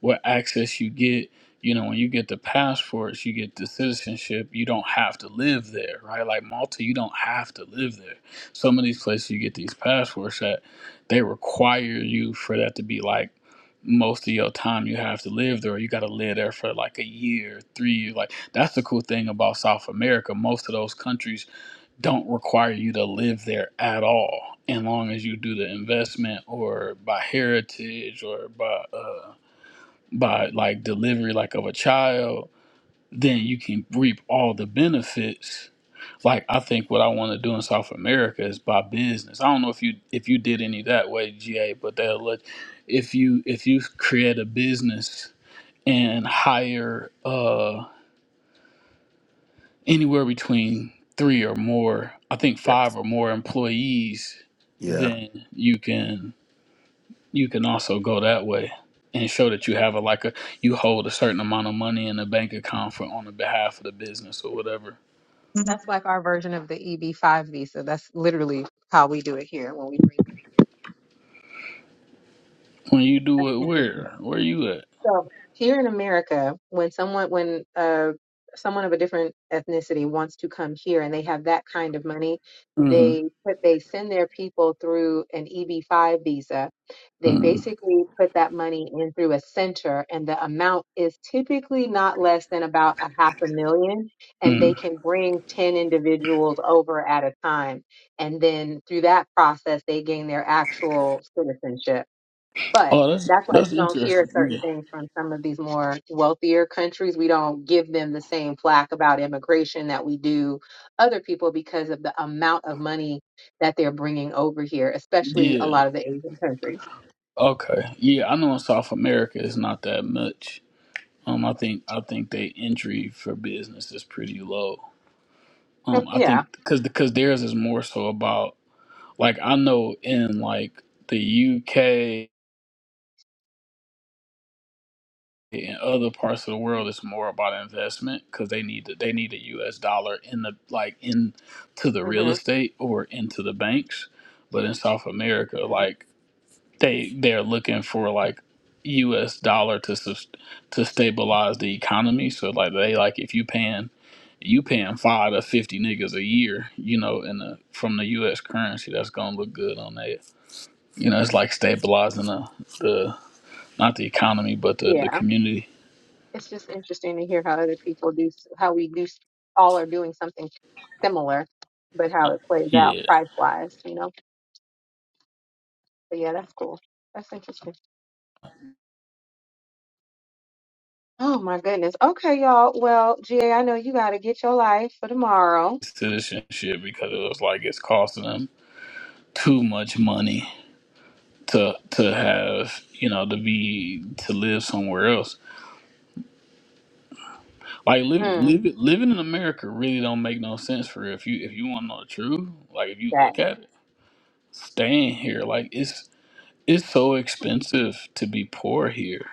Speaker 13: what access you get you know when you get the passports you get the citizenship you don't have to live there right like Malta you don't have to live there some of these places you get these passports at they require you for that to be like most of your time you have to live there. You got to live there for like a year, three years. Like that's the cool thing about South America. Most of those countries don't require you to live there at all, as long as you do the investment or by heritage or by uh, by like delivery, like of a child. Then you can reap all the benefits like I think what I want to do in South America is buy business. I don't know if you if you did any that way, GA, but they'll let if you if you create a business and hire uh anywhere between three or more, I think five
Speaker 1: Yes.
Speaker 13: or more employees,
Speaker 1: Yeah.
Speaker 13: then you can you can also go that way and show that you have a like a you hold a certain amount of money in a bank account for on the behalf of the business or whatever.
Speaker 9: Mhm. That's like our version of the EB5 visa. That's literally how we do it here when we bring them.
Speaker 13: When you do
Speaker 9: That's
Speaker 13: it
Speaker 9: interesting.
Speaker 13: where? Where you at?
Speaker 9: So here in America, when someone when uh someone of a different ethnicity wants to come here and they have that kind of money,
Speaker 13: Mm-hmm.
Speaker 9: they put they send their people through an EB-5 visa. They
Speaker 13: Mm-hmm.
Speaker 9: basically put that money in through a center, and the amount is typically not less than about a half a million, and they
Speaker 13: Mm.
Speaker 9: can bring 10 individuals over at a time. And then through that process, they gain their actual citizenship. But
Speaker 13: Oh, that's
Speaker 9: that's why
Speaker 13: that's
Speaker 9: you don't hear
Speaker 13: interesting.
Speaker 9: certain
Speaker 13: Yeah,
Speaker 9: things from some of these more wealthier countries. We don't give them the same flack about immigration that we do other people because of the amount of money that they're bringing over here, especially a
Speaker 13: yeah.
Speaker 9: lot of the Asian countries.
Speaker 13: Okay, yeah. I know in South America it's not that much. Um, I think I think they entry for business is pretty low. Um,
Speaker 9: Yep,
Speaker 13: I
Speaker 9: Yeah.
Speaker 13: think because because theirs is more so about like I know in like the UK and other parts of the world it's more about investment because they need to, they need a U.S. dollar in the like in to the real
Speaker 9: hmm
Speaker 13: estate or into the banks. But in South America, like they they're looking for like U.S. dollar to sus- to stabilize the economy. So like they like if you paying you paying five to fifty niggas a year, you know, in the from the U.S. currency, that's gonna look good on that. You know, it's like stabilizing the the not the economy but the the
Speaker 9: Yeah.
Speaker 13: community.
Speaker 9: It's just interesting to hear how other people do, s- how we do, s- all are doing something similar, but how it plays out
Speaker 13: Yeah,
Speaker 9: price wise, you know? But yeah, that's cool. That's interesting. Oh my goodness. Okay, y'all. Well, GA, I know you got to get your life for tomorrow.
Speaker 13: citizenship because it was like it's costing them too much money to to have you know to be to live somewhere else Like live,
Speaker 9: Mm,
Speaker 13: live, living in America really don't make no sense for real. if you if you want to know the truth. Like if you
Speaker 9: that
Speaker 13: look at it, staying here like it's it's so expensive to be poor here.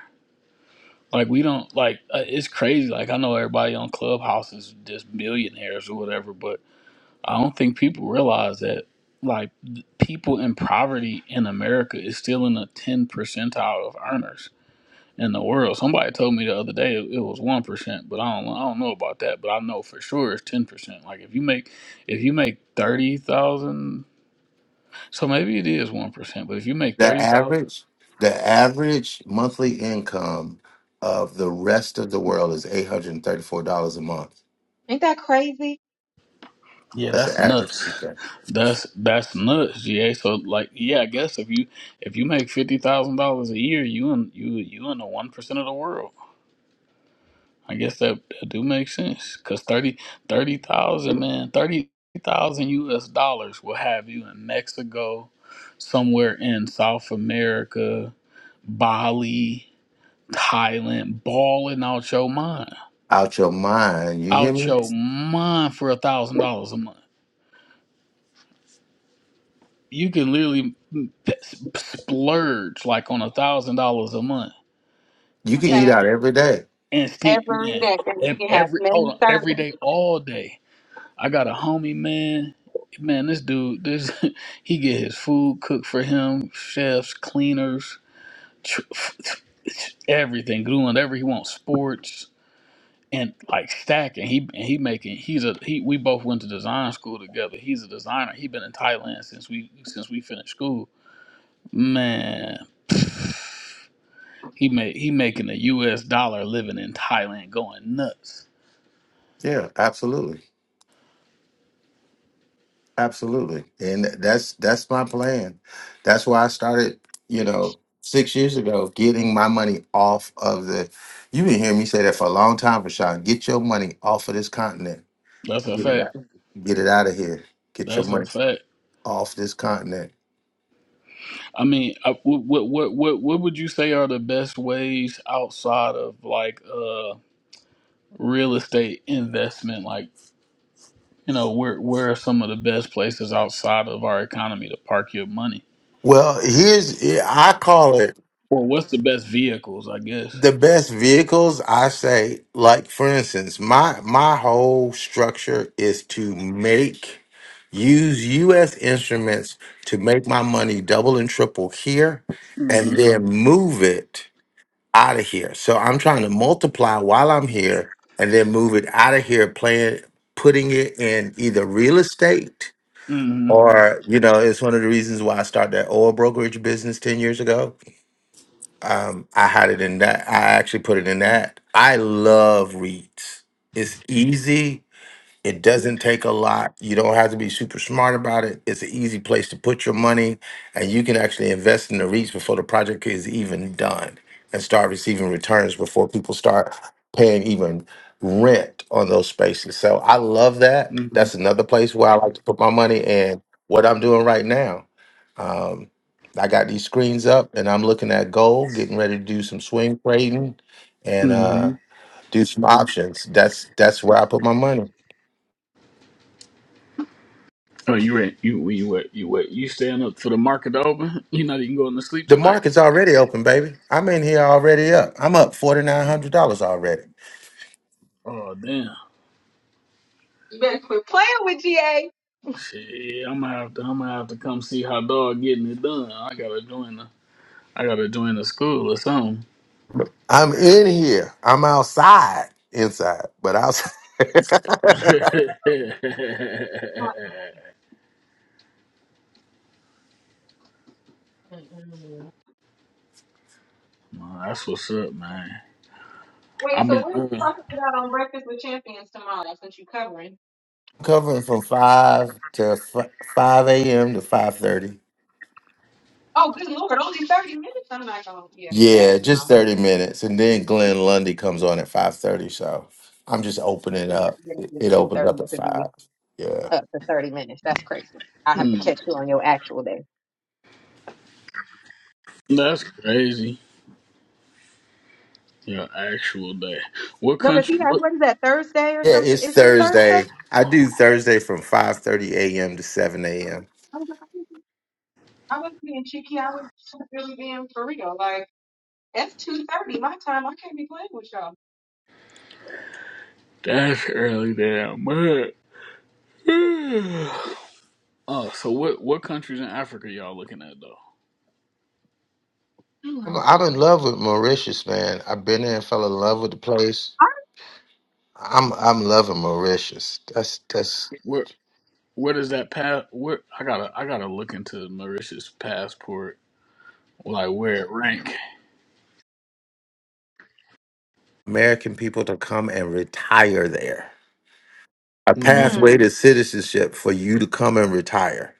Speaker 13: Like we don't like uh, it's crazy. Like I know everybody on Clubhouse is just millionaires or whatever, but I don't think people realize that like th- people in poverty in America is still in the ten percentile of earners in the world. Somebody told me the other day it, was one percent, but I don't I don't know about that. But I know for sure it's ten percent. Like if you make if you make thirty thousand, so maybe it is one percent. But if you make
Speaker 1: The
Speaker 13: thirty thousand,
Speaker 1: average, the average monthly income of the rest of the world is eight hundred and thirty-four dollars a month.
Speaker 9: ain't that crazy?
Speaker 13: yeah,
Speaker 1: That's the
Speaker 13: that's
Speaker 1: average.
Speaker 13: nuts.
Speaker 1: Okay.
Speaker 13: That's that's nuts, GA. So like, yeah, I guess if you if you make fifty thousand dollars a year, you in you you in the one percent of the world. I guess that, that do make sense because 30 30,000 man, 30,000 US dollars will have you in Mexico, somewhere in South America, Bali, Thailand, balling out your mind.
Speaker 1: Out your mind, you hear
Speaker 13: Out
Speaker 1: me?
Speaker 13: your mind for a thousand dollars a month. You can literally s- splurge like on a thousand dollars a month
Speaker 1: You can
Speaker 13: and
Speaker 1: eat
Speaker 9: Okay,
Speaker 1: out every day.
Speaker 13: and spend
Speaker 9: every
Speaker 13: man
Speaker 9: day you
Speaker 13: ev-
Speaker 9: can have
Speaker 13: every hold
Speaker 9: many
Speaker 13: on every
Speaker 9: servants.
Speaker 13: day all day I got a homie, man. Man, this dude, this he get his food cooked for him, chefs, cleaners, tr- everything, doing whatever he wants, sports and like stacking. He and he making. He's a he. We both went to design school together. He's a designer. He been in Thailand since we since we finished school. Man, he made he making a U.S. dollar living in Thailand, going nuts.
Speaker 1: Yeah, absolutely, absolutely. And that's that's my plan. That's why I started. You know, six years ago, getting my money off of the. You've been hearing me say that for a long time, Rashawn. Get your money off of this continent.
Speaker 13: That's a
Speaker 1: Get it
Speaker 13: fact.
Speaker 1: out. Get it out of here. Get your
Speaker 13: That's a
Speaker 1: money.
Speaker 13: fact.
Speaker 1: off this continent.
Speaker 13: I mean, I- what what what what would you say are the best ways outside of like uh real estate investment? Like, you know, where where are some of the best places outside of our economy to park your money?
Speaker 1: Well, here's I call it
Speaker 13: Or what's the best vehicles? I guess.
Speaker 1: the best vehicles. I say, like for instance, my my whole structure is to make use U.S. instruments to make my money double and triple here,
Speaker 13: Mm-hmm.
Speaker 1: and then move it out of here. So I'm trying to multiply while I'm here, and then move it out of here, playing, putting it in either real estate
Speaker 13: Mm-hmm.
Speaker 1: Or, you know, it's one of the reasons why I started that oil brokerage business 10 years ago. Um, I had it in that. I actually put it in that. I love reads. It's easy. It
Speaker 9: You
Speaker 1: doesn't take a lot. You don't have to be super smart about it. It's an easy place to put your money, and you can actually invest in the REITs before the project is even done and start receiving returns before people start paying even rent on those spaces. So I love that.
Speaker 13: Mm-hmm.
Speaker 1: That's another place where I like to put my money. And what I'm doing right now, um, I got these screens up and I'm looking at gold, getting ready to do some swing trading and
Speaker 13: Mm-hmm.
Speaker 1: uh, do some options. That's that's where I put my money.
Speaker 13: Oh, you were you you were you were you staying up for the market to open? You're not even going to sleep
Speaker 1: The
Speaker 13: tonight?
Speaker 1: market's already open, baby. I'm in here already up. I'm up $4,900 already.
Speaker 13: Oh damn.
Speaker 9: better quit playing with GA.
Speaker 13: Shit, I'm gonna have to I'm gonna have to come see how dog getting it done. I gotta join the I gotta join the school or something.
Speaker 1: I'm in here. I'm outside, inside, but outside.
Speaker 9: Mm-mm.
Speaker 13: Nah, that's what's up, man.
Speaker 9: Wait,
Speaker 13: I've
Speaker 9: so
Speaker 13: been.
Speaker 9: what are you
Speaker 13: Uh,
Speaker 9: talking about on Breakfast with Champions tomorrow? That's what you covering.
Speaker 1: Covering from 5 to f- 5 a.m. to 5.30.
Speaker 9: Oh, good lord, only thirty minutes. I'm not gonna be up for that.
Speaker 1: Yeah,
Speaker 9: No,
Speaker 1: just 30 minutes. And then Glenn Lundy comes on at 5.30. So I'm just opening
Speaker 9: you have
Speaker 1: up.
Speaker 9: to get
Speaker 1: It,
Speaker 9: up at
Speaker 1: it
Speaker 9: two
Speaker 1: opens up
Speaker 9: thirty
Speaker 1: at
Speaker 9: to be
Speaker 1: 5. Yeah.
Speaker 9: up for thirty minutes. That's crazy. I have to
Speaker 13: mm,
Speaker 9: catch you on your actual day.
Speaker 13: that's crazy. Your actual day. What
Speaker 9: No, because he
Speaker 13: country?
Speaker 9: has,
Speaker 13: What?
Speaker 9: what is that, Thursday or
Speaker 1: Yeah,
Speaker 9: something?
Speaker 1: it's
Speaker 9: Isn't it Thursday?
Speaker 1: Thursday. I do Thursday from 5.30 a.m. to 7 a.m.
Speaker 9: I was like, I wasn't I wasn't being cheeky. I was really being for real. Like, that's 2.30 my time. I can't be playing with y'all.
Speaker 13: That's early damn man. Oh, so what? What countries in Africa y'all looking at though?
Speaker 9: Mm.
Speaker 1: I'm, I'm in love with Mauritius, man. I've been there and fell in love with the place. I'm I'm loving Mauritius. That's that's
Speaker 13: Where? Where does that pass? Where? I gotta. I gotta look into Mauritius passport. Like where it rank.
Speaker 1: American people to come and retire there. A
Speaker 13: hmm
Speaker 1: pathway
Speaker 9: Mm.
Speaker 1: to citizenship for you to come and retire.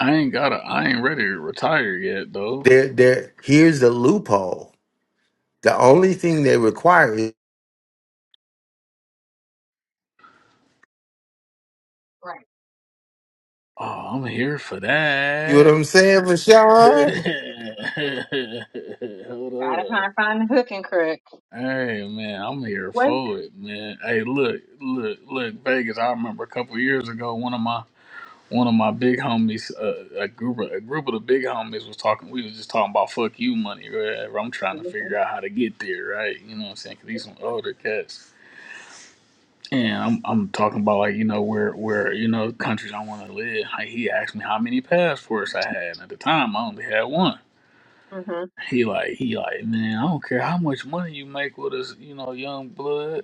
Speaker 13: I ain't gotta. I ain't ready to retire yet though.
Speaker 1: There there here's the loophole. The only thing they require is
Speaker 9: Right.
Speaker 13: Oh, I'm here for
Speaker 1: you know
Speaker 13: that.
Speaker 1: what I'm saying, Michelle?
Speaker 13: Hold
Speaker 9: Gotta
Speaker 13: up.
Speaker 9: find, find the hook and crook.
Speaker 13: Hey man, I'm here
Speaker 9: What?
Speaker 13: for it, man. Hey, look, look, look, Vegas. I remember a couple years ago, one of my one of my big homies, uh, a group of a group of the big homies was talking. We was just talking about fuck you money. Right? I'm trying to figure out how to get there, right? You know what I'm saying? 'Cause these some older cats. And I'm I'm talking about like you know where where you know countries I want to live. Like he asked me how many passports I had, and at the time I only had one.
Speaker 9: Mm-hmm.
Speaker 13: He like he like man, I don't care how much money you make with us, you know, young blood.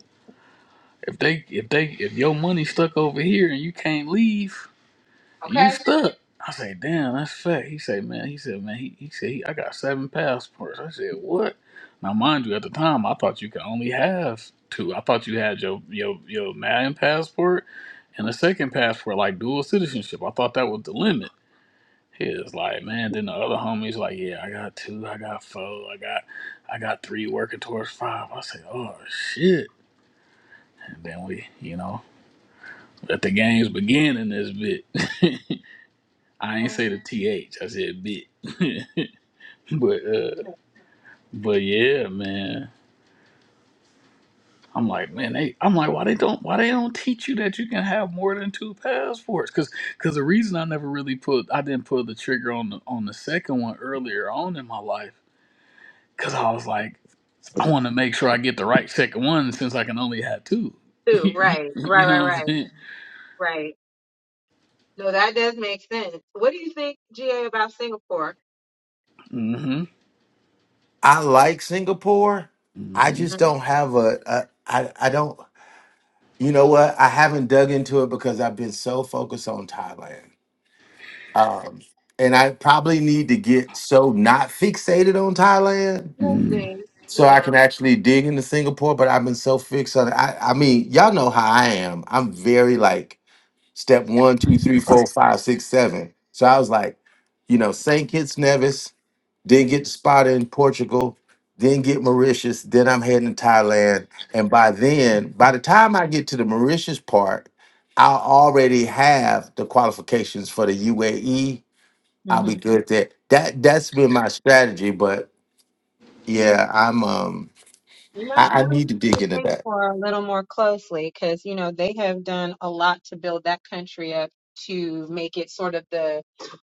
Speaker 13: If they if they if your money stuck over here and you can't leave, you
Speaker 9: Okay.
Speaker 13: stuck. I say, damn, that's fat. He say, man, he said, man, he, he said, he, I got seven passports. I said, what? Now, mind you, at the time, I thought you could only have two. I thought you had your your your Malian passport and a second passport, like dual citizenship. I thought that was the limit. He is like, man. Then the other homies like, yeah, I got two, I got four, I got, I got three working towards five. I say, oh shit. And then we, you know, let the games begin in this bit. I ain't
Speaker 9: okay.
Speaker 13: say the th. I said bit. but uh, but yeah, man. I'm like, man, they. I'm like, why they don't? Why they don't teach you that you can have more than two passports? Because because the reason I never really put, I didn't pull the trigger on the on the second one earlier on in my life. Because I was like, I want to make sure I get the right second one since I can only have two.
Speaker 9: Too. Right.
Speaker 13: you
Speaker 9: Right, right,
Speaker 13: know what I'm
Speaker 9: right,
Speaker 13: saying?
Speaker 9: right. No, that does make sense. What do you think, GA, about Singapore?
Speaker 13: Mm-hmm.
Speaker 1: I like Singapore. I
Speaker 13: Mm-hmm.
Speaker 1: just don't have a, a I I don't you know what? I haven't dug into it because I've been so focused on Thailand. Um, and I probably need to get so not fixated on Thailand
Speaker 9: Mm-hmm.
Speaker 13: Mm.
Speaker 9: Maybe.
Speaker 1: so I can actually dig into Singapore. But I've been so fixed on it. I, I mean, y'all know how I am. I'm very like step one, two, three, four, five, six, seven. So I was like, you know, St. Kitts Nevis, then get the spot in Portugal, then get Mauritius, then I'm heading to Thailand. And by then, by the time I get to the Mauritius part, I already have the qualifications for the UAE
Speaker 9: Yeah.
Speaker 1: I'll be good there. That That that's been my strategy, but yeah, I'm um
Speaker 9: You might
Speaker 1: I, I
Speaker 9: want to look
Speaker 1: need to
Speaker 9: at
Speaker 1: dig into that.
Speaker 9: Singapore a little more closely because, you know, they have done a lot to build that country up to make it sort of the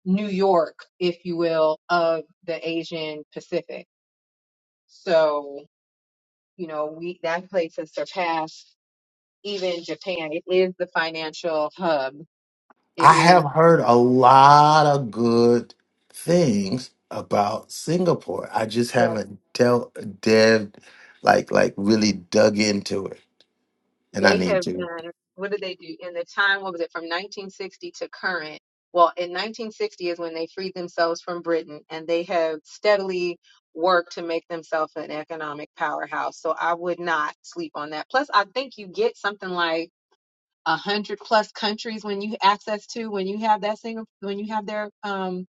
Speaker 9: New York, if you will, of the Asian Pacific. So, you know, we that place has surpassed even Japan. It is the financial hub. It
Speaker 1: I have
Speaker 9: is.
Speaker 1: heard a lot of good things about Singapore. I just
Speaker 9: yeah,
Speaker 1: haven't dealt dead like like really dug into it. And I
Speaker 9: They
Speaker 1: need
Speaker 9: have
Speaker 1: to.
Speaker 9: done, what did they do? In the time, what was it, from 1960 to current? Well, in 1960 is when they freed themselves from Britain, and they have steadily worked to make themselves an economic powerhouse. So I would not sleep on that. Plus, I think you get something like a hundred plus countries when you access to when you have that single when you have their um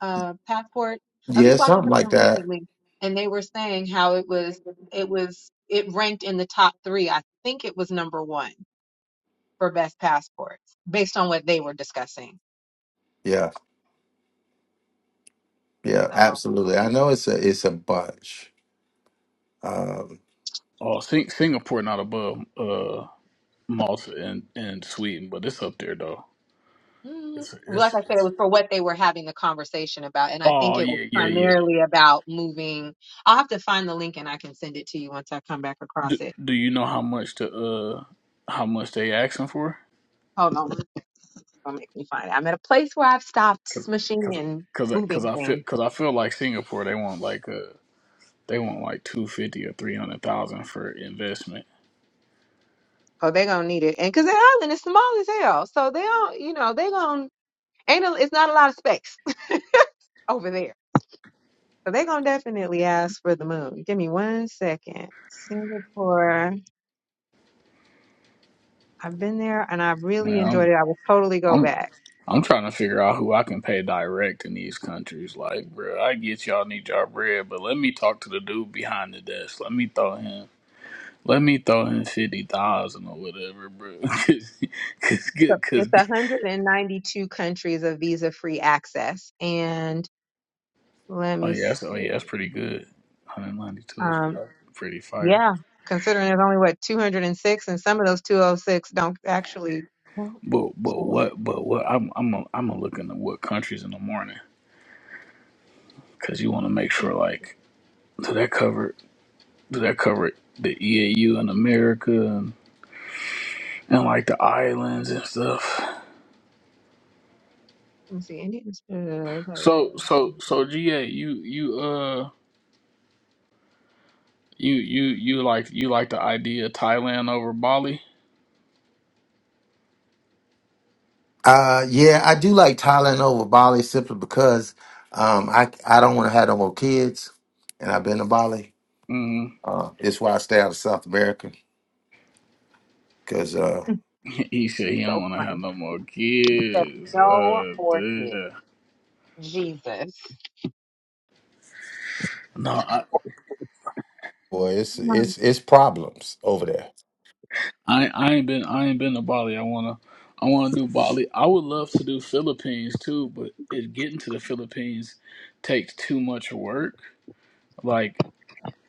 Speaker 9: uh passport. I was
Speaker 1: Yeah,
Speaker 9: just watching
Speaker 1: something
Speaker 9: something
Speaker 1: like that.
Speaker 9: recently, and they were saying how it was it was it ranked in the top three. I think it was number one for best passports based on what they were discussing.
Speaker 1: Yeah, yeah,
Speaker 9: So,
Speaker 1: absolutely. I know it's a it's a bunch. Um,
Speaker 13: Oh, Sing- Singapore not above. uh Malta and, and Sweden, but it's up there though.
Speaker 9: mm,
Speaker 13: It's
Speaker 9: like
Speaker 13: it's,
Speaker 9: I said, it
Speaker 13: it's
Speaker 9: was for what they were having the conversation about. And I think
Speaker 13: oh
Speaker 9: it was
Speaker 13: yeah yeah yeah.
Speaker 9: primarily about moving. I'll have to find the link and I can send it to you once I come back
Speaker 13: Do,
Speaker 9: across it.
Speaker 13: do you know how much to uh how much they asking for?
Speaker 9: Hold on. It's going to make me find it. I'm at a place where I've stopped
Speaker 13: Cause
Speaker 9: smishing
Speaker 13: cause
Speaker 9: and
Speaker 13: cause I-
Speaker 9: moving
Speaker 13: cause I feel
Speaker 9: things.
Speaker 13: cause I feel like Singapore they want like uh they want like two fifty or three hundred thousand for investment.
Speaker 9: Oh, they're going to need it. And because the island is small as hell. So they don't, you know, they going to, ain't a, it's not a lot of space over there. So they're going to definitely ask for the moon. Give me one second. Singapore. I've been there and I really enjoyed
Speaker 13: Man,
Speaker 9: it. I will totally
Speaker 13: I'm
Speaker 9: go
Speaker 13: I'm
Speaker 9: back.
Speaker 13: I'm trying to figure out who I can pay direct in these countries. Like, bro, I get y'all need y'all bread, but let me talk to the dude behind the desk. Let me throw him. Let me throw in fifty thousand or whatever, bro. Cause, cause
Speaker 9: So
Speaker 13: good, cause
Speaker 9: it's
Speaker 13: good.
Speaker 9: 192 countries of visa free access. And let
Speaker 13: Oh
Speaker 9: me
Speaker 13: yeah, that's, oh
Speaker 9: see.
Speaker 13: yeah, that's pretty good. One Hundred ninety two is
Speaker 9: Um,
Speaker 13: pretty fire.
Speaker 9: yeah, considering there's only what 206 and some of those 206 don't actually.
Speaker 13: But but
Speaker 9: So
Speaker 13: what but what I'm I'm a, I'm gonna look into what countries in the morning because you want to make
Speaker 9: let
Speaker 13: sure like do that cover do that cover the EAU in America and, and like the islands and stuff.
Speaker 9: me see. Indians. uh,
Speaker 13: So so so GA you you uh you you you like you like the idea of Thailand over Bali?
Speaker 1: Uh, yeah, I do like Thailand over Bali simply because um, I I don't want to have no more kids, and I've been to Bali.
Speaker 13: Mm-hmm.
Speaker 1: Uh, it's why I stay out of South America because uh,
Speaker 13: He said
Speaker 9: It's
Speaker 13: he don't
Speaker 9: so
Speaker 13: want to have
Speaker 9: funny.
Speaker 13: no more
Speaker 9: There's
Speaker 13: kids.
Speaker 9: no
Speaker 13: Uh,
Speaker 9: orchid.
Speaker 13: duh.
Speaker 9: Jesus.
Speaker 13: no, I,
Speaker 1: boy, it's it's it's problems over there.
Speaker 13: I, I ain't been, I ain't been to Bali. I wanna, I wanna do Bali. I would love to do Philippines too, but it getting to the Philippines takes too much work. Like.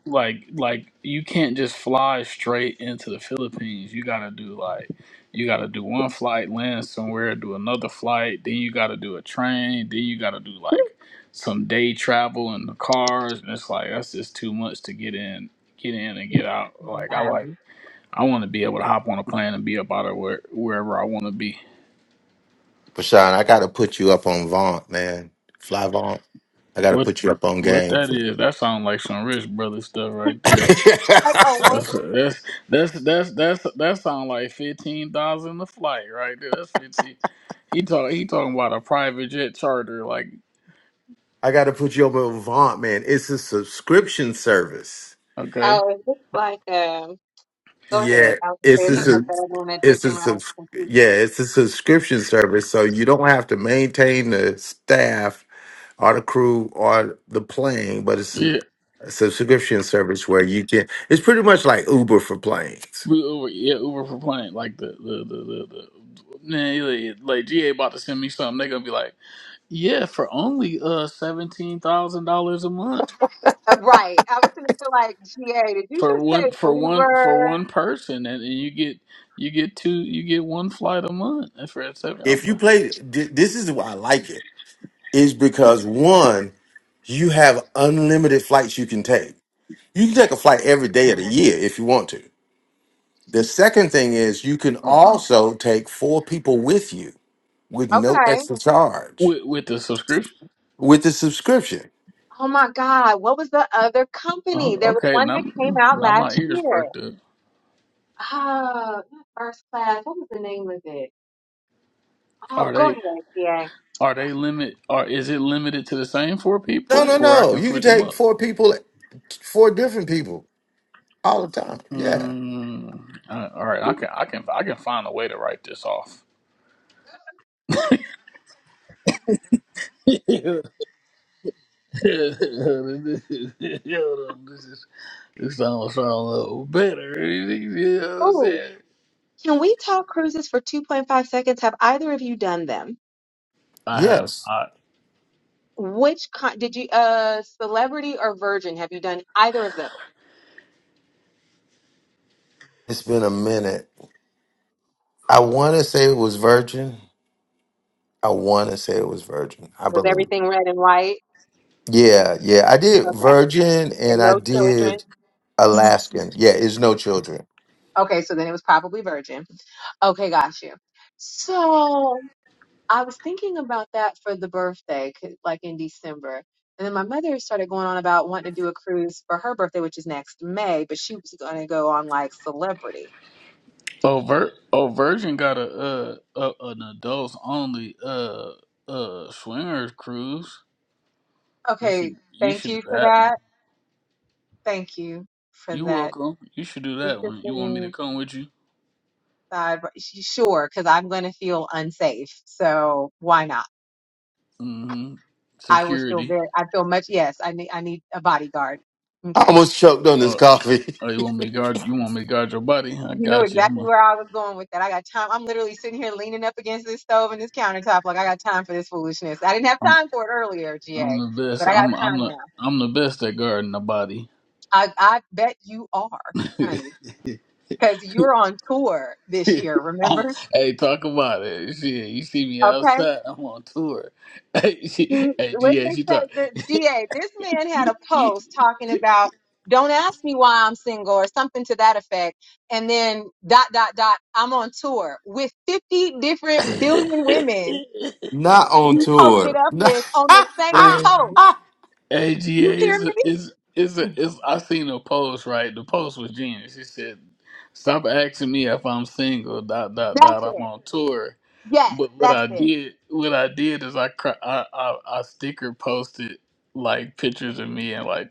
Speaker 13: like like you can't just fly straight into the Philippines. You gotta do like you gotta do one flight, land somewhere, do another flight, then you gotta do a train, then you gotta do like some day travel in the cars, and it's like that's just too much to get in, get in and get out.
Speaker 9: Oh,
Speaker 13: Like I
Speaker 9: my
Speaker 13: like I want to be able to hop on a plane and be about it where, wherever I want to be.
Speaker 1: Bashan, I got to put you up on Vaunt, man. Fly Vaunt. I got to
Speaker 13: What
Speaker 1: put you up on
Speaker 13: what
Speaker 1: game.
Speaker 13: that is? That sounds like some rich brother stuff right
Speaker 9: God.
Speaker 13: there.
Speaker 1: I
Speaker 9: Like a orchid?
Speaker 13: That's that's that's that's, that's that sound like fifteen thousand a flight right there. That's fifteen. He talk he talking about a private jet charter. Like
Speaker 1: got to put you up on Vaunt, man. It's a subscription service.
Speaker 13: okay,
Speaker 9: Oh, it's just like um Go ahead.
Speaker 1: Yeah,
Speaker 9: I was gonna
Speaker 1: it's
Speaker 9: say,
Speaker 1: a
Speaker 9: is it
Speaker 13: It's-
Speaker 9: like
Speaker 1: sub-
Speaker 9: that one that they
Speaker 1: it's a
Speaker 9: came out with
Speaker 1: subs-
Speaker 9: Confused?
Speaker 1: yeah, it's a subscription service, so you don't have to maintain the staff or the crew or the plane, but it's a,
Speaker 13: yeah,
Speaker 1: a subscription service where you can. It's pretty much like Uber for planes.
Speaker 13: we Uber yeah Uber for plane. Like the the the the. the Man, like, like GA about to send me something. They gonna be like, yeah, for only uh seventeen thousand dollars a month
Speaker 9: Uh, right. I was gonna feel like GA. Did you
Speaker 13: for
Speaker 9: just say
Speaker 13: one for one for
Speaker 9: Uber?
Speaker 13: one person, and, and you get you get two you get one flight a month. That's for seven.
Speaker 1: If
Speaker 13: I'm
Speaker 1: you
Speaker 13: like,
Speaker 1: play, th- this is why I like it. Is because one, you have unlimited flights you can take. You can take a flight every day of the
Speaker 9: Okay.
Speaker 1: year if you want to. The second thing is you can
Speaker 13: oh,
Speaker 1: also take four people with you. with no
Speaker 9: Okay.
Speaker 1: extra charge
Speaker 13: with with the subscription.
Speaker 1: with the subscription.
Speaker 9: Oh my God. What was the other company?
Speaker 13: Oh,
Speaker 9: There was
Speaker 13: okay,
Speaker 9: one that
Speaker 13: now
Speaker 9: came out
Speaker 13: now my
Speaker 9: last
Speaker 13: ears
Speaker 9: year.
Speaker 13: perked up.
Speaker 9: Oh, not first class. What was the name of it? Oh,
Speaker 13: Are
Speaker 9: go
Speaker 13: they
Speaker 9: ahead, GA.
Speaker 13: are they limit? Are is it limited to the same four
Speaker 1: No,
Speaker 13: people,
Speaker 1: no,
Speaker 13: or I
Speaker 1: no.
Speaker 13: can
Speaker 1: You can
Speaker 13: switch them
Speaker 1: take
Speaker 13: up?
Speaker 1: four people, four different people all the time. Yeah.
Speaker 13: Mm, uh, all right, I can I can I can find a way to write this off. Yo, this is this almost sound a little better. You know what I'm
Speaker 9: Oh,
Speaker 13: saying?
Speaker 9: can we talk cruises for 2.5 seconds? Have either of you done them?
Speaker 13: I have
Speaker 1: Yes.
Speaker 13: not.
Speaker 9: Which con did you, uh, Celebrity or Virgin? Have you done either of those?
Speaker 1: It's been a minute. I want to say it was Virgin. I want to say it was Virgin. I
Speaker 9: Was
Speaker 1: believe.
Speaker 9: everything red and white?
Speaker 1: Yeah, yeah. I did
Speaker 9: Okay.
Speaker 1: Virgin
Speaker 9: and
Speaker 1: and I
Speaker 9: no children.
Speaker 1: did
Speaker 9: Mhm.
Speaker 1: Alaskan. Yeah, it's no children.
Speaker 9: Okay, so then it was probably virgin. Okay, got you. So I was thinking about that for the birthday, 'cause- like in December. And then my mother started going on about wanting to do a cruise for her birthday, which is next May, but she was going to go on like celebrity.
Speaker 13: Overt Oversion got a uh a, an adults only uh uh swingers cruise. You
Speaker 9: Okay,
Speaker 13: should you
Speaker 9: thank
Speaker 13: should do
Speaker 9: you for
Speaker 13: that
Speaker 9: that. Thank you for
Speaker 13: You
Speaker 9: that
Speaker 13: welcome. You should do that one. You want me to
Speaker 9: interesting
Speaker 13: come with you?
Speaker 9: side. but she- Sure, because I'm going to feel unsafe. So why not?
Speaker 13: Mm-hmm.
Speaker 9: I would feel
Speaker 13: Security.
Speaker 9: very, I feel much, yes, I need, I need a bodyguard.
Speaker 1: I
Speaker 9: Okay.
Speaker 1: almost choked on this
Speaker 13: Oh,
Speaker 1: coffee.
Speaker 13: oh, you want me to guard? You want me to guard your body? I
Speaker 9: You knew
Speaker 13: got you. I'm
Speaker 9: exactly
Speaker 13: a,
Speaker 9: where I was going with that. I got time. I'm literally sitting here leaning up against this stove and this countertop, like I got time for this foolishness. I didn't have
Speaker 13: I'm
Speaker 9: time for it earlier,
Speaker 13: I'm
Speaker 9: GA,
Speaker 13: the best.
Speaker 9: but I got
Speaker 13: I'm I'm
Speaker 9: time
Speaker 13: the
Speaker 9: now.
Speaker 13: I'm the best at guarding the body.
Speaker 9: I I bet you are, honey, because you're on tour this year.
Speaker 13: I'm,
Speaker 9: Remember?
Speaker 13: hey, talk about it. Shit, you see me
Speaker 9: Okay.
Speaker 13: outside. I'm on tour. Hey, she,
Speaker 9: He,
Speaker 13: hey,
Speaker 9: what
Speaker 13: yeah,
Speaker 9: they
Speaker 13: she talk.
Speaker 9: say, the GA. This man had a post talking about, "Don't ask me why I'm single" or something to that effect, and then dot dot dot. I'm on tour with 50 different billion women
Speaker 1: Not on
Speaker 9: you posted
Speaker 1: tour.
Speaker 9: up with on the same
Speaker 13: hey,
Speaker 9: post.
Speaker 1: I
Speaker 13: AGA
Speaker 9: You hear
Speaker 13: is a,
Speaker 9: me?
Speaker 13: is is a, is I seen a post right. The post was genius. He said, "Stop asking me if I'm single." Dot dot dot.
Speaker 9: That's
Speaker 13: I'm
Speaker 9: it.
Speaker 13: on tour,
Speaker 9: Yes,
Speaker 13: but what
Speaker 9: that's
Speaker 13: I
Speaker 9: it.
Speaker 13: did what I did is I cr- I, I I sticker posted like pictures of me and like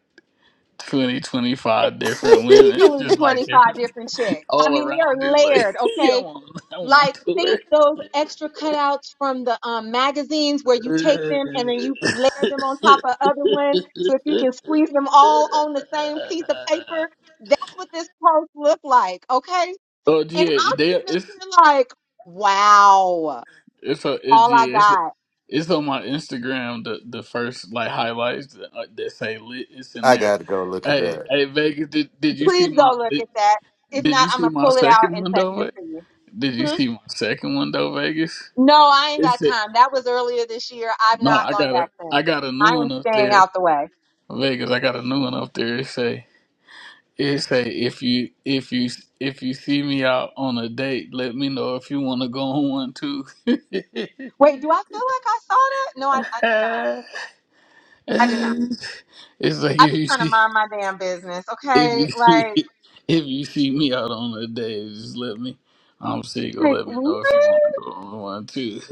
Speaker 13: 20 25
Speaker 9: It's
Speaker 13: different women,
Speaker 9: easily
Speaker 13: just like
Speaker 9: 25
Speaker 13: different
Speaker 9: different chicks. I
Speaker 13: all
Speaker 9: mean, they
Speaker 13: around.
Speaker 9: are
Speaker 13: It like
Speaker 9: layered,
Speaker 13: yeah, I'm
Speaker 9: okay?
Speaker 13: on I'm on
Speaker 9: Like,
Speaker 13: tour.
Speaker 9: think those extra cutouts from the um, magazines where you take them and then you layer them on top of other ones so if you can squeeze them all on the same piece of paper. That's what this post looked like, okay?
Speaker 13: Oh
Speaker 9: And
Speaker 13: yeah,
Speaker 9: I'm
Speaker 13: they
Speaker 9: sitting up
Speaker 13: it's
Speaker 9: here like, wow,
Speaker 13: It's a it's
Speaker 9: all I
Speaker 13: yeah, it's,
Speaker 9: got.
Speaker 13: it's on my Instagram. The the first like highlights that, uh, that say lit. It's in there.
Speaker 1: got to go look at
Speaker 13: Hey
Speaker 1: that.
Speaker 13: hey Vegas, did did you
Speaker 9: Please
Speaker 13: see
Speaker 9: go
Speaker 13: my
Speaker 9: look
Speaker 13: did,
Speaker 9: at that. If
Speaker 13: did
Speaker 9: not,
Speaker 13: you
Speaker 9: I'm
Speaker 13: see
Speaker 9: gonna
Speaker 13: my
Speaker 9: pull it out
Speaker 13: second
Speaker 9: and
Speaker 13: one
Speaker 9: text
Speaker 13: though?
Speaker 9: it
Speaker 13: Ve-
Speaker 9: to you.
Speaker 13: Did you
Speaker 9: Hmm?
Speaker 13: see my second one though, Vegas?
Speaker 9: No, I ain't
Speaker 13: It
Speaker 9: got
Speaker 13: said
Speaker 9: time. That was earlier this year. I've
Speaker 13: no.
Speaker 9: not
Speaker 13: I
Speaker 9: gone
Speaker 13: got
Speaker 9: back
Speaker 13: a I
Speaker 9: since.
Speaker 13: got a
Speaker 9: I
Speaker 13: new
Speaker 9: am
Speaker 13: one up
Speaker 9: staying
Speaker 13: there,
Speaker 9: out the way.
Speaker 13: Vegas. I got a new one up there. It say it say if you if you if you see me out on a date, let me know if you want to go on one too.
Speaker 9: Wait, do I feel like I saw that? No, I, I did not. I did not.
Speaker 13: it's like
Speaker 9: I
Speaker 13: if
Speaker 9: be
Speaker 13: you
Speaker 9: trying to
Speaker 13: see
Speaker 9: mind my damn business,
Speaker 13: if
Speaker 9: okay?
Speaker 13: you see
Speaker 9: Like,
Speaker 13: if you see me out on a day, just let me. I'm single.
Speaker 9: like
Speaker 13: Let me
Speaker 9: what?
Speaker 13: know if you want to go on one too.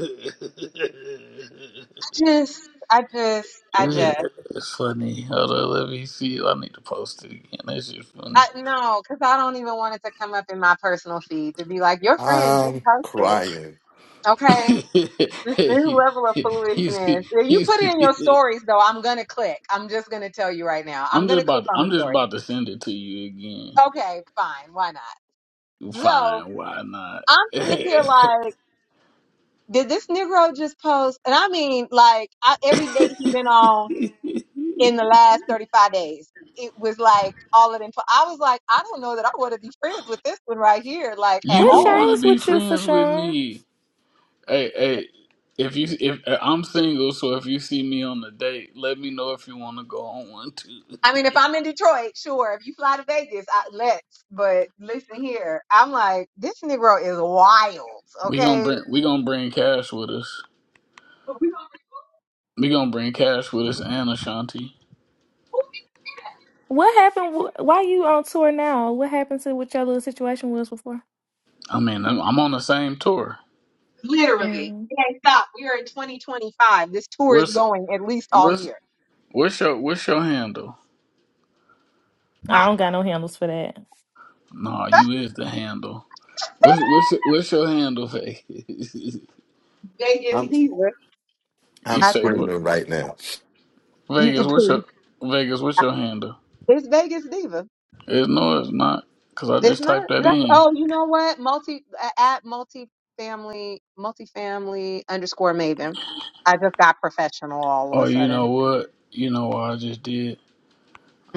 Speaker 9: I just, I just, I just.
Speaker 13: it's funny. Hold on, let me see. I need to post it again. That's just
Speaker 9: I,
Speaker 13: funny.
Speaker 9: no, because I don't even want it to come up in my personal feed to be like, your friend just
Speaker 1: I'm
Speaker 9: posted,
Speaker 1: crying.
Speaker 9: okay? This new
Speaker 13: you,
Speaker 9: level of
Speaker 13: you
Speaker 9: foolishness.
Speaker 13: see,
Speaker 9: If you
Speaker 13: you
Speaker 9: put it in your
Speaker 13: see.
Speaker 9: stories, though, I'm gonna click. I'm just gonna tell you right now. I'm
Speaker 13: I'm
Speaker 9: gonna
Speaker 13: just
Speaker 9: click
Speaker 13: about.
Speaker 9: on the
Speaker 13: I'm just
Speaker 9: story.
Speaker 13: about to send it to you again.
Speaker 9: Okay, fine. Why not? So
Speaker 13: Fine. Why not?
Speaker 9: I'm sitting up here like, did this Negro just post? And I mean, like, I, every date he been on in the last 35 days, it was like all of them. I was like, I don't know that I want to be friends with this one right here, like, at
Speaker 13: You
Speaker 8: What
Speaker 13: do
Speaker 9: all.
Speaker 13: want to
Speaker 8: changed
Speaker 13: be
Speaker 8: with you for
Speaker 13: friends with
Speaker 8: sure?
Speaker 13: me. Hey, hey, if you if uh, I'm single, so if you see me on the date, let me know if you want to go on one too.
Speaker 9: I mean, if I'm in Detroit, sure. If you fly to Vegas, I, let's. But listen here, I'm like, this Negro is wild,
Speaker 13: We gonna
Speaker 9: okay?
Speaker 13: bring we gonna bring cash with us.
Speaker 9: But we gonna
Speaker 13: We gonna bring cash with us and Ashanti.
Speaker 9: remove it.
Speaker 8: What happened? w- Why you on tour now? What happened to what your little situation was before?
Speaker 13: I mean, I'm, I'm on the same tour.
Speaker 9: Literally,
Speaker 8: Mm.
Speaker 9: it ain't stop. We are in 2025. This tour is
Speaker 13: What's
Speaker 9: going at least all
Speaker 13: what's
Speaker 9: year.
Speaker 13: what's your what's your handle?
Speaker 9: My
Speaker 8: I don't got no handles for that.
Speaker 13: Nah, you is the handle. What's what's what's your handle, Vegas?
Speaker 9: Vegas
Speaker 1: I'm
Speaker 9: diva,
Speaker 13: you
Speaker 1: I'm
Speaker 9: I
Speaker 13: say
Speaker 9: think
Speaker 13: what?
Speaker 1: screaming right now.
Speaker 9: you, you
Speaker 13: Vegas, what's
Speaker 9: please.
Speaker 13: your Vegas? What's your handle?
Speaker 9: It's Vegas diva.
Speaker 13: It's no, it's not. Because I
Speaker 9: It's
Speaker 13: just typed
Speaker 9: not.
Speaker 13: that
Speaker 9: That's,
Speaker 13: in.
Speaker 9: oh, you know what? Multi a- at multifamily multifamily underscore Maven. I just got professional all of
Speaker 13: Oh,
Speaker 9: a
Speaker 13: you
Speaker 9: sudden.
Speaker 13: know what? You know what I just did?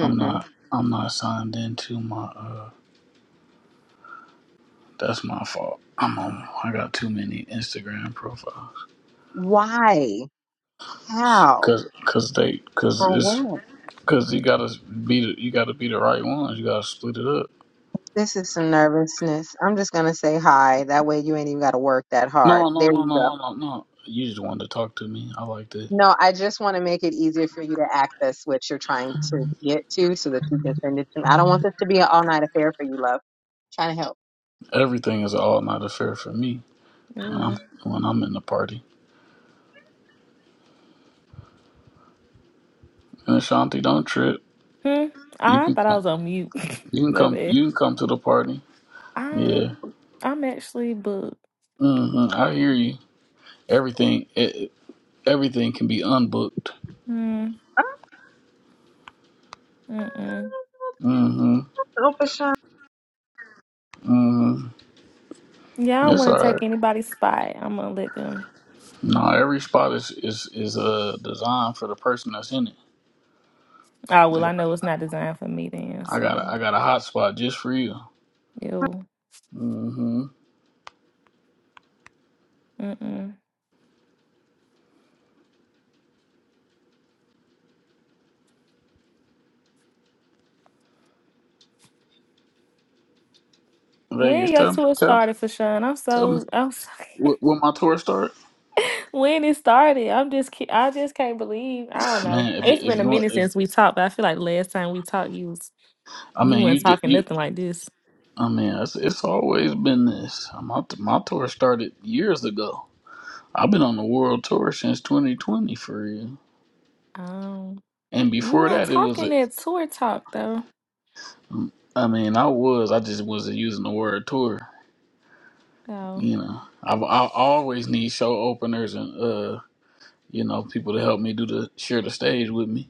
Speaker 13: I'm not. I'm not signed into my. uh That's my fault. I'm on. I got too many Instagram profiles.
Speaker 9: Why? How?
Speaker 13: Cause, cause they, cause
Speaker 9: For
Speaker 13: it's,
Speaker 9: what?
Speaker 13: cause you gotta be the, you gotta be the right ones. You gotta split it up.
Speaker 9: This is some nervousness. I'm just gonna say hi. That way you ain't even gotta work that hard.
Speaker 13: No, no,
Speaker 9: There
Speaker 13: no,
Speaker 9: you go.
Speaker 13: no, no, no, no. You just wanted to talk to me. I like that.
Speaker 9: No, I just want to make it easier for you to access what you're trying to get to so that you can send it to me. I don't want this to be an all night affair for you, love. trying to help.
Speaker 13: Everything is all not affair for me when I'm
Speaker 8: Mm.
Speaker 13: when I'm in the party. And Ashanti, don't trip.
Speaker 8: Hmm.
Speaker 13: You
Speaker 8: I
Speaker 13: can
Speaker 8: thought I
Speaker 13: come.
Speaker 8: was on mute.
Speaker 13: You can
Speaker 8: My
Speaker 13: come.
Speaker 8: bad.
Speaker 13: You can come to the party.
Speaker 8: Um,
Speaker 13: Yeah.
Speaker 8: I'm actually booked.
Speaker 13: hmm I hear you. Everything. It, everything can be unbooked.
Speaker 8: Mm. Mm-mm.
Speaker 13: hmm
Speaker 9: Oh, for sure.
Speaker 13: hmm
Speaker 8: Yeah, I don't
Speaker 13: It's
Speaker 8: want
Speaker 13: all
Speaker 8: to
Speaker 13: right.
Speaker 8: take anybody's spot. I'm gonna let them.
Speaker 13: No, every spot is is is uh, designed for the person that's in it.
Speaker 8: Oh well,
Speaker 13: I
Speaker 8: I
Speaker 13: got
Speaker 8: know it's not designed for me then.
Speaker 13: I got
Speaker 8: So,
Speaker 13: a, I got a hot spot just for you.
Speaker 8: ew.
Speaker 13: hmm
Speaker 8: Mm-mm.
Speaker 13: Vegas,
Speaker 8: When your
Speaker 13: tell
Speaker 8: tour
Speaker 13: tell
Speaker 8: started for Sean, I'm
Speaker 13: tell me
Speaker 8: so I'm so.
Speaker 13: where, where my tour start.
Speaker 8: when it started. I'm just, ki- I just can't believe. I don't know.
Speaker 13: Man, if
Speaker 8: It's
Speaker 13: if
Speaker 8: been a
Speaker 13: you want,
Speaker 8: minute
Speaker 13: if
Speaker 8: since we talked, but I feel like last time we talked, you was
Speaker 13: I
Speaker 8: you
Speaker 13: mean you
Speaker 8: weren't
Speaker 13: did
Speaker 8: talking
Speaker 13: you.
Speaker 8: nothing like this.
Speaker 13: I mean, it's, it's always been this. My my tour started years ago. I've been on the world tour since 2020 for real.
Speaker 8: Um,
Speaker 13: And
Speaker 8: you
Speaker 13: before
Speaker 8: weren't
Speaker 13: that, it was,
Speaker 8: talking
Speaker 13: a,
Speaker 8: that tour talk though.
Speaker 13: I mean, I was, I just wasn't using the word tour.
Speaker 8: So
Speaker 13: You know, I've, I always need show openers and, uh, you know, people to help me do the, share the stage with me.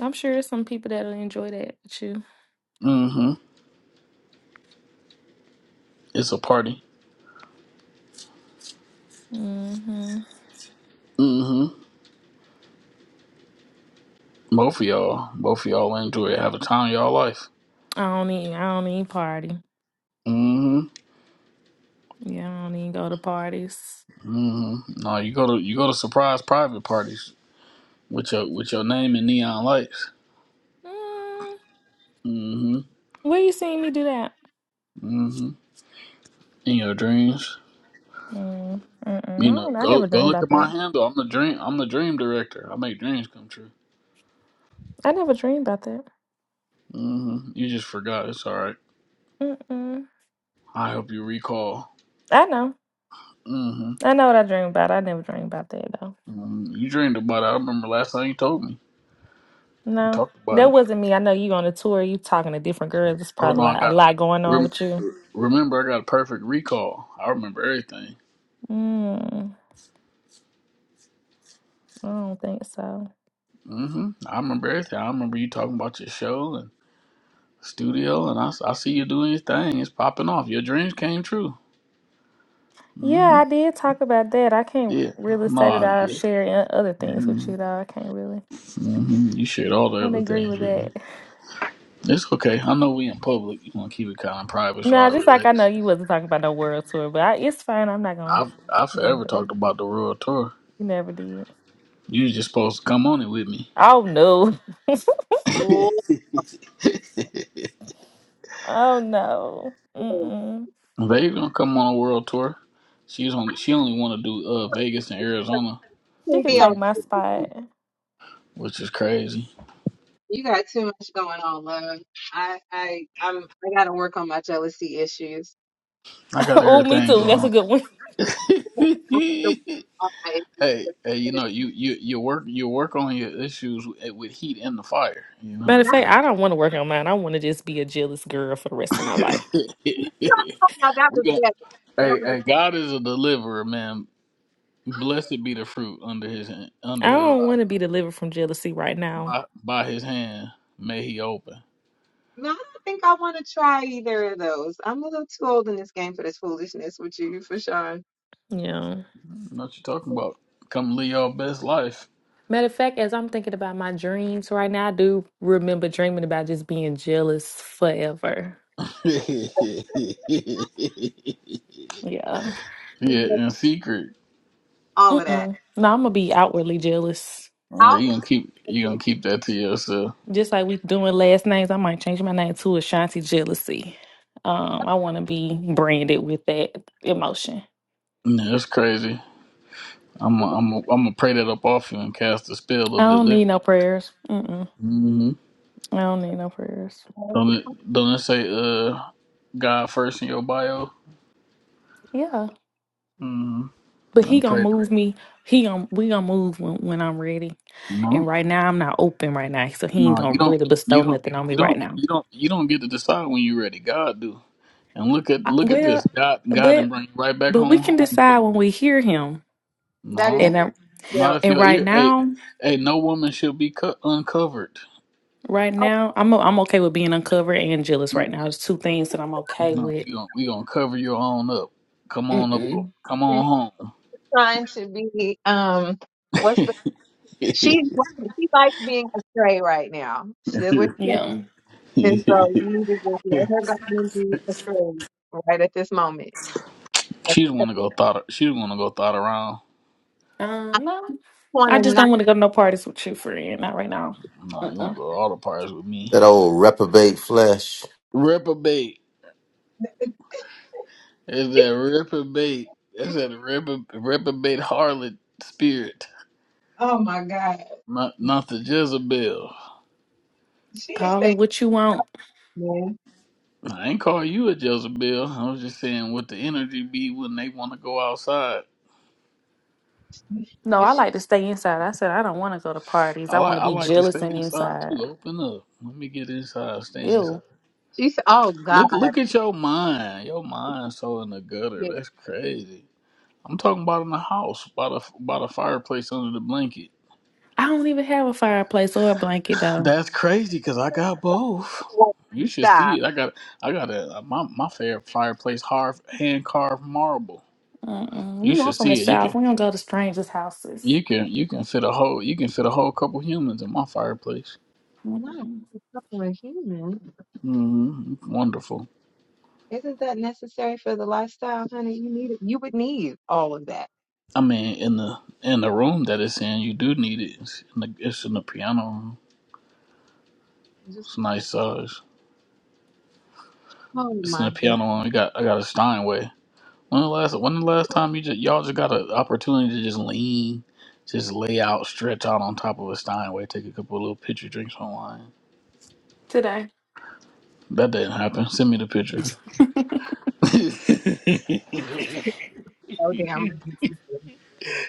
Speaker 8: I'm sure there's some people that'll enjoy that with you.
Speaker 13: hmm. It's a party.
Speaker 8: hmm
Speaker 13: hmm. Both of y'all, both of y'all enjoy it. Have a time of y'all life.
Speaker 8: I don't need I don't need party.
Speaker 13: hmm.
Speaker 8: Yeah, I don't even go to parties.
Speaker 13: hmm. No, you go to, you go to surprise private parties with your, with your name in neon lights.
Speaker 8: Mm,
Speaker 13: hmm.
Speaker 8: where you seen me do that?
Speaker 13: hmm. In your dreams.
Speaker 8: Mm, mm-mm.
Speaker 13: You
Speaker 8: I
Speaker 13: know,
Speaker 8: don't. I
Speaker 13: go
Speaker 8: never
Speaker 13: go
Speaker 8: dreamed
Speaker 13: look
Speaker 8: about
Speaker 13: at my
Speaker 8: that.
Speaker 13: handle. I'm the dream. I'm the dream director. I make dreams come true.
Speaker 8: I never dreamed about that.
Speaker 13: hmm You just forgot. It's all right.
Speaker 8: Mm-mm.
Speaker 13: I hope you recall.
Speaker 8: I know.
Speaker 13: hmm
Speaker 8: I know what I dream about. I never dream about that though.
Speaker 13: mm You dreamed about it. I remember last time you told me. You
Speaker 8: No,
Speaker 13: talked about
Speaker 8: that
Speaker 13: it.
Speaker 8: wasn't me. I know you on a tour. You talking to different girls. It's
Speaker 13: Oh no,
Speaker 8: probably
Speaker 13: I
Speaker 8: like a
Speaker 13: got.
Speaker 8: lot going on
Speaker 13: Rem-
Speaker 8: with you.
Speaker 13: remember, I got a perfect recall. I remember everything.
Speaker 8: Mm, I don't think so.
Speaker 13: hmm I remember everything. I remember you talking about your show and studio, and I, s- I see you doing your thing. It's popping off. Your dreams came true. hmm
Speaker 8: Yeah, I did talk about that. I can't
Speaker 13: Yeah.
Speaker 8: really say that
Speaker 13: No.
Speaker 8: I
Speaker 13: Yeah.
Speaker 8: share in other things with
Speaker 13: Mm-hmm.
Speaker 8: you though. I can't really
Speaker 13: hmm You shared all the
Speaker 8: wouldn't
Speaker 13: other
Speaker 8: agree
Speaker 13: things
Speaker 8: with
Speaker 13: with me.
Speaker 8: that.
Speaker 13: It's okay. I know we in public. You want to keep it kind of private so
Speaker 8: No,
Speaker 13: I
Speaker 8: just like I know
Speaker 13: relax.
Speaker 8: you wasn't talking about no world tour, but I, it's fine. I'm not gonna
Speaker 13: I've I
Speaker 8: bring
Speaker 13: forever talked
Speaker 8: them.
Speaker 13: about the world tour.
Speaker 8: You never did.
Speaker 13: You was just supposed to come on it with me.
Speaker 8: Oh no.
Speaker 9: Ooh,
Speaker 8: Oh no.
Speaker 9: you
Speaker 8: Mm-mm.
Speaker 13: Vegas gonna come on a world tour. She's only she only want to do uh Vegas and Arizona
Speaker 8: She
Speaker 9: can
Speaker 8: could
Speaker 9: be
Speaker 13: with
Speaker 9: on.
Speaker 8: take
Speaker 13: me,
Speaker 8: my spot.
Speaker 13: which is crazy.
Speaker 9: You got too much going on, love. I, I, I'm, I gotta work on my jealousy issues.
Speaker 13: I got
Speaker 8: oh, me
Speaker 13: everything
Speaker 8: too. That's a
Speaker 13: going. On.
Speaker 8: good one.
Speaker 13: hey,
Speaker 9: I have to work on my
Speaker 13: hey, you
Speaker 9: issues.
Speaker 13: know you you you work you work on your issues with with heat and the fire. You know
Speaker 8: Matter of fact,
Speaker 13: that,
Speaker 8: I don't want to work on mine. I want to just be a jealous girl for the rest of my life.
Speaker 13: right?
Speaker 9: Now that
Speaker 13: we
Speaker 9: was
Speaker 13: gon'
Speaker 9: better. That
Speaker 13: Hey,
Speaker 9: was
Speaker 13: hey, God is a deliverer, man. Blessed be the fruit under his hand, under
Speaker 8: I
Speaker 13: his
Speaker 8: don't
Speaker 13: eye.
Speaker 8: want to be delivered from jealousy right now.
Speaker 13: By, by his hand may he open.
Speaker 9: No, I don't think I want to try either of those. I'm a little too old in this game for this foolishness with you, for sure.
Speaker 8: Yeah.
Speaker 13: Know what you talking about? Come live your best life.
Speaker 8: Matter of fact, as I'm thinking about my dreams right now, I do remember dreaming about just being jealous forever.
Speaker 13: yeah,
Speaker 8: Yeah.
Speaker 13: in secret.
Speaker 9: All of that.
Speaker 8: Mm-mm. No, I'm gonna be outwardly jealous.
Speaker 13: Uh,
Speaker 9: Out
Speaker 13: you
Speaker 9: with
Speaker 13: gonna keep you gonna keep that to yourself.
Speaker 8: Just like we doing last names, I might change my name to Ashanti Jealousy. Um, I want to be branded with that emotion.
Speaker 13: Yeah, that's crazy. I'm i I'm i am I'm gonna pray that up off you and cast the spell
Speaker 8: I
Speaker 13: of
Speaker 8: don't
Speaker 13: deliverance.
Speaker 8: need no prayers. Mm-mm.
Speaker 13: hmm
Speaker 8: I don't need no prayers.
Speaker 9: it.
Speaker 13: Don't it, don't it say uh God first in your bio?
Speaker 8: Yeah.
Speaker 13: Mm-hmm.
Speaker 8: But
Speaker 13: I'm
Speaker 8: he gonna
Speaker 13: praying.
Speaker 8: move me. He gonna we gonna move when, when I'm ready.
Speaker 13: No.
Speaker 8: And right now I'm not open right now, so he ain't
Speaker 13: No,
Speaker 8: gonna
Speaker 13: you don't.
Speaker 8: really bestow
Speaker 13: You don't.
Speaker 8: nothing on me
Speaker 13: You
Speaker 8: right
Speaker 13: don't.
Speaker 8: now.
Speaker 13: You don't. You don't get to decide when you're ready. God do. And look at
Speaker 8: I,
Speaker 13: look at
Speaker 8: well,
Speaker 13: this. God God and
Speaker 8: but
Speaker 13: bring you right back
Speaker 8: but we
Speaker 13: home
Speaker 8: can
Speaker 13: home to
Speaker 8: decide
Speaker 13: me.
Speaker 8: when we hear him.
Speaker 9: That is
Speaker 13: No,
Speaker 8: And i
Speaker 13: not
Speaker 9: still
Speaker 13: if
Speaker 8: and
Speaker 13: your
Speaker 8: right
Speaker 13: ear. Hey,
Speaker 8: now,
Speaker 13: hey, no woman should be co- uncovered.
Speaker 8: right
Speaker 9: oh,
Speaker 8: now I'm o- I'm okay with being uncovered and jealous.
Speaker 13: Mm,
Speaker 8: Right now, there's two things that I'm okay
Speaker 13: No,
Speaker 8: with.
Speaker 13: we gonna we gonna cover your own up. Come on up.
Speaker 8: Mm-mm.
Speaker 13: Come
Speaker 9: and
Speaker 13: on home.
Speaker 9: trying to be um what's the she's
Speaker 13: she
Speaker 9: she likes being astray right now. She is what she is.
Speaker 8: Yeah.
Speaker 9: and so you need to just let her go and be astray right at this moment. And
Speaker 13: don't
Speaker 9: so
Speaker 13: want to go thought. She don't want to go thought around.
Speaker 9: I
Speaker 8: Um. No, I
Speaker 9: wanna
Speaker 8: just
Speaker 9: not
Speaker 8: don't want to go to no parties with you, friend. Not right now.
Speaker 13: No,
Speaker 8: Uh.
Speaker 13: you want
Speaker 8: uh
Speaker 13: to go all the parts with me.
Speaker 1: That old reprobate flesh.
Speaker 13: Reprobate. It's that reprobate. It's that repro- reprobate harlot spirit.
Speaker 9: Oh my God.
Speaker 13: Not, not the Jezebel.
Speaker 9: She ain't
Speaker 8: Call it what you want.
Speaker 9: saying
Speaker 13: I ain't call you a Jezebel. I was just saying what the energy be when they want to go outside.
Speaker 8: No,
Speaker 9: But
Speaker 8: I
Speaker 9: she,
Speaker 8: like to stay inside. I said I don't want to go to parties.
Speaker 13: I
Speaker 8: I want
Speaker 13: like
Speaker 8: to
Speaker 13: I
Speaker 8: be
Speaker 13: like to stay
Speaker 8: jealous and
Speaker 13: inside
Speaker 8: inside.
Speaker 13: too. Open up. Let me get inside. Stay inside.
Speaker 8: Ew.
Speaker 9: she's oh God,
Speaker 13: Look look at your mind. Your mind so in the gutter.
Speaker 9: yeah.
Speaker 13: That's crazy. I'm talking about in the house, by the by the fireplace under the blanket.
Speaker 8: I don't even have a fireplace or a blanket though.
Speaker 13: That's crazy because I got both. You should
Speaker 9: Stop.
Speaker 13: see it. I got I got a, a- my my favorite fireplace carved hand carved marble.
Speaker 8: Mm-mm.
Speaker 13: You
Speaker 8: You know I'm
Speaker 13: should
Speaker 8: from the
Speaker 13: see it. You
Speaker 8: south.
Speaker 13: can
Speaker 8: We don't go to strangers' houses.
Speaker 13: you can you can fit a whole you can fit a whole couple humans in my fireplace.
Speaker 8: Mm-mm.
Speaker 9: No, she's fucking a human.
Speaker 13: hmm Wonderful.
Speaker 9: Isn't that necessary for the lifestyle, honey? You need it. You would need all of that.
Speaker 13: I mean, in the in the room that it's in, you do need it. It's in the, it's in the piano room.
Speaker 9: Just
Speaker 13: It's a
Speaker 9: a piece.
Speaker 13: nice size.
Speaker 9: oh
Speaker 13: It's in
Speaker 9: my
Speaker 13: the
Speaker 9: goodness,
Speaker 13: piano room. You got I got a Steinway. When the last when the last time you just y'all just got an opportunity to just lean, just lay out, stretch out on top of a Steinway, take a couple of little picture drinks online.
Speaker 8: Today.
Speaker 13: That didn't happen. Send me the picture.
Speaker 9: so damn. right.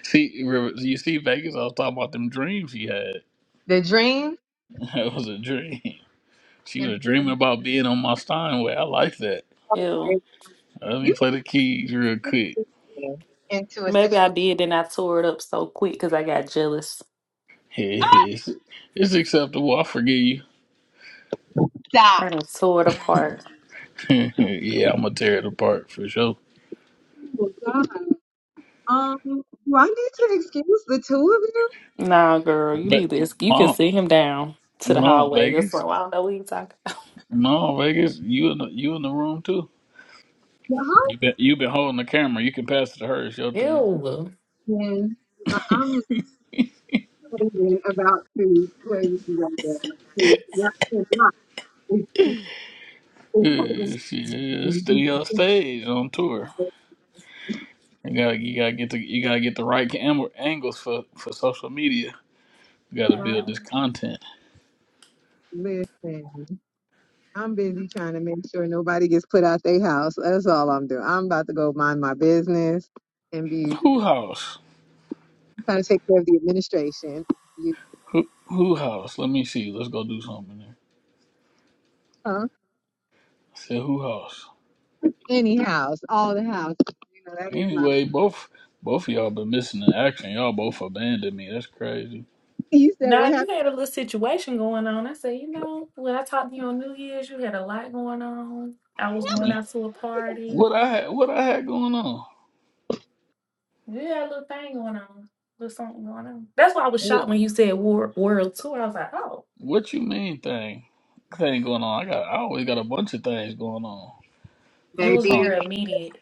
Speaker 13: see, River- you see, Vegas. I was talking about them dreams he had.
Speaker 9: The dream
Speaker 13: That was a dream. She
Speaker 9: and
Speaker 13: was
Speaker 9: the
Speaker 13: dreaming
Speaker 9: dream.
Speaker 13: about being on my Steinway. I like that.
Speaker 9: oh,
Speaker 8: Ew.
Speaker 9: it-
Speaker 13: Let me
Speaker 9: You
Speaker 13: play the keys real
Speaker 9: put
Speaker 13: quick.
Speaker 9: this man into a
Speaker 8: Maybe I
Speaker 9: situation.
Speaker 8: did, then I tore it up so quick because I got jealous.
Speaker 13: It's, it's acceptable. I forgive
Speaker 9: Stop.
Speaker 8: I done tore it apart.
Speaker 13: you. yeah, I'm gonna tear it apart for sure.
Speaker 9: Oh God. Um, do I need to excuse the two of you?
Speaker 8: Nah, girl, you
Speaker 13: But,
Speaker 8: need this. You can
Speaker 13: Mom,
Speaker 8: send him down to the
Speaker 13: No,
Speaker 8: hallway. It's
Speaker 13: Vegas.
Speaker 8: like, well, I don't know what you talking. About.
Speaker 13: No, Vegas. You in the you in the room too.
Speaker 9: The
Speaker 13: You been you been holding the camera. You can pass it to her. It's your turn.
Speaker 8: Ew.
Speaker 9: husband. uh, um, Hogan about to play with you right there. Because not for not, it's, it's
Speaker 13: Yeah,
Speaker 9: Hogan.
Speaker 13: shit, it's still your stage on tour. You gotta you gotta get the you gotta get the right cam- angles for for social media. You gotta build
Speaker 8: Mm-mm.
Speaker 13: this content.
Speaker 9: Listen, I'm busy trying to make sure nobody gets put out their house. That's all I'm doing. I'm about to go mind my business and be
Speaker 13: Who house?
Speaker 9: trying to take care of the administration. You,
Speaker 13: Who who house? Let me see. Let's go do something there.
Speaker 9: huh?
Speaker 13: I said who house?
Speaker 9: Any house, all the houses. You know, that is my.
Speaker 13: Anyway, both both of y'all been missing in action. Y'all both abandoned me. That's crazy.
Speaker 9: You said what
Speaker 8: Now you
Speaker 9: happened,
Speaker 8: had a little situation going on. I said, you know, when I talked to you on New Year's, you had a lot going on. I was
Speaker 13: I
Speaker 8: going
Speaker 13: mean,
Speaker 8: out to a party.
Speaker 13: what I had what I had going on?
Speaker 8: You had a little thing going on, little something going on. That's why I was shocked when you said wor- world tour. I was like, oh,
Speaker 13: What you mean thing? Thing going on. I got I always got a bunch of things going on.
Speaker 8: it
Speaker 13: It
Speaker 8: was
Speaker 9: baby?
Speaker 13: sound
Speaker 8: very immediate.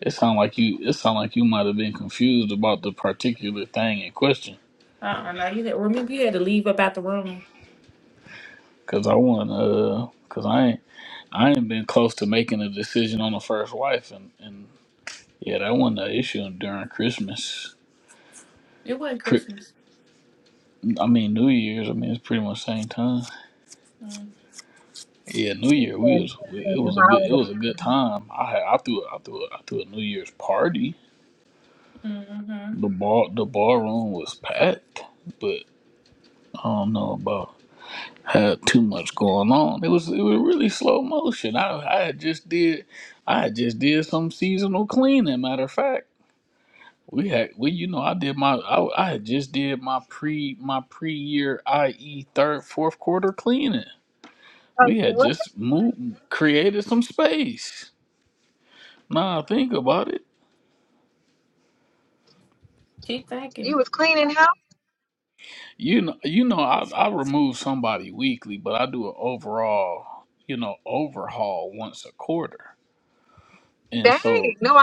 Speaker 13: it sound like you it sound like you might have been confused about the particular thing in question.
Speaker 8: Uh, uh now you had remember you had to leave about the room.
Speaker 13: Cause I want uh cause I ain't I ain't been close to making a decision on the first wife and and yeah that wasn't an issue during Christmas.
Speaker 8: It wasn't
Speaker 13: Cri-
Speaker 8: Christmas.
Speaker 13: I mean New Year's. I mean it's pretty much same time. Yeah, New Year. We
Speaker 9: And,
Speaker 13: was we,
Speaker 9: and
Speaker 13: it
Speaker 9: the
Speaker 13: was a good it
Speaker 9: holiday.
Speaker 13: was a good time. I had, I threw I threw I threw a New Year's party
Speaker 8: Mm-hmm.
Speaker 13: The bar the bar room was packed, but I don't know about had too much going on. It was it was really slow motion. I I had just did I had just did some seasonal cleaning. Matter of fact, we had we you know I did my I, I had just did my pre my pre year IE third fourth quarter cleaning.
Speaker 9: I said,
Speaker 13: We had
Speaker 9: what?
Speaker 13: just moved created some space. Now I think about it.
Speaker 8: Keep
Speaker 9: You
Speaker 8: thinking.
Speaker 9: was cleaning house?
Speaker 13: You know, you know, I I remove somebody weekly, but I do an overall, you know, overhaul once a quarter. And
Speaker 9: Dang!
Speaker 13: so,
Speaker 9: No,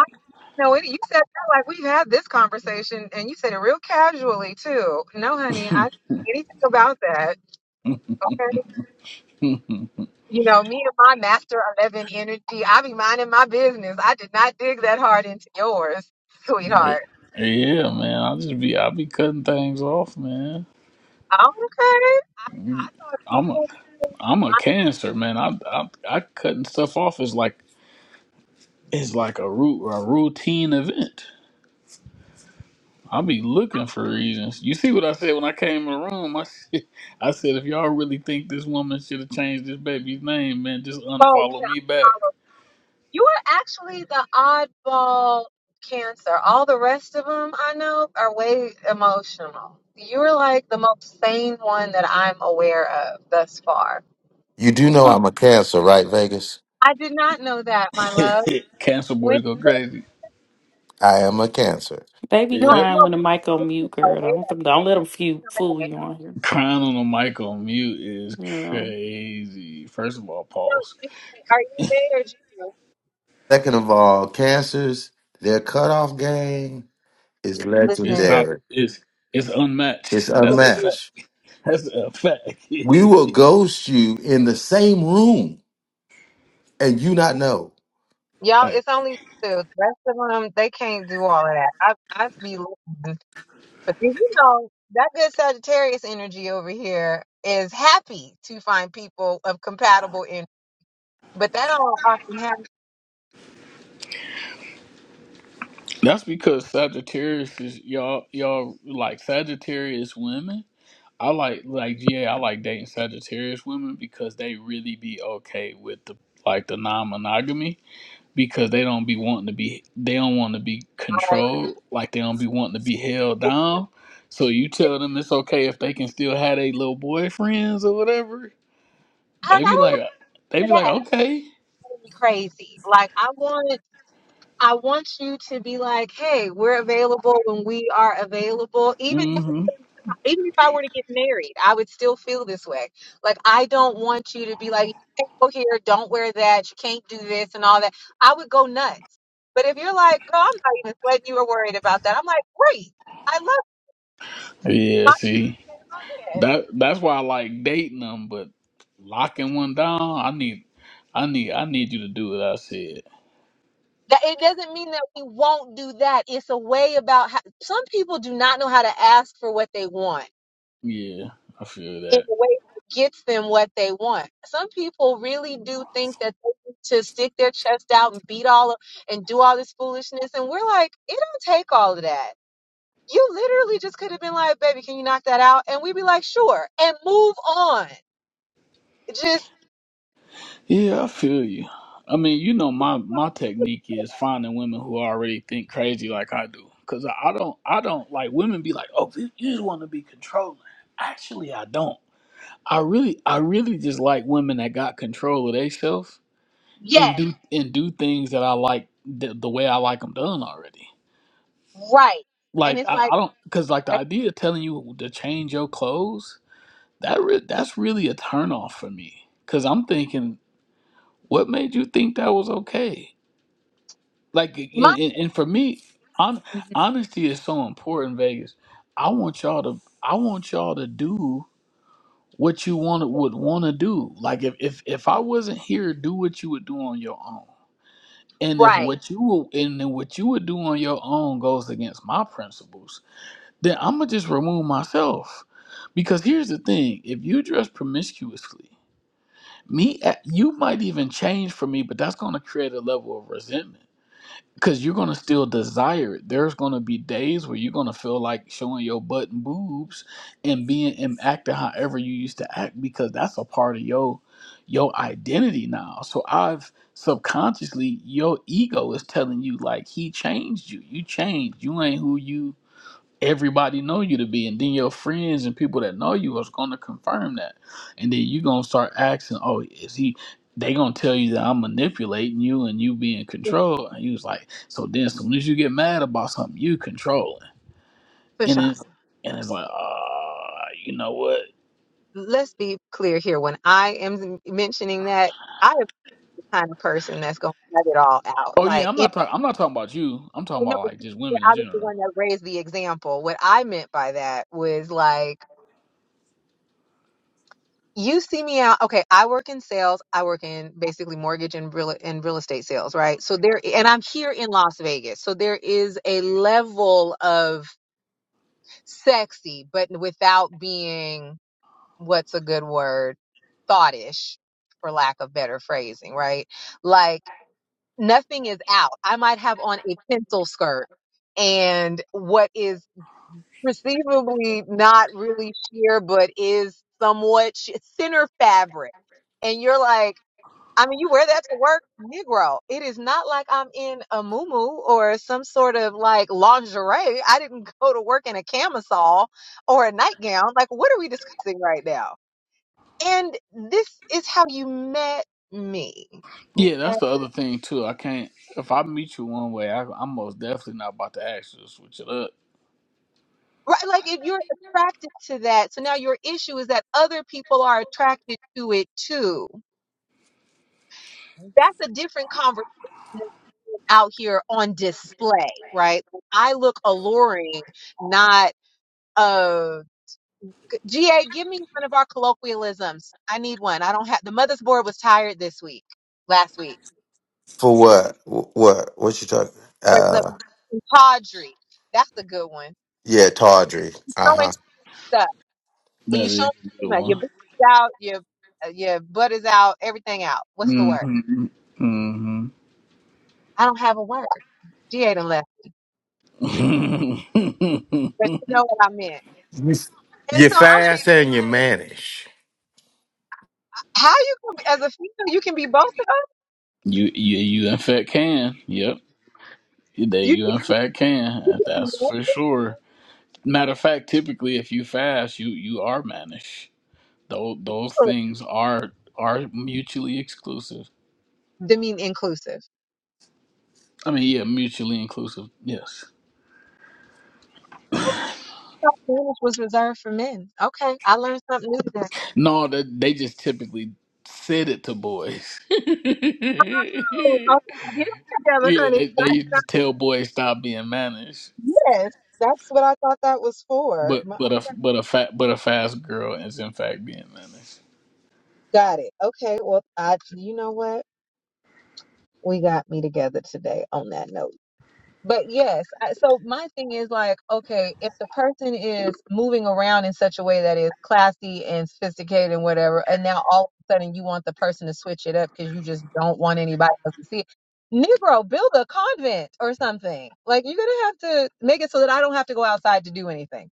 Speaker 9: No, it, you said that like we've had this conversation, and you said it real casually too. No, honey, I anything about that. Okay,
Speaker 13: yeah,
Speaker 9: you know me and my master eleven energy. I be minding my business. I did not dig that hard into yours, sweetheart.
Speaker 13: man, I just be I be cutting things off, man.
Speaker 9: I'm okay. I, I thought
Speaker 13: I'm a
Speaker 9: people
Speaker 13: I'm a
Speaker 9: my
Speaker 13: cancer, man. I I, I cutting stuff off is like is like a root a routine event. I be looking for reasons. You see what I said when I came in the room? I said, I said if y'all really think this woman should have changed this baby's name, man, just
Speaker 9: oh, you
Speaker 13: unfollow me back.
Speaker 9: know, you are actually the oddball cancer. All the rest of them I know are way emotional. You're like the most sane one that I'm aware of thus far.
Speaker 1: You do know
Speaker 13: Uh,
Speaker 1: I'm a cancer, right, Vegas?
Speaker 9: I did not know that, my love.
Speaker 13: Cancel
Speaker 9: When,
Speaker 13: boys go crazy.
Speaker 1: I am a cancer.
Speaker 8: They be
Speaker 9: no,
Speaker 13: Yep.
Speaker 8: crying
Speaker 9: no,
Speaker 8: when the mic
Speaker 9: this
Speaker 8: on
Speaker 9: is
Speaker 8: mute, girl.
Speaker 9: aware.
Speaker 8: Don't don't let them fool you on here.
Speaker 13: Crying on the mic on mute is
Speaker 8: Yeah.
Speaker 13: crazy. First of all,
Speaker 9: No,
Speaker 13: pause.
Speaker 9: you- are you married? You
Speaker 1: Second of all, cancers, their cutoff game is
Speaker 13: It's
Speaker 9: listening to me?
Speaker 13: top.
Speaker 1: legendary.
Speaker 13: It's it's
Speaker 1: It's
Speaker 13: unmatched. That's a fact.
Speaker 1: unmatched.
Speaker 13: That's a fact.
Speaker 1: We will ghost you in the same room and you not know.
Speaker 9: Y'all,
Speaker 13: Like,
Speaker 9: it's only two. The rest of them, they can't do all of that. I, I be listening. for you know that good Sagittarius energy over here is happy to find people of compatible energy, but that don't often happen.
Speaker 13: That's because Sagittarius is y'all y'all like Sagittarius women. I like like yeah, I like dating Sagittarius women because they really be okay with the like the non monogamy because they don't be wanting to be they don't want to be
Speaker 9: Like,
Speaker 13: controlled like they don't be wanting to be held down so you tell them it's okay if they can still have their little boyfriends or whatever
Speaker 9: I, I
Speaker 13: they be
Speaker 9: don't
Speaker 13: like
Speaker 9: look
Speaker 13: they
Speaker 9: for
Speaker 13: be like
Speaker 9: that.
Speaker 13: okay
Speaker 9: That would be crazy. Like, I want. I want you to be like, hey, we're available when we are available. Even if
Speaker 13: hmm
Speaker 9: even if I were to get married, I would still feel this way. Like I don't want you to be like, you can't go here, don't wear that, you can't do this and all that. I would go nuts. But if you're like, girl, I'm not even sweating you or worried about that, I'm like, great. I love you.
Speaker 13: yeah see
Speaker 9: my man.
Speaker 13: that that's why i like dating them but locking one down i need i need i need you to do what i said
Speaker 9: That it doesn't mean that we won't do that. It's a way about how some people do not know how to ask for what they want
Speaker 13: yeah i feel
Speaker 9: in a
Speaker 13: that
Speaker 9: way that gets them what they want. Some people really do think that they need to stick their chest out and beat all of, and do all this foolishness. And we're like, it don't take all of that. You literally just could have been like, baby, can you knock that out? And we'd be like, sure, and move on. Just,
Speaker 13: Yeah, I feel you. I mean, you know, my my technique is finding women who already think crazy like I do, because I, I don't, I don't like women be like, oh, you you just want to be controlling. Actually, I don't. I really, I really just like women that got control of themselves and
Speaker 9: yes,
Speaker 13: do and do things that I like the, the way I like them done already.
Speaker 9: right. And
Speaker 13: Like
Speaker 9: it's
Speaker 13: I,
Speaker 9: like,
Speaker 13: I don't, because like the idea of telling you to change your clothes that re- that's really a turn off for me, because I'm thinking, what made you think that was okay? Like and,
Speaker 9: my,
Speaker 13: and, and for me, hon- honesty is so important, Vegas. I want y'all to I want y'all to do what you want would want to do. Like if, if if I wasn't here, do what you would do on your own. And if
Speaker 9: right.
Speaker 13: what you will, and then what you would do on your own goes against my principles, then I'm gonna just remove myself. Because here's the thing: if you dress promiscuously, me, eh, you might even change for me, but that's gonna create a level of resentment Cause you're gonna still desire it. There's gonna be days where you're gonna feel like showing your butt and boobs and being and acting however you used to act because that's a part of your your identity now. So I've subconsciously your ego is telling you like he changed you. You changed. You ain't who you everybody know you to be and then your friends and people that know you is going to confirm that and then you going to start asking oh is he they going to tell you that i'm manipulating you and you being control. and he was like so then as soon as you get mad about something you controlling and
Speaker 9: Krishan,
Speaker 13: it's and it's like ah, you know what
Speaker 9: let's be clear here. When I am mentioning that, I am the kind of person that's going to cut it all out.
Speaker 13: oh yeah
Speaker 9: Like
Speaker 13: i'm not talking i'm not talking about you i'm talking
Speaker 9: Well, no,
Speaker 13: about
Speaker 9: but
Speaker 13: like just women in
Speaker 9: I was the
Speaker 13: general
Speaker 9: one that raised the example. What I meant by that was like, you see me out. Okay, I work in sales. I work in basically mortgage and real and real estate sales, right? So there, and I'm here in Las Vegas. So there is a level of sexy, but without being what's a good word, thoughtish, for lack of better phrasing, right? Like nothing is out. I might have on a pencil skirt and what is perceivably not really sheer, but is somewhat sh- thinner fabric. And you're like, I mean, you wear that to work, Negro. It is not like I'm in a muumuu or some sort of like lingerie. I didn't go to work in a camisole or a nightgown. Like, what are we discussing right now? And this is how you met me.
Speaker 13: yeah that's
Speaker 9: Right,
Speaker 13: the other thing too i can't if i meet you one way I, i'm most definitely not about to ask you to switch it up
Speaker 9: Right, like if you're attracted to that, so now your issue is that other people are attracted to it too That's a different conversation out here on display, right? I look alluring, not uh GA, give me one of our colloquialisms. I need one. I don't have the mother's board was tired this week, last week.
Speaker 1: For what? Wh- What? What you talking?
Speaker 9: For the
Speaker 1: Uh,
Speaker 9: tawdry. That's a good one.
Speaker 1: yeah, tawdry. Uh
Speaker 9: Showing
Speaker 1: huh.
Speaker 9: stuff. When
Speaker 13: that
Speaker 9: you show
Speaker 13: is a
Speaker 9: too
Speaker 13: good one
Speaker 9: your butt is out, your uh, your butt is out, everything out. What's the word?
Speaker 13: Mm-hmm. Mm-hmm.
Speaker 9: I don't have a word. GA done left. But you know what I meant.
Speaker 1: You-
Speaker 9: And
Speaker 1: You're
Speaker 9: so I'm just
Speaker 1: fast and you're
Speaker 9: like,
Speaker 1: mannish.
Speaker 9: How you can be- as a female, you can be both of us.
Speaker 13: you, you, you in fact can. Yep. That
Speaker 9: You can
Speaker 13: you in fact can. That's
Speaker 9: never
Speaker 13: for sure. Matter of fact, typically, if you fast, you you are mannish. Those those things are are mutually exclusive.
Speaker 9: de- inclusive.
Speaker 13: I mean, yeah, mutually inclusive. Yes.
Speaker 9: I thought Spanish was reserved for men. Okay, I learned something new today.
Speaker 13: No, that they just typically said it to boys.
Speaker 9: Oh,
Speaker 13: yeah,
Speaker 9: okay, get it together, honey.
Speaker 13: they they
Speaker 9: That's
Speaker 13: used
Speaker 9: not,
Speaker 13: to tell boys stop being mannish.
Speaker 9: yes, that's what I thought that was for.
Speaker 13: But
Speaker 9: My,
Speaker 13: but a but a fat but a fast girl is in fact being honest.
Speaker 9: got it. Okay, well, I, you know what? We got me together today on that note. But yes, I, so my thing is like, okay, if the person is moving around in such a way that is classy and sophisticated and whatever, and now all of a sudden you want the person to switch it up because you just don't want anybody else to see it. Negro, build a convent or something. Like you're gonna have to make it so that I don't have to go outside to do anything.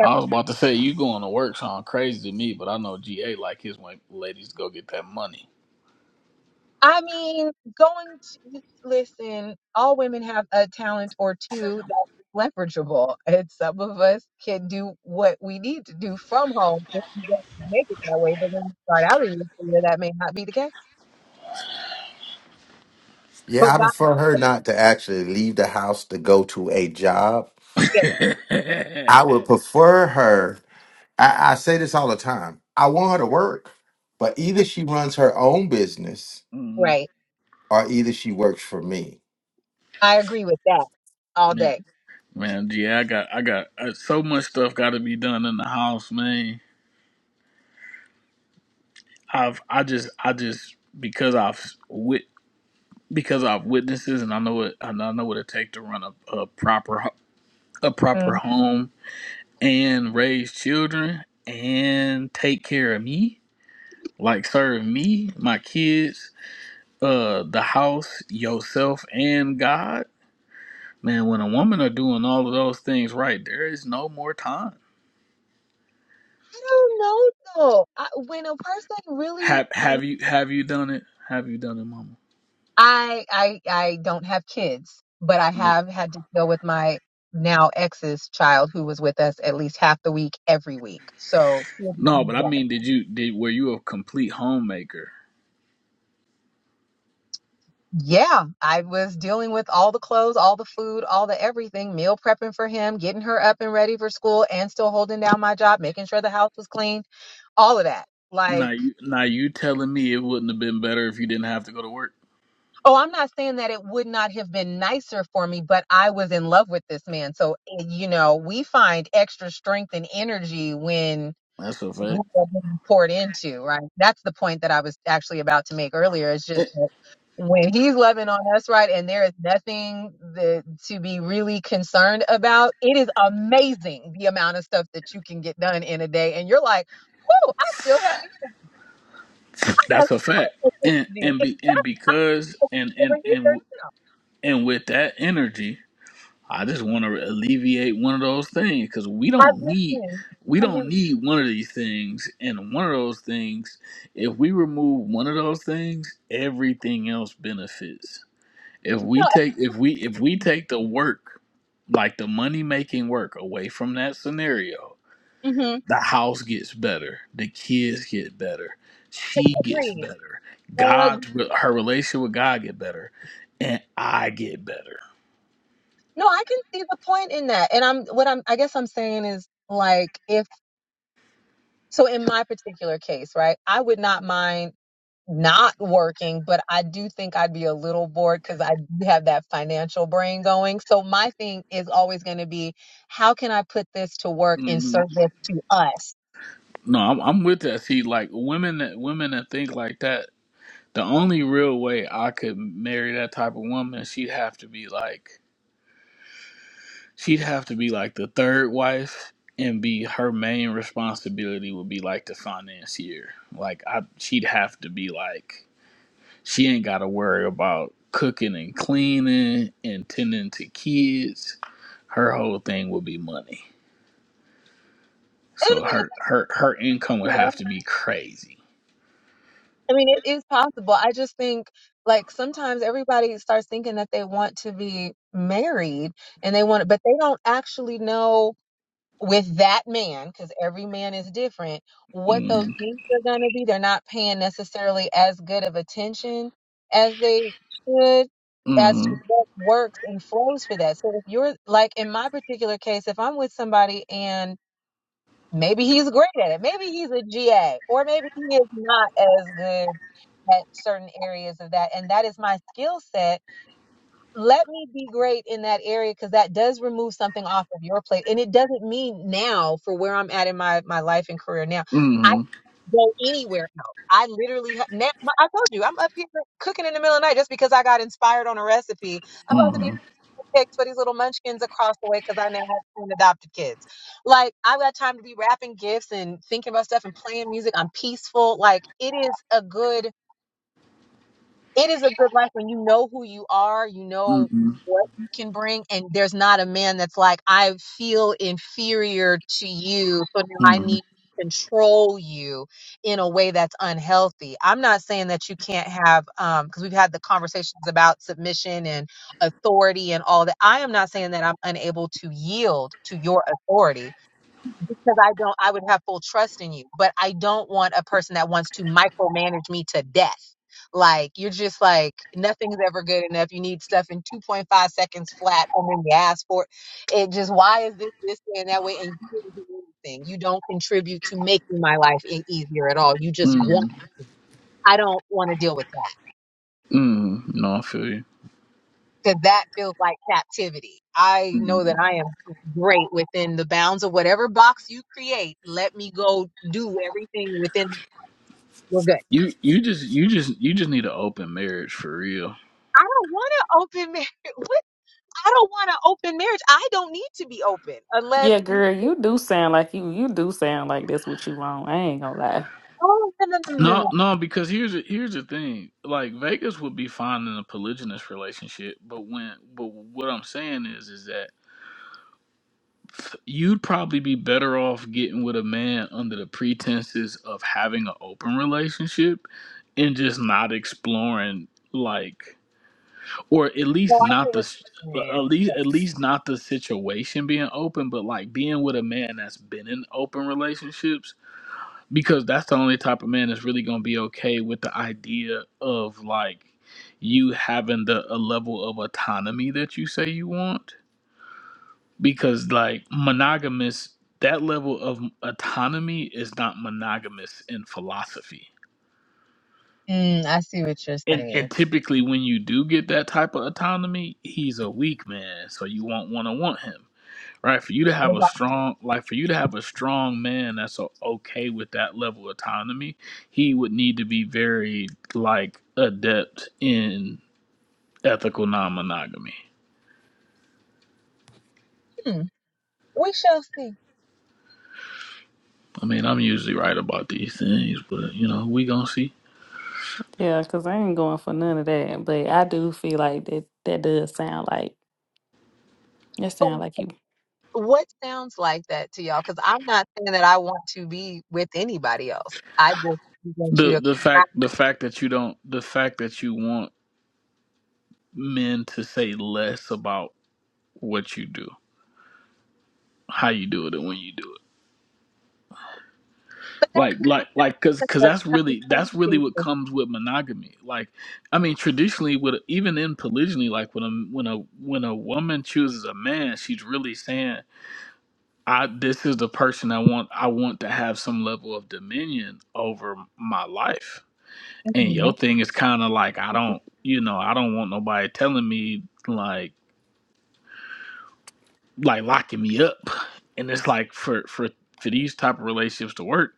Speaker 13: I was about to say you going to work sound crazy to me, but I know GA like his when ladies go get that money.
Speaker 9: I mean, going to listen, all women have a talent or two that's leverageable, and some of us can do what we need to do from home if we don't make it that way. But when you start out in your career, that may not be the case. But
Speaker 1: Yeah, I
Speaker 9: God,
Speaker 1: prefer her not to actually leave the house to go to a job.
Speaker 9: yeah,
Speaker 1: I would prefer her. I, I say this all the time. I want her to work, but
Speaker 9: mm,
Speaker 1: either she runs her own business
Speaker 13: Mm,
Speaker 9: right.
Speaker 1: or either she works for me.
Speaker 9: I agree with that all
Speaker 13: man,
Speaker 9: day.
Speaker 13: man, GA, I got I got uh, so much stuff got to be done in the house, man. I've I just I just because I've wit because I've witnesses and I know what and I know what it take to run a, a proper ho- a proper
Speaker 9: Mm.
Speaker 13: home. and raise children and take care of me, like serve me, my kids, uh, the house, yourself, and God. Man, when a woman are doing all of those things right, there is no more time.
Speaker 9: I don't know though. I, when a person really
Speaker 13: Have have you have you done it? Have you done it, Mama?
Speaker 9: I I I don't have kids, but I
Speaker 13: Uh,
Speaker 9: have had to deal with my now ex's child who was with us at least half the week every week. So
Speaker 13: No, but I mean, did you did were you a complete homemaker?
Speaker 9: yeah, I was dealing with all the clothes, all the food, all the everything, meal prepping for him, getting her up and ready for school and still holding down my job, making sure the house was clean, all of that.
Speaker 13: Now
Speaker 9: Like,
Speaker 13: you now you telling me it wouldn't have been better if you didn't have to go to work?
Speaker 9: oh, I'm not saying that it would not have been nicer for me, but I was in love with this man. So, you know, we find extra strength and energy when
Speaker 13: That's a
Speaker 9: we
Speaker 13: fact.
Speaker 9: are being poured into, right? That's the point that I was actually about to make earlier. It's just that when he's loving on us, right, and there is nothing that, to be really concerned about, it is amazing the amount of stuff that you can get done in a day. And you're like, whoa, I still have, I have
Speaker 13: That's a
Speaker 9: so
Speaker 13: fact.
Speaker 9: much to
Speaker 13: And
Speaker 9: do.
Speaker 13: and
Speaker 9: In
Speaker 13: be and
Speaker 9: fact, I'm
Speaker 13: because
Speaker 9: still
Speaker 13: and
Speaker 9: over
Speaker 13: and
Speaker 9: here.
Speaker 13: and and with that energy, I just want to alleviate one of those things because we
Speaker 9: I've
Speaker 13: don't need
Speaker 9: listened.
Speaker 13: we
Speaker 9: I'm here.
Speaker 13: don't need one of these things. And one of those things, if we remove one of those things, everything else benefits. If we
Speaker 9: No,
Speaker 13: take if we if we take the work like the money making work away from that scenario,
Speaker 9: hmm
Speaker 13: the house gets better, the kids get better, she gets
Speaker 9: Agreed.
Speaker 13: better,
Speaker 9: Uh,
Speaker 13: God, her relationship with God get better, and I get better.
Speaker 9: no, I can see the point in that. And I'm what I'm I guess I'm saying is like if. So in my particular case, right, I would not mind not working, but I do think I'd be a little bored because I do have that financial brain going. So my thing is always going to be, how can I put this to work in
Speaker 13: hmm
Speaker 9: service to us?
Speaker 13: No, I'm, I'm with that. See, like women that women that think like that, the only real way I could marry that type of woman, she'd have to be like she'd have to be like the third wife and be her main responsibility would be like the financier. Like I she'd have to be like She ain't got to worry about cooking and cleaning and tending to kids. Her whole thing would be money.
Speaker 9: And I
Speaker 13: So
Speaker 9: mean,
Speaker 13: her her her income would
Speaker 9: it's-
Speaker 13: have to be crazy.
Speaker 9: I mean, it is possible. I just think like sometimes everybody starts thinking that they want to be married and they want, but they don't actually know with that man, because every man is different, what those
Speaker 13: mm
Speaker 9: needs are going to be. They're not paying necessarily as good of attention as they should as to
Speaker 13: mm
Speaker 9: what works and flows for that. So if you're like in my particular case, if I'm with somebody and maybe he's great at it, maybe he's a GA, or maybe he is not as good at certain areas of that, and that is my skill set let me be great in that area because that does remove something off of your plate and it doesn't mean now for where i'm at in my my life and career now i can
Speaker 13: mm
Speaker 9: go anywhere else i literally ha- now i told you i'm up here cooking in the middle of the night just because i got inspired on a recipe i'm about to be
Speaker 13: mm
Speaker 9: picked for these little munchkins across the way because i now have 10 adopted kids like i've got time to be wrapping gifts and thinking about stuff and playing music i'm peaceful like it is a good it is a good life when you know who you are, you know
Speaker 13: mm
Speaker 9: what you can bring, and there's not a man that's like, I feel inferior to you, so now I need
Speaker 13: mm
Speaker 9: to control you in a way that's unhealthy. I'm not saying that you can't have, um, because we've had the conversations about submission and authority and all that. I am not saying that I'm unable to yield to your authority because I don't, I would have full trust in you. But I don't want a person that wants to micromanage me to death. Like, you're just like, nothing's ever good enough. You need stuff in 2.5 seconds flat, and then you ask for it. It just, why is this, this, way and that way? And you didn't do anything. You don't contribute to making my life e- easier at all. You just want,
Speaker 13: mm
Speaker 9: I don't want to deal with that
Speaker 13: mm No, I feel you.
Speaker 9: because that feels like captivity. I know that
Speaker 13: mm
Speaker 9: I am great within the bounds of whatever box you create. Let me go do everything within We're good.
Speaker 13: You you just you just you just need an open marriage for real.
Speaker 9: I don't want to open marriage. What? I don't want to open marriage. I don't need to be open unless
Speaker 8: Yeah, girl, you do sound like you. You do sound like that's what you want. I ain't gonna lie.
Speaker 9: Oh no no no no
Speaker 13: No,
Speaker 9: no.
Speaker 13: no, because here's the- here's the thing. Like Vegas would be fine in a polygynous relationship, but when but what I'm saying is is that you'd probably be better off getting with a man under the pretenses of having an open relationship and just not exploring like or at
Speaker 9: Oh,
Speaker 13: least
Speaker 9: I hear
Speaker 13: not the
Speaker 9: what you're
Speaker 13: at
Speaker 9: saying.
Speaker 13: least at least not the situation being open but like being with a man that's been in open relationships because that's the only type of man that's really going to be okay with the idea of like you having the a level of autonomy that you say you want because like monogamous that level of autonomy is not monogamous in philosophy
Speaker 9: Mm, I see what you're
Speaker 13: and
Speaker 9: saying.
Speaker 13: and typically when you do get that type of autonomy he's a weak man so you won't want to want him right for you to have
Speaker 9: It's
Speaker 13: a
Speaker 9: like,
Speaker 13: strong like for you to have a strong man that's o- okay with that level of autonomy he would need to be very like adept in ethical non-monogamy
Speaker 9: hmm, we shall see.
Speaker 13: i mean i'm usually right about these things but you know we gonna see
Speaker 8: Yeah, cause I ain't going for none of that. But I do feel like that. That does sound like that.
Speaker 9: But
Speaker 8: Sound like you.
Speaker 9: what sounds like that to y'all. Because I'm not saying that I want to be with anybody else. I just want you
Speaker 13: The
Speaker 9: to.
Speaker 13: the fact the fact that you don't the fact that you want men to say less about what you do, how you do it, and when you do it.
Speaker 9: But that
Speaker 13: Like
Speaker 9: doesn't
Speaker 13: like
Speaker 9: mean
Speaker 13: like cause
Speaker 9: that
Speaker 13: cause
Speaker 9: the
Speaker 13: that's really that's
Speaker 9: condescending
Speaker 13: really
Speaker 9: thing
Speaker 13: what
Speaker 9: is
Speaker 13: comes with monogamy. Like I mean traditionally with even in polygyny, like when a when a when a woman chooses a man, she's really saying, I this is the person I want I want to have some level of dominion over my life And
Speaker 9: Mhm.
Speaker 13: your thing is kind of like I don't, you know, I don't want nobody telling me like like locking me up. And it's like for for for these type of relationships to work,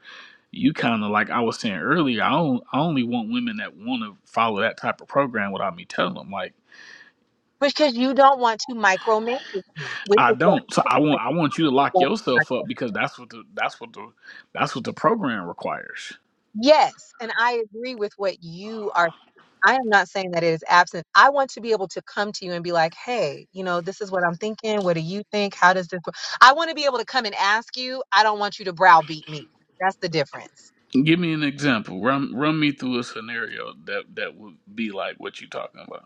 Speaker 13: you kind of like I was saying earlier. I don't, I only want women that want to follow that type of program without me telling them. Like
Speaker 9: because you don't want to micromanage me, which
Speaker 13: I
Speaker 9: is what.
Speaker 13: don't. So I want I want you to lock
Speaker 9: I'm saying.
Speaker 13: yourself up because that's what the that's what the that's what the program requires.
Speaker 9: Yes, and I agree with what you are. I am not saying that it is absent. I want to be able to come to you and be like, hey, you know, this is what I'm thinking. What do you think? How does this work? I want to be able to come and ask you. I don't want you to browbeat me. That's the difference.
Speaker 13: Give me an example. Run run me through a scenario that that would be like what you talking about.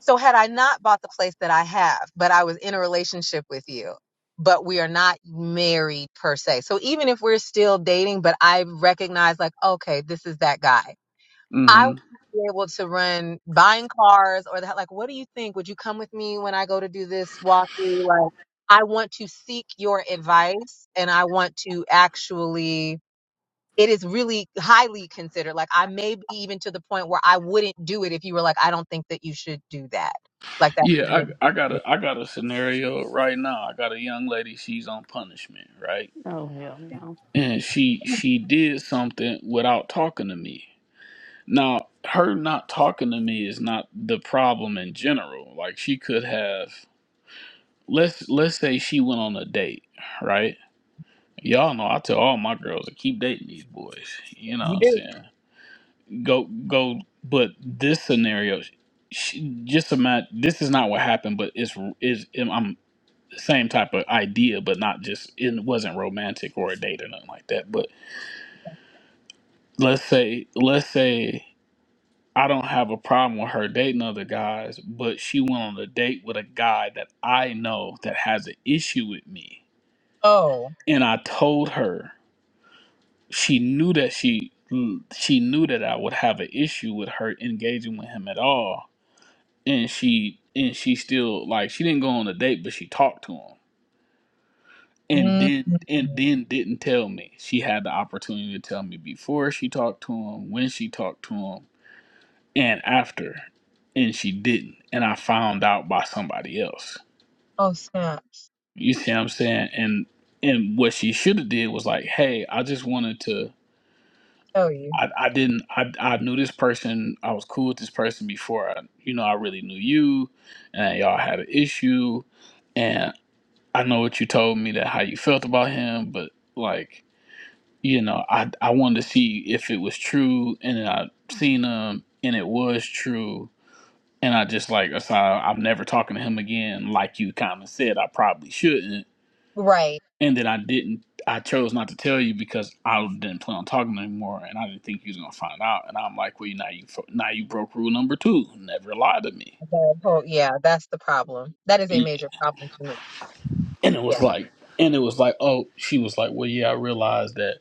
Speaker 9: So, had I not bought the place that I have, but I was in a relationship with you, but we are not married per se. So, even if we're still dating, but I recognize, like, okay, this is that guy. I
Speaker 13: Mm-hmm.
Speaker 9: would be able to run buying cars or the, like, what do you think? Would you come with me when I go to do this walkthrough? Like, I want to seek your advice and I want to actually, it is really highly considered. Like, I may be even to the point where I wouldn't do it if you were like, I don't think that you should do that. Like, that's not
Speaker 13: Yeah,
Speaker 9: it.
Speaker 13: I I got a I got a scenario right now. I got a young lady, she's on punishment, right?
Speaker 8: Oh hell no.
Speaker 13: And she she did something without talking to me. Now, her not talking to me is not the problem in general. Like she could have let's let's say she went on a date, right? Y'all know I tell all my girls to keep dating these boys. You know what
Speaker 9: You
Speaker 13: I'm
Speaker 9: do.
Speaker 13: saying? Go go but this scenario she, just imagine this is not what happened, but it's is I'm same type of idea, but not just it wasn't romantic or a date or nothing like that. But let's say let's say I don't have a problem with her dating other guys, but she went on a date with a guy that I know that has an issue with me,
Speaker 9: Oh.
Speaker 13: and I told her she knew that she she knew that I would have an issue with her engaging with him at all, and she and she still like she didn't go on a date, but she talked to him and
Speaker 9: mm
Speaker 13: then and then didn't tell me. She had the opportunity to tell me before she talked to him, when she talked to him, and after, and she didn't. And I found out by somebody else.
Speaker 9: Oh, snaps.
Speaker 13: You see what I'm saying? And and what she should have did was like, hey, I just wanted to.
Speaker 9: Tell you.
Speaker 13: I, I didn't I, I knew this person I was cool with this person before I you know I really knew you and y'all had an issue and I know what you told me that how you felt about him but like you know, I I wanted to see if it was true, and then I seen him, and it was true, and I just like, so I'm never talking to him again. Like you kind of said, I probably shouldn't,
Speaker 9: Right.
Speaker 13: and then I didn't. I chose not to tell you because I didn't plan on talking to him anymore, and I didn't think you was gonna find out. And I'm like, well, now you fro- now you broke rule number two, never lie to me.
Speaker 9: That whole, yeah, that's the problem. That is a
Speaker 13: Y-
Speaker 9: major problem for me.
Speaker 13: And it
Speaker 9: Yeah.
Speaker 13: was like, and it was like, oh, she was like, well, yeah, I realized that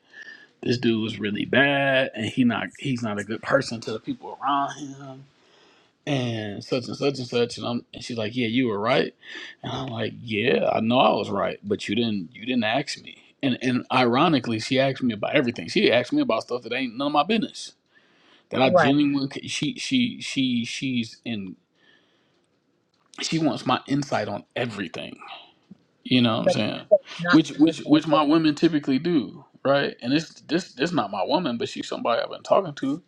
Speaker 13: this dude was really bad, and he not he's not a good person to the people around him and such and such and such and I'm and she's like, Yeah, you were right. And I'm like, Yeah, I know I was right, but you didn't you didn't ask me. And and ironically, she asked me about everything. She asked me about stuff that ain't none of my business. That I
Speaker 9: right.
Speaker 13: genuinely she she she she's in she wants my insight on everything. You know what I'm
Speaker 9: but
Speaker 13: saying?
Speaker 9: that's not
Speaker 13: Which
Speaker 9: the
Speaker 13: which which my women typically do, right? And it's this this not my woman, but she's somebody I've been talking to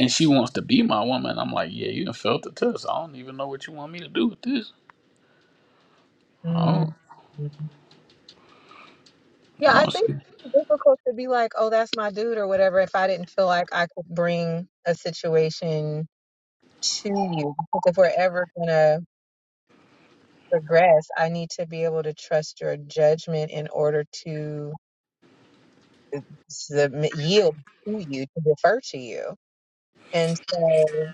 Speaker 13: and she wants to be my woman. I'm like, yeah, you done felt the test. I don't even know what you want me to do with this
Speaker 9: mm
Speaker 13: Oh,
Speaker 9: Mhm. Yeah, I
Speaker 13: no,
Speaker 9: think
Speaker 13: see.
Speaker 9: it's difficult to be like, oh, that's my dude or whatever if I didn't feel like I could bring a situation to you. Because if we're ever going to progress, I need to be able to trust your judgment in order to submit, yield to you, to defer to you. And so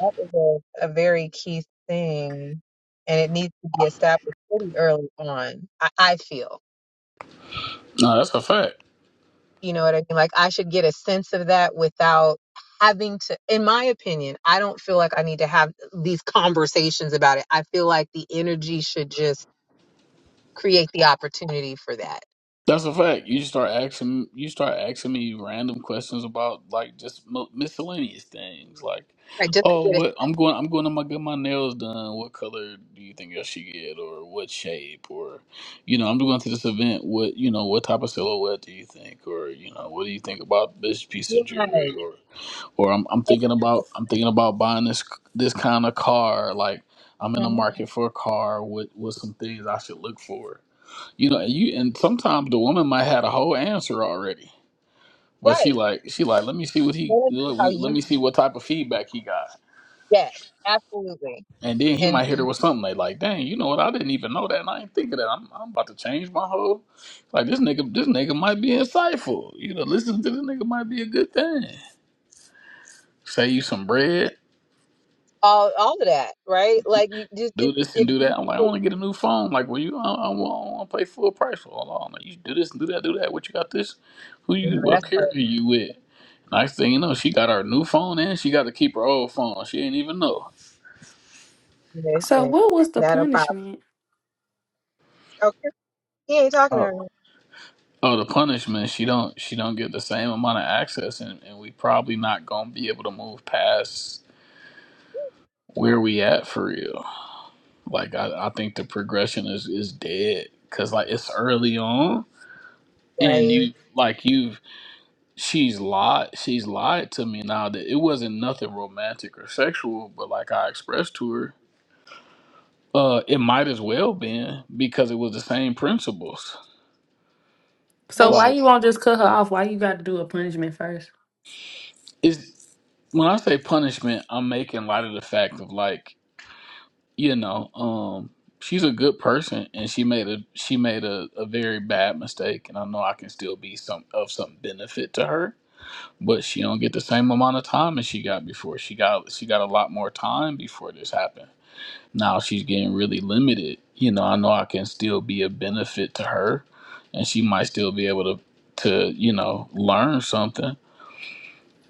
Speaker 9: that is a, a very key thing. And it needs to be established pretty early on, I, I feel.
Speaker 13: no, that's a fact.
Speaker 9: You know what I mean? Like I should get a sense of that without having to in my opinion, I don't feel like I need to have these conversations about it. I feel like the energy should just create the opportunity for that.
Speaker 13: That's a fact. You start asking, you start asking me random questions about like just mi- miscellaneous things, like,
Speaker 9: Right. Just to
Speaker 13: oh,
Speaker 9: get a
Speaker 13: what I'm going, I'm going to my, get my nails done. What color do you think I should get, or what shape, or, you know, I'm going to this event. What, you know, what type of silhouette do you think, or, you know, what do you think about this piece of
Speaker 9: right.
Speaker 13: jewelry, or I'm I'm thinking about I'm thinking about buying this this kind of car. Like I'm in the
Speaker 9: Mhm.
Speaker 13: market for a car with with some things I should look for. You know, and you and sometimes the woman might have a whole answer already. Where she
Speaker 9: Right.
Speaker 13: like she like let me see what he
Speaker 9: That is
Speaker 13: let
Speaker 9: how
Speaker 13: me let
Speaker 9: you
Speaker 13: me see what type of feedback he got.
Speaker 9: yes, absolutely.
Speaker 13: And then he
Speaker 9: And
Speaker 13: might hit her with something they like, dang, you know what? I didn't even know that, and I ain't think of that. I'm, I'm about to change my whole. Like this nigga, this nigga might be insightful. You know, listening to this nigga might be a good thing. Save you some bread
Speaker 9: all all of that, right? Like you just
Speaker 13: do
Speaker 9: it,
Speaker 13: this
Speaker 9: it,
Speaker 13: and do that. I'm like, I
Speaker 9: it
Speaker 13: want to get a new phone. Like, well, you, I, I, want to pay full price for all. I'm like, you do this and do that, do that. What you got this? Who
Speaker 9: you
Speaker 13: you?
Speaker 9: know,
Speaker 13: What
Speaker 9: that's how
Speaker 13: carrier you with? Next thing you know, she got her new phone and she got to keep her old phone. She ain't even know.
Speaker 9: it is,
Speaker 8: So
Speaker 9: and
Speaker 8: what was the
Speaker 9: That'll probably
Speaker 8: punishment?
Speaker 9: okay. He ain't talking to
Speaker 13: Oh,
Speaker 9: her
Speaker 13: Oh, the punishment. She don't. She don't get the same amount of access, and, and we probably not gonna be able to move past where we at for real. Like, I, I think the progression is is dead because like it's early on, and
Speaker 9: right.
Speaker 13: you like you've she's lied she's lied to me now that it wasn't nothing romantic or sexual but like i expressed to her uh it might as well been because it was the same principles
Speaker 8: So
Speaker 9: And she
Speaker 8: why
Speaker 13: like
Speaker 8: you won't just cut her off? Why you got to do a punishment first?
Speaker 13: it's when i say punishment i'm making light of the fact of like you know um she's a good person and she made a she made a, a very bad mistake and i know i can still be some of some benefit to her but she don't get the same amount of time as she got before she got she got a lot more time before this happened now she's getting really limited. You know, I know I can still be a benefit to her, and she might still be able to to you know learn something.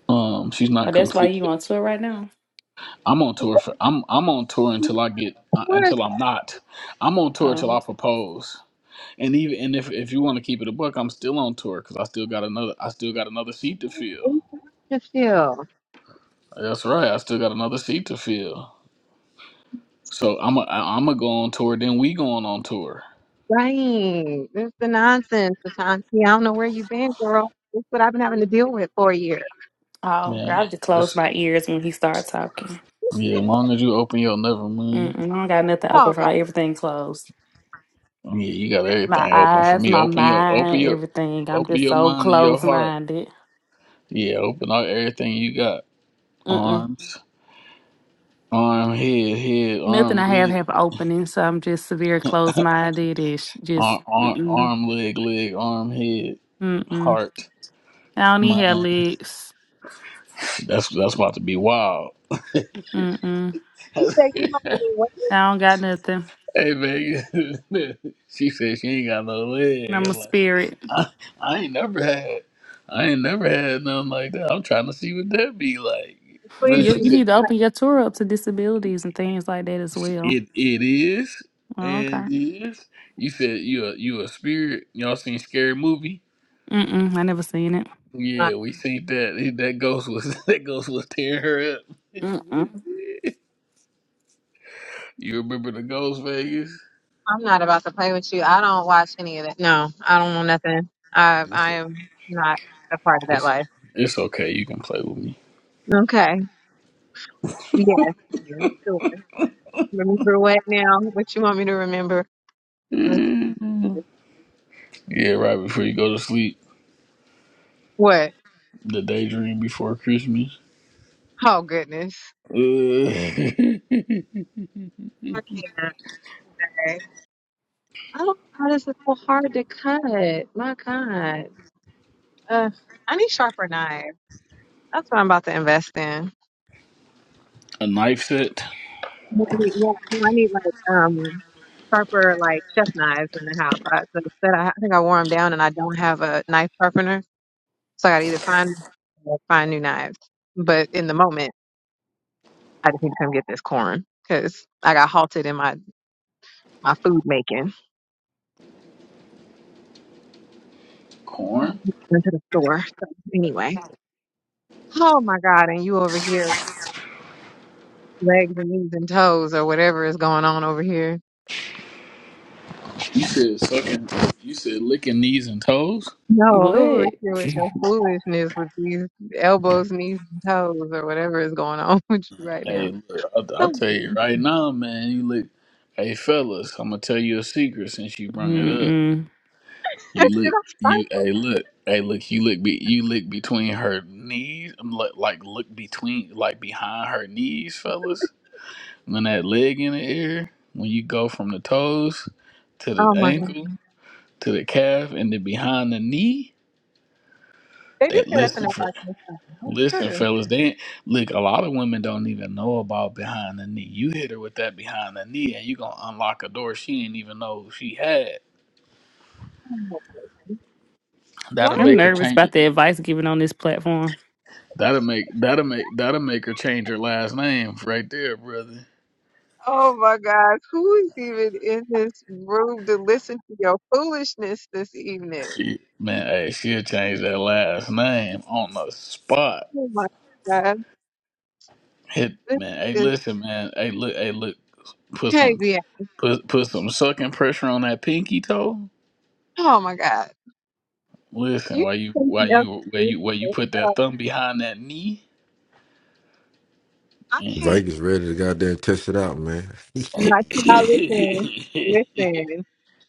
Speaker 13: Um, she's
Speaker 8: Oh,
Speaker 13: not
Speaker 8: that's why you
Speaker 13: completely.
Speaker 8: on tour right now.
Speaker 13: I'm on tour for. I'm I'm on tour until I get uh,
Speaker 9: where is
Speaker 13: until I'm not. I'm on tour till
Speaker 8: Oh,
Speaker 13: I propose. And even and if if you want to keep it a buck, I'm still on tour because I still got another. I still got another seat to fill.
Speaker 9: Lucille?
Speaker 13: That's right. I still got another seat to fill. So I'm a, I- I'm gonna go on tour. Then we going on tour,
Speaker 9: Right. it's the nonsense, Ashanti. I don't know where you've been, girl. That's what I've been having to deal with for a year.
Speaker 8: oh, girl,
Speaker 13: man.
Speaker 8: I just close my ears when he start talking.
Speaker 13: Yeah, as long as you open your never mind.
Speaker 8: Mm-mm, I don't got nothing open
Speaker 9: Oh,
Speaker 8: for
Speaker 9: God.
Speaker 8: her. Everything closed.
Speaker 13: Yeah, you got
Speaker 8: My
Speaker 13: everything open for
Speaker 8: eyes,
Speaker 13: me.
Speaker 8: my
Speaker 13: Open your open
Speaker 8: mind,
Speaker 13: your
Speaker 8: everything. I'm
Speaker 13: open
Speaker 8: just
Speaker 13: your
Speaker 8: so
Speaker 13: mind and your
Speaker 8: close
Speaker 13: heart.
Speaker 8: minded.
Speaker 13: Yeah, open all everything you got. Arms, arm, head, head,
Speaker 8: Nothing
Speaker 13: arm,
Speaker 8: I have
Speaker 13: leg,
Speaker 8: have opening, so I'm just severe closed minded ish. Just
Speaker 13: arm, arm,
Speaker 8: mm-mm,
Speaker 13: arm leg, leg, arm, head,
Speaker 8: mm-mm.
Speaker 13: heart,
Speaker 8: I don't even have
Speaker 13: mind.
Speaker 8: legs.
Speaker 13: That's that's about to be wild.
Speaker 8: Mm-mm.
Speaker 9: You
Speaker 13: hey
Speaker 9: say you don't do what you
Speaker 8: I don't got nothing.
Speaker 13: man, she said she ain't got no leg.
Speaker 8: I'm
Speaker 13: I'm
Speaker 8: a
Speaker 13: like,
Speaker 8: spirit.
Speaker 13: I, I ain't never had, I ain't never had nothing like that. I'm trying to see what that be like. but
Speaker 9: please
Speaker 8: You
Speaker 13: she
Speaker 8: you
Speaker 9: do.
Speaker 13: said.
Speaker 8: need to open your tour up to disabilities and things like that as well.
Speaker 13: It it is
Speaker 8: Oh,
Speaker 13: and
Speaker 8: okay.
Speaker 13: is. You said you a you a spirit. Y'all seen scary movie?
Speaker 8: Mm-mm. I never seen it.
Speaker 9: not.
Speaker 13: Yeah, we seen that. That ghost was that ghost was tearing her up.
Speaker 8: Mm-mm.
Speaker 13: you remember the ghost Vegas?
Speaker 9: I'm not about to play with you. I don't watch any of that. No, I don't know nothing. I I
Speaker 13: It's,
Speaker 9: am not a part of that
Speaker 13: it's
Speaker 9: life.
Speaker 13: it's okay. You can play with me.
Speaker 9: Okay. Yes. yes, Sure. Remember what now? What you want me to remember? Let's
Speaker 13: Mm.
Speaker 9: see.
Speaker 13: Yeah, right before you go to sleep.
Speaker 9: What?
Speaker 13: The daydream before Christmas.
Speaker 9: Oh, goodness.
Speaker 13: Uh,
Speaker 9: I can't. Okay. I don't know why this is so hard to cut. My God. Ugh, I need sharper knives. That's what I'm about to invest in.
Speaker 13: a knife set.
Speaker 9: No, I need, yeah, no, I need like um sharper like chef knives in the house. I, so instead, I, I think I wore them down, and I don't have a knife sharpener, so I got to either find or find new knives. But in the moment, I just need to come get this corn because I got halted in my my food making
Speaker 13: Corn.
Speaker 9: into the store. So anyway, oh my God, and you over here legs and knees and toes or whatever is going on over here.
Speaker 13: You said sucking. You said licking knees and toes.
Speaker 9: No, over
Speaker 8: What?
Speaker 9: here with your foolishness with these elbows, knees, and toes, or whatever is going on with you right now.
Speaker 13: Hey, look, i I'll tell you right now, man. You look, hey fellas, I'm gonna tell you a secret since you brought it up.
Speaker 8: Mm-mm.
Speaker 13: You
Speaker 9: did
Speaker 13: look,
Speaker 9: I
Speaker 13: you
Speaker 9: start?
Speaker 13: hey look, hey look, you look, be, you look between her knees, um, like, like look between, like behind her knees, fellas. When that leg in the air, when you go from the toes to the
Speaker 9: Oh my God.
Speaker 13: ankle to the calf and then behind the knee,
Speaker 9: They do
Speaker 13: that
Speaker 9: say that to
Speaker 13: listen for
Speaker 9: nobody. That's
Speaker 13: Listen,
Speaker 9: true.
Speaker 13: fellas, they look. A lot of women don't even know about behind the knee. You hit her with that behind the knee, and you gonna unlock a door she didn't even know she had.
Speaker 9: Why?
Speaker 13: That'll
Speaker 9: are
Speaker 8: I'm
Speaker 9: you-
Speaker 13: make her
Speaker 8: nervous
Speaker 13: change it.
Speaker 8: about the advice given on this platform.
Speaker 13: That'll make that'll make that'll make her change her last name right there, brother.
Speaker 9: Oh my God. Who is even in this room to listen to your foolishness this evening?
Speaker 13: She man, hey, she'll change that last name on the spot.
Speaker 9: Oh my God.
Speaker 13: Hit
Speaker 9: This
Speaker 13: man, hey,
Speaker 9: is
Speaker 13: listen, man, hey, look, hey, look, put some
Speaker 9: crazy.
Speaker 13: put put some sucking pressure on that pinky toe.
Speaker 9: Oh my God.
Speaker 13: Listen,
Speaker 9: You
Speaker 13: while you
Speaker 9: think
Speaker 13: while
Speaker 9: else
Speaker 13: you
Speaker 9: to
Speaker 13: while
Speaker 9: do
Speaker 13: you
Speaker 9: with
Speaker 13: while you
Speaker 9: this
Speaker 13: put that
Speaker 9: stuff.
Speaker 13: thumb behind that knee.
Speaker 9: I
Speaker 13: Who
Speaker 9: can't.
Speaker 16: Vegas ready to goddamn test it out, man.
Speaker 9: No, y'all listen, listen.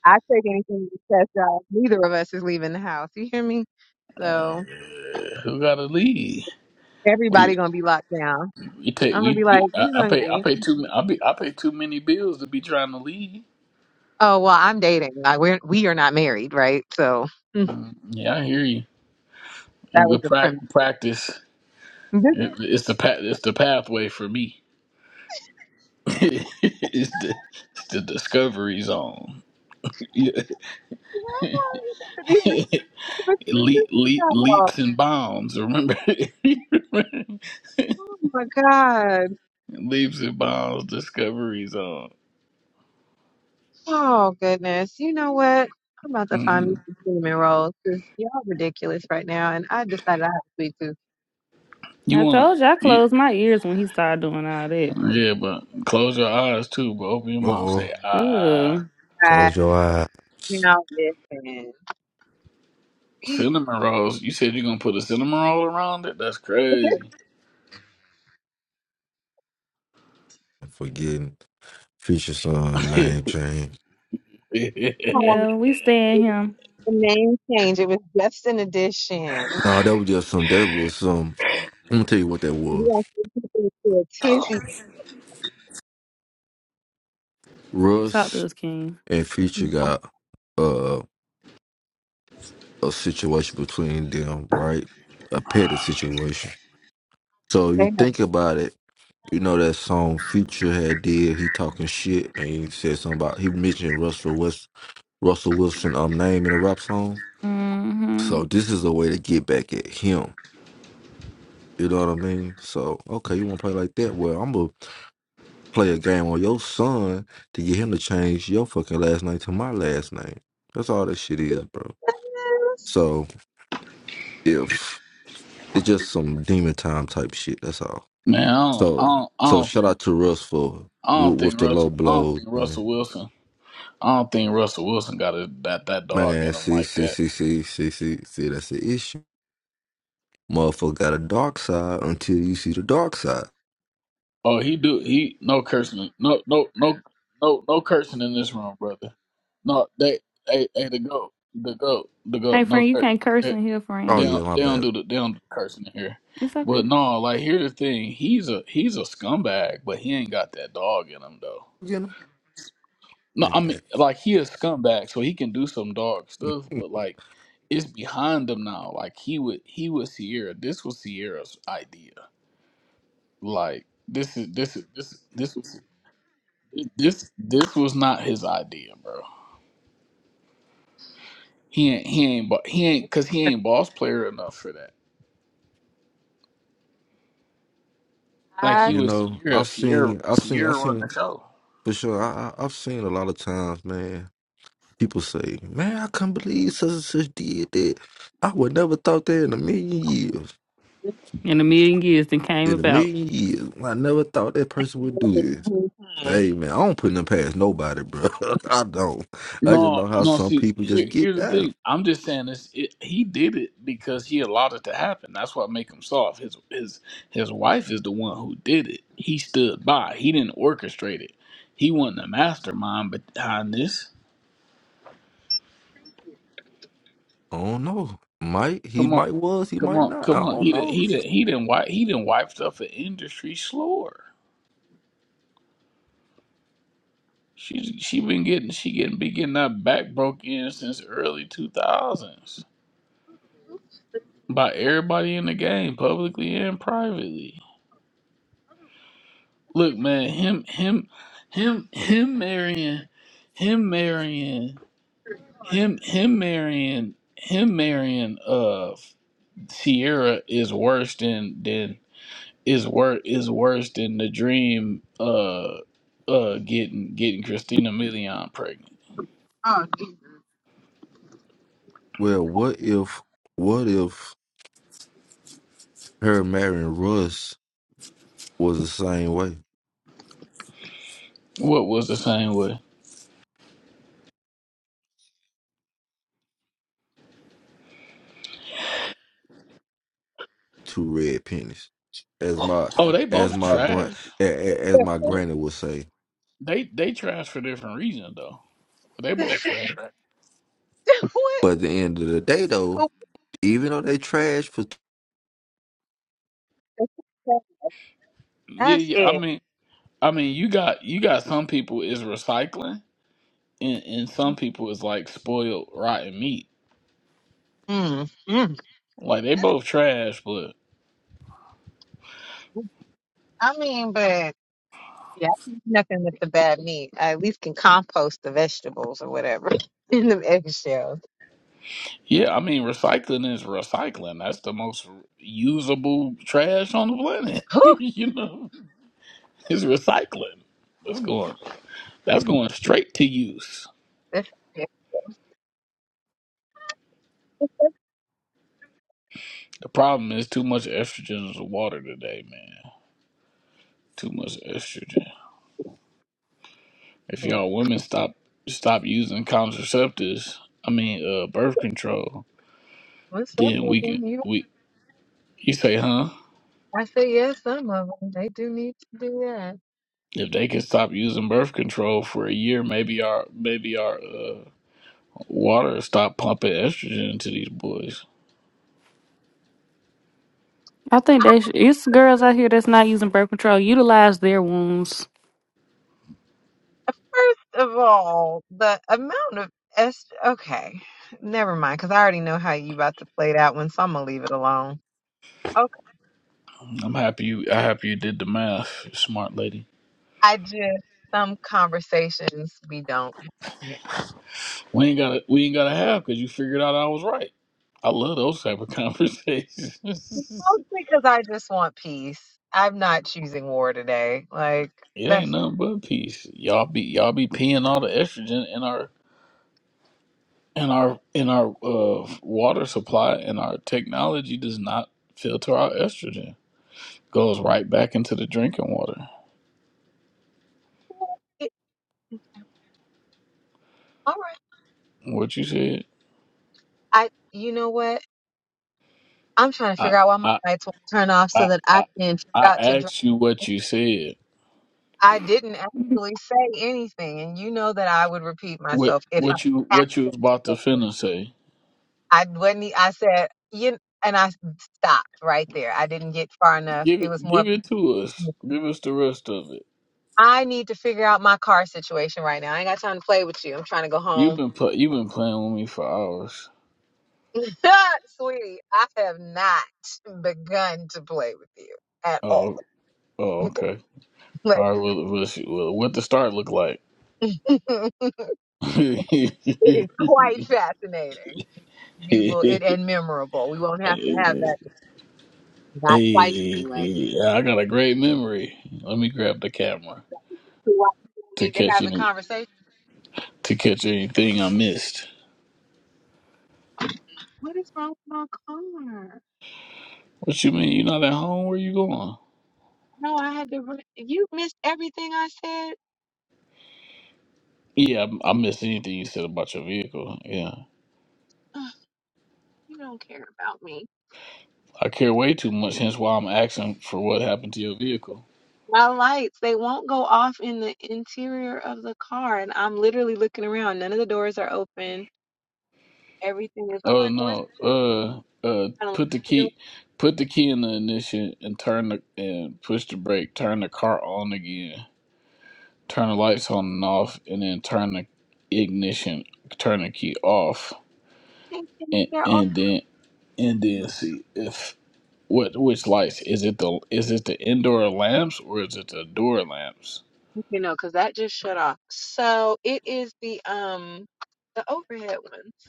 Speaker 9: I take anything to test y'all. Neither of us is leaving the house. You hear me? So
Speaker 13: gotta leave? We
Speaker 9: everybody gonna be locked down.
Speaker 13: we take
Speaker 9: I'm gonna
Speaker 13: we
Speaker 9: be like,
Speaker 13: we- I,
Speaker 9: you
Speaker 13: I pay I
Speaker 9: hungry?
Speaker 13: pay too I be I pay too many bills to be trying to leave.
Speaker 9: Oh well, I'm dating. Like we're we are not married, right? So mm,
Speaker 13: Mm, Yeah, I hear you.
Speaker 9: that was
Speaker 13: With
Speaker 9: the
Speaker 13: prac
Speaker 9: premise.
Speaker 13: practice,
Speaker 9: This
Speaker 13: it, it's the pa- it's the pathway for me. it's the it's the discovery zone. Yeah.
Speaker 9: is what happens. These are
Speaker 13: leap, leap, leaps and bounds. Remember,
Speaker 9: stupid things. Oh my god.
Speaker 13: leaps and bounds. Discovery zone.
Speaker 9: Oh goodness. You know what? I'm about to find me
Speaker 13: Mm.
Speaker 9: some cinnamon rolls because y'all ridiculous right now, and I decided I have to sweet tooth.
Speaker 13: You
Speaker 8: I
Speaker 13: wanna?
Speaker 8: told you I closed my ears when he started doing all that.
Speaker 13: Yeah, but close your eyes too, but open your
Speaker 16: uh
Speaker 13: mouth.
Speaker 16: oh.
Speaker 13: Say, ah,
Speaker 8: Ew.
Speaker 16: Close your
Speaker 9: Bye.
Speaker 16: eyes.
Speaker 9: Now listen. Be-
Speaker 13: cinnamon rolls. You said you're gonna put a cinnamon roll around it? That's
Speaker 9: but This
Speaker 13: crazy.
Speaker 16: I'm forgetting Future Son
Speaker 13: Man,
Speaker 16: name change.
Speaker 13: I
Speaker 9: song
Speaker 8: Yeah, we stand
Speaker 9: it was
Speaker 8: him.
Speaker 9: the name change. It was just an addition.
Speaker 16: Nah, that was just some that was some I'm gonna tell you what that
Speaker 9: We
Speaker 16: was.
Speaker 9: are people to a tizzy.
Speaker 8: Talk to
Speaker 16: Russ
Speaker 8: us, King.
Speaker 16: and Future got uh a situation between them, right? A petty situation. So you think about it, you know that song Future had did, he talking shit and he said something about he mentioned Russell West Russell Wilson um name in a rap song.
Speaker 8: hmm
Speaker 16: So this is a way to get back at him. You know what I mean? So okay, you want to play like that? Well, I'm gonna play a game on your son to get him to change your fucking last name to my last name. That's all that shit is, bro.
Speaker 9: Yes.
Speaker 16: So if it's just some demon time type shit, that's all.
Speaker 13: don't,
Speaker 16: So
Speaker 13: I
Speaker 16: so shout
Speaker 13: don't,
Speaker 16: out to Russ for
Speaker 13: I
Speaker 16: with,
Speaker 13: don't think, I don't
Speaker 16: with
Speaker 13: think
Speaker 16: the low
Speaker 13: Russell, I don't
Speaker 16: blows,
Speaker 13: think
Speaker 16: man.
Speaker 13: Russell Wilson, I don't think Russell Wilson got a, that that dog
Speaker 16: Man,
Speaker 13: in him
Speaker 16: see,
Speaker 13: like
Speaker 16: see,
Speaker 13: that.
Speaker 16: see, see, see, see, see, that's the issue. Motherfucker got a dark side until you see the dark side.
Speaker 13: Oh, he do, he no cursing, no, no, no, no, no cursing in this room, brother. No, they, hey, hey, the goat, the goat, the goat,
Speaker 8: Hey,
Speaker 13: no
Speaker 8: friend, you
Speaker 13: curse.
Speaker 8: can't curse in here,
Speaker 16: Oh
Speaker 13: They
Speaker 8: friend.
Speaker 16: yeah,
Speaker 13: don't,
Speaker 16: my
Speaker 13: they don't
Speaker 16: bad.
Speaker 13: do the they don't do the cursing in here.
Speaker 8: It's okay.
Speaker 13: But no, like here's the thing. He's a he's a scumbag, but he ain't got that dog in him though.
Speaker 16: You
Speaker 13: No, I
Speaker 16: know.
Speaker 13: mean like he a scumbag, so he can do some dog stuff, but like it's behind him now. Like he would he was Sierra. This was Sierra's idea. Like this is this is this this was this this was not his idea, bro. He ain't he ain't bo- he ain't cause he ain't boss player enough for that. Like
Speaker 9: I
Speaker 13: he
Speaker 16: You
Speaker 13: was
Speaker 16: know,
Speaker 13: Sierra,
Speaker 16: I've
Speaker 13: Sierra
Speaker 16: seen, I've seen,
Speaker 13: Sierra
Speaker 16: I've
Speaker 13: run
Speaker 16: seen
Speaker 13: the show.
Speaker 16: for sure. I, I, I've seen a lot of times, man. People say, "Man, I can't believe such and such did that." I would never thought that in a million years.
Speaker 9: just
Speaker 8: In a million years, then came
Speaker 16: In a
Speaker 8: about.
Speaker 16: million years, I never thought that person would
Speaker 9: remember
Speaker 16: do
Speaker 9: the
Speaker 16: this.
Speaker 9: whole time.
Speaker 16: Hey, man, I don't put them past nobody, bro. I don't. I just
Speaker 13: No,
Speaker 16: know how
Speaker 13: no.
Speaker 16: some
Speaker 13: See,
Speaker 16: people just
Speaker 13: here,
Speaker 16: get
Speaker 13: here's the
Speaker 16: down.
Speaker 13: thing. I'm just saying this. It, he did it because he allowed it to happen. That's what make him soft. His his his wife is the one who did it. He stood by. He didn't orchestrate it. He wasn't the mastermind behind this.
Speaker 16: I don't know. Might he
Speaker 13: Come on,
Speaker 16: might was he
Speaker 13: come
Speaker 16: might
Speaker 13: on,
Speaker 16: not.
Speaker 13: come
Speaker 16: I
Speaker 13: on.
Speaker 16: don't
Speaker 13: He didn't.
Speaker 16: know.
Speaker 13: He didn't. He didn't wipe. He didn't wiped up an industry slower. She she been getting she getting been getting that back broke in since early two thousands by everybody in the game, publicly and privately. Look, man, him, him, him, him marrying, him marrying, him, him marrying, him marrying. Uh, Sierra is worse than than is worse is worse than the dream. Uh, uh, getting getting Christina Milian pregnant.
Speaker 9: Oh, dude.
Speaker 16: Well, what if what if her marrying Russ was the same way?
Speaker 13: What was the same way?
Speaker 16: two red pennies, as my
Speaker 13: Oh, they
Speaker 16: as
Speaker 13: both
Speaker 16: my grand
Speaker 13: trash.
Speaker 16: as my
Speaker 13: They
Speaker 16: granny would say.
Speaker 13: they they trash for different reasons though. They both trash.
Speaker 9: what?
Speaker 16: But at the end of the day, though,
Speaker 9: But
Speaker 16: even though they trash for
Speaker 13: Yeah,
Speaker 9: That's
Speaker 13: yeah. I
Speaker 9: it.
Speaker 13: mean, I mean, you got you got some people is recycling. and, and some people is like spoiled rotten meat.
Speaker 9: Mm, mm.
Speaker 13: Like they
Speaker 9: That is-
Speaker 13: both trash, but
Speaker 9: I mean, but yeah, I think nothing with the bad meat. I at least can compost the vegetables or whatever in the eggshells.
Speaker 13: yeah, I mean recycling is recycling. That's the most usable trash on the planet.
Speaker 9: Whew,
Speaker 13: you know, it's recycling. That's going. That's going straight to use.
Speaker 9: that's-
Speaker 13: The problem is too much estrogen in the water today, man. Too much estrogen. If y'all women stop stop using contraceptives, I mean uh birth control,
Speaker 9: What's up,
Speaker 13: then
Speaker 9: with
Speaker 13: we can
Speaker 9: them?
Speaker 13: we. You say, huh?
Speaker 9: I say yes, some of them they do need to do that.
Speaker 13: If they could stop using birth control for a year, maybe our maybe our uh, water will stop pumping estrogen into these boys.
Speaker 8: I think they should. It's girls out here that's not using birth control. Utilize their wounds.
Speaker 9: Uh, First of all, the amount of es- okay, never mind, because I already know how you about to play that one, so I'm gonna leave it alone. Okay,
Speaker 13: I'm happy you. I happy you did the math, you smart lady.
Speaker 9: I just some conversations we don't. Yeah.
Speaker 13: We ain't gotta we ain't gotta have because you figured out I was right. I love those type of conversations.
Speaker 9: Mostly because I just want peace. I'm not choosing war today. Like
Speaker 13: it ain't
Speaker 9: that's
Speaker 13: nothing but peace. Y'all be y'all be peeing all the estrogen in our in our in our uh, water supply, and our technology does not filter our estrogen. Goes right back into the drinking water.
Speaker 9: it, all right.
Speaker 13: What you said?
Speaker 9: I you know what? I'm trying to
Speaker 13: I
Speaker 9: figure out why my
Speaker 13: I
Speaker 9: lights won't turn off so
Speaker 13: I
Speaker 9: that I
Speaker 13: I,
Speaker 9: can figure
Speaker 13: I
Speaker 9: out to drive.
Speaker 13: asked you what you said.
Speaker 9: I didn't actually say anything, and you know that I would repeat
Speaker 13: What
Speaker 9: myself if I
Speaker 13: what you what you
Speaker 9: actually
Speaker 13: was about to
Speaker 9: said it.
Speaker 13: finna say?
Speaker 9: I wasn't. e- I said you, and I stopped right there. I didn't get far enough.
Speaker 13: Give
Speaker 9: It
Speaker 13: it
Speaker 9: was more.
Speaker 13: give it to us. Give us the rest of it.
Speaker 9: I need to figure out my car situation right now. I ain't got time to play with you. I'm trying to go
Speaker 13: You've
Speaker 9: home,
Speaker 13: been pl- you've been playing with me for hours.
Speaker 9: sweetie. I have not begun to play with you at all.
Speaker 13: Oh oh okay.
Speaker 9: Like,
Speaker 13: All right. Well, well, she- well what the start look like?
Speaker 9: it
Speaker 13: hey,
Speaker 9: is quite fascinating. You will it and memorable. We won't have to have that not twice anyway
Speaker 13: I got a great memory. Let me grab the camera
Speaker 9: to why don't
Speaker 13: to
Speaker 9: need to
Speaker 13: catch
Speaker 9: have the
Speaker 13: any
Speaker 9: conversation.
Speaker 13: to catch anything I missed.
Speaker 9: What is wrong with my car?
Speaker 13: What you mean? You not at home? Where you going?
Speaker 9: No, I had to. Run. You missed everything I said.
Speaker 13: Yeah, I I missed anything you said about your vehicle. Yeah,
Speaker 9: Ugh, you don't care about me.
Speaker 13: I care way too much. Hence why I'm asking for what happened to your vehicle.
Speaker 9: My lights, they won't go off in the interior of the car, and I'm literally looking around. None of the doors are open. Everything is. I'm
Speaker 13: Oh
Speaker 9: like, what's
Speaker 13: no. Uh, uh,
Speaker 9: going on?
Speaker 13: put the
Speaker 9: No,
Speaker 13: key, put the key in the ignition and turn the and push the brake. Turn the car on again. Turn the lights on and off, and then turn the ignition. Turn the key off,
Speaker 9: can't turn-
Speaker 13: and
Speaker 9: They're off.
Speaker 13: and then and then
Speaker 9: No,
Speaker 13: see if What which lights? Is it the is it the indoor lamps or is it the door lamps?
Speaker 9: You know, because that just shut off. So it is the um the overhead ones.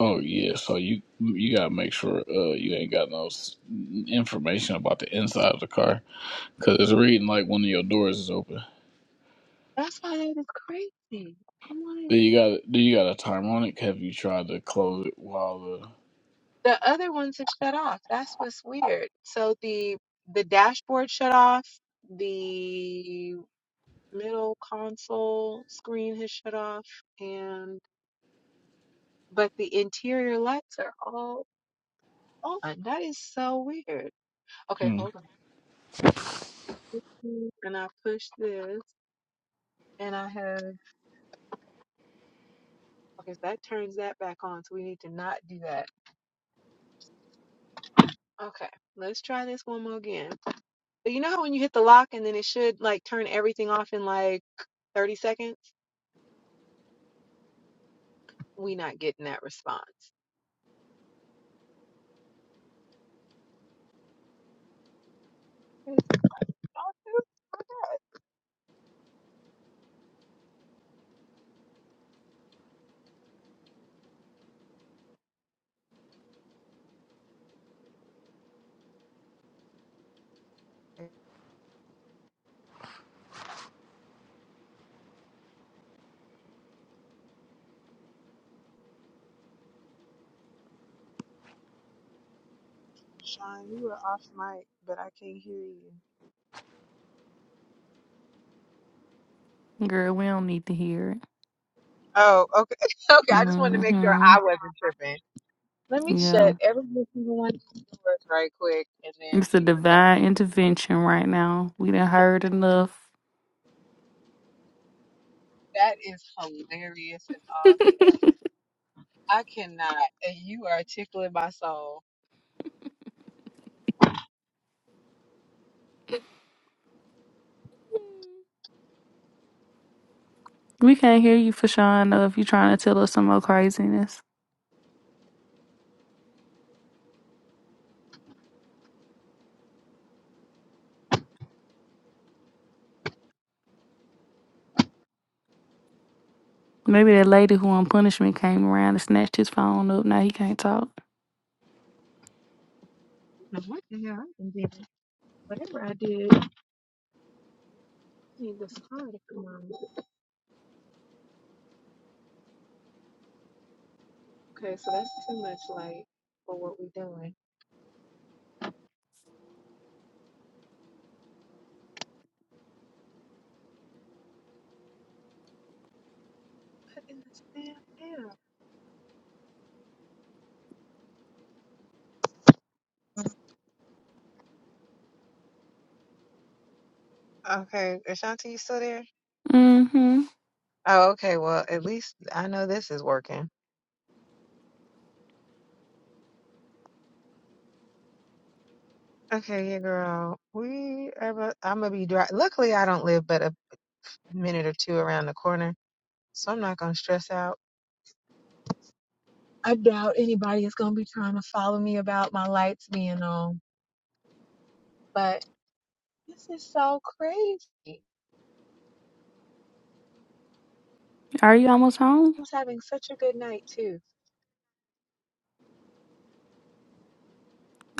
Speaker 13: Oh yeah, so you you gotta make sure uh you ain't got no s- information about the inside of the car because it's reading like one of your doors is open.
Speaker 9: That's why that is crazy. I'm like,
Speaker 13: Do you got do you got a timer on it? Have you tried to close it while the
Speaker 9: the other ones have shut off. That's what's weird. So the the dashboard shut off, the middle console screen has shut off, and but the interior lights are all on. That is so weird. Okay,
Speaker 13: hmm.
Speaker 9: hold on. And I push this and I have okay, so that turns that back on, so we need to not do that. Okay, let's try this one more again. So you know how when you hit the lock and then it should like turn everything off in like 30 seconds? we not getting that response. It's okay, Sean, you were off mic, but I can't hear you.
Speaker 8: Girl, we don't need to hear it.
Speaker 9: Oh, okay. Okay. I just wanted to make sure
Speaker 8: hmm
Speaker 9: I wasn't tripping. Let me
Speaker 8: Yeah.
Speaker 9: shut every single one of these doors right quick and then
Speaker 8: It's a
Speaker 9: we are going.
Speaker 8: divine intervention right now. We done heard enough.
Speaker 9: That is hilarious as all get out. I cannot. And you are tickling my soul.
Speaker 8: we can't hear you for sure enough. If You trying to tell us some more craziness. Maybe that lady who on punishment came around and snatched his phone up. Now he can't talk.
Speaker 9: I don't know what the hell I did. Whatever I did, I need this car to come on. Okay, so that's too much light for what we're doing. What in the damn hell. Okay, Ashanti, you still there?
Speaker 8: hmm
Speaker 9: Oh, okay. Well, at least I know this is working. Okay, yeah, girl. We are. About, I'm gonna be dry. Luckily, I don't live but a minute or two around the corner, so I'm not gonna stress out. I doubt anybody is gonna be trying to follow me about my lights being on. But this is so crazy. I
Speaker 8: Are you almost home?
Speaker 9: was having such a good night too.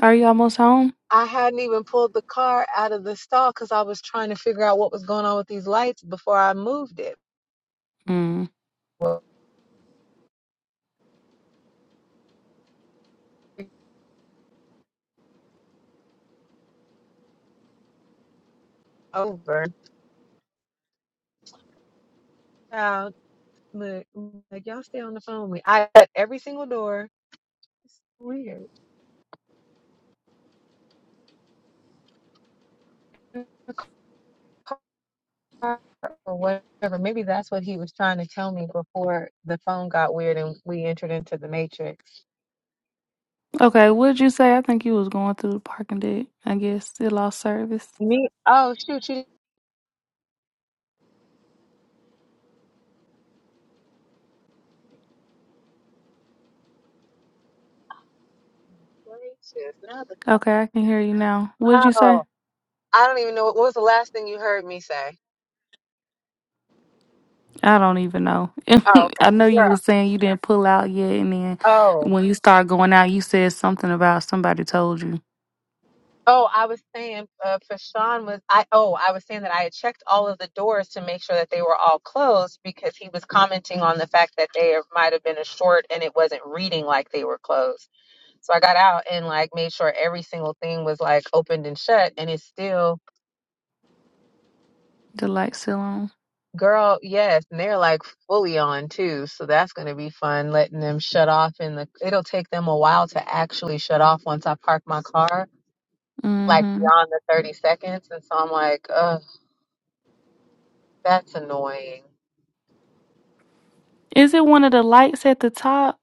Speaker 8: Are you almost home?
Speaker 9: I hadn't even pulled the car out of the stall because I was trying to figure out what was going on with these lights before I moved it.
Speaker 8: Mm.
Speaker 9: Well, over. Look, like y'all stay on the phone with me. I shut every single door. It's weird. Car Or whatever. Maybe that's what he was trying to tell me before the phone got weird and we entered into the matrix.
Speaker 8: Okay, what'd you say? I think you was going through the parking deck. I guess it lost service.
Speaker 9: Me? Oh shoot! You gracious. Now the phone.
Speaker 8: Okay, I can hear you now. What'd you say?
Speaker 9: Oh, I don't even know what was the last thing you heard me say.
Speaker 8: I don't even know.
Speaker 9: Oh,
Speaker 8: I know
Speaker 9: okay. girl.
Speaker 8: you were saying you didn't pull out yet, and then
Speaker 9: oh.
Speaker 8: when you start going out, you said something about somebody told you.
Speaker 9: Oh, I was saying uh, for Sean was I. Oh, I was saying that I had checked all of the doors to make sure that they were all closed because he was commenting on the fact that they might have been a short and it wasn't reading like they were closed. So I got out and like made sure every single thing was like opened and shut, and it's still
Speaker 8: The light still on.
Speaker 9: girl. Yes, and they're like fully on too. So that's gonna be fun letting them shut off in the. It'll take them a while to actually shut off once I park my car, like
Speaker 8: hmm
Speaker 9: beyond the thirty seconds, and so I'm like, ugh. That's annoying.
Speaker 8: Is it one of the lights at the top?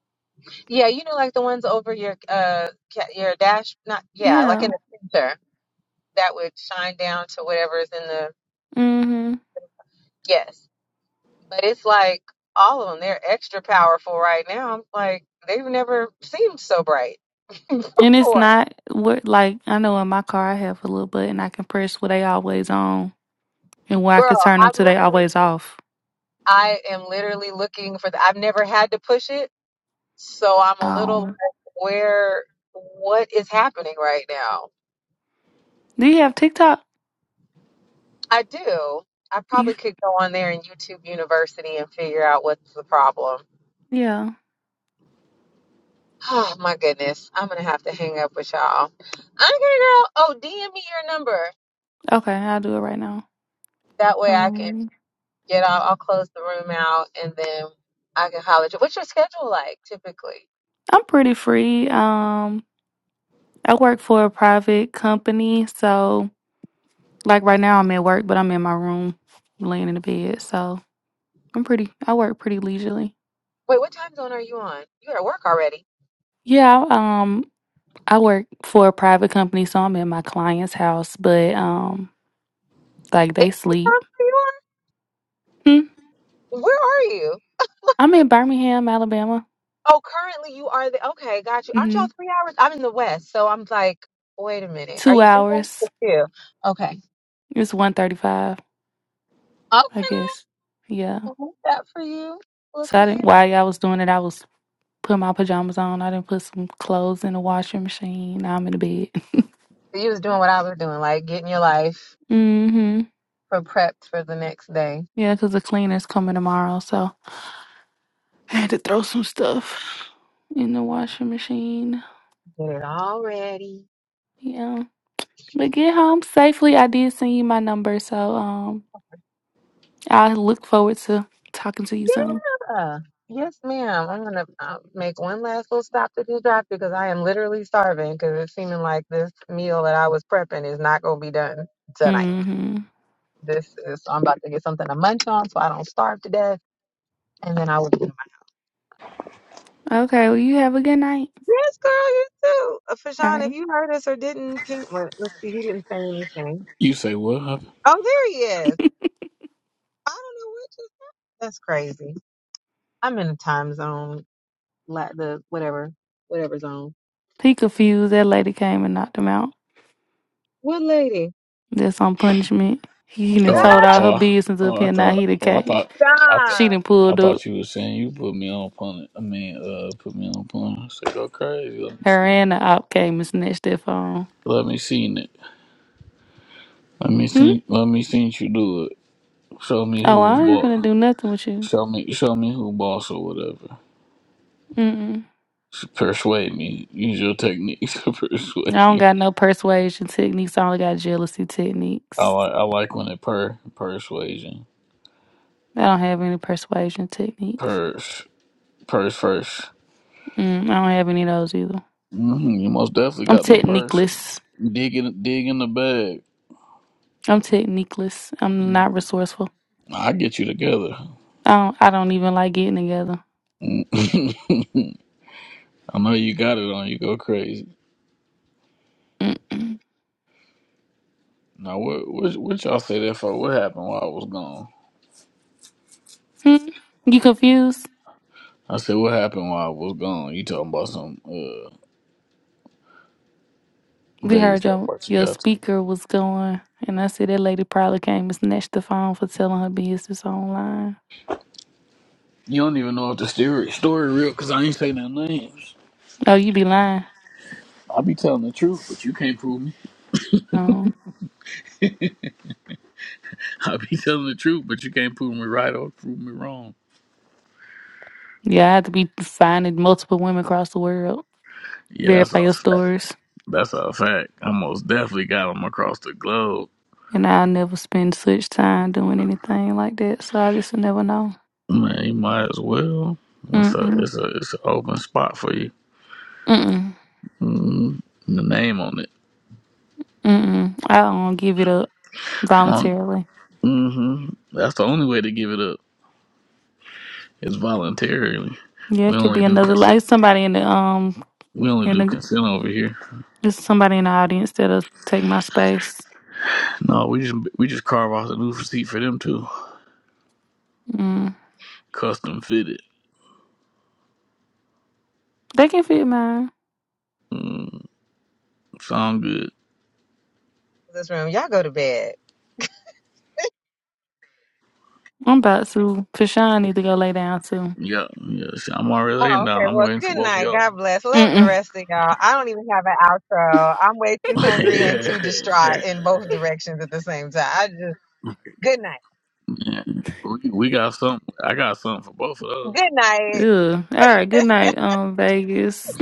Speaker 9: Yeah, you know, like the ones over your uh ca- your dash, not yeah, like
Speaker 8: Yeah.
Speaker 9: in the center that would shine down to whatever is in the
Speaker 8: Mm-hmm.
Speaker 9: yes. But it's like all of them, they're extra powerful right now. I'm like they've never seemed so bright
Speaker 8: And it's
Speaker 9: before.
Speaker 8: not what like I know in my car I have a little button I can press where they always on and where I
Speaker 9: Girl,
Speaker 8: can turn them
Speaker 9: I'm
Speaker 8: to they
Speaker 9: literally
Speaker 8: always off.
Speaker 9: I am literally looking for the I've never had to push it, so I'm a little
Speaker 8: Um,
Speaker 9: like, where what is happening right now?
Speaker 8: do you have TikTok?
Speaker 9: I do. I probably
Speaker 8: You,
Speaker 9: could go on there in YouTube University and figure out what's the problem.
Speaker 8: yeah.
Speaker 9: Oh my goodness. I'm gonna have to hang up with y'all. Okay, girl. Oh, DM me your number.
Speaker 8: Okay, I'll do it right now.
Speaker 9: That way I can
Speaker 8: Um,
Speaker 9: get out. I'll close the room out and then I can holler at you. What's your schedule like typically?
Speaker 8: I'm pretty free. Um, I work for a private company, so like right now I'm at work, but I'm in my room, laying in the bed. So I'm pretty. I work pretty leisurely.
Speaker 9: Wait, what time zone are you on? You're at work already.
Speaker 8: Yeah. Um, I work for a private company, so I'm in my client's house, but um. Like
Speaker 9: Eh,
Speaker 8: they
Speaker 9: What time
Speaker 8: sleep.
Speaker 9: are you
Speaker 8: Hmm.
Speaker 9: on? Where are you?
Speaker 8: I'm in Birmingham, Alabama.
Speaker 9: Oh, currently you are the okay, got you. Aren't y'all
Speaker 8: hmm
Speaker 9: three hours? I'm in the West, so I'm like, wait a minute. Are
Speaker 8: Two
Speaker 9: you three hours or
Speaker 8: hours.
Speaker 9: two? Okay.
Speaker 8: It's one thirty-five,
Speaker 9: Okay,
Speaker 8: I
Speaker 9: girl.
Speaker 8: guess. Yeah.
Speaker 9: Well, Look out for you. Look
Speaker 8: So
Speaker 9: at
Speaker 8: I
Speaker 9: here.
Speaker 8: didn't. While I was doing it, I was putting my pajamas on. I didn't put some clothes in the washing machine. Now I'm in the bed.
Speaker 9: You was doing what I was doing, like getting your life
Speaker 8: hmm
Speaker 9: for prepped for the next day.
Speaker 8: Yeah, because the cleaner's coming tomorrow, so I had to throw some stuff in the washing machine.
Speaker 9: Get it all ready.
Speaker 8: Yeah. But get home safely. I did send you my number, so um, I look forward to talking to you soon.
Speaker 9: Yeah. Yes, ma'am. I'm gonna uh, make one last little stop to do drop because I am literally starving. Because it's seeming like this meal that I was prepping is not gonna be done tonight.
Speaker 8: hmm
Speaker 9: This is I'm about to get something to munch on so I don't starve to death. And then I will be. my-
Speaker 8: Okay, well, you have a good night.
Speaker 9: Yes, girl, you too. Uh,
Speaker 8: All
Speaker 9: Fashawn, if
Speaker 8: right.
Speaker 9: you heard us or didn't, ping. Well, let's see. He didn't say anything.
Speaker 13: you say what?
Speaker 9: Oh, there he is. I don't know what just. That's crazy. I'm in a time zone. La- the whatever, whatever zone.
Speaker 8: He confused. That lady came and knocked him out.
Speaker 9: What lady?
Speaker 8: That's on punishment. He
Speaker 13: huh?
Speaker 8: done
Speaker 9: Stop.
Speaker 13: Oh I,
Speaker 8: told all
Speaker 13: oh
Speaker 8: her
Speaker 13: I-
Speaker 8: business
Speaker 13: oh
Speaker 8: up
Speaker 13: I
Speaker 8: here. Now
Speaker 13: thought
Speaker 8: he the
Speaker 13: oh I
Speaker 8: case.
Speaker 13: thought I thought.
Speaker 8: She
Speaker 9: Stop
Speaker 8: done
Speaker 13: I
Speaker 8: pulled up.
Speaker 13: thought you were saying you put me on punnet. I mean, uh, put me on punnet. I said, go crazy. Let me see.
Speaker 8: Her and the op came and snatched that phone.
Speaker 13: Let me see it. Let me
Speaker 8: Hmm?
Speaker 13: see. Let me see you do it. Show me
Speaker 8: Oh,
Speaker 13: who's
Speaker 8: I ain't
Speaker 13: boss.
Speaker 8: gonna do nothing with you.
Speaker 13: Show me. Show me who boss or whatever.
Speaker 8: Mm-mm.
Speaker 13: Persuade me. Use your techniques to
Speaker 8: I
Speaker 13: persuade
Speaker 8: don't
Speaker 13: me.
Speaker 8: got no persuasion techniques. I only got jealousy
Speaker 13: I
Speaker 8: techniques.
Speaker 13: like. I like when it per persuasion.
Speaker 8: I don't have any persuasion techniques.
Speaker 13: Purse. Purse first.
Speaker 8: Mm, I don't have any of those either.
Speaker 13: hmm You most definitely
Speaker 8: I'm
Speaker 13: got the purse.
Speaker 8: techniqueless.
Speaker 13: Dig in. Dig in the bag.
Speaker 8: I'm techniqueless. I'm not resourceful.
Speaker 13: I get you together.
Speaker 8: I don't, I don't even like getting together.
Speaker 13: I know you got it on. You go crazy.
Speaker 8: Mm-mm.
Speaker 13: Now what? What, what y'all say that for? What happened while I was gone?
Speaker 8: Hmm? You confused?
Speaker 13: I said, "What happened while I was gone?" You talking about some uh,
Speaker 8: We
Speaker 13: Vegas
Speaker 8: heard
Speaker 13: stuff?
Speaker 8: your
Speaker 13: What you
Speaker 8: your
Speaker 13: got to?
Speaker 8: speaker was going, and I said that lady probably came and snatched the phone for telling her business online.
Speaker 13: You don't even know if the story story real because I ain't say no names.
Speaker 8: Oh, you be lying.
Speaker 13: I be telling the truth, but you can't prove me.
Speaker 8: Um,
Speaker 13: I be telling the truth, but you can't prove me right or prove me wrong.
Speaker 8: yeah, I had to be finding multiple women across the world,
Speaker 13: Yeah, that's
Speaker 8: verify
Speaker 13: a
Speaker 8: your
Speaker 13: fact.
Speaker 8: stories,
Speaker 13: That's a fact. I most definitely got him across the globe.
Speaker 8: and I'll never spend such time doing anything like that. So I just never know.
Speaker 13: Man, you might as well. It's a
Speaker 8: Mm-mm.
Speaker 13: it's a it's an open spot for you.
Speaker 8: Mm-mm.
Speaker 13: mm The name on it.
Speaker 8: Mm-mm. I don't give it up voluntarily.
Speaker 13: Mm-hmm. That's the only way to give it up. It's voluntarily.
Speaker 8: Yeah,
Speaker 13: We
Speaker 8: it could
Speaker 13: only
Speaker 8: be
Speaker 13: do
Speaker 8: another
Speaker 13: consent.
Speaker 8: like somebody in the um.
Speaker 13: We only
Speaker 8: in
Speaker 13: do
Speaker 8: the.
Speaker 13: consent over here.
Speaker 8: Just somebody in the audience that'll take my space.
Speaker 13: No, we just we just carve off the new seat for them too.
Speaker 8: Mm.
Speaker 13: Custom fitted.
Speaker 8: They can fit mine.
Speaker 13: Mm, sound good.
Speaker 9: This room. Y'all go to bed.
Speaker 8: I'm about to. Fashawn need to go lay down too.
Speaker 13: Yeah, yeah. See, I'm already laying
Speaker 9: Oh, okay.
Speaker 13: down. I'm
Speaker 9: Well,
Speaker 13: waiting for
Speaker 9: good
Speaker 13: both of
Speaker 9: night.
Speaker 13: y'all.
Speaker 9: God bless. Love the
Speaker 8: Mm-mm.
Speaker 9: rest of y'all. I don't even have an outro. I'm way too hungry and
Speaker 13: yeah.
Speaker 9: too distraught in both directions at the same time. I just good night.
Speaker 13: We, we got something. I got something for both of those.
Speaker 9: Good night.
Speaker 8: Ew. All right. Good night, um, Vegas.